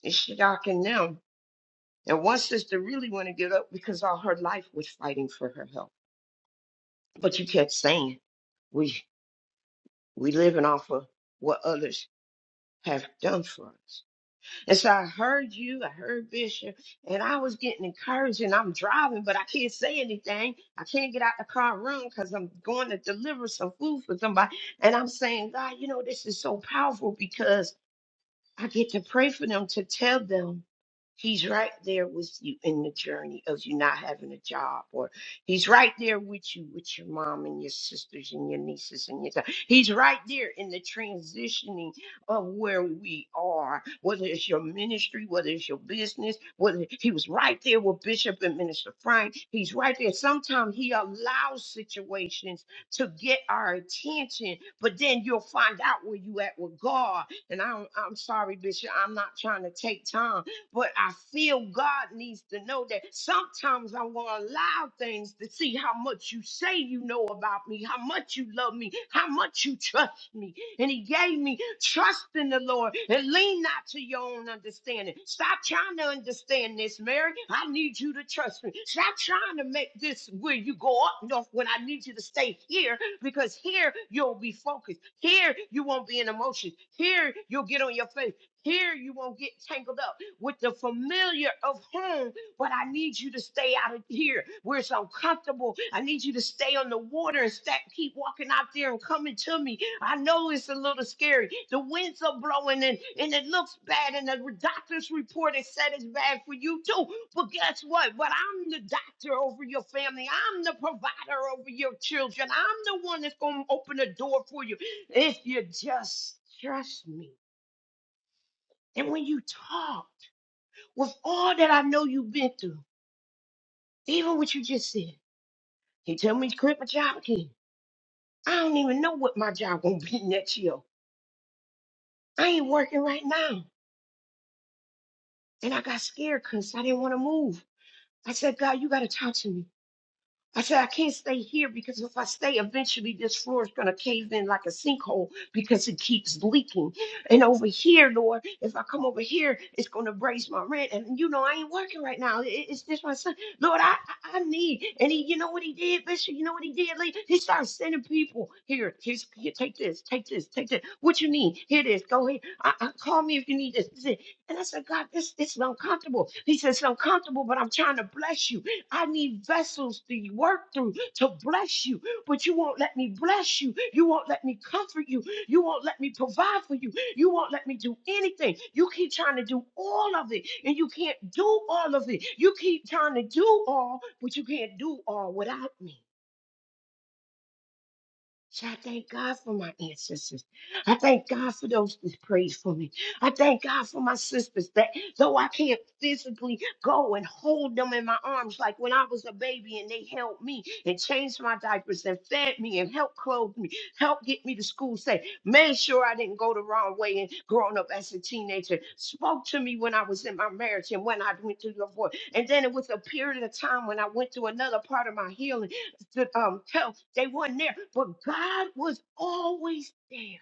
[SPEAKER 3] it's shocking them. And one sister really want to give up because all her life was fighting for her health. But you kept saying, we we living off of what others have done for us. And so I heard you, I heard Bishop, and I was getting encouraged. And I'm driving, but I can't say anything. I can't get out the car and run because I'm going to deliver some food for somebody. And I'm saying, God, you know, this is so powerful because I get to pray for them to tell them he's right there with you in the journey of you not having a job, or he's right there with you with your mom and your sisters and your nieces and your dad. He's right there in the transitioning of where we are, whether it's your ministry, whether it's your business, whether he was right there with Bishop and Minister Frank. He's right there. Sometimes he allows situations to get our attention, but then you'll find out where you at with God and I'm, I'm sorry, Bishop, I'm not trying to take time, but I feel God needs to know that sometimes I'm going to allow things to see how much you say you know about me, how much you love me, how much you trust touched me and he gave me trust in the Lord and lean not to your own understanding. Stop trying to understand this, Mary. I need you to trust me. Stop trying to make this where you go up north when I need you to stay here because here you'll be focused. Here you won't be in emotions. Here you'll get on your faith. Here you won't get tangled up with the familiar of home but I need you to stay out of here where it's uncomfortable. I need you to stay on the water and sta keep walking out there and coming to me. I know it's a little scary. The winds are blowing and, and it looks bad, and the doctor's report has said it's bad for you too. But guess what? But I'm the doctor over your family, I'm the provider over your children. I'm the one that's going to open the door for you if you just trust me. And when you talk with all that I know you've been through, even what you just said. He tell me to quit my job again. I don't even know what my job gonna be *laughs* next year. I ain't working right now. And I got scared because I didn't want to move. I said, God, you gotta talk to me. I said, I can't stay here because if I stay, eventually this floor is going to cave in like a sinkhole because it keeps leaking. And over here, Lord, if I come over here, it's going to raise my rent. And you know, I ain't working right now. I- It's just my son. Lord, I, I I need. And he, you know what he did, Bishop? You know what he did? Lee? He started sending people here. Here's, here, take this, take this, take this. What you need? Here it is. Go ahead. I, I, call me if you need this. this is it. And I said, God, this, this is uncomfortable. He said, It's uncomfortable, but I'm trying to bless you. I need vessels to work through to bless you, but you won't let me bless you. You won't let me comfort you. You won't let me provide for you. You won't let me do anything. You keep trying to do all of it, and you can't do all of it. You keep trying to do all, but you can't do all without me. So I thank God for my ancestors. I thank God for those that prayed for me. I thank God for my sisters that though I can't physically go and hold them in my arms like when I was a baby and they held me and changed my diapers and fed me and helped clothe me, helped get me to school safe, made sure I didn't go the wrong way and growing up as a teenager, spoke to me when I was in my marriage and when I went through divorce. And then it was a period of time when I went through another part of my healing to um tell they was not there, but God was always there.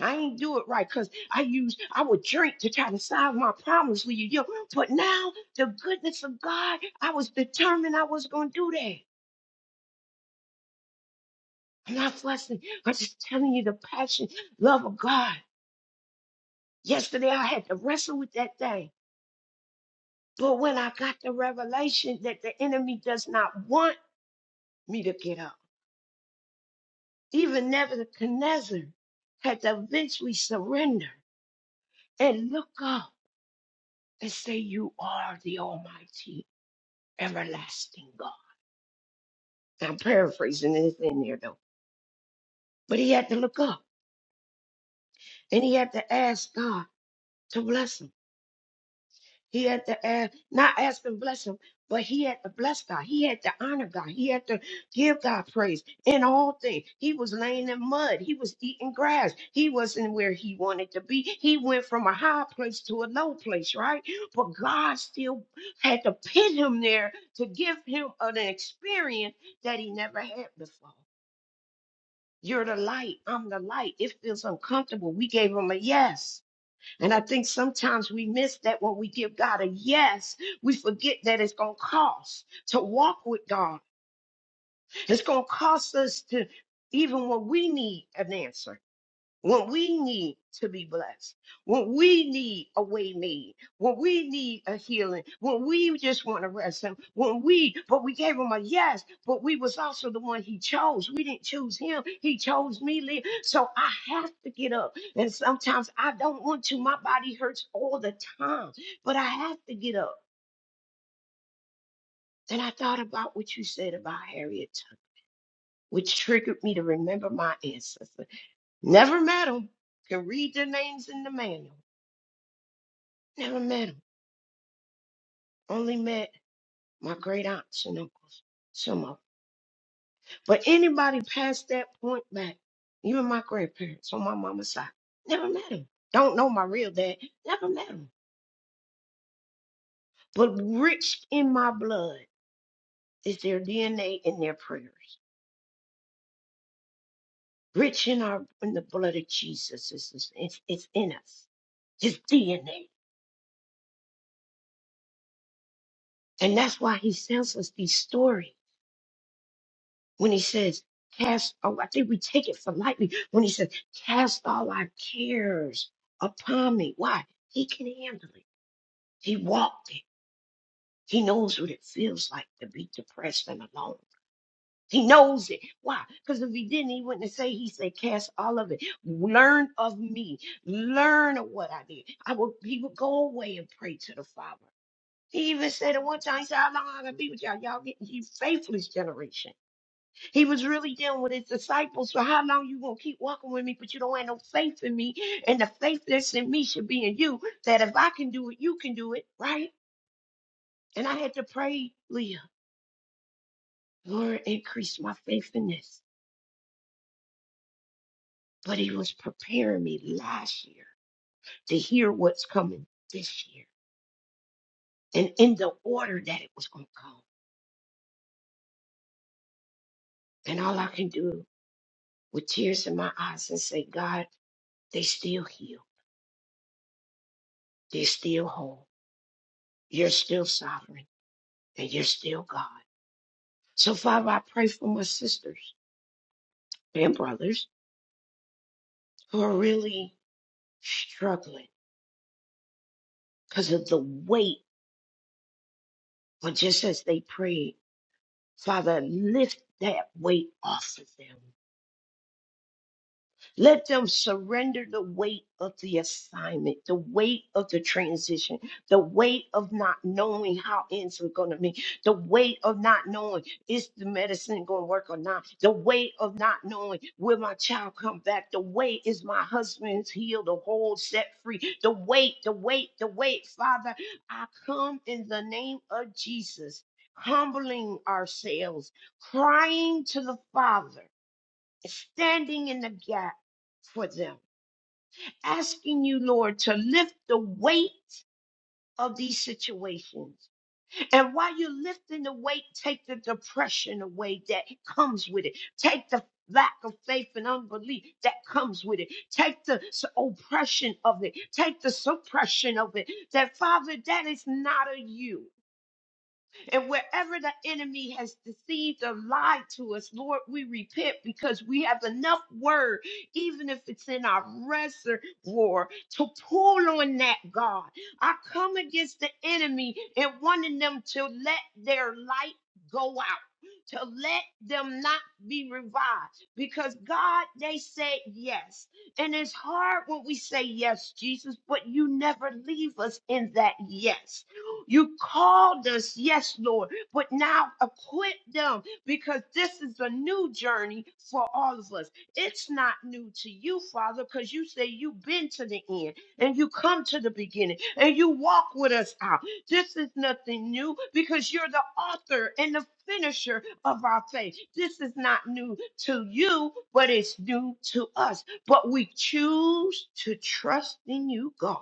[SPEAKER 3] I ain't do it right because I used I would drink to try to solve my problems with you, yo. But now the goodness of God, I was determined I was gonna do that. I'm not fussing. I'm just telling you the passion, love of God. Yesterday I had to wrestle with that thing. But when I got the revelation that the enemy does not want me to get up, even Nebuchadnezzar had to eventually surrender. and look up and say, You are the Almighty, everlasting God. I'm paraphrasing it in there though. But he had to look up and he had to ask God to bless him. He had to ask, not ask and bless him, but he had to bless God. He had to honor God. He had to give God praise in all things. He was laying in mud. He was eating grass. He wasn't where he wanted to be. He went from a high place to a low place, right? But God still had to pin him there to give him an experience that he never had before. You're the light. I'm the light. It feels uncomfortable. We gave him a yes. And I think sometimes we miss that when we give God a yes, we forget that it's going to cost to walk with God. It's going to cost us to, even when we need an answer when we need to be blessed, when we need a way made, when we need a healing, when we just want to rest him, when we, but we gave him a yes, but we was also the one he chose. We didn't choose him. He chose me. Leah. So I have to get up. And sometimes I don't want to. My body hurts all the time, but I have to get up. And I thought about what you said about Harriet Tubman, which triggered me to remember my ancestor. Never met him. Can read their names in the manual Never met him. Only met my great aunts and uncles, some of 'em. But anybody past that point back, even my grandparents on my mama's side, never met him. Don't know my real dad. Never met him. But rich in my blood is their DNA and their prayers. Rich in our in the blood of Jesus is is it's, it's in us. His DNA. And that's why he tells us these stories. when he says, cast, oh, I think we take it for lightly when he says, cast all our cares upon me. Why? He can handle it. He walked it. He knows what it feels like to be depressed and alone. He knows it. Why? Because if he didn't, he wouldn't say, he said, cast all of it. Learn of me. Learn of what I did. I would, he would go away and pray to the Father. He even said at one time, he said, how long I gonna be with y'all? Y'all getting you faithless generation. He was really dealing with his disciples. So how long you gonna keep walking with me, but you don't have no faith in me? And the faith that's in me should be in you. That if I can do it, you can do it, right? And I had to pray, Leah, Lord, increase my faith in this. But he was preparing me last year to hear what's coming this year and in the order that it was gonna come. And all I can do with tears in my eyes and say, God, they still heal, they're still whole, you're still sovereign, and you're still God. So, Father, I pray for my sisters and brothers who are really struggling because of the weight, but just as they prayed, Father, lift that weight off of them. Let them surrender the weight of the assignment, the weight of the transition, the weight of not knowing how ends are going to be, the weight of not knowing is the medicine going to work or not, the weight of not knowing will my child come back, the weight is my husband's healed or whole, set free, the weight, the weight, the weight. Father, I come in the name of Jesus, humbling ourselves, crying to the Father standing in the gap for them, asking you, Lord, to lift the weight of these situations. And while you're lifting the weight, take the depression away that comes with it. Take the lack of faith and unbelief that comes with it. Take the oppression of it. Take the suppression of it. That, Father, that is not of you. And wherever the enemy has deceived or lied to us, Lord, we repent because we have enough word, even if it's in our reservoir, to pull on that, God. I come against the enemy and wanting them to let their light go out. To let them not be revived because God, they said yes. And it's hard when we say yes, Jesus, but you never leave us in that yes. You called us, yes, Lord, but now equip them because this is a new journey for all of us. It's not new to you, Father, because you say you've been to the end and you come to the beginning and you walk with us out. This is nothing new because you're the author and the finisher of our faith. This is not new to you, but it's new to us. But we choose to trust in you, God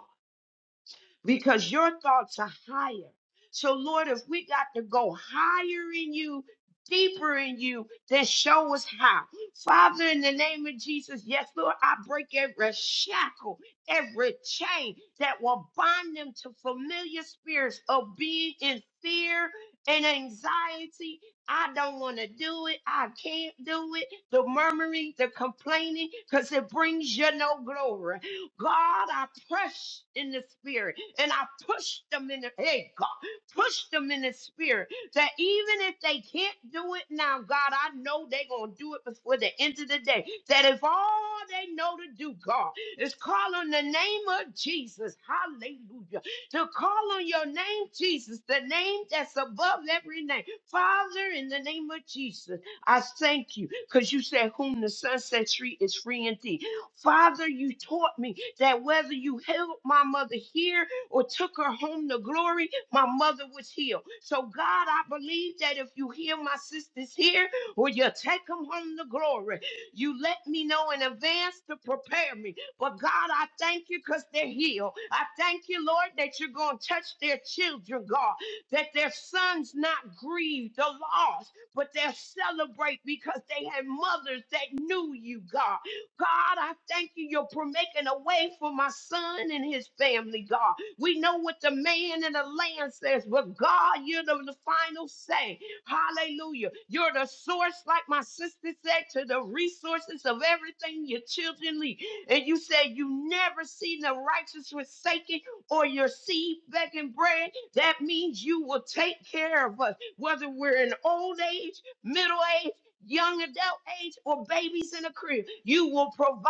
[SPEAKER 3] because your thoughts are higher. So, Lord, if we got to go higher in you, deeper in you, then show us how. Father, in the name of Jesus, yes, Lord, I break every shackle, every chain that will bind them to familiar spirits of being in fear and anxiety. I don't want to do it. I can't do it. The murmuring, the complaining, because it brings you no glory. God, I pressed in the spirit and I pushed them in the hey God, push them in the spirit that even if they can't do it now, God, I know they're gonna do it before the end of the day. That if all they know to do, God, is call on the name of Jesus, hallelujah, to call on your name, Jesus, the name that's above every name. Father, in the name of Jesus, I thank you because you said, Whom the Son sets free is free indeed. Father, you taught me that whether you healed my mother here or took her home to glory, my mother was healed. So, God, I believe that if you heal my sisters here or you take them home to glory, you let me know in advance to prepare me. But, God, I thank you because they're healed. I thank you, Lord, that you're going to touch their children, God, that their sons not grieve the loss, but they'll celebrate because they had mothers that knew you, God. God, I thank you. You're pro- making a way for my son and his family, God. We know what the man and the land says, but God, you're the, the final say. Hallelujah. You're the source, like my sister said, to the resources of everything your children need. And you said you never seen the righteous forsaken or your seed begging bread. That means you will take care of us, whether we're in old age, middle age young adult age, or babies in a crib. You will provide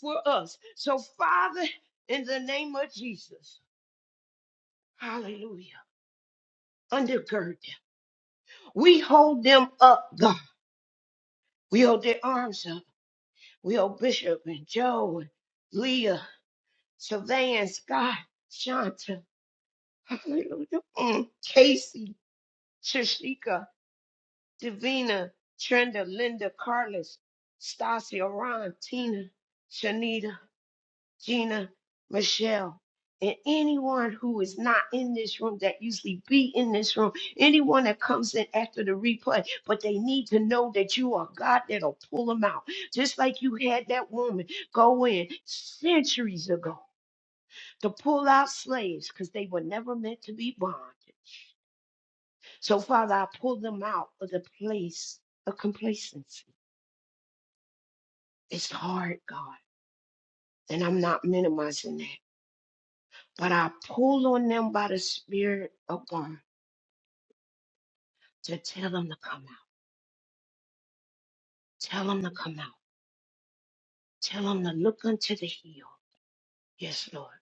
[SPEAKER 3] for us. So, Father, in the name of Jesus, hallelujah, undergird them. We hold them up, God. We hold their arms up. We hold Bishop and Joe and Leah, Sylvan, Scott, Shanta, hallelujah, mm, Casey, Trishika, Davina, Trenda, Linda, Carlos, Stasia, Ron, Tina, Shanita. Gina, Michelle, and anyone who is not in this room that usually be in this room, anyone that comes in after the replay, but they need to know that you are God that'll pull them out. Just like you had that woman go in centuries ago to pull out slaves because they were never meant to be bondage. So, Father, I pull them out of the place of complacency. It's hard, God, and I'm not minimizing that. But I pulled on them by the Spirit of God to tell them to come out. Tell them to come out. Tell them to look unto the hill. Yes, Lord,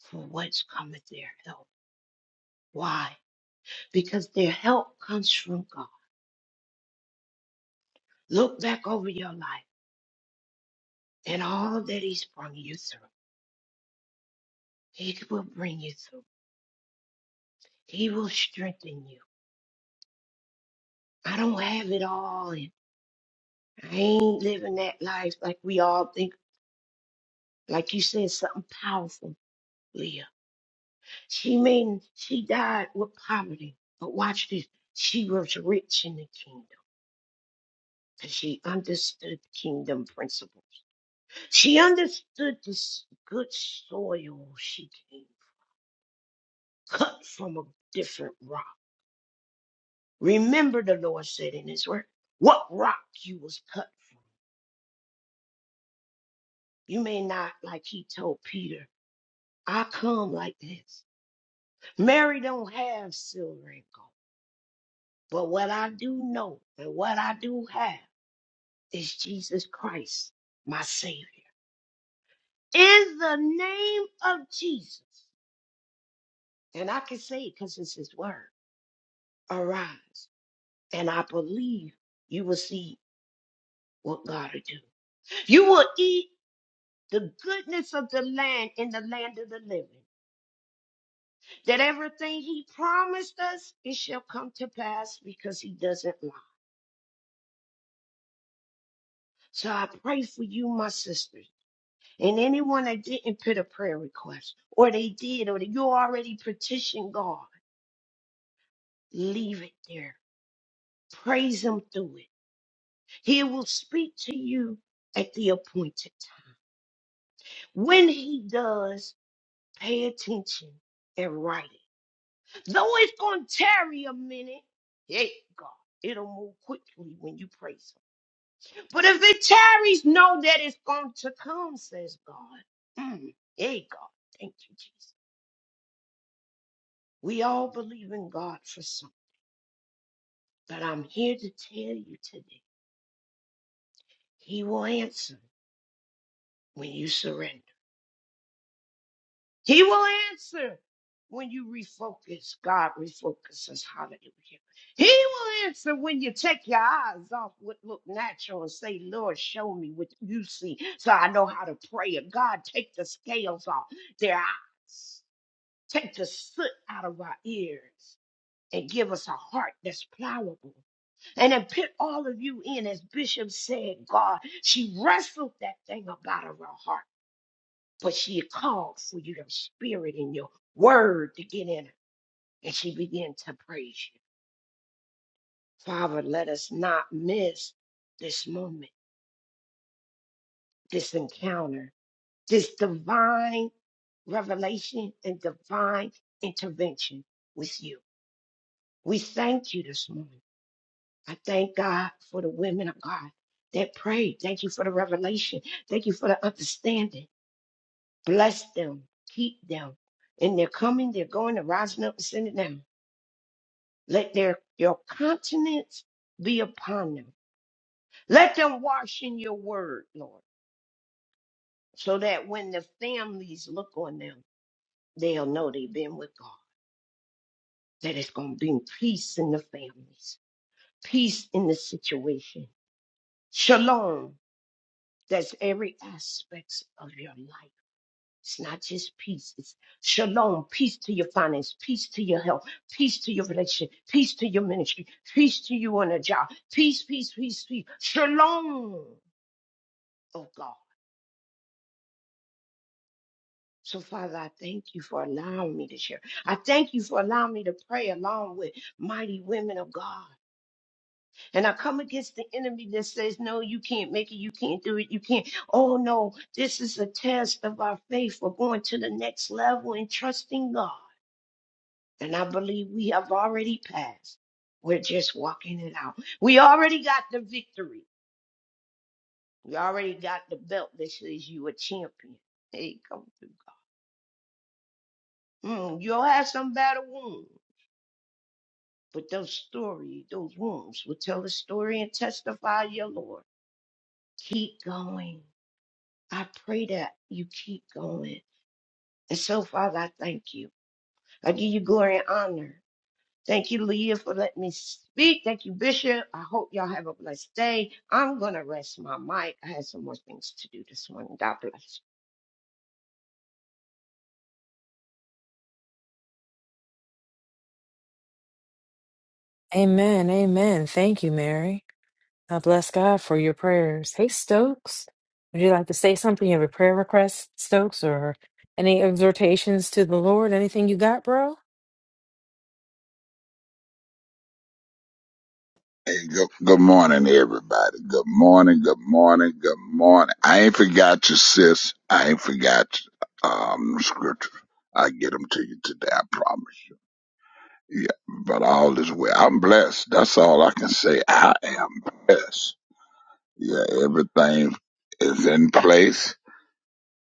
[SPEAKER 3] for what's cometh their help. Why? Because their help comes from God. Look back over your life and all that He's brought you through. He will bring you through. He will strengthen you. I don't have it all. And I ain't living that life like we all think, like you said, something powerful, Leah. She mean she died with poverty, but watch this. She was rich in the kingdom because she understood kingdom principles. She understood this good soil she came cut from a different rock. Remember the Lord said in his word, what rock you was cut from. You may not, like he told Peter, I come like this. Mary don't have silver and gold. But what I do know and what I do have. is Jesus Christ, my Savior. In the name of Jesus. And I can say it because it's His word. Arise. And I believe you will see what God will do. You will eat the goodness of the land in the land of the living. That everything He promised us, it shall come to pass because He doesn't lie. So I pray for you, my sisters, and anyone that didn't put a prayer request, or they did, or that you already petitioned God. Leave it there. Praise him through it. He will speak to you at the appointed time. When he does, pay attention and write it. Though it's going to tarry a minute, hey, God, it'll move quickly when you praise him. But if it tarries, know that it's going to come, says God. Mm. Hey, God, thank you, Jesus. We all believe in God for something, but I'm here to tell you today, he will answer when you surrender. He will answer when you refocus. God refocuses. Hallelujah. He will answer when you take your eyes off what look natural and say, Lord, show me what you see so I know how to pray. And God, take the scales off their eyes, take the soot out of our ears, and give us a heart that's pliable. And then put all of you in, as Bishop said, God, she wrestled that thing up out of her heart but she called for your spirit and your word to get in her. And she began to praise you. Father, let us not miss this moment, this encounter, this divine revelation and divine intervention with you. We thank you this morning. I thank God for the women of God that prayed. Thank you for the revelation. Thank you for the understanding. Bless them, keep them. And they're coming, they're going, they're rising up and sending down. Let their your countenance be upon them. Let them wash in your word, Lord, so that when the families look on them, they'll know they've been with God. That it's gonna bring peace in the families, peace in the situation. Shalom. That's every aspect of your life. It's not just peace. It's shalom, peace to your finance, peace to your health, peace to your relationship, peace to your ministry, peace to you on a job, peace, peace, peace, peace. Shalom oh God. So, Father, I thank you for allowing me to share. I thank you for allowing me to pray along with mighty women of God. And I come against the enemy that says, No, you can't make it. You can't do it. You can't. Oh, no. This is a test of our faith for going to the next level and trusting God. And I believe we have already passed. We're just walking it out. We already got the victory. We already got the belt that says you a champion. Hey, come through. God. Mm, you'll have some battle wounds. But those story, those wounds will tell the story and testify your Lord. Keep going. I pray that you keep going. And so, Father, I thank you. I give you glory and honor. Thank you, Leah, for letting me speak. Thank you, Bishop. I hope y'all have a blessed day. I'm going to rest my mic. I had some more things to do this morning. God bless.
[SPEAKER 6] Amen. Amen. Thank you, Mary. I bless God for your prayers. Hey, Stokes, would you like to say something? You have a prayer request, Stokes, or any exhortations to the Lord? Anything you got, bro?
[SPEAKER 9] Hey, good, good morning, everybody. Good morning, good morning, good morning. I ain't forgot you, sis. I ain't forgot you. Um, scripture. I get them to you today. I promise you. Yeah, but all is well. I'm blessed. That's all I can say. I am blessed. Yeah, everything is in place.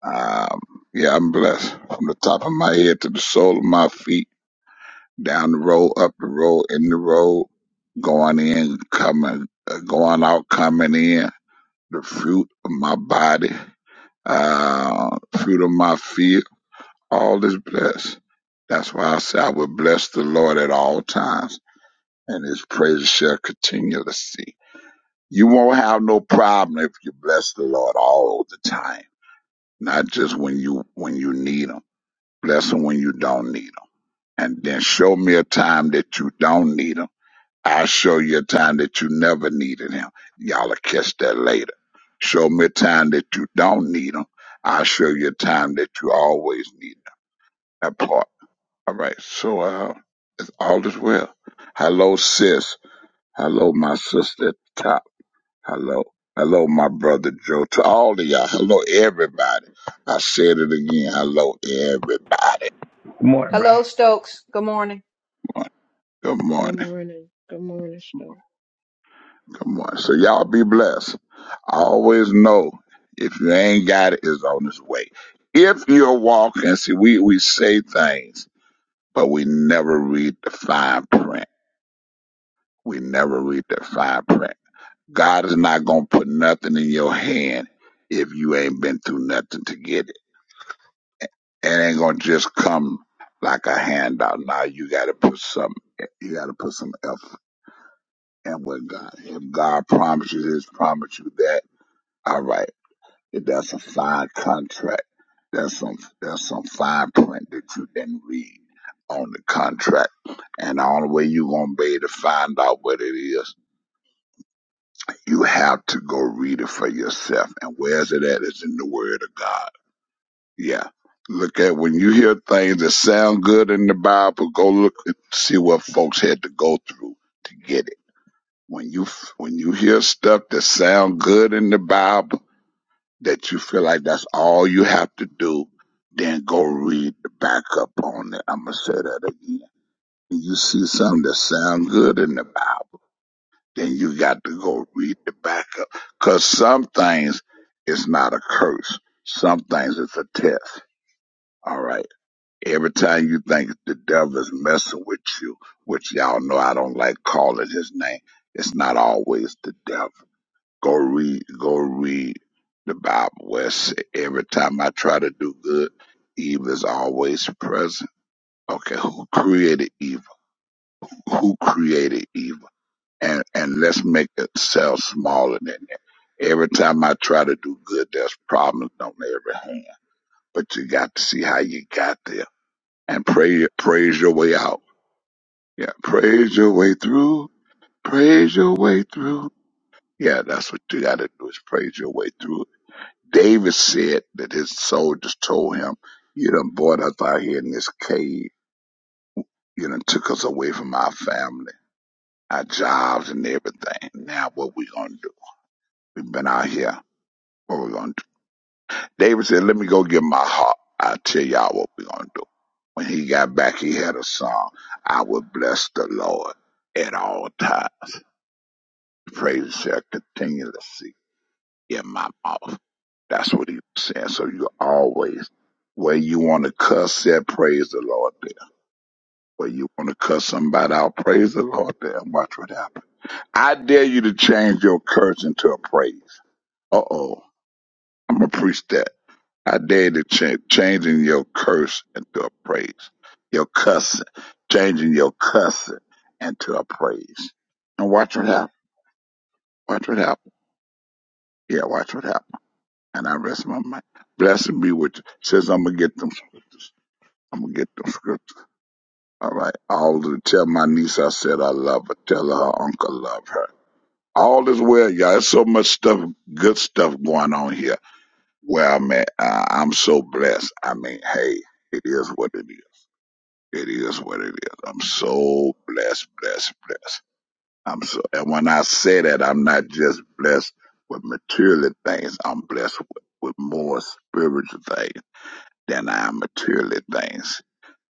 [SPEAKER 9] Um, yeah, I'm blessed from the top of my head to the sole of my feet, down the road, up the road, in the road, going in, coming, uh, going out, coming in. the fruit of my body, uh, fruit of my feet, all is blessed. That's why I say I will bless the Lord at all times, and his praises shall continually see. You won't have no problem if you bless the Lord all the time, not just when you when you need him. Bless him when you don't need him, and then show me a time that you don't need him I'll show you a time that you never needed him. Y'all will catch that later. Show me a time that you don't need him. I'll show you a time that you always need him. That part. All right. So, uh, all is well. Hello, sis. Hello, my sister at the top. Hello. Hello, my brother Joe. To all of y'all. Hello, everybody. I said it again. Hello, everybody.
[SPEAKER 10] Good morning, bro.
[SPEAKER 5] Hello, Stokes. Good morning.
[SPEAKER 9] Good
[SPEAKER 3] Good
[SPEAKER 9] morning.
[SPEAKER 3] morning. Good morning, Star.
[SPEAKER 9] Come on. So y'all be blessed. always know if you ain't got it, it's on its way. If you're walking, see, we, we say things, but we never read the fine print. We never read the fine print. God is not going to put nothing in your hand if you ain't been through nothing to get it. It ain't going to just come like a handout. Now you got to put some, you got to put some effort in with God. If God promises this, promise you that. All right That's a fine contract. That's some that's some fine print that you didn't read on the contract. And the only way you're gonna be able to find out what it is, you have to go read it for yourself. And where's it at? It's in the Word of God. Yeah. Look at when you hear things that sound good in the Bible, go look and see what folks had to go through to get it. When you when you hear stuff that sound good in the Bible that you feel like that's all you have to do, then go read the backup on it. I'm gonna say that again. When you see something that sounds good in the Bible, then you got to go read the backup. Cause some things is not a curse. Some things it's a test. All right. Every time you think the devil is messing with you, which y'all know I don't like calling his name, it's not always the devil Go read, go read the Bible where it say, every time I try to do good, evil is always present. Okay, *laughs* who created evil? Who created evil? And and let's make ourselves smaller than that. Every time I try to do good, there's problems on every hand. But you got to see how you got there and pray, praise your way out. Yeah, praise your way through. Praise your way through. Yeah, that's what you got to do is praise your way through David said that his soldiers told him, You done brought us out here in this cave. You done took us away from our family, our jobs, and everything. Now what we gonna do? We've been out here. What we gonna do? David said, Let me go get my harp. I'll tell y'all what we gonna do. When he got back, he had a song. I will bless the Lord at all times. Praise shall continually cease. in my mouth. That's what he was saying. So you always, where you want to cuss at, praise the Lord there. Where you want to cuss somebody out, praise the Lord there and watch what happens. I dare you to change your curse into a praise. Uh-oh. I'm going to preach that. I dare you to change changing your curse into a praise. Your cussing. Changing your cussing into a praise. And watch what happens. Watch what happens. Yeah, watch what happens. And I rest my mind. Blessing be with you. Says I'm gonna get them scriptures. I'm gonna get them scriptures. All right. All the tell my niece I said I love her. Tell her her uncle love her. All is well, y'all. There's so much stuff, good stuff going on here. Where I'm at, I, I'm so blessed. I mean, hey, it is what it is. It is what it is. I'm so blessed, blessed, blessed. I'm so, and when I say that, I'm not just blessed with material things. I'm blessed with, with more spiritual things. than our materially things.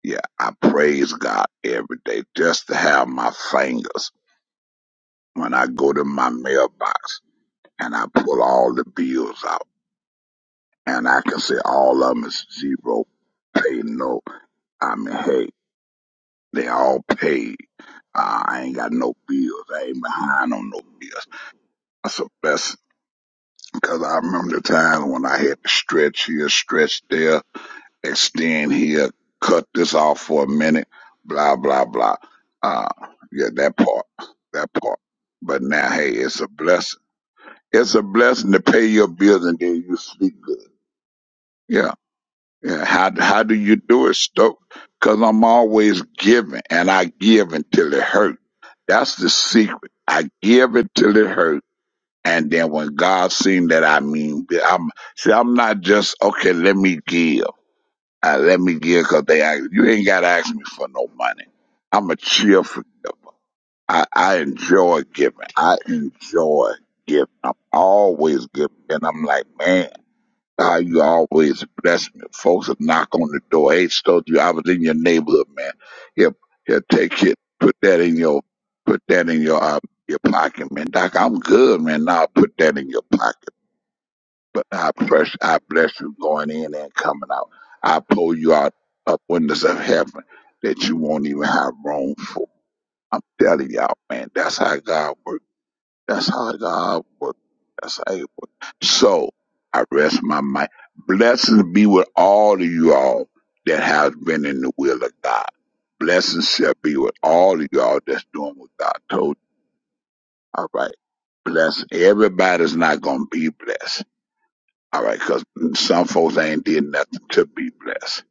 [SPEAKER 9] Yeah, I praise God every day just to have my fingers when I go to my mailbox and I pull all the bills out and I can say all of them is zero, pay no. I mean, hey, they all paid. Uh, I ain't got no bills. I ain't behind on no bills. That's a blessing because I remember the time when I had to stretch here, stretch there extend here, cut this off for a minute, blah blah blah. Uh, yeah, that part, that part. But now, hey, it's a blessing. It's a blessing to pay your bills and then you sleep good. Yeah, yeah. How how do you do it, Stoke? Because I'm always giving, and I give until it hurts. That's the secret. I give until it hurts, And then when God seen that, I mean, I'm see, I'm not just okay. Let me give. Uh, let me give because they ask you ain't gotta ask me for no money. I'm a cheerful giver. I, I enjoy giving. I enjoy giving. I'm always giving, and I'm like, man, how you always bless me. Folks will knock on the door. Hey, told you I was in your neighborhood, man. Here, here, take it. Put that in your, put that in your, uh, your pocket, man. Doc, I'm good, man. Now put that in your pocket. But I bless, I bless you going in and coming out. I pull you out of windows of heaven that you won't even have room for. I'm telling y'all, man, that's how God works. That's how God works. That's how it works. So I rest my mind. Blessings be with all of you all that have been in the will of God. Blessings shall be with all of y'all that's doing what God told you. All right. Bless everybody's not gonna be blessed all right, cause some folks ain't did nothing to be blessed.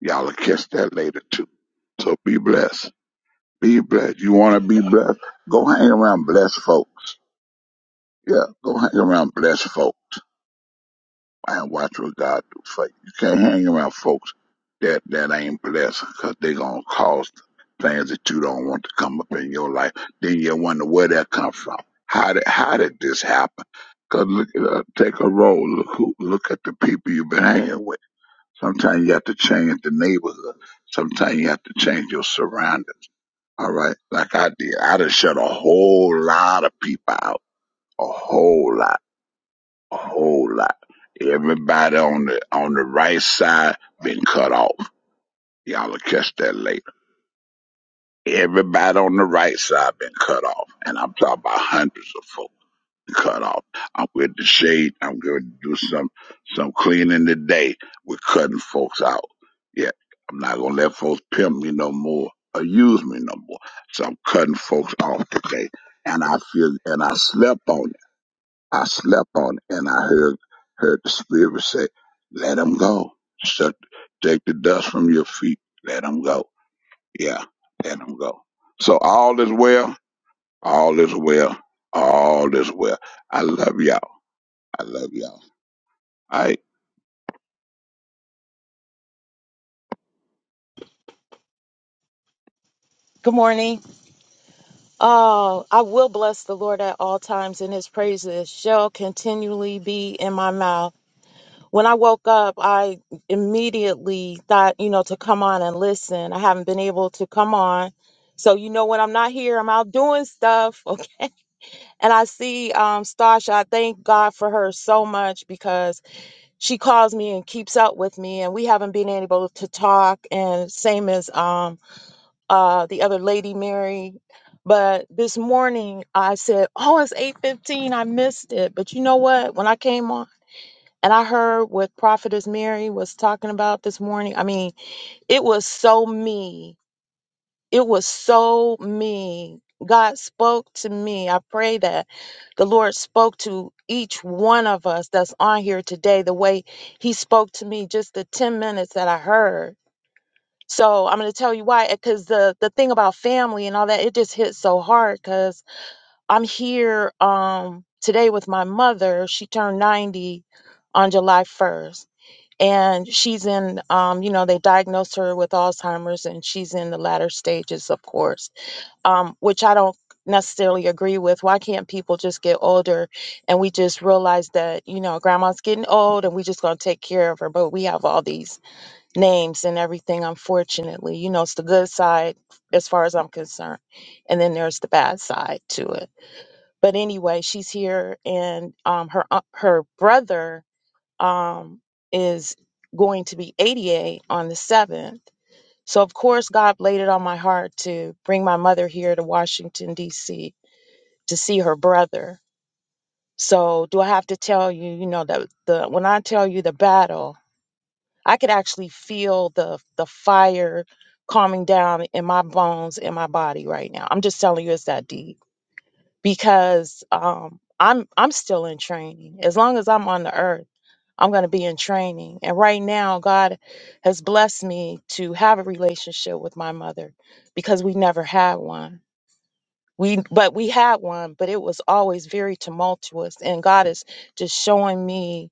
[SPEAKER 9] Y'all will catch that later too. So be blessed. Be blessed. You want to be blessed? Go hang around blessed folks. Yeah, go hang around blessed folks and watch what God do for you. You can't hang around folks that that ain't blessed because they gonna cause things that you don't want to come up in your life. Then you wonder where that come from. How did how did this happen? Cause look, uh, take a roll. Look who, look at the people you've been hanging with. Sometimes you have to change the neighborhood. Sometimes you have to change your surroundings. All right. Like I did. I done shut a whole lot of people out. A whole lot. A whole lot. Everybody on the on the right side been cut off. Y'all will catch that later. Everybody on the right side been cut off. And I'm talking about hundreds of folks. cut off. I'm with the shade. I'm going to do some some cleaning today. We're cutting folks out. Yeah, I'm not going to let folks pimp me no more or use me no more. So I'm cutting folks off today. And I feel and I slept on it. I slept on it, and I heard heard the spirit say, "Let them go. Shut, take the dust from your feet. Let them go. Yeah, let them go." So all is well. All is well. All is well. I love y'all. I love y'all. All right.
[SPEAKER 11] Good morning. Uh, I will bless the Lord at all times, and his praises shall continually be in my mouth. When I woke up, I immediately thought, you know, to come on and listen. I haven't been able to come on. So, you know, when I'm not here, I'm out doing stuff. *laughs* Okay. And I see um, Stasha. I thank God for her so much because she calls me and keeps up with me. And we haven't been able to talk. And same as um, uh, the other lady, Mary. But this morning I said, "Oh, it's 8:15. I missed it." But you know what? When I came on and I heard what Prophetess Mary was talking about this morning, I mean, it was so me. It was so me. God spoke to me. I pray that the Lord spoke to each one of us that's on here today the way He spoke to me just the 10 minutes that I heard. So I'm going to tell you why, because the the thing about family and all that, it just hits so hard. Because I'm here um today with my mother. She turned 90 on July 1st, and she's in um you know they diagnosed her with Alzheimer's, and she's in the latter stages, of course, um which I don't necessarily agree with. Why can't people just get older and we just realize that you know grandma's getting old and we just going to take care of her? But we have all these names and everything, unfortunately. You know, it's the good side as far as I'm concerned. And then there's the bad side to it. But anyway, she's here and um her un- her brother um is going to be 88 on the 7th. So of course God laid it on my heart to bring my mother here to Washington DC to see her brother. So do I have to tell you, you know, that the when I tell you the battle I could actually feel the the fire calming down in my bones in my body right now. I'm just telling you it's that deep because um I'm I'm still in training. As long as I'm on the earth, I'm going to be in training. And right now God has blessed me to have a relationship with my mother because we never had one. We but we had one, but it was always very tumultuous and God is just showing me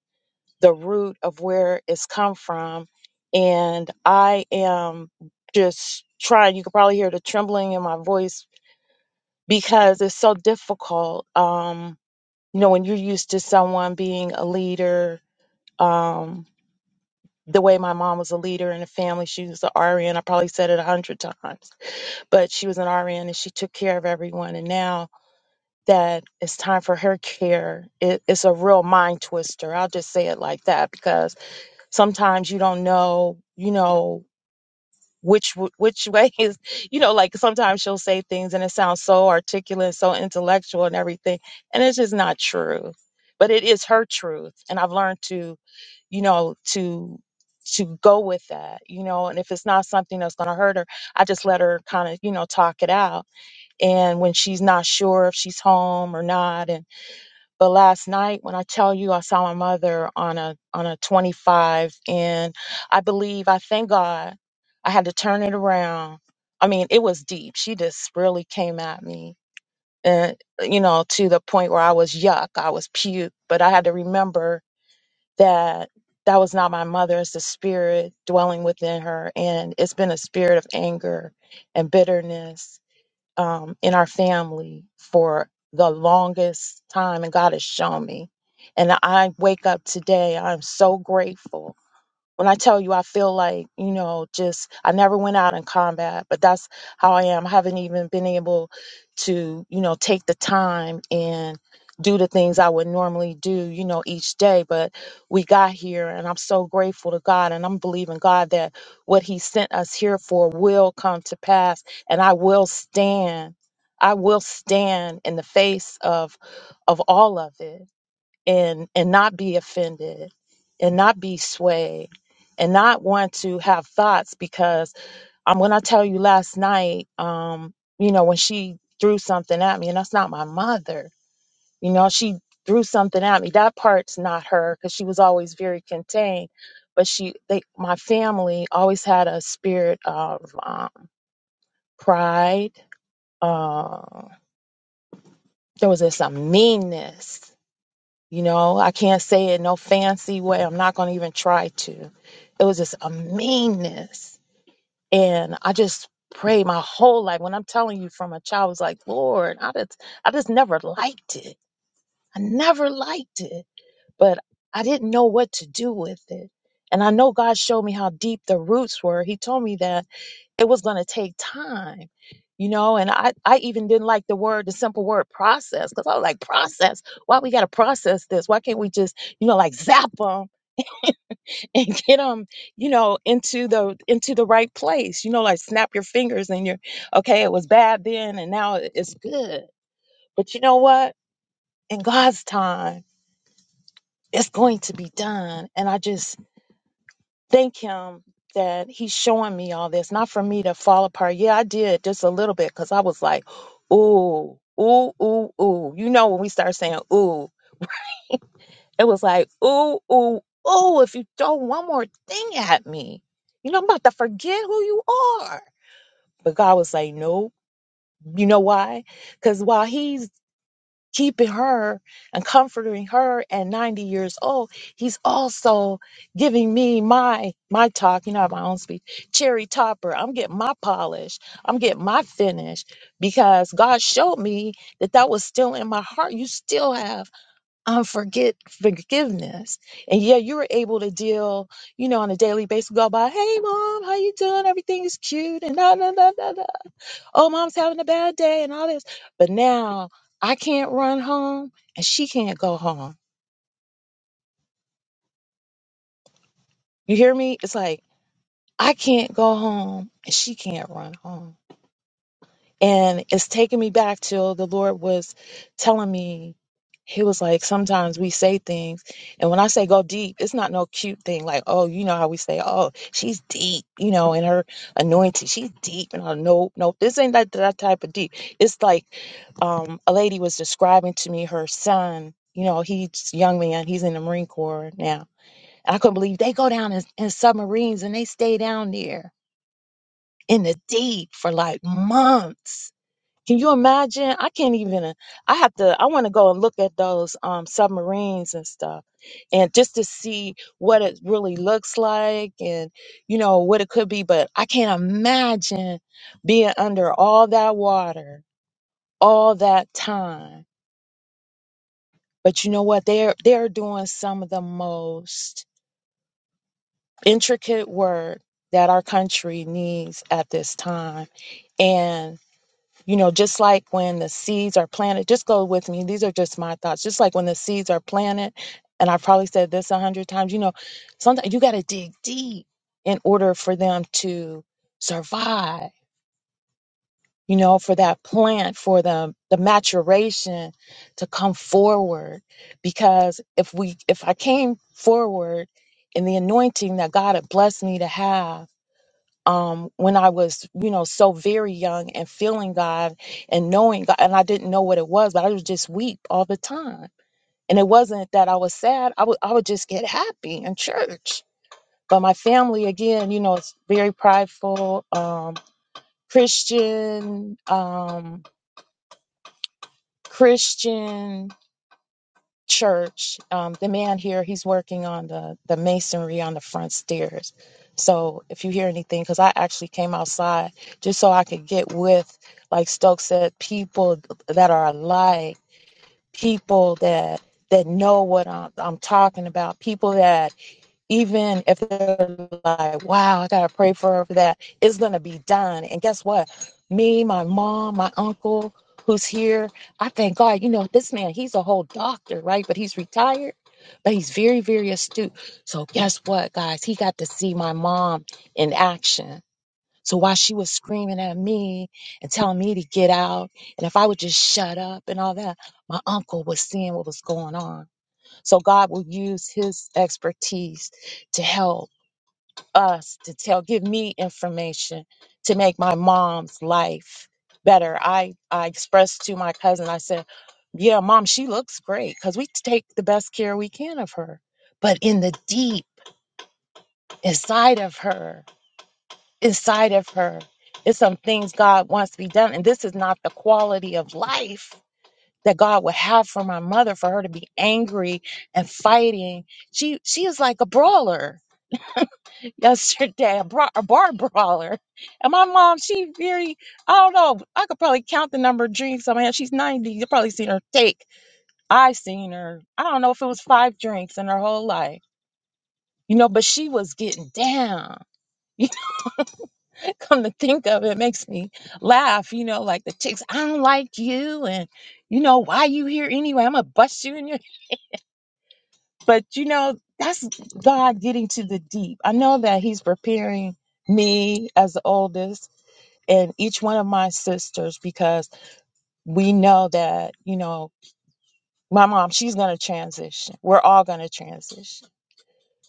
[SPEAKER 11] the root of where it's come from. And I am just trying, you can probably hear the trembling in my voice because it's so difficult. Um, you know, when you're used to someone being a leader, um, the way my mom was a leader in the family, she was an RN. I probably said it a hundred times, but she was an RN and she took care of everyone. And now that it's time for her care, it, it's a real mind twister. I'll just say it like that because sometimes you don't know, you know, which w- which *laughs* way is, you know, like sometimes she'll say things and it sounds so articulate, so intellectual and everything, and it's just not true. But it is her truth, and I've learned to, you know, to to go with that, you know, and if it's not something that's going to hurt her, I just let her kind of, you know, talk it out. And when she's not sure if she's home or not but last night, when I tell you I saw my mother on a on a 25, and I believe I thank God I had to turn it around. I mean, it was deep. She just really came at me, and you know, to the point where I was yuck, I was puke. But I had to remember that that was not my mother. It's the spirit dwelling within her, and it's been a spirit of anger and bitterness um, in our family for the longest time, and God has shown me. And I wake up today, I'm so grateful when I tell you, I feel like, you know, just I never went out in combat, but that's how I am. I haven't even been able to, you know, take the time and do the things I would normally do, you know, each day. But we got here and I'm so grateful to God and I'm believing God that what He sent us here for will come to pass and I will stand. I will stand in the face of of all of it and and not be offended and not be swayed and not want to have thoughts because um when I tell you last night um you know when she threw something at me and that's not my mother you know she threw something at me that part's not her cuz she was always very contained but she they my family always had a spirit of um, pride uh, there was this um, meanness You know, I can't say it no fancy way. I'm not going to even try to. It was just a meanness. And I just prayed my whole life. When I'm telling you from a child, I was like, Lord, I just, I just never liked it. I never liked it, but I didn't know what to do with it. And I know God showed me how deep the roots were. He told me that it was going to take time you know and i i even didn't like the word the simple word process because i was like process why we got to process this why can't we just you know like zap them *laughs* and get them you know into the into the right place you know like snap your fingers and you're okay it was bad then and now it- it's good but you know what in god's time it's going to be done and i just thank him that he's showing me all this, not for me to fall apart. Yeah, I did just a little bit because I was like, ooh, ooh, ooh, ooh. You know, when we start saying ooh, it was like, ooh, ooh, ooh, if you throw one more thing at me, you know, I'm about to forget who you are. But God was like, nope. You know why? Because while he's keeping her and comforting her at 90 years old he's also giving me my my talk you know I have my own speech cherry topper i'm getting my polish i'm getting my finish because god showed me that that was still in my heart you still have unforget forgiveness and yeah you were able to deal you know on a daily basis go by hey mom how you doing everything is cute and da, da, da, da, da." oh, mom's having a bad day and all this. But now I can't run home and she can't go home. You hear me? It's like, I can't go home and she can't run home And it's taking me back till the Lord was telling me, He was like, sometimes we say things. And when I say go deep, it's not no cute thing like, oh, you know how we say, oh, she's deep, you know, in her anointing. She's deep. And I no, no, this ain't that, that type of deep. It's like um, a lady was describing to me her son. You know, he's a young man. He's in the Marine Corps now. And I couldn't believe they go down in, in submarines and they stay down there in the deep for like months can you imagine? I can't even. I have to. I want to go and look at those um, submarines and stuff, and just to see what it really looks like, and you know what it could be. But I can't imagine being under all that water all that time. But you know what? They're they're doing some of the most intricate work that our country needs at this time, and. You know, just like when the seeds are planted, just go with me. These are just my thoughts. Just like when the seeds are planted, and I've probably said this a hundred times, you know, sometimes you got to dig deep in order for them to survive, you know, for that plant, for the, the maturation to come forward. Because if we, if I came forward in the anointing that God had blessed me to have, um, when I was, you know, so very young and feeling God and knowing God, and I didn't know what it was, but I would just weep all the time. And it wasn't that I was sad; I would, I would just get happy in church. But my family, again, you know, it's very prideful, um, Christian, um, Christian. church. Um, the man here, he's working on the, the masonry on the front stairs. So if you hear anything, because I actually came outside just so I could get with, like Stokes said, people that are alike, people that that know what I'm, I'm talking about, people that even if they're like, wow, I gotta pray for her for that, it's gonna be done. And guess what? Me, my mom, my uncle who's here, I thank God, you know, this man, he's a whole doctor, right? But he's retired, but he's very, very astute. So guess what, guys? He got to see my mom in action. So while she was screaming at me and telling me to get out, and if I would just shut up and all that, my uncle was seeing what was going on. So God will use his expertise to help us to tell, give me information to make my mom's life better. I, I expressed to my cousin, I said, yeah, mom, she looks great because we take the best care we can of her. But in the deep inside of her, inside of her, is some things God wants to be done. And this is not the quality of life that God would have for my mother for her to be angry and fighting. She she is like a brawler *laughs* yesterday, a, bra- a bar brawler. And my mom, she very I don't know. I could probably count the number of drinks I mean, she's 90. You probably seen her take. I seen her. I don't know if it was five drinks in her whole life. You know, but she was getting down. *laughs* Come to think of it, makes me laugh. You know, like the chicks, I don't like you, and you know why you here anyway. I'm gonna bust you in your But you know, that's God getting to the deep. I know that He's preparing me as the oldest and each one of my sisters because we know that, you know, my mom, she's going to transition. We're all going to transition.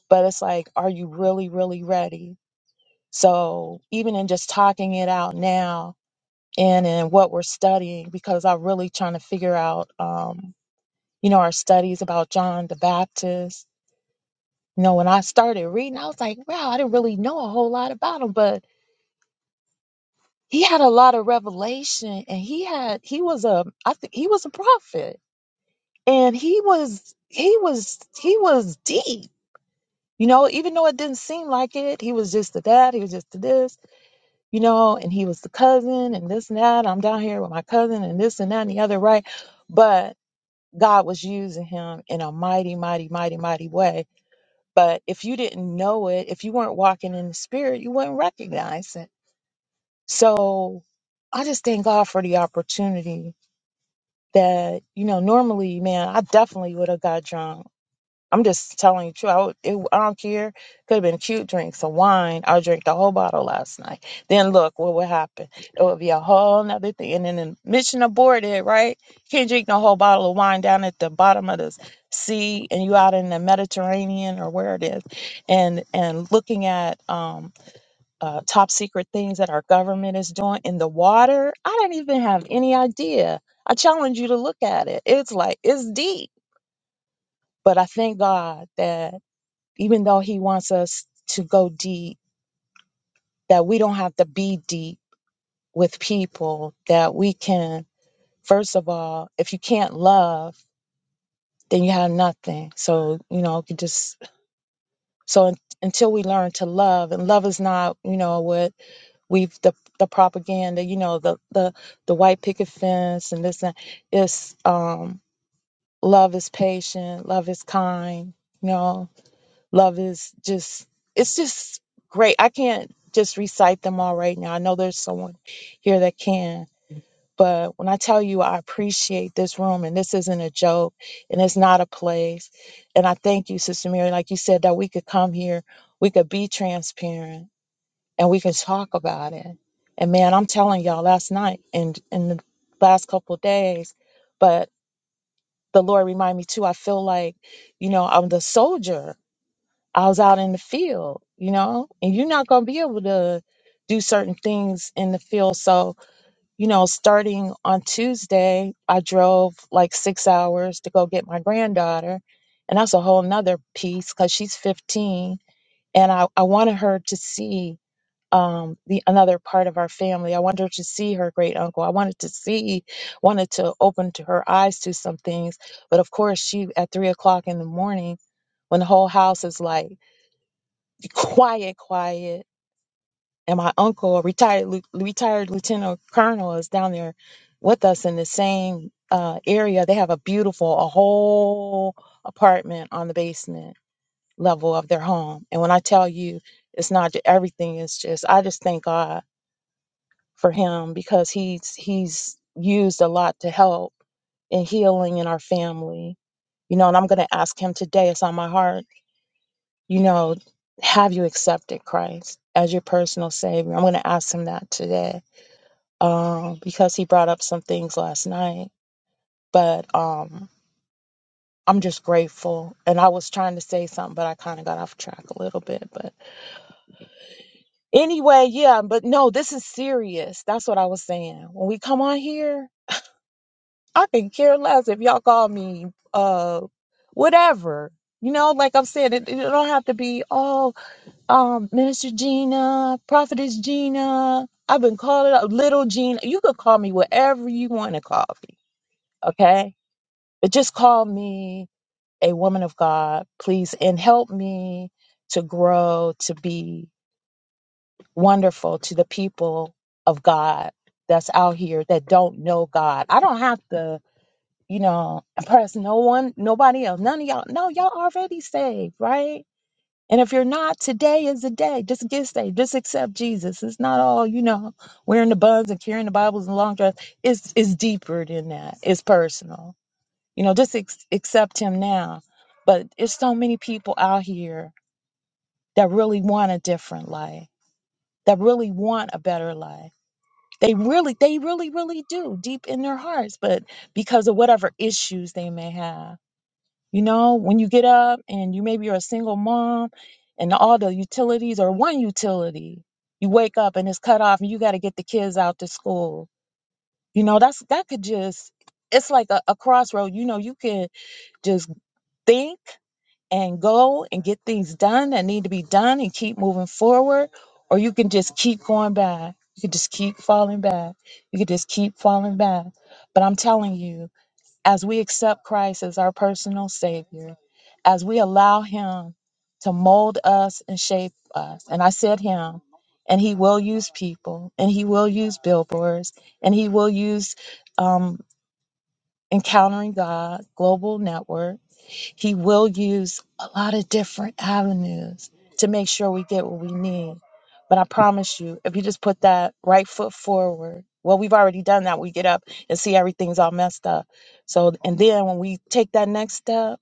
[SPEAKER 11] But it's like, are you really, really ready? So even in just talking it out now and in what we're studying, because I'm really trying to figure out, um, you know, our studies about John the Baptist You know, when I started reading, I was like, wow, I didn't really know a whole lot about him, but he had a lot of revelation and he had he was a I think he was a prophet. And he was he was he was deep. You know, even though it didn't seem like it, he was just the dad, he was just the this, you know, and he was the cousin and this and that. I'm down here with my cousin and this and that and the other, right? But God was using him in a mighty, mighty, mighty, mighty way But if you didn't know it, if you weren't walking in the spirit, you wouldn't recognize it. So I just thank God for the opportunity that, you know, normally, man, I definitely would have got drunk I'm just telling you the truth. I, would, it, I don't care. Could have been cute drinks of wine. I drank the whole bottle last night. Then look what would happen. It would be a whole nother thing. And then the mission aborted, right? Can't drink the whole bottle of wine down at the bottom of the s- sea and you out in the Mediterranean or where it is and and looking at um uh, top secret things that our government is doing in the water. I didn't even have any idea. I challenge you to look at it. It's like it's deep. But I thank God that even though he wants us to go deep, that we don't have to be deep with people, that we can, first of all, if you can't love, then you have nothing. So, you know, you just, so un- until we learn to love, and love is not, you know, what we've, the, the propaganda, you know, the, the, the white picket fence and this and it's, um, love is patient, love is kind, you know, love is just it's just great i can't just recite them all right now i know there's someone here that can but when i tell you i appreciate this room and this isn't a joke and it's not a place and i thank you sister mary like you said that we could come here we could be transparent and we can talk about it and man i'm telling y'all last night and in the last couple of days but the lord reminded me too i feel like you know i'm the soldier I was out in the field, you know, and you're not going to be able to do certain things in the field. So, you know, starting on Tuesday, I drove like six hours to go get my granddaughter. And that's a whole nother piece because she's 15. And I, I wanted her to see um, the another part of our family. I wanted her to see her great uncle. I wanted to see, wanted to open to her eyes to some things. But of course, she at three o'clock in the morning, when the whole house is like quiet, quiet. And my uncle, a retired lieu- retired lieutenant colonel, is down there with us in the same uh, area. They have a beautiful, a whole apartment on the basement level of their home. And when I tell you, it's not ju- everything. It's just I just thank God for him because he's he's used a lot to help in healing in our family. You know, and I'm going to ask him today. It's on my heart you know, have you accepted Christ as your personal savior? I'm going to ask him that today um, because he brought up some things last night. But um, I'm just grateful. And I was trying to say something, but I kind of got off track a little bit. But anyway, yeah, but no, this is serious. That's what I was saying. When we come on here, I can care less if y'all call me uh, whatever. You know, like I'm saying, it, it don't have to be, oh, um, Minister Gina, Prophetess Gina. I've been calling up Little Gina. You could call me whatever you want to call me, okay? But just call me a woman of God, please, and help me to grow to be wonderful to the people of God that's out here that don't know God. I don't have to, you know, impress no one, nobody else, none of y'all. No, y'all already saved, right? And if you're not, today is the day. Just get saved. Just accept Jesus. It's not all, you know, wearing the buns and carrying the Bibles and long dress. It's it's deeper than that. It's personal. You know, just ex- accept him now. But it's so many people out here that really want a different life, that really want a better life. They really, they really, really do deep in their hearts, but because of whatever issues they may have you know, when you get up and you maybe you're a single mom and all the utilities or one utility, you wake up and it's cut off and you got to get the kids out to school. You know, that's that could just it's like a, a crossroad. You know, you can just think and go and get things done that need to be done and keep moving forward, or you can just keep going back. You can just keep falling back. You can just keep falling back. But I'm telling you, as we accept Christ as our personal Savior, as we allow Him to mold us and shape us. And I said Him, and He will use people, and He will use billboards, and He will use um, Encountering God Global Network he will use a lot of different avenues to make sure we get what we need. But I promise you, if you just put that right foot forward, well, we've already done that. We get up and see everything's all messed up. So, and then when we take that next step,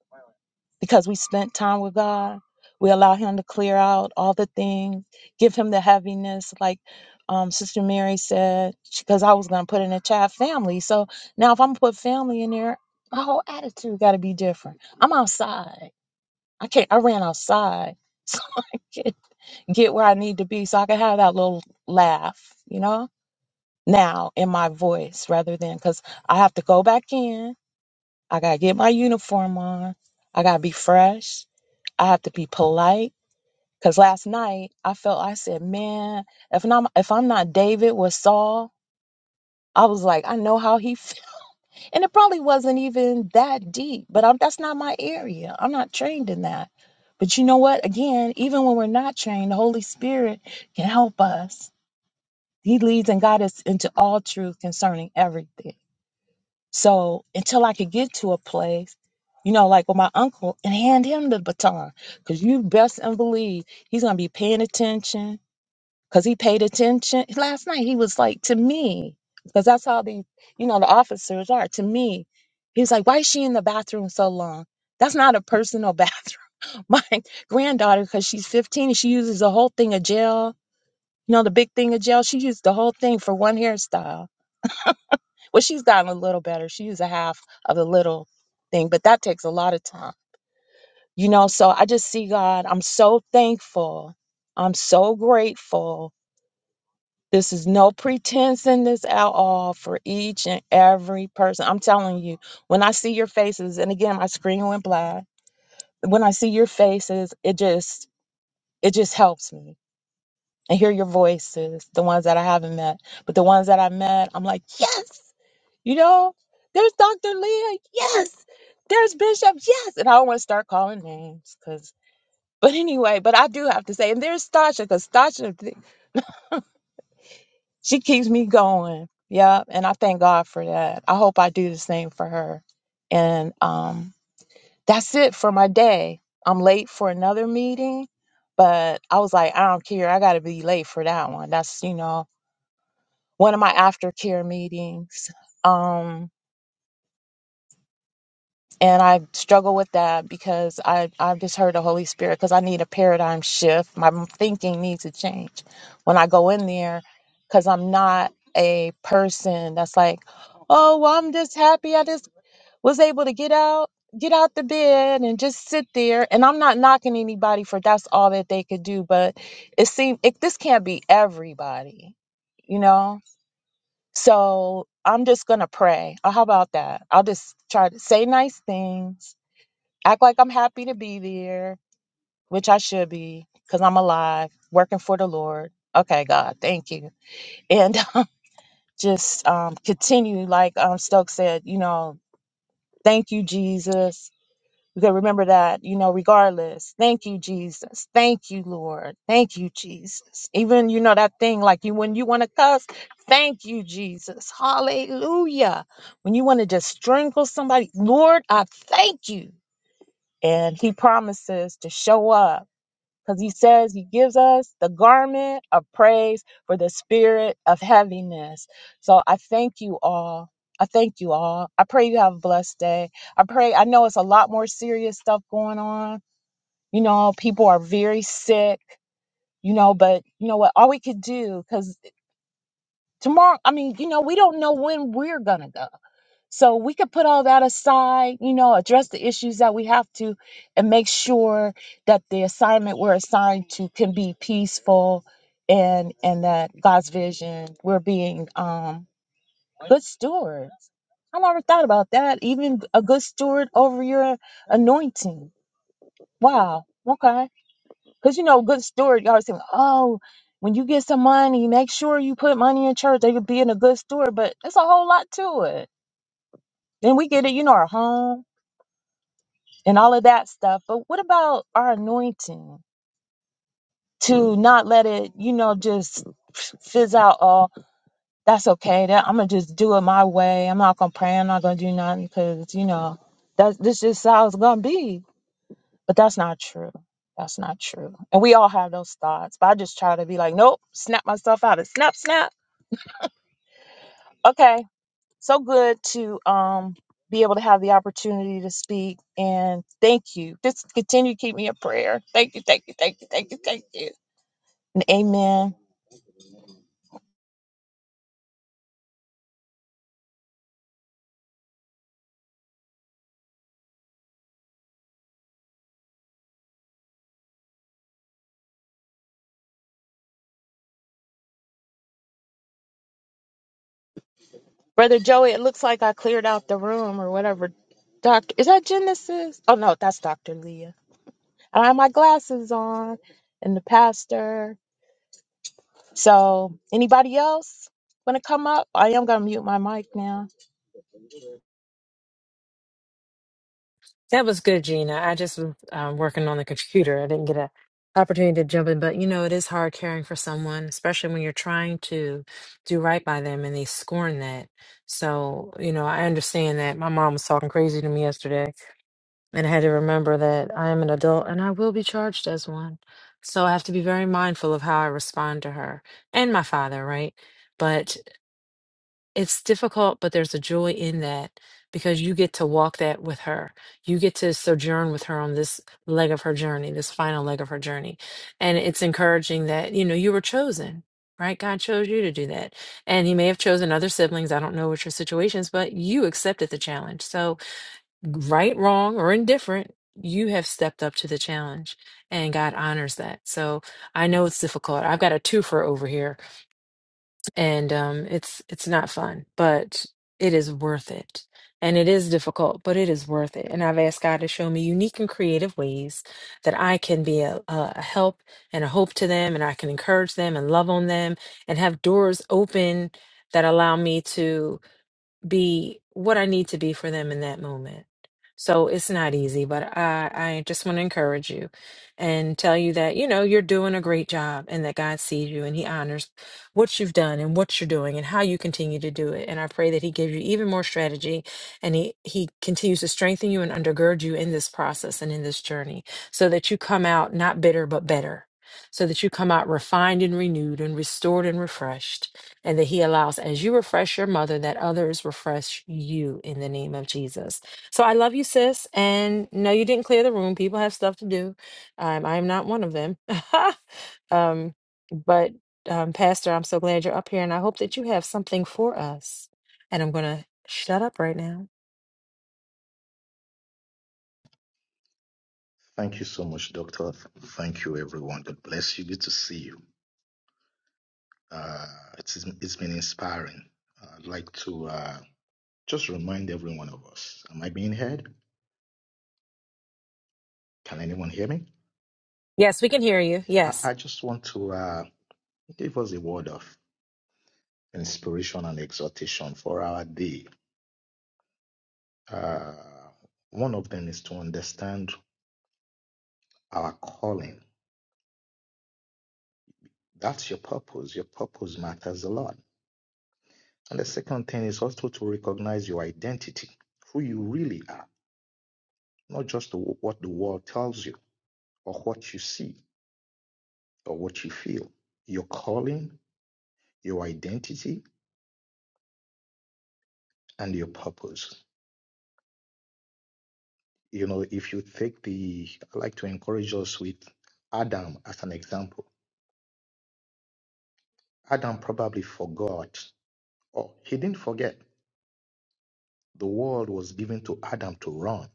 [SPEAKER 11] because we spent time with God. We allow Him to clear out all the things, give Him the heaviness, like um, Sister Mary said, because I was going to put in a chat family. So now if I'm gonna put family in there, my whole attitude got to be different. I'm outside. I can't, I ran outside *laughs* so I can get where I need to be so I can have that little laugh, you know, now in my voice rather than because I have to go back in. I got to get my uniform on. I got to be fresh. I have to be polite because last night I felt I said, man, if I'm if I'm not David with Saul, I was like, I know how he, f-. *laughs* and it probably wasn't even that deep, but I'm, that's not my area. I'm not trained in that. But you know what? Again, even when we're not trained, the Holy Spirit can help us. He leads and guides us into all truth concerning everything. So until I could get to a place, you know, like with my uncle and hand him the baton, because you best and believe he's gonna be paying attention. Cause he paid attention last night. He was like to me, because that's how the you know the officers are to me. He was like, "Why is she in the bathroom so long? That's not a personal *laughs* bathroom." My granddaughter, because she's 15, and she uses the whole thing of gel. You know, the big thing of gel. She used the whole thing for one hairstyle well, she's gotten a little better. She used a half of the little thing, but that takes a lot of time. You know, so I just see God. I'm so thankful. I'm so grateful. This is no pretense in this at all for each and every person. I'm telling you, when I see your faces, and again, my screen went black. When I see your faces, it just it just helps me and hear your voices, the ones that I haven't met. But the ones that I met, I'm like, yes, you know, there's Dr. Leah, yes, there's Bishop, yes. And I don't want to start calling names because, but anyway, but I do have to say, and there's Stasha because Stasha, th- she keeps me going. Yeah. And I thank God for that. I hope I do the same for her. And um, that's it for my day. I'm late for another meeting, but I was like, I don't care. I got to be late for that one. That's, you know, one of my aftercare meetings. Um, and I struggle with that because I, I've just heard the Holy Spirit because I need a paradigm shift. My thinking needs to change when I go in there because I'm not a person that's like, oh, well, I'm just happy I just was able to get out. Get out the bed and just sit there. And I'm not knocking anybody for that's all that they could do, but it seems it, this can't be everybody, you know So I'm just gonna pray. Or how about that? I'll just try to say nice things, act like I'm happy to be there, which I should be, because I'm alive, working for the Lord. Okay, God, thank you. And *laughs* just um, continue, like um, Stokes said, you know, thank you, Jesus. We can remember that, you know, regardless. Thank you, Jesus. Thank you, Lord. Thank you, Jesus. Even, you know, that thing like you when you want to cuss, thank you, Jesus. Hallelujah. When you want to just strangle somebody, Lord, I thank you. And he promises to show up because he says he gives us the garment of praise for the spirit of heaviness. So I thank you all. I thank you all. I pray you have a blessed day. I pray, I know it's a lot more serious stuff going on. You know, people are very sick, you know, but you know what? All we could do, because tomorrow, I mean, you know, we don't know when we're going to go. So we could put all that aside, you know, address the issues that we have to, and make sure that the assignment we're assigned to can be peaceful, and and that God's vision. We're being um, good stewards. I never thought about that. Even a good steward over your anointing. Wow. Okay. Because you know, good steward, you always think, oh, when you get some money, make sure you put money in church. They could be in a good steward, but it's a whole lot to it. Then we get it, you know, our home and all of that stuff. But what about our anointing to not let it, you know, just fizz out? Oh, that's okay. That I'm gonna just do it my way. I'm not gonna pray. I'm not gonna do nothing because you know that's this just how it's gonna be. But that's not true. That's not true. And we all have those thoughts. But I just try to be like, nope, snap myself out of snap, snap. Okay, so good to um be able to have the opportunity to speak and thank you. Just continue to keep me in prayer. Thank you, thank you, thank you, thank you, thank you. And amen. Brother Joey, it looks like I cleared out the room or whatever. Doctor, is that Genesis? Oh no, that's Doctor Leah. I have my glasses on, and the pastor. So, anybody else want to come up? I am gonna mute my mic now.
[SPEAKER 6] That was good, Gina. I just was um, working on the computer. I didn't get an opportunity to jump in, but you know, it is hard caring for someone, especially when you're trying to do right by them and they scorn that. So, you know, I understand that my mom was talking crazy to me yesterday, and I had to remember that I am an adult and I will be charged as one. So I have to be very mindful of how I respond to her and my father, right? but it's difficult, but there's a joy in that because you get to walk that with her. You get to sojourn with her on this leg of her journey, this final leg of her journey. And it's encouraging that, you know, you were chosen, right? God chose you to do that. And He may have chosen other siblings. I don't know what your situation is, but you accepted the challenge. So, right, wrong, or indifferent, you have stepped up to the challenge and God honors that. So, I know it's difficult. I've got a twofer over here and um, it's it's not fun, but it is worth it. And it is difficult, but it is worth it. And I've asked God to show me unique and creative ways that I can be a, a a help and a hope to them, and I can encourage them and love on them, and have doors open that allow me to be what I need to be for them in that moment. So it's not easy, but I, I just want to encourage you and tell you that, you know, you're doing a great job and that God sees you and He honors what you've done and what you're doing and how you continue to do it. And I pray that He gives you even more strategy and He, he continues to strengthen you and undergird you in this process and in this journey so that you come out not bitter, but better, so that you come out refined and renewed and restored and refreshed and that He allows as you refresh your mother, that others refresh you in the name of Jesus. So I love you, sis. And no, you didn't clear the room. People have stuff to do. Um, I am not one of them. *laughs* um, but um, Pastor, I'm so glad you're up here, and I hope that you have something for us. And I'm gonna shut up right now.
[SPEAKER 12] Thank you so much, Doctor. Thank you, everyone. God bless you. Good to see you. Uh, it's, it's been inspiring. I'd like to uh, just remind every one of us Am I being heard? Can anyone hear me?
[SPEAKER 6] Yes, we can hear you.
[SPEAKER 12] I,
[SPEAKER 6] Yes.
[SPEAKER 12] I just want to uh, give us a word of inspiration and exhortation for our day. Uh, one of them is to understand our calling. That's your purpose. Your purpose matters a lot. And the second thing is also to recognize your identity, who you really are not just the, what the world tells you or what you see or what you feel, your calling, your identity, and your purpose. You know, if you take the, I like to encourage us with Adam as an example. Adam probably forgot, or he didn't forget. The world was given to Adam to run.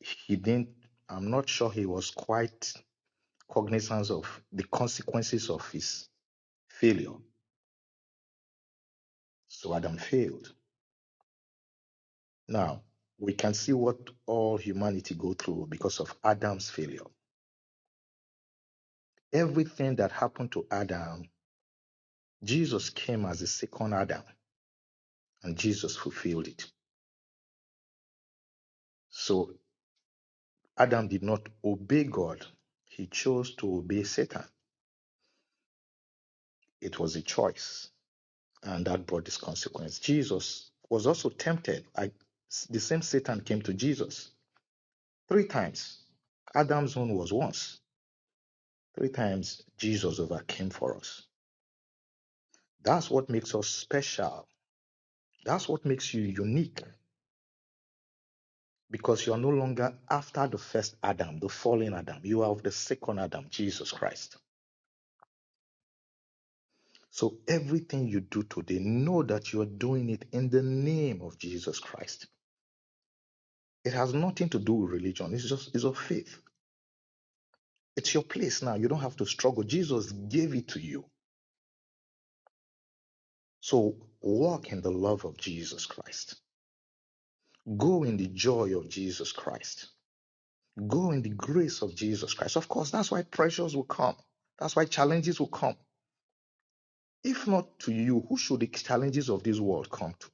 [SPEAKER 12] He didn't, I'm not sure he was quite cognizant of the consequences of his failure. So Adam failed Now, we can see what all humanity go through because of Adam's failure. Everything that happened to Adam, Jesus came as the second Adam and Jesus fulfilled it. So Adam did not obey God. He chose to obey Satan. It was a choice and that brought this consequence. Jesus was also tempted. I, the same Satan came to Jesus three times. Adam's own was once. Three times Jesus overcame for us. That's what makes us special. That's what makes you unique because you are no longer after the first Adam, the fallen Adam. You are of the second Adam, Jesus Christ. So everything you do today, know that you are doing it in the name of Jesus Christ. It has nothing to do with religion. It's just it's of faith. It's your place now. You don't have to struggle. Jesus gave it to you. So walk in the love of Jesus Christ. Go in the joy of Jesus Christ Go in the grace of Jesus Christ. Of course, that's why pressures will come. That's why challenges will come. If not to you, who should the challenges of this world come to?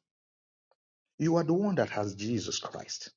[SPEAKER 12] You are the one that has Jesus Christ.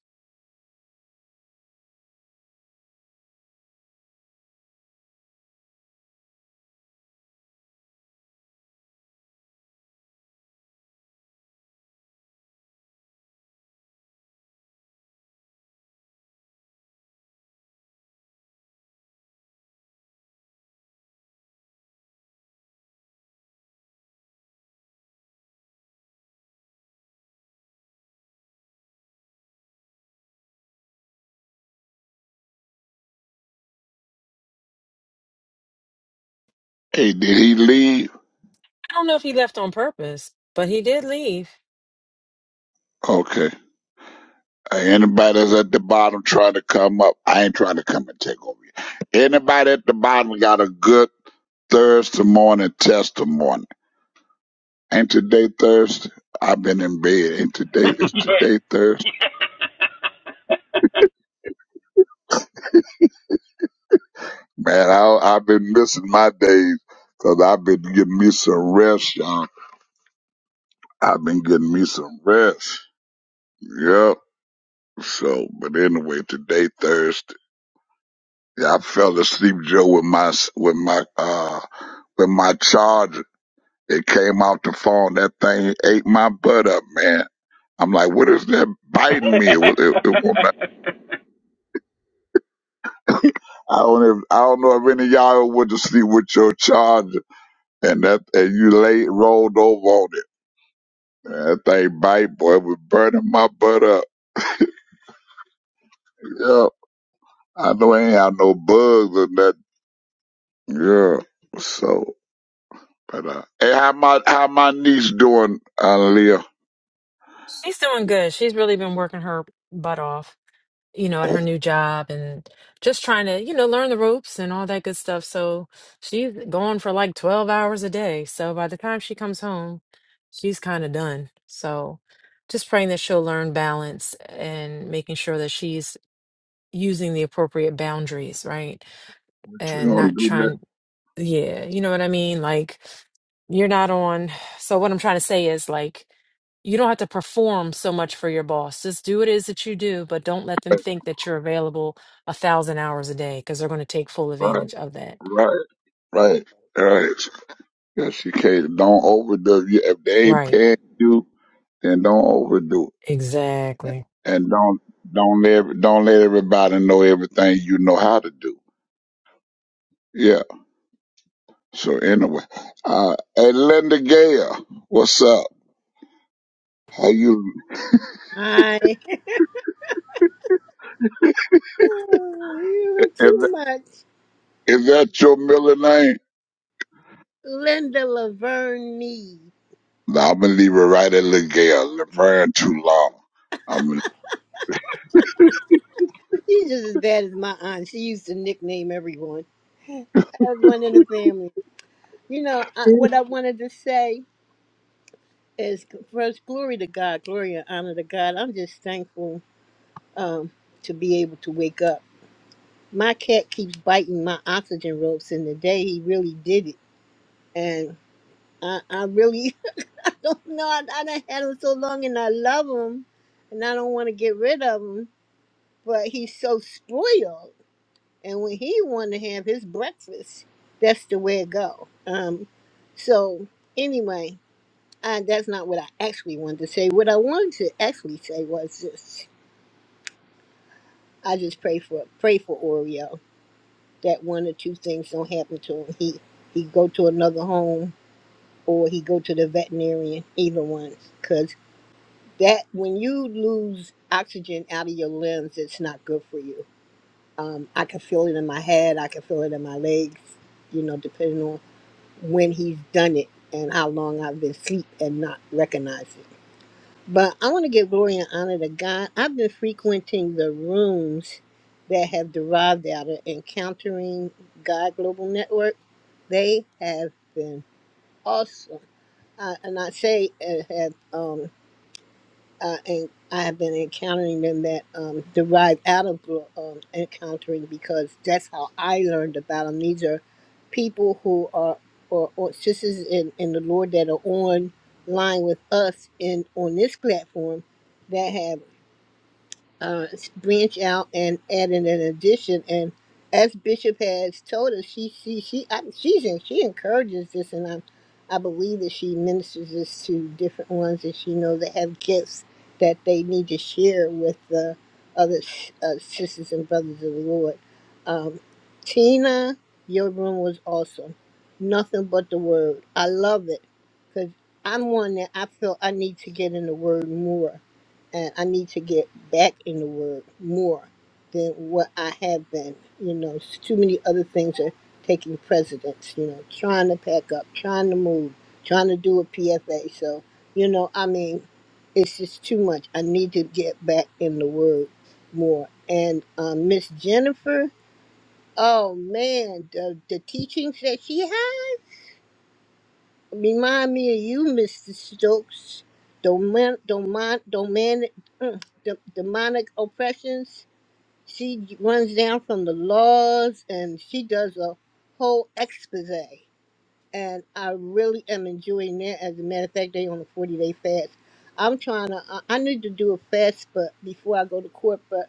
[SPEAKER 9] Hey, did he leave?
[SPEAKER 6] I don't know if he left on purpose, but he did leave.
[SPEAKER 9] Okay. Hey, anybody that's at the bottom trying to come up, I ain't trying to come and take over. you. Anybody at the bottom got a good Thursday morning testimony? Ain't today Thursday? I've been in bed. Ain't today? It's today Thursday. Man, I, I've been missing my days because 'cause I've been getting me some rest, y'all. I've been getting me some rest. Yep. So, but anyway, today Thursday. Yeah, I fell asleep, Joe, with my with my uh with my charger. It came out the phone. That thing ate my butt up, man. I'm like, what is that biting me? It, was- it, it won't-
[SPEAKER 10] *laughs*
[SPEAKER 9] I don't. If, I don't know if any of y'all went to sleep with your charger and that and you lay rolled over on it. Man, That thing bite, boy, it was burning my butt up. Yeah, I know I ain't have no bugs or nothing. Yeah, so. But uh, hey, how my how my niece doing, uh, Leah?
[SPEAKER 6] She's doing good. She's really been working her butt off you know, at her new job and just trying to, you know, learn the ropes and all that good stuff. So she's gone for like 12 hours a day. So by the time she comes home, she's kind of done. So just praying that she'll learn balance and making sure that she's using the appropriate boundaries, right?
[SPEAKER 9] She
[SPEAKER 6] And
[SPEAKER 9] gonna
[SPEAKER 6] not
[SPEAKER 9] do
[SPEAKER 6] trying
[SPEAKER 9] that.
[SPEAKER 6] yeah, you know what I mean? Like you're not on. So what I'm trying to say is like you don't have to perform so much for your boss. Just do what it is that you do, but don't let them think that you're available a thousand hours a day because they're going to take full
[SPEAKER 9] Right,
[SPEAKER 6] advantage of that.
[SPEAKER 9] right, right, right. Yes, you can't. Don't overdo. it. Yeah, If they ain't
[SPEAKER 6] Right.
[SPEAKER 9] paying you, then don't overdo
[SPEAKER 6] Exactly.
[SPEAKER 9] it, and don't don't let don't let everybody know everything you know how to do. Yeah. So anyway, uh, hey Linda Gale, what's up? How you?
[SPEAKER 13] I oh, you are
[SPEAKER 9] Is,
[SPEAKER 13] too much.
[SPEAKER 9] is that your middle name?
[SPEAKER 13] Linda Laverne Mead.
[SPEAKER 9] No, I'm gonna leave it right at Linda Gale. It ran too long. I'm. going
[SPEAKER 13] She's just as bad as my aunt. She used to nickname everyone. everyone in the family. You know, I, what I wanted to say is first, glory to God, glory and honor to God. I'm just thankful um, to be able to wake up. My cat keeps biting my oxygen ropes, and the day he really did it. And I, I really *laughs* *laughs* don't know. I, I done had him so long, and I love him, and I don't want to get rid of him. But he's so spoiled, and when he want to have his breakfast, that's the way it go. Um, so anyway, I, that's not what I actually wanted to say. What I wanted to actually say was this: I just pray for pray for Oreo that one or two things don't happen to him. He he go to another home or he go to the veterinarian. Either one, 'cause that when you lose oxygen out of your limbs, it's not good for you. Um, I can feel it in my head. I can feel it in my legs. You know, depending on when he's done it and how long I've been asleep and not recognize it. But I want to give glory and honor to God. I've been frequenting the rooms that have derived out of encountering God Global Network. They have been awesome. I, and I say uh, have um, uh, and I have been encountering them that um, derive out of gro- um, encountering because that's how I learned about them. These are people who are or, or sisters in, in the Lord that are online with us in on this platform uh, branch out and add in an addition. And as Bishop has told us, she she she I, she's in, she encourages this, and I I believe that she ministers this to different ones that she knows that have gifts that they need to share with the other s- uh, sisters and brothers of the Lord. Um, Tina, your room was awesome. Nothing but the word. I love it because I'm one that I feel I need to get in the word more and I need to get back in the Word more than what I have been. You know, s- too many other things are taking precedence. You know, trying to pack up, trying to move, trying to do a PFA. So, you know, I mean, it's just too much. I need to get back in the Word more. And um, Miss Jennifer, oh man, the the teachings that she had. Remind me of you, Mr. Stokes. Domon, domon, domin, mm, de- demonic oppressions. She runs down from the laws and she does a whole expose and I really am enjoying that. As a matter of fact, they on a forty day fast. I'm trying to. I I need to do a fast, but before I go to court, but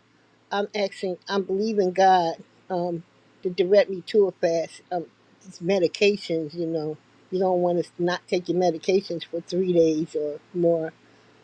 [SPEAKER 13] I'm asking. I'm believing God um, to direct me to a fast. Um, it's medications, you know. You don't want to not take your medications for three days or more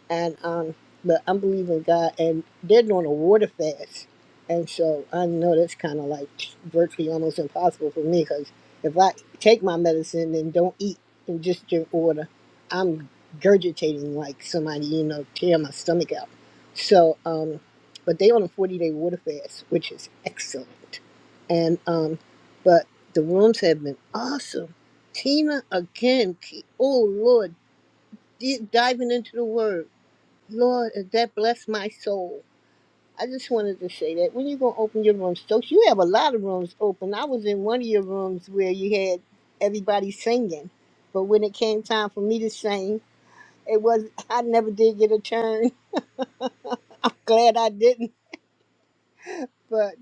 [SPEAKER 13] and um, but I'm believing God, and they're doing a water fast, and so I know that's kind of like virtually almost impossible for me because if I take my medicine and don't eat and just drink water, I'm gurgitating like somebody you know tear my stomach out. So, um, but they on a 40 day water fast, which is excellent, and um, but the rooms have been awesome. Tina again, ke- oh Lord, di- diving into the word. Lord, if that bless my soul. I just wanted to say that. When you gonna open your rooms, Stokes? You have a lot of rooms open. I was in one of your rooms where you had everybody singing, but when it came time for me to sing, it was I never did get a turn. *laughs* Glad I didn't. but.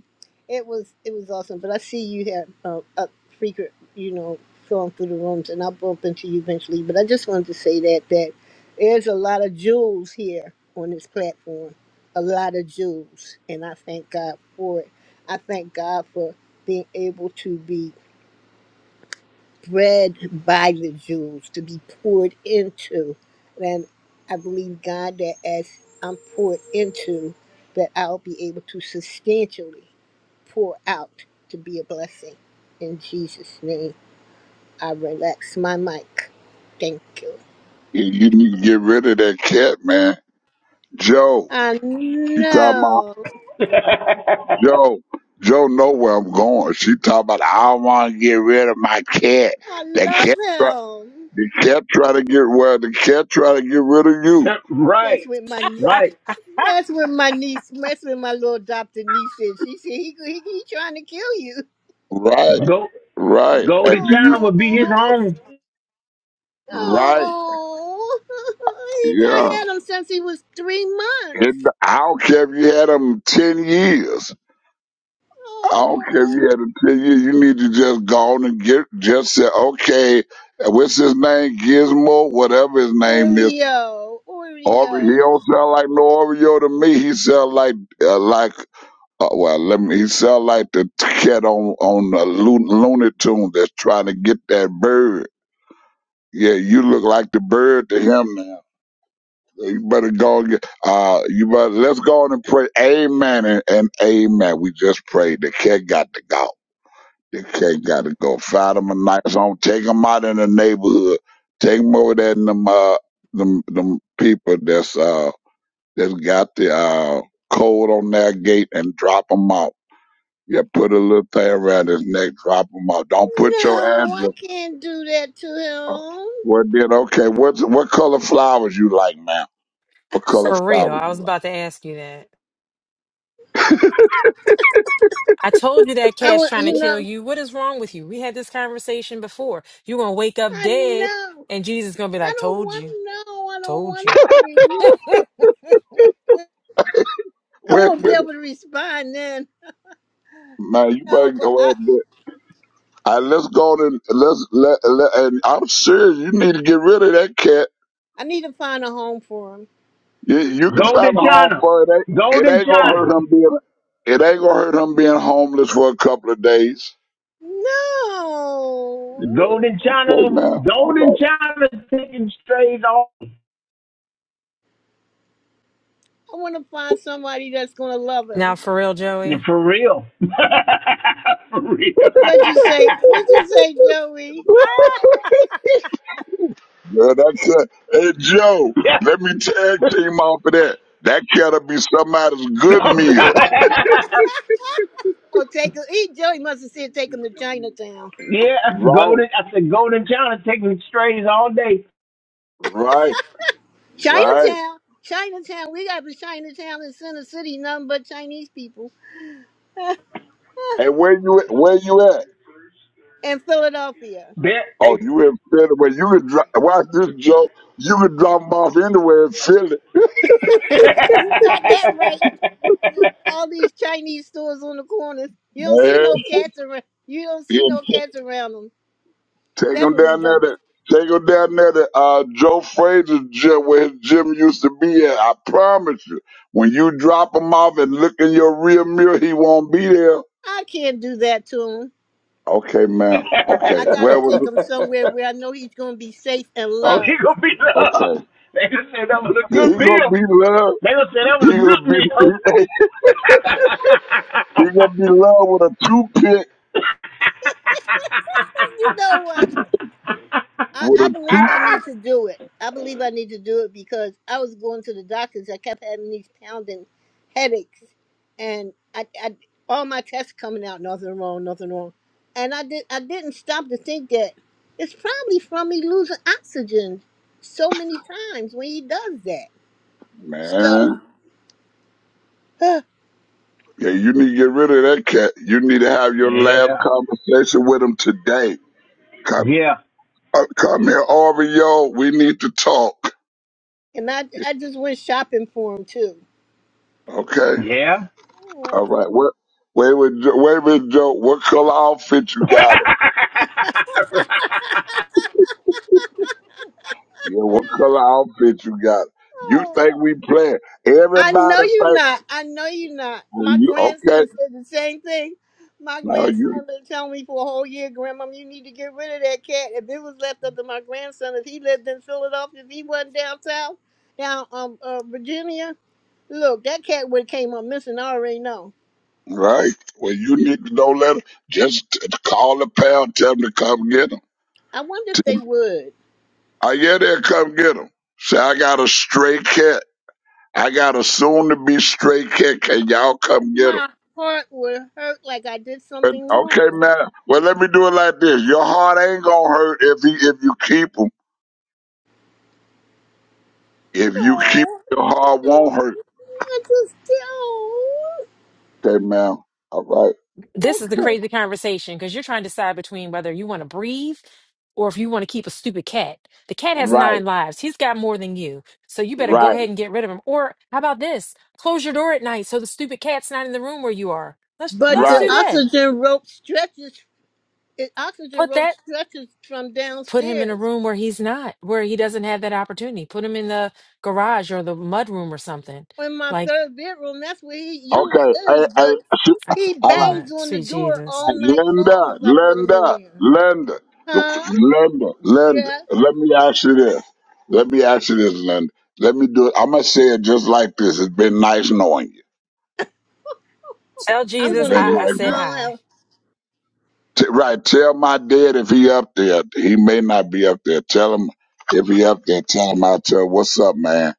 [SPEAKER 13] It was it was awesome. But I see you have uh, up frequent, you know, going through the rooms, and I'll bump into you eventually. But I just wanted to say that that there's a lot of jewels here on this platform, a lot of jewels, and I thank God for it. I thank God for being able to be bred by the Jews to be poured into. And I believe God that as I'm poured into, that I'll be able to substantially pour out to be a blessing. In Jesus' name, I relax my mic. Thank you.
[SPEAKER 9] You you need to get rid of that cat, man. Joe,
[SPEAKER 13] I
[SPEAKER 9] you talking about?
[SPEAKER 13] know.
[SPEAKER 10] yeah.
[SPEAKER 9] Joe, Joe know where I'm going. She talking about I want to get rid of my cat.
[SPEAKER 13] I
[SPEAKER 9] The cat, try-
[SPEAKER 13] love him.
[SPEAKER 9] the cat try to get well. The cat try to get rid of you.
[SPEAKER 10] *laughs*
[SPEAKER 13] That's
[SPEAKER 10] right.
[SPEAKER 13] what my nie-
[SPEAKER 10] Right.
[SPEAKER 13] that's what my niece that's what my little adopted niece is. She said he he, he trying to kill you.
[SPEAKER 9] Right,
[SPEAKER 10] Go
[SPEAKER 9] right. And
[SPEAKER 10] Golden
[SPEAKER 9] do you
[SPEAKER 10] China will
[SPEAKER 13] Oh.
[SPEAKER 10] be his home.
[SPEAKER 9] right?
[SPEAKER 13] Oh, *laughs* I
[SPEAKER 9] Yeah.
[SPEAKER 13] had him since he was three months.
[SPEAKER 9] And I don't care if you had them ten years. I don't care if
[SPEAKER 13] Oh,
[SPEAKER 9] you had them ten years. You need to just go on and get just say okay. What's his name? Gizmo, whatever his name is.
[SPEAKER 13] Oreo,
[SPEAKER 9] Oreo,
[SPEAKER 13] Oreo.
[SPEAKER 9] he don't sound like no Oreo to me. He sound like uh, like Uh, well, let me. He sound like the cat on on a Lo- Looney Tune that's trying to get that bird. Yeah, you look like the bird to him now. So You better go and get. Uh, you better let's go on and pray. Amen and, and amen. We just prayed. The cat got to go. The cat got to go. Find him a nice home. Take him out in the neighborhood. Take him over there and them uh them them people that's uh that's got the uh code on their gate and drop 'em off Yeah, put a little thing around his neck, drop him off. Don't put your
[SPEAKER 13] No, I
[SPEAKER 9] address.
[SPEAKER 13] can't do that to him.
[SPEAKER 9] Well, then, okay. What's what color flowers you like, man? What color
[SPEAKER 6] For real.
[SPEAKER 9] flowers
[SPEAKER 6] I
[SPEAKER 9] you
[SPEAKER 6] was about to ask you that. I told you that
[SPEAKER 13] I
[SPEAKER 6] cat's
[SPEAKER 13] want,
[SPEAKER 6] trying to
[SPEAKER 13] you
[SPEAKER 6] kill
[SPEAKER 13] know,
[SPEAKER 6] you. What is wrong with you? We had this conversation before. You're going to wake up
[SPEAKER 13] I
[SPEAKER 6] dead,
[SPEAKER 13] know.
[SPEAKER 6] and Jesus is going to be
[SPEAKER 13] I
[SPEAKER 6] like,
[SPEAKER 13] don't
[SPEAKER 6] Told
[SPEAKER 13] want
[SPEAKER 6] you.
[SPEAKER 13] no. I don't
[SPEAKER 6] Told
[SPEAKER 13] want
[SPEAKER 6] you. *laughs*
[SPEAKER 13] to be.
[SPEAKER 9] like?
[SPEAKER 13] I
[SPEAKER 9] Wait,
[SPEAKER 13] won't be
[SPEAKER 9] wait,
[SPEAKER 13] able to respond then.
[SPEAKER 9] man. You better
[SPEAKER 13] No, but
[SPEAKER 9] go
[SPEAKER 13] I,
[SPEAKER 9] out there. All right, let's go and let's let, let. And I'm serious. You need to get rid of that cat.
[SPEAKER 13] I need to find a home for him.
[SPEAKER 9] You, you can find
[SPEAKER 10] Golden
[SPEAKER 9] a home
[SPEAKER 10] China.
[SPEAKER 9] for it. Ain't, it
[SPEAKER 10] Golden
[SPEAKER 9] ain't gonna hurt
[SPEAKER 10] China.
[SPEAKER 9] him being. It ain't gonna hurt him being homeless for a couple of days.
[SPEAKER 13] No,
[SPEAKER 10] Golden
[SPEAKER 9] Okay,
[SPEAKER 10] China.
[SPEAKER 9] man.
[SPEAKER 10] Golden
[SPEAKER 9] All
[SPEAKER 10] China taking strays off.
[SPEAKER 13] I want to find somebody that's gonna love
[SPEAKER 6] Now,
[SPEAKER 13] him.
[SPEAKER 6] for real, Joey.
[SPEAKER 10] For real. *laughs* For real.
[SPEAKER 13] What'd you say? What'd you
[SPEAKER 10] *laughs*
[SPEAKER 13] say, Joey?
[SPEAKER 9] right. Yeah, that's it. Hey, Joe,
[SPEAKER 10] yeah,
[SPEAKER 9] let me tag
[SPEAKER 10] *laughs*
[SPEAKER 9] team off of that. That gotta be somebody's
[SPEAKER 10] that's
[SPEAKER 9] good meal.
[SPEAKER 13] Oh, take him. He Joey must have said take him to Chinatown.
[SPEAKER 9] Right,
[SPEAKER 10] golden. I said golden China taking strays all day.
[SPEAKER 9] right, right.
[SPEAKER 13] Chinatown, Chinatown. We got the Chinatown in Center City, nothing but Chinese people.
[SPEAKER 9] And where you at- where you at?
[SPEAKER 13] And Philadelphia.
[SPEAKER 10] Bet
[SPEAKER 9] Oh, you in Philly? Well, you could dro- watch this, Joe. You could drop them off anywhere in Philly,
[SPEAKER 10] *laughs*
[SPEAKER 13] You got that right. All these Chinese stores on the corners. You don't see
[SPEAKER 9] man.
[SPEAKER 13] no cats around. You don't
[SPEAKER 9] Yeah,
[SPEAKER 13] see no cats around them.
[SPEAKER 9] Take them
[SPEAKER 13] Definitely
[SPEAKER 9] down there
[SPEAKER 13] don't.
[SPEAKER 9] to take them down there to uh, Joe Fraser's gym where his gym used to be at. I promise you, when you drop him off and look in your rear mirror, he won't be there.
[SPEAKER 13] I can't do that to him.
[SPEAKER 9] Okay, man. Okay.
[SPEAKER 13] I gotta
[SPEAKER 9] Where was
[SPEAKER 13] take him
[SPEAKER 9] it?
[SPEAKER 13] somewhere where I know he's gonna be safe and
[SPEAKER 10] oh, he
[SPEAKER 13] loved. *laughs*
[SPEAKER 10] gonna be loved.
[SPEAKER 9] Okay.
[SPEAKER 10] They gonna say that was a
[SPEAKER 9] Yeah,
[SPEAKER 10] good
[SPEAKER 9] he gonna
[SPEAKER 10] meal.
[SPEAKER 9] be love.
[SPEAKER 10] They gonna say that
[SPEAKER 9] He
[SPEAKER 10] was a good
[SPEAKER 9] gonna
[SPEAKER 10] meal.
[SPEAKER 9] be *laughs* he gonna be love with a two pick
[SPEAKER 13] You know what? I,
[SPEAKER 9] with
[SPEAKER 13] I
[SPEAKER 9] a
[SPEAKER 13] believe
[SPEAKER 9] two
[SPEAKER 13] I need to
[SPEAKER 10] *laughs*
[SPEAKER 13] do it. I believe I need to do it because I was going to the doctors. I kept having these pounding headaches, and I, I all my tests coming out nothing wrong, nothing wrong, and I did I didn't stop to think that it's probably from me losing oxygen so many times when he does that. So,
[SPEAKER 9] man.
[SPEAKER 13] *sighs* and
[SPEAKER 9] Yeah, you need to get rid of that cat. You need to have your last
[SPEAKER 10] yeah,
[SPEAKER 9] conversation with him today. Come
[SPEAKER 10] yeah,
[SPEAKER 9] uh, come here, Aubrey, yo. We need to talk.
[SPEAKER 13] I I just went shopping for him too.
[SPEAKER 9] Okay.
[SPEAKER 10] yeah,
[SPEAKER 9] All right. What wait with Jo- wait with Joe. What color outfit you got him? Yeah, what color outfit you got? You think we playing?
[SPEAKER 13] I know
[SPEAKER 9] Everybody
[SPEAKER 13] you
[SPEAKER 9] think.
[SPEAKER 13] not. I know you not.
[SPEAKER 9] Well,
[SPEAKER 13] My
[SPEAKER 9] you okay?
[SPEAKER 13] grandson said the same thing. My
[SPEAKER 9] Now
[SPEAKER 13] grandson
[SPEAKER 9] you
[SPEAKER 13] been telling me for a whole year, "Grandma, you need to get rid of that cat. If it was left up to my grandson, if he lived in Philadelphia, if he wasn't down south, down um uh, Virginia, look, that cat would have came up missing. I already know.
[SPEAKER 9] right. Well, you need to know letter. Just t- call the pal, tell him to come get him.
[SPEAKER 13] I wonder if
[SPEAKER 9] Tell him,
[SPEAKER 13] they would.
[SPEAKER 9] I get there, come get him. Say I got a stray cat. I got a soon-to-be stray cat. Can y'all come get him?
[SPEAKER 13] My heart would hurt like I did
[SPEAKER 9] But,
[SPEAKER 13] something wrong.
[SPEAKER 9] okay, man. Well, let me do it like this. Your heart ain't gonna hurt if he, if you keep him. If you keep
[SPEAKER 13] Oh,
[SPEAKER 9] him, your heart
[SPEAKER 13] no,
[SPEAKER 9] won't hurt.
[SPEAKER 13] I just oh.
[SPEAKER 9] Okay, man. All right.
[SPEAKER 6] This is the
[SPEAKER 9] You
[SPEAKER 6] crazy conversation because you're trying to decide between whether you want to breathe or if you want to keep a stupid cat. The cat has
[SPEAKER 9] right,
[SPEAKER 6] nine lives. He's got more than you. So you better go
[SPEAKER 9] right,
[SPEAKER 6] ahead and get rid of him. Or how about this? Close your door at night so the stupid cat's not in the room where you are. Let's
[SPEAKER 13] But
[SPEAKER 6] let's
[SPEAKER 13] the
[SPEAKER 6] do
[SPEAKER 9] right.
[SPEAKER 6] that.
[SPEAKER 13] oxygen rope stretches It oxygen
[SPEAKER 6] Put
[SPEAKER 13] rope
[SPEAKER 6] that
[SPEAKER 13] stretches from
[SPEAKER 6] put him in a
[SPEAKER 13] downstairs.
[SPEAKER 6] room where he's not, where he doesn't have that opportunity. Put him in the garage or the mud room or something.
[SPEAKER 13] In my
[SPEAKER 6] like.
[SPEAKER 13] third bedroom, that's where he usually
[SPEAKER 9] Okay. Hey,
[SPEAKER 13] is, but
[SPEAKER 6] I can't.
[SPEAKER 13] he
[SPEAKER 9] hey,
[SPEAKER 6] I'm like,
[SPEAKER 13] bangs on the
[SPEAKER 6] sweet
[SPEAKER 13] door
[SPEAKER 6] Jesus.
[SPEAKER 13] all night long
[SPEAKER 9] Linda,
[SPEAKER 13] if I put him in
[SPEAKER 9] Linda,
[SPEAKER 13] there.
[SPEAKER 9] Linda, look,
[SPEAKER 13] Huh?
[SPEAKER 9] Linda, Linda.
[SPEAKER 13] Yeah,
[SPEAKER 9] Let me ask you this. Let me ask you this, Linda. Let me do it. I'm gonna say it just like this. It's been nice knowing you.
[SPEAKER 6] Tell
[SPEAKER 13] I'm
[SPEAKER 9] It's
[SPEAKER 6] Jesus
[SPEAKER 13] gonna
[SPEAKER 9] been
[SPEAKER 6] I, I
[SPEAKER 13] do
[SPEAKER 9] nice
[SPEAKER 13] it. I
[SPEAKER 6] said
[SPEAKER 9] knowing.
[SPEAKER 13] don't
[SPEAKER 6] hi.
[SPEAKER 13] have.
[SPEAKER 9] T- right. Tell my dad if he up there. He may not be up there. Tell him if he up there. Tell him I tell what's up, man.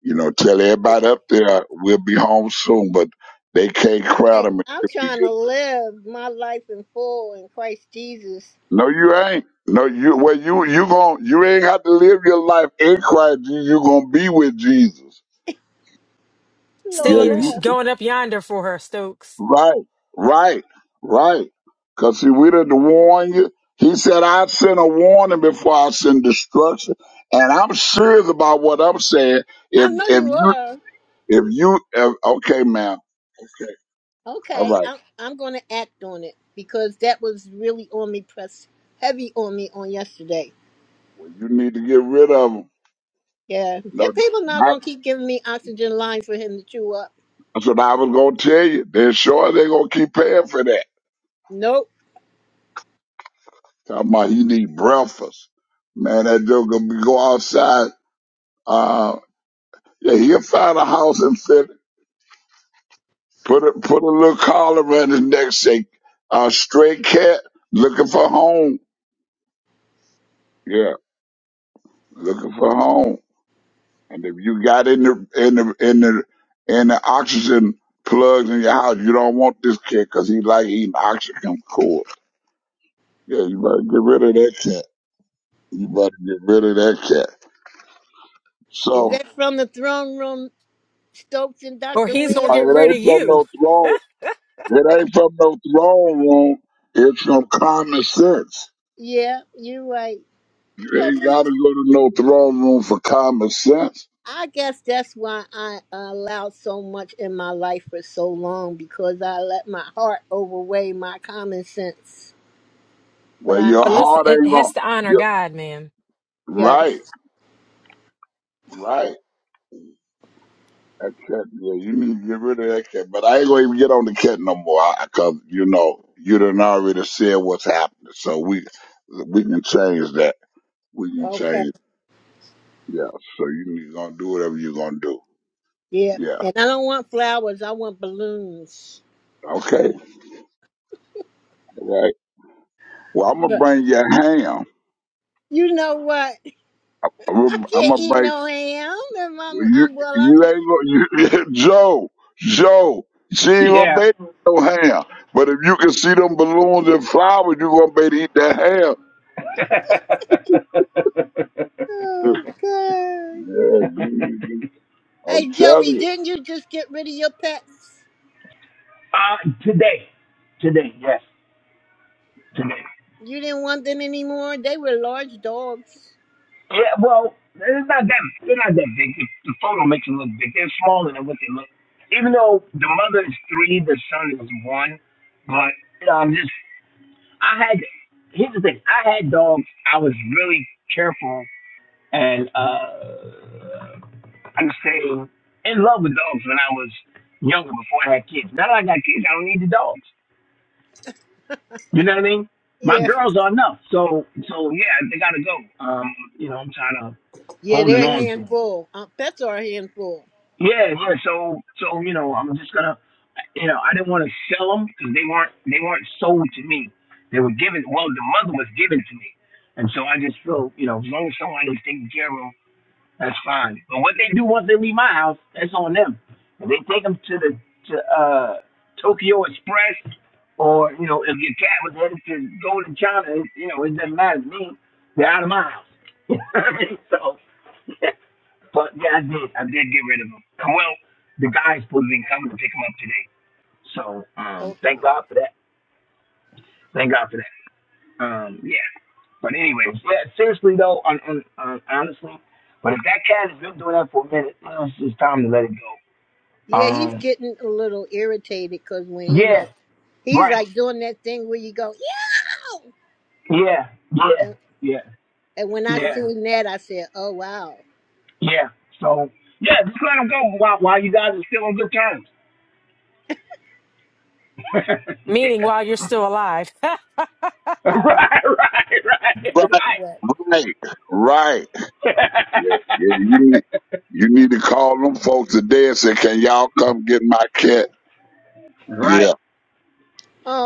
[SPEAKER 9] You know, tell everybody up there we'll be home soon, but they can't crowd
[SPEAKER 13] I-
[SPEAKER 9] him.
[SPEAKER 13] I'm trying to live my life in full in Christ Jesus.
[SPEAKER 9] No, you ain't. No, you well, you you gon' you ain't got to live your life in Christ. You you gonna be with Jesus.
[SPEAKER 6] Send
[SPEAKER 9] Yeah,
[SPEAKER 13] Lord,
[SPEAKER 6] you
[SPEAKER 9] you
[SPEAKER 13] have-
[SPEAKER 6] going up yonder for her, Stokes,
[SPEAKER 9] right, right, right. Cause see, we didn't warn you. He said, "I sent a warning before I send destruction," and I'm serious about what I'm saying.
[SPEAKER 13] I
[SPEAKER 9] If
[SPEAKER 13] know
[SPEAKER 9] if
[SPEAKER 13] you
[SPEAKER 9] you
[SPEAKER 13] are.
[SPEAKER 9] if you if, okay, man, okay, all
[SPEAKER 13] Okay,
[SPEAKER 9] right.
[SPEAKER 13] I'm I'm gonna act on it because that was really on me, press heavy on me on yesterday.
[SPEAKER 9] Well, you need to get rid of them.
[SPEAKER 13] Yeah, them
[SPEAKER 9] No,
[SPEAKER 13] people not
[SPEAKER 9] not,
[SPEAKER 13] gonna keep giving me oxygen lines for him to chew up.
[SPEAKER 9] that's what I was gonna tell you. They're sure they're gonna keep paying for that.
[SPEAKER 13] Nope.
[SPEAKER 9] Talking about he need breakfast. Man, that dude gonna be go outside. Uh, yeah, he'll find a house and fit. Put a put a little collar around his neck. Say, uh, stray cat looking for home. Yeah, looking for home. And if you got in the in the in the in the oxygen plugs in your house, you don't want this cat because he like eating oxygen cord. Yeah, you better get rid of that cat. You better get rid of that cat.
[SPEAKER 13] Is
[SPEAKER 9] So
[SPEAKER 13] that from the throne room, Stokes and
[SPEAKER 6] or
[SPEAKER 13] Dr.
[SPEAKER 6] he's going
[SPEAKER 9] uh,
[SPEAKER 6] to
[SPEAKER 13] Leah?
[SPEAKER 6] get
[SPEAKER 9] it
[SPEAKER 6] rid
[SPEAKER 9] ain't
[SPEAKER 6] of
[SPEAKER 9] from
[SPEAKER 6] you.
[SPEAKER 9] no throne. It ain't from no throne room. It's from common sense.
[SPEAKER 13] Yeah, you're right.
[SPEAKER 9] You
[SPEAKER 13] But
[SPEAKER 9] ain't
[SPEAKER 13] we,
[SPEAKER 9] got to go to no throne room for common sense.
[SPEAKER 13] I guess that's why I allowed so much in my life for so long because I let my heart overweigh my common sense. But
[SPEAKER 9] Where
[SPEAKER 13] I,
[SPEAKER 9] your
[SPEAKER 6] But listen,
[SPEAKER 9] heart
[SPEAKER 6] it
[SPEAKER 9] ain't
[SPEAKER 6] has
[SPEAKER 9] on.
[SPEAKER 6] to honor
[SPEAKER 9] Your,
[SPEAKER 6] God, man.
[SPEAKER 9] right,
[SPEAKER 13] yes,
[SPEAKER 9] right. That cat, yeah, you need to get rid of that cat. But I ain't going to even get on the cat no more. I, Cause, you know, you done already said what's happening. So we, we can change that. We can
[SPEAKER 13] okay,
[SPEAKER 9] change. Yeah. So you going to do whatever you're going to do.
[SPEAKER 13] yeah.
[SPEAKER 9] Yeah.
[SPEAKER 13] And I don't want flowers. I want balloons.
[SPEAKER 9] Okay. Right. Well, I'm going to
[SPEAKER 13] But
[SPEAKER 9] bring you a ham.
[SPEAKER 13] you know what? *laughs* I
[SPEAKER 9] I'm
[SPEAKER 13] can't eat
[SPEAKER 9] gonna
[SPEAKER 13] no ham. If I'm,
[SPEAKER 9] Well, you
[SPEAKER 13] I'm well,
[SPEAKER 9] you
[SPEAKER 13] I'm
[SPEAKER 9] ain't gonna you, *laughs* Joe Joe. She ain't gonna bathe no ham, but if you can see them balloons and flowers, you gonna be to eat that ham.
[SPEAKER 13] Oh God.
[SPEAKER 9] Yeah, you
[SPEAKER 10] *laughs* yeah.
[SPEAKER 9] need
[SPEAKER 10] *laughs*
[SPEAKER 9] I'm
[SPEAKER 13] Hey
[SPEAKER 9] telling
[SPEAKER 13] Joey,
[SPEAKER 9] you.
[SPEAKER 13] didn't you just get rid of your pets?
[SPEAKER 10] Uh, today, today, yes, today.
[SPEAKER 13] You didn't want them anymore? They were large dogs.
[SPEAKER 10] Yeah, well, it's not that are not that big. The, the photo makes them look big. They're It's smaller than what they look. Even though the mother is three, the son is one, but you know, I'm just I had here's the thing. I had dogs. I was really careful and uh, I'm saying in love with dogs when I was younger before I had kids. Now that I got kids, I don't need the dogs. You know what I mean? My
[SPEAKER 13] Yeah.
[SPEAKER 10] girls are enough. So, so yeah, they gotta go. Um, you know, I'm trying to
[SPEAKER 13] Yeah,
[SPEAKER 10] holding
[SPEAKER 13] they're a
[SPEAKER 10] on to them.
[SPEAKER 13] handful. Uh, pets are a handful.
[SPEAKER 10] Yeah, yeah. So, so you know, I'm just gonna, you know, I didn't want to sell them because they weren't they weren't sold to me. They were given. Well, the mother was given to me, and so I just feel, you know, as long as somebody's taking care of 'em, that's fine. But what they do once they leave my house, that's on them. If they take them to the to uh Tokyo Express, or you know, if your cat was headed to go to China, it, you know, it doesn't matter to me. They're out of my house. *laughs* so, yeah. but yeah, I did. I did get rid of them. Well, the guy's supposed to be coming to pick them up today. So, um, thank
[SPEAKER 13] Okay.
[SPEAKER 10] God for that. Thank God for that. Um, yeah. But anyways, yeah, seriously though, on, on, on honestly, but if that cat has been doing that for a minute, it's just time to let it go.
[SPEAKER 13] Yeah, he's
[SPEAKER 10] Um,
[SPEAKER 13] getting a little irritated because when you
[SPEAKER 10] yeah,
[SPEAKER 13] know he's
[SPEAKER 10] right,
[SPEAKER 13] like doing that thing where you go, yeah.
[SPEAKER 10] yeah, yeah,
[SPEAKER 13] And,
[SPEAKER 10] yeah,
[SPEAKER 13] and when I
[SPEAKER 10] yeah,
[SPEAKER 13] seen that, I said, oh wow.
[SPEAKER 10] yeah. So yeah, just let them go while while you guys are still on good terms. *laughs*
[SPEAKER 6] Meaning
[SPEAKER 10] yeah.
[SPEAKER 6] while you're still alive. *laughs*
[SPEAKER 10] Right, right,
[SPEAKER 9] Right,
[SPEAKER 10] right,
[SPEAKER 13] What?
[SPEAKER 9] right, right.
[SPEAKER 10] right.
[SPEAKER 9] Yeah, yeah. You need you need to call them folks today and say, "Can y'all come get my cat?"
[SPEAKER 10] *laughs* right.
[SPEAKER 9] Yeah,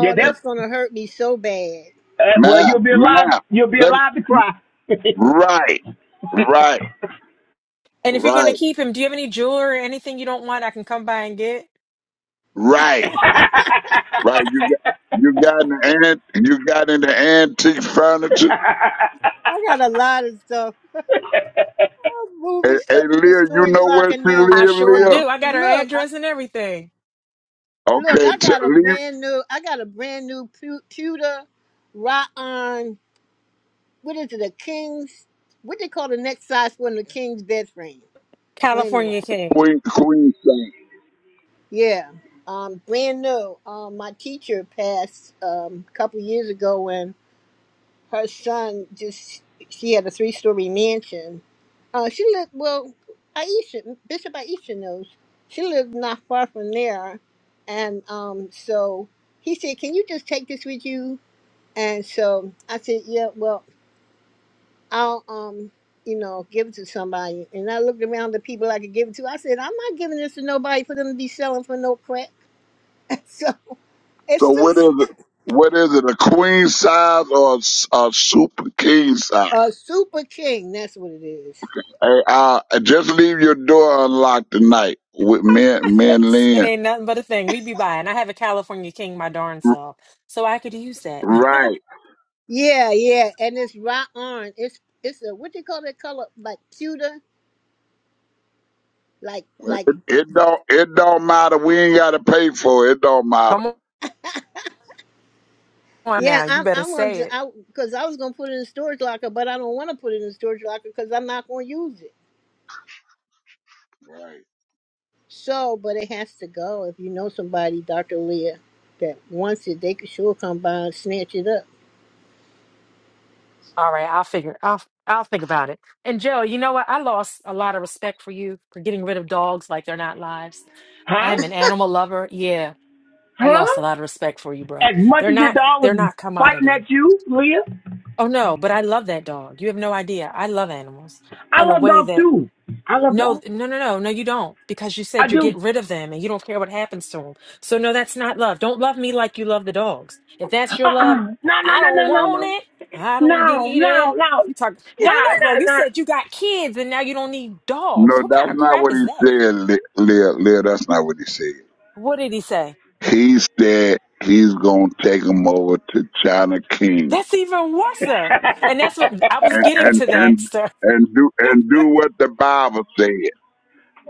[SPEAKER 10] Yeah,
[SPEAKER 9] yeah.
[SPEAKER 10] that.
[SPEAKER 13] that's gonna hurt me so bad.
[SPEAKER 10] Uh, well,
[SPEAKER 9] ma'am,
[SPEAKER 10] you'll be allowed.
[SPEAKER 9] ma'am.
[SPEAKER 10] You'll be
[SPEAKER 9] Let me,
[SPEAKER 10] allowed to cry.
[SPEAKER 9] right,
[SPEAKER 10] *laughs*
[SPEAKER 9] right,
[SPEAKER 6] and if you're going to
[SPEAKER 9] right,
[SPEAKER 6] keep him, do you have any jewelry or anything you don't want I can come by and get?
[SPEAKER 10] *laughs*
[SPEAKER 9] right. right? You got you got in the ant you got into antique furniture.
[SPEAKER 13] I got a lot of stuff. I'm
[SPEAKER 9] Hey,
[SPEAKER 13] moving
[SPEAKER 9] hey
[SPEAKER 13] stuff in the
[SPEAKER 9] Leah, you
[SPEAKER 13] storage
[SPEAKER 9] know where
[SPEAKER 13] locker now.
[SPEAKER 9] she
[SPEAKER 6] I
[SPEAKER 9] live,
[SPEAKER 6] sure
[SPEAKER 13] Hey,
[SPEAKER 9] Leah?
[SPEAKER 6] do. I got her
[SPEAKER 13] look,
[SPEAKER 6] address and everything.
[SPEAKER 13] Look,
[SPEAKER 9] Okay,
[SPEAKER 13] I
[SPEAKER 9] t-
[SPEAKER 13] got a
[SPEAKER 9] leave
[SPEAKER 13] brand new, I got a brand new pu- pewter Ryan. What is it? A king's? What they call the next size one? The king's bed frame. Well,
[SPEAKER 6] California
[SPEAKER 13] anyway,
[SPEAKER 6] King.
[SPEAKER 9] Queen Queen size.
[SPEAKER 13] yeah, um, brand new. Um, my teacher passed um a couple years ago, and her son just she had a three story mansion. Uh, she lived well. Aisha Bishop Aisha knows she lived not far from there, and um, so he said, "Can you just take this with you?" And so I said, yeah, well, I'll, um, you know, give it to somebody. And I looked around the people I could give it to. I said, I'm not giving this to nobody for them to be selling for no crap. *laughs* so it's
[SPEAKER 9] So
[SPEAKER 13] still
[SPEAKER 9] what is it? What is it? A queen size or a, s- a super king size?
[SPEAKER 13] a super king. That's what it is.
[SPEAKER 9] Hey, uh, just leave your door unlocked tonight with me, and- me and
[SPEAKER 6] It
[SPEAKER 9] Lynn.
[SPEAKER 6] ain't nothing but a thing. We be buying. I have a California King, my darn self. So I could use that. *laughs*
[SPEAKER 9] Right.
[SPEAKER 13] Yeah, yeah. And it's raw iron. It's, it's a, what do you call that color? Like pewter? Like, like,
[SPEAKER 9] It, it don't it don't matter. We ain't gotta pay for it. It don't matter.
[SPEAKER 6] come on
[SPEAKER 13] yeah,
[SPEAKER 6] now. You
[SPEAKER 13] I'm,
[SPEAKER 6] better
[SPEAKER 13] I'm going
[SPEAKER 6] say
[SPEAKER 13] to,
[SPEAKER 6] it.
[SPEAKER 13] I, cause I was going to put it in storage locker, but I don't want to put it in storage locker cause I'm not going to use it.
[SPEAKER 9] Right.
[SPEAKER 13] So, but it has to go. If you know somebody, Dr. Leah, that wants it, they could sure come by and snatch it up.
[SPEAKER 6] All right, I'll figure. I'll I'll think about it. And Joe, you know what? I lost a lot of respect for you for getting rid of dogs like they're not lives. I
[SPEAKER 10] huh?
[SPEAKER 6] am an animal lover. Yeah, I lost a
[SPEAKER 10] Huh?
[SPEAKER 6] lot of respect for you, bro.
[SPEAKER 10] As much
[SPEAKER 6] They're
[SPEAKER 10] as your
[SPEAKER 6] not
[SPEAKER 10] dog was
[SPEAKER 6] they're not
[SPEAKER 10] fighting
[SPEAKER 6] commodity.
[SPEAKER 10] at you, Leah,
[SPEAKER 6] Oh no, but I love that dog. You have no idea. I love animals
[SPEAKER 10] I
[SPEAKER 6] in a
[SPEAKER 10] love
[SPEAKER 6] way
[SPEAKER 10] dogs
[SPEAKER 6] that
[SPEAKER 10] too. I love
[SPEAKER 6] no,
[SPEAKER 10] dogs.
[SPEAKER 6] th- no, no, no, no, you don't, because you
[SPEAKER 10] I
[SPEAKER 6] said you
[SPEAKER 10] do.
[SPEAKER 6] get rid of them and you don't care what happens to them. So, no, that's not love. Don't love me like you love the dogs. If that's your love,
[SPEAKER 10] Uh-uh. No, no,
[SPEAKER 6] I
[SPEAKER 10] no, no,
[SPEAKER 6] don't
[SPEAKER 10] no,
[SPEAKER 6] want
[SPEAKER 10] no.
[SPEAKER 6] it. I don't
[SPEAKER 10] No,
[SPEAKER 6] need
[SPEAKER 10] no,
[SPEAKER 6] it.
[SPEAKER 10] no.
[SPEAKER 6] You talk, no, no,
[SPEAKER 10] Nah,
[SPEAKER 6] no, bro. You said you got kids and now you don't need
[SPEAKER 9] No,
[SPEAKER 6] dogs. What kind
[SPEAKER 9] that's
[SPEAKER 6] of
[SPEAKER 9] not
[SPEAKER 6] crap
[SPEAKER 9] what
[SPEAKER 6] is that?
[SPEAKER 9] he said, Le- Leah. Leah, that's not what he said.
[SPEAKER 6] What did he say?
[SPEAKER 9] He said he's gonna take him over to China King
[SPEAKER 6] That's even worse, sir. And that's what
[SPEAKER 10] nah,
[SPEAKER 6] I
[SPEAKER 10] nah.
[SPEAKER 6] was
[SPEAKER 10] *laughs*
[SPEAKER 9] and
[SPEAKER 6] getting
[SPEAKER 9] and
[SPEAKER 6] to that,
[SPEAKER 9] and
[SPEAKER 6] sir.
[SPEAKER 9] and do and do what the Bible said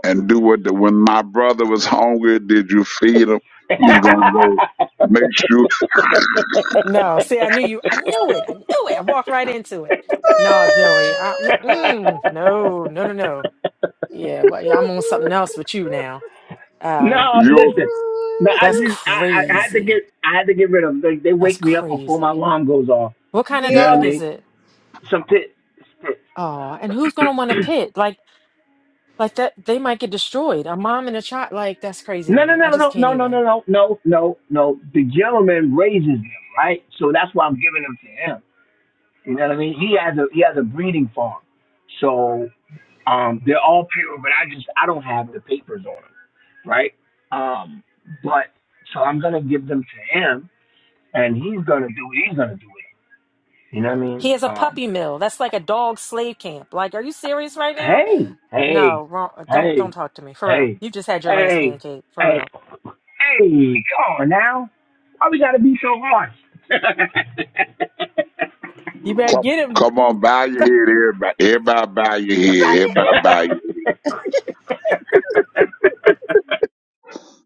[SPEAKER 9] and do what the when my brother was hungry, did you feed him?
[SPEAKER 10] *laughs*
[SPEAKER 9] He's gonna go make sure
[SPEAKER 6] No, see, I knew you knew it. I knew it. I walked right into it. No, Joey. I, mm-mm. No, no, no, no. Yeah, well, yeah, I'm on something else with you
[SPEAKER 13] *laughs*
[SPEAKER 6] now. Uh,
[SPEAKER 10] no,
[SPEAKER 9] you
[SPEAKER 10] listen. No, I
[SPEAKER 6] that's
[SPEAKER 10] just I, I had to get
[SPEAKER 6] crazy.
[SPEAKER 10] I had to get rid of them. They, they
[SPEAKER 6] That's
[SPEAKER 10] wake me up before my
[SPEAKER 6] crazy.
[SPEAKER 10] alarm goes off.
[SPEAKER 6] What kind of
[SPEAKER 10] You know what I
[SPEAKER 6] dog
[SPEAKER 13] yeah.
[SPEAKER 6] is
[SPEAKER 10] mean?
[SPEAKER 6] it?
[SPEAKER 10] Some pit.
[SPEAKER 6] Oh, and who's gonna want
[SPEAKER 10] *clears throat*
[SPEAKER 6] to pit? Like, like that, they might get destroyed. A mom and a child, like that's crazy to
[SPEAKER 10] no, no,
[SPEAKER 6] me. I just
[SPEAKER 10] no,
[SPEAKER 6] can't
[SPEAKER 10] no, no, no, no,
[SPEAKER 6] even.
[SPEAKER 10] no, no, no, no. The gentleman raises them, right? So that's why I'm giving them to him. You know what I mean? He has a he has a breeding farm, so um, they're all pure. But I just I don't have the papers on them, right? Um, but so I'm gonna give them to him, and he's gonna do what he's gonna do with them. You know what I mean?
[SPEAKER 6] He has a
[SPEAKER 10] Um,
[SPEAKER 6] puppy mill. That's like a dog slave camp. Like, are you serious right now?
[SPEAKER 10] hey, hey,
[SPEAKER 6] No, wrong. uh, Don't
[SPEAKER 10] hey,
[SPEAKER 6] don't talk to me for real.
[SPEAKER 10] hey,
[SPEAKER 6] You just had your last
[SPEAKER 10] hey,
[SPEAKER 6] pancake for
[SPEAKER 10] hey,
[SPEAKER 6] real.
[SPEAKER 10] hey! Come on now, why we gotta be so harsh?
[SPEAKER 6] You better
[SPEAKER 9] come,
[SPEAKER 6] get him.
[SPEAKER 9] come on bow your head, everybody, everybody bow your head, everybody bow your
[SPEAKER 10] *laughs* *laughs*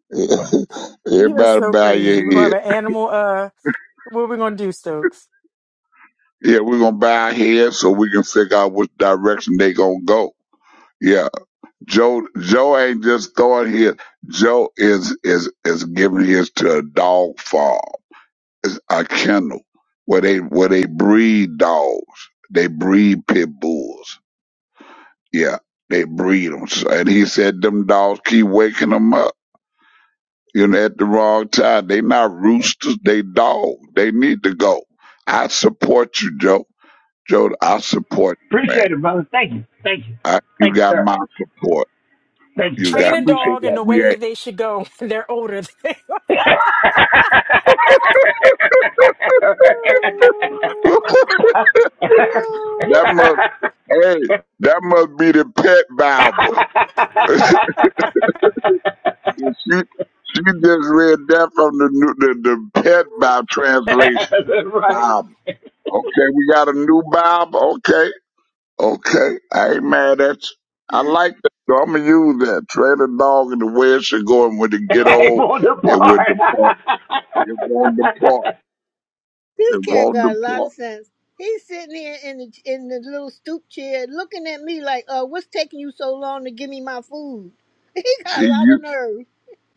[SPEAKER 9] *laughs*
[SPEAKER 6] You are
[SPEAKER 9] everybody
[SPEAKER 6] so
[SPEAKER 9] bow
[SPEAKER 6] crazy.
[SPEAKER 9] your
[SPEAKER 6] We're gonna have
[SPEAKER 9] head.
[SPEAKER 6] an animal. Uh, what are we gonna do, Stokes?
[SPEAKER 9] Yeah, we're gonna bow our heads so we can figure out which direction they gonna go. Yeah, Joe. Joe ain't just throwing his. Joe is is is giving his to a dog farm. It's a kennel where they where they breed dogs. They breed pit bulls. Yeah, they breed them. and he said them dogs keep waking them up. You know, at the wrong time. They not roosters. They dogs. They need to go. I support you, Joe. Joe, I support you, man.
[SPEAKER 10] Appreciate it, brother. Thank you. Thank you.
[SPEAKER 9] I, you
[SPEAKER 10] Thank you,
[SPEAKER 9] got
[SPEAKER 10] sir.
[SPEAKER 9] my support.
[SPEAKER 10] Thank you,
[SPEAKER 9] You
[SPEAKER 10] sir.
[SPEAKER 6] Train
[SPEAKER 10] I
[SPEAKER 9] got
[SPEAKER 6] a
[SPEAKER 10] appreciate
[SPEAKER 6] dog in the
[SPEAKER 10] that. *laughs*
[SPEAKER 9] we
[SPEAKER 6] way
[SPEAKER 9] ain't
[SPEAKER 6] that they should go *laughs* when they're older.
[SPEAKER 9] *laughs*
[SPEAKER 13] No.
[SPEAKER 9] that must hey that must be the pet Bible. And She she just read that from the new, the, the pet Bible translation
[SPEAKER 10] That's right.
[SPEAKER 9] Bible. Okay, we got a new Bible. Okay, okay, I ain't mad at you. I like that. So I'm gonna use that. Train a dog in the way it should go, and when it
[SPEAKER 10] I
[SPEAKER 9] get
[SPEAKER 10] am
[SPEAKER 9] old,
[SPEAKER 10] on the
[SPEAKER 9] it will
[SPEAKER 10] part.
[SPEAKER 9] depart. It won't depart.
[SPEAKER 13] This
[SPEAKER 9] It
[SPEAKER 13] cat
[SPEAKER 9] won't
[SPEAKER 13] got a lot
[SPEAKER 9] depart.
[SPEAKER 13] of sense. He's sitting here in the in the little stoop chair looking at me like, uh, what's taking you so long to give me my food? *laughs* He
[SPEAKER 9] See
[SPEAKER 13] got a
[SPEAKER 9] you.
[SPEAKER 13] lot of nerve.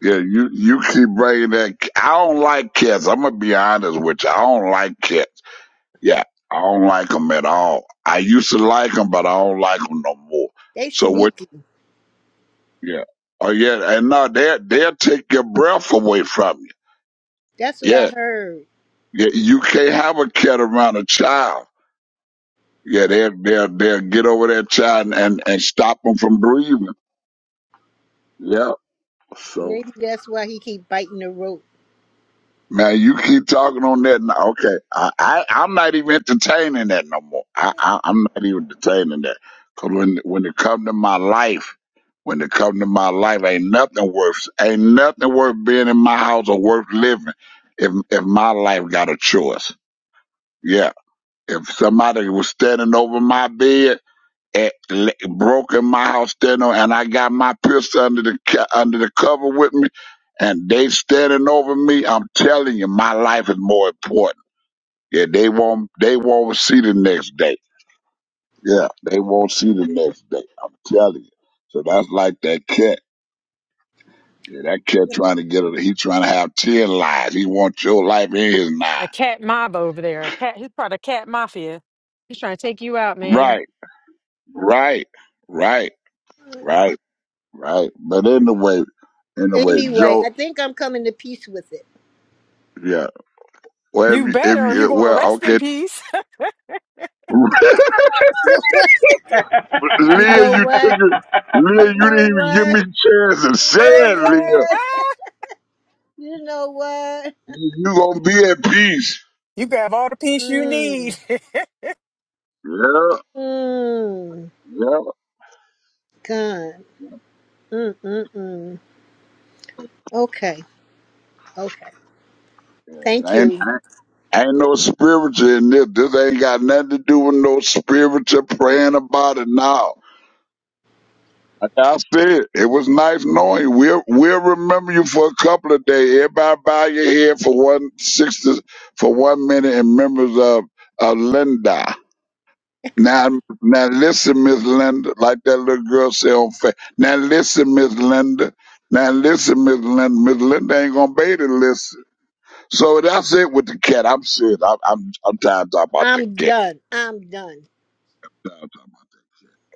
[SPEAKER 9] Yeah, you you keep bringing that. I don't like cats. I'm gonna be honest with you. I don't like cats. Yeah, I don't like them at all. I used to like them, but I don't like them no more.
[SPEAKER 13] They
[SPEAKER 9] So what?
[SPEAKER 13] sneaky.
[SPEAKER 9] Yeah. Oh yeah, and no, they will they'll take your breath away from you.
[SPEAKER 13] That's what I
[SPEAKER 9] Yeah.
[SPEAKER 13] heard.
[SPEAKER 9] yeah, you can't have a cat around a child. Yeah, they'll they'll they'll get over that child and and, and stop them from breathing. Yeah. So.
[SPEAKER 13] Maybe that's why he keep biting the rope.
[SPEAKER 9] Man, you keep talking on that. Now. Okay, I, I I'm not even entertaining that no more. I, I I'm not even entertaining that. Cause when when it come to my life, when it come to my life, ain't nothing worth ain't nothing worth being in my house or worth living. If if my life got a choice, yeah. If somebody was standing over my bed it le- broke in my house standing, and I got my pistol under the co- under the cover with me, and they standing over me. I'm telling you, my life is more important. Yeah, they won't they won't see the next day. Yeah, they won't see the next day. I'm telling you. So that's like that cat. Yeah, that cat trying to get a he trying to have ten lives. He wants your life in his
[SPEAKER 6] *laughs*
[SPEAKER 9] nine.
[SPEAKER 6] a cat mob over there. A cat. He's part of cat mafia. He's trying to take you out, man.
[SPEAKER 9] Right, right, right, right, right. But anyway, anyway,
[SPEAKER 13] Anyway, I
[SPEAKER 9] Joe.
[SPEAKER 13] think I'm coming to peace with it.
[SPEAKER 9] Yeah, Well, if
[SPEAKER 6] You
[SPEAKER 9] you, if
[SPEAKER 6] better. or You
[SPEAKER 9] you,
[SPEAKER 6] gonna
[SPEAKER 9] well,
[SPEAKER 6] rest in
[SPEAKER 9] okay.
[SPEAKER 6] peace.
[SPEAKER 9] *laughs*
[SPEAKER 13] *laughs* You
[SPEAKER 9] Leah,
[SPEAKER 13] know
[SPEAKER 9] you took
[SPEAKER 13] what?
[SPEAKER 9] it. Leah,
[SPEAKER 13] You
[SPEAKER 9] you
[SPEAKER 13] know
[SPEAKER 9] didn't
[SPEAKER 10] *laughs*
[SPEAKER 9] even give me
[SPEAKER 13] what?
[SPEAKER 9] a chance to
[SPEAKER 13] You
[SPEAKER 9] say
[SPEAKER 13] know
[SPEAKER 9] it, Leah.
[SPEAKER 13] what?
[SPEAKER 6] *laughs*
[SPEAKER 13] You know what? You know what?
[SPEAKER 9] You, you gonna be at peace.
[SPEAKER 6] you can have all the peace you
[SPEAKER 13] Mmm.
[SPEAKER 6] need. *laughs*
[SPEAKER 9] Yeah,
[SPEAKER 13] Mmm.
[SPEAKER 9] yeah,
[SPEAKER 13] God. Mm mm mm. Okay. Okay.
[SPEAKER 9] yeah.
[SPEAKER 13] Thank
[SPEAKER 9] Ain't,
[SPEAKER 13] you.
[SPEAKER 9] ain't no spiritual in this. This ain't got nothing to do with no spiritual praying about it now. Like I said, it was nice knowing you. We'll, we'll remember you for a couple of days. Everybody bow your head for one sixty, for one minute in remembrance of, of Linda. Now, now listen, Miss Linda, like that little girl say on fa Now listen, Miss Linda. Now listen, Miss Linda. Miss Linda ain't gonna be to listen. So that's it with the cat. I'm serious. I'm I'm, I'm tired of talking about the
[SPEAKER 13] I'm
[SPEAKER 9] cat.
[SPEAKER 13] done. I'm done.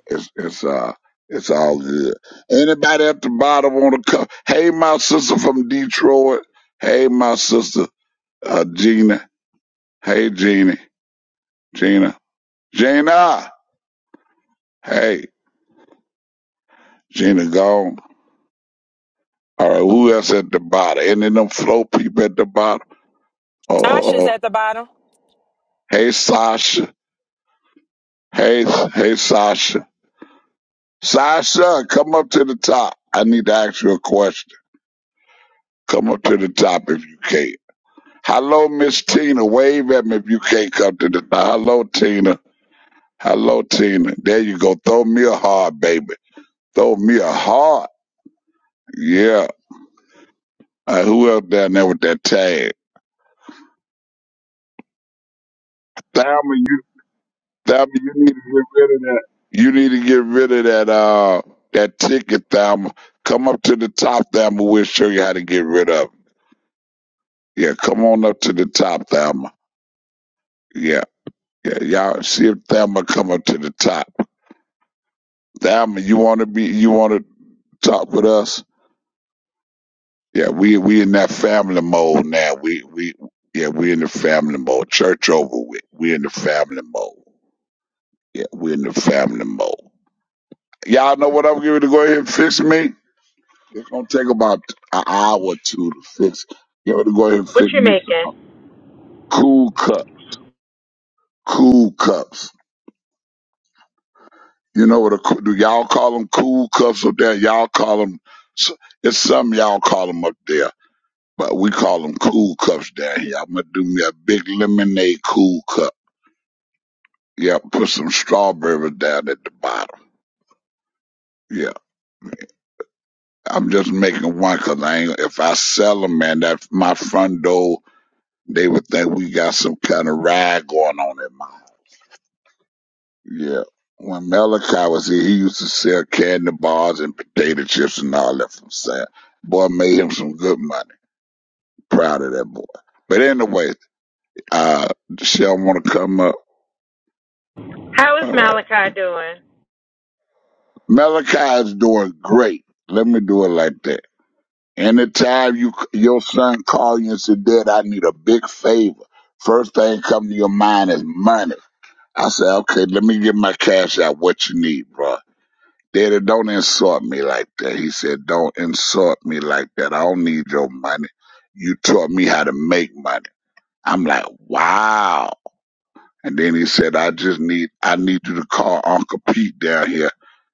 [SPEAKER 9] It's it's uh it's all good. Anybody at the bottom want to come? Hey, my sister from Detroit. Hey, my sister uh, Gina. Hey, Gina. Gina. Gina. Hey, Gina. Gone. All right, who else at the bottom? Any of them flow people at the bottom? Uh, uh,
[SPEAKER 6] Tasha's
[SPEAKER 9] uh,
[SPEAKER 6] at the bottom.
[SPEAKER 9] hey Sasha, hey, hey Sasha, Sasha, come up to the top. I need to ask you a question. Come up to the top if you can. Hello, Miss Tina. Wave at me if you can't come to the top. Hello, Tina. Hello, Tina. There you go. Throw me a heart, baby. Throw me a heart. Yeah. Uh, who else down there with that tag? Thelma, Thelma, you need to get rid of that. You need to get rid of that uh that ticket, Thelma. Come up to the top, Thelma. We'll show you how to get rid of. It. Yeah, come on up to the top, Thelma. Yeah, yeah. Y'all see if Thelma come up to the top. Thelma, you want to be? You want to talk with us? Yeah, we we in that family mode now. We we yeah, we in the family mode. Church over with. We in the family mode. Yeah, we in the family mode. Y'all know what I'm giving to go ahead and fix me? It's gonna take about an hour or two to fix. You able to go ahead and
[SPEAKER 6] What
[SPEAKER 9] fix
[SPEAKER 6] you
[SPEAKER 9] me some
[SPEAKER 6] making?
[SPEAKER 9] cool cup, cool cups. You know what? A, coo- do y'all call them cool cups up there? Y'all call them. It's some y'all call them up there, but we call them cool cups down here. I'm gonna do me a big lemonade cool cup. Yeah, put some strawberries down at the bottom. Yeah, I'm just making one 'cause I ain't. If I sell 'em, man, that my front door, they would think we got some kind of ride going on at my Yeah. When Malachi was here, he used to sell candy bars and potato chips and all that from Sam. Boy made him some good money. Proud of that boy. But anyway, uh, Shell want to come up.
[SPEAKER 6] How is
[SPEAKER 9] All right.
[SPEAKER 6] Malachi doing?
[SPEAKER 9] Malachi is doing great. Let me do it like that. Anytime you your son call you and say, Dad, I need a big favor. First thing come to your mind is money. I say, okay, let me get my cash out. What you need, bro? Daddy, don't insult me like that. He said, Don't insult me like that. I don't need your money. You taught me how to make money. I'm like, Wow. And then he said, I just need, I need you to call Uncle Pete down here.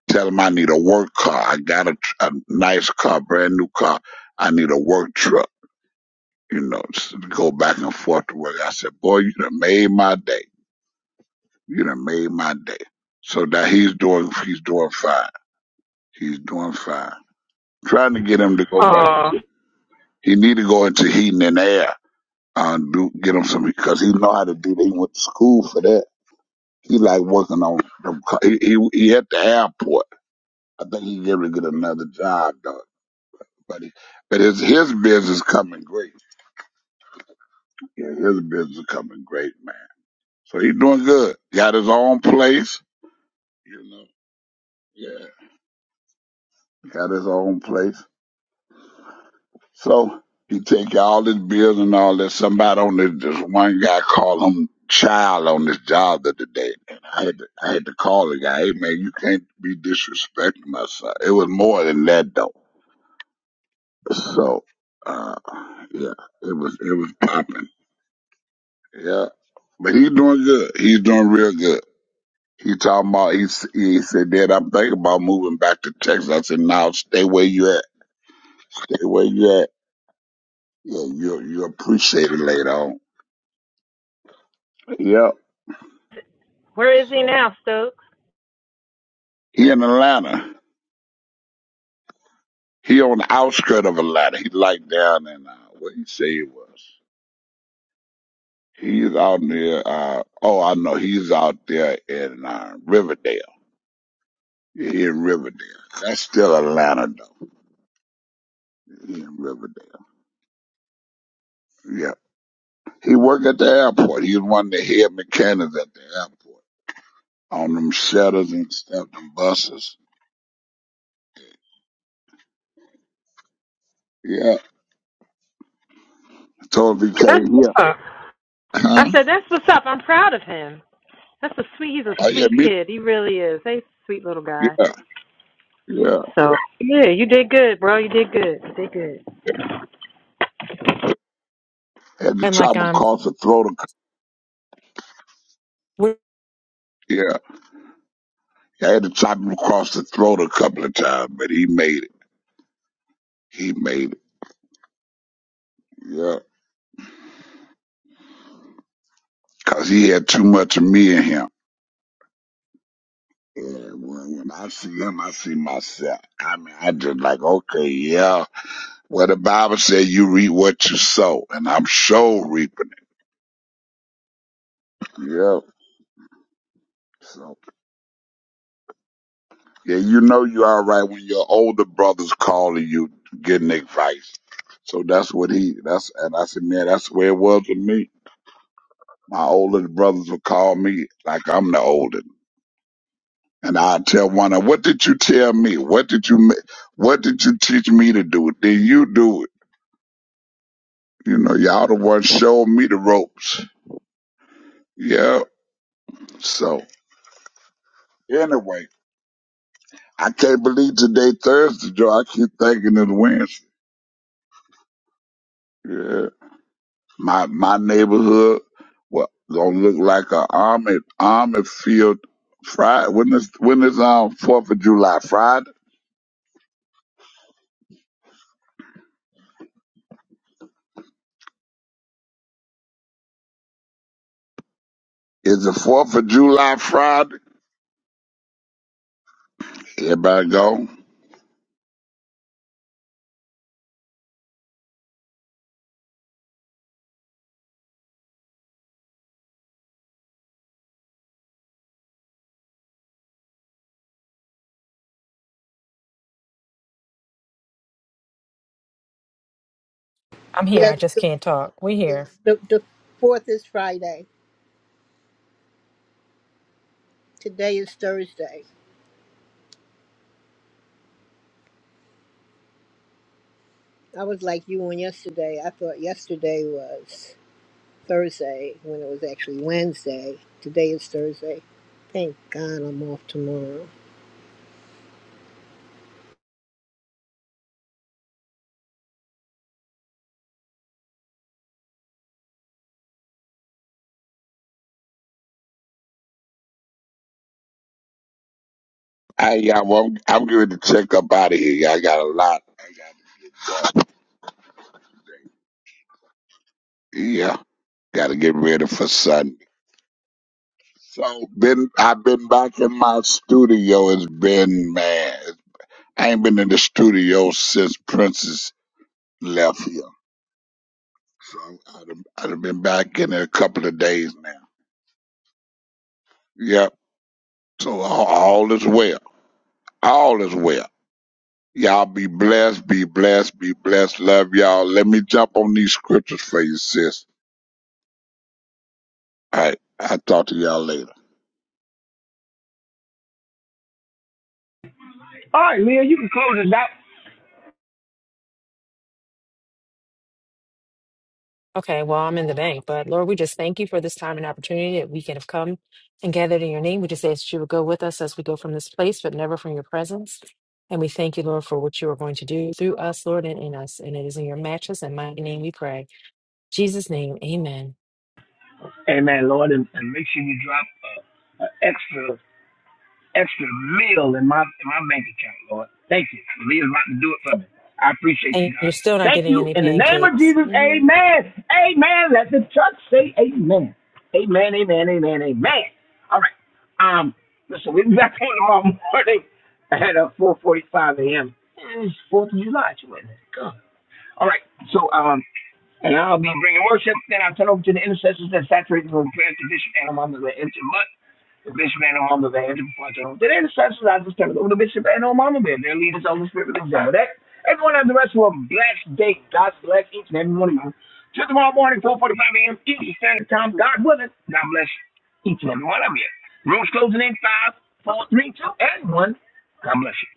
[SPEAKER 9] Tell him I need a work car. I got a, tr- a nice car, brand new car. I need a work truck, you know, just to go back and forth to work. I said, Boy, you done made my day. You done made my day. So that he's doing, he's doing fine. He's doing fine. trying to get him to go back into. He need to go into heating and air. Uh, do get him some because he know how to do. that. He went to school for that. He like working on them. co- He, he he at the airport. I think he going to get another job though. But he, but his his business coming great. Yeah, his business coming great, man. So he doing good. Got his own place. You know. Yeah. Got his own place. So he take all his bills and all this. Somebody on this, this one guy called him child on his job the other day. And I had to, I had to call the guy. Hey man, you can't be disrespecting my son. It was more than that though. So, uh, yeah, it was, it was popping. Yeah. But he's doing good. He's doing real good. He talking about he, s- he said, Dad, I'm thinking about moving back to Texas. I said, No, stay where you at. Stay where you at. Yeah, you you appreciate it later on. Yep. So he in Atlanta. He on the outskirt of Atlanta. He like down in uh, where he say he was. He's out near. Uh, oh, I know. He's out there in uh, Riverdale. Yeah, He in Riverdale. That's still Atlanta though. He in Riverdale. Yeah. He work at the airport. He's one of the head mechanics at the airport on them shutters and stuff, them buses. Yeah. Told him he came here. Huh? Oh yeah, me. Yeah, yeah.
[SPEAKER 6] Hey, you did good, bro. You did good.
[SPEAKER 9] Had to
[SPEAKER 6] And like
[SPEAKER 9] chop
[SPEAKER 6] um
[SPEAKER 9] across the throat. Of,
[SPEAKER 6] we
[SPEAKER 9] yeah. I had to chop him across the throat a couple of times, but he made it. He made it. Yeah. Cause he had too much of me in him. And when, when I see him, I see myself. I mean, I just like, okay, yeah. Well, the Bible said you reap what you sow, and I'm sure reaping it. Yeah. So, yeah, you know you're all right when your older brother's calling you, getting advice. So that's what he, that's, and I said, man, that's the way it was with me. My older brothers would call me like I'm the oldest. And I tell one, of, what did you tell me? What did you, ma- what did you teach me to do? Did you do it? You know, y'all the one showed me the ropes. Yeah. So anyway, I can't believe today Thursday, Joe. I keep thinking it's Wednesday. Yeah. My, my neighborhood, well, gonna look like a army, army field Friday. When is, when is, um, 4th of July? Friday? Is the 4th of July Friday? Everybody go.
[SPEAKER 6] I'm here.
[SPEAKER 13] Yes.
[SPEAKER 6] I just
[SPEAKER 13] The,
[SPEAKER 6] can't talk. We here.
[SPEAKER 13] the, the fourth is Friday. Today is Thursday. I was like you on yesterday. I thought yesterday was. Thursday when it was actually Wednesday. Today is Thursday. Thank God I'm off tomorrow.
[SPEAKER 9] I, yeah, well, I'm, I'm going to check up out of here. Yeah, I got a lot. Yeah, got to get ready for Sunday. So been I've been back in my studio. It's been man, I ain't been in the studio since Princess left here. So I'd have, I'd have been back in there a couple of days now. Yep. So all, all is well. All is well. Y'all be blessed. Be blessed. Be blessed. Love y'all. Let me jump on these scriptures for you, sis. All right. I'll talk to y'all later.
[SPEAKER 10] All right, Leah, you can close us out.
[SPEAKER 6] okay, well I'm in the bank, but Lord, we just thank you for this time and opportunity that we can have come and gathered in your name. We just ask that you would go with us as we go from this place, but never from your presence. And we thank you, Lord, for what you are going to do through us, Lord, and in us. And it is in your matches and mighty name we pray. Jesus' name, amen.
[SPEAKER 10] Amen, Lord. And, and make sure you drop uh, an extra extra meal in my in my bank account, Lord. Thank you. The leader's about to do it for me. I appreciate
[SPEAKER 6] And
[SPEAKER 10] you,
[SPEAKER 6] you're
[SPEAKER 10] God.
[SPEAKER 6] still not
[SPEAKER 10] Thank
[SPEAKER 6] getting
[SPEAKER 10] you.
[SPEAKER 6] any
[SPEAKER 10] In the name of
[SPEAKER 6] pancakes.
[SPEAKER 10] Jesus,
[SPEAKER 6] Mm-hmm.
[SPEAKER 10] amen. Amen. Let the church say amen. Amen, amen, amen, amen. All right. Um, listen, we'll be back *laughs* on tomorrow morning at uh, 4.45 a.m. It's 4th of July. You went, God. All right. So, um, and I'll be bringing worship. Then I'll turn over to the intercessors that saturate the prayer, tradition, and I'm on the end. of the month. The bishop ain't no humble Today, The perpetual. They didn't subsidize this temple. The bishop ain't no humble man. Their leaders on the spirit of example. That everyone have the rest of a blessed day. God bless each and every one of you. Till tomorrow morning, 4:45 a.m. Eastern Standard Time. God willing. God bless each and every one of you. Rooms closing in five, four, three, two, and one. God bless you.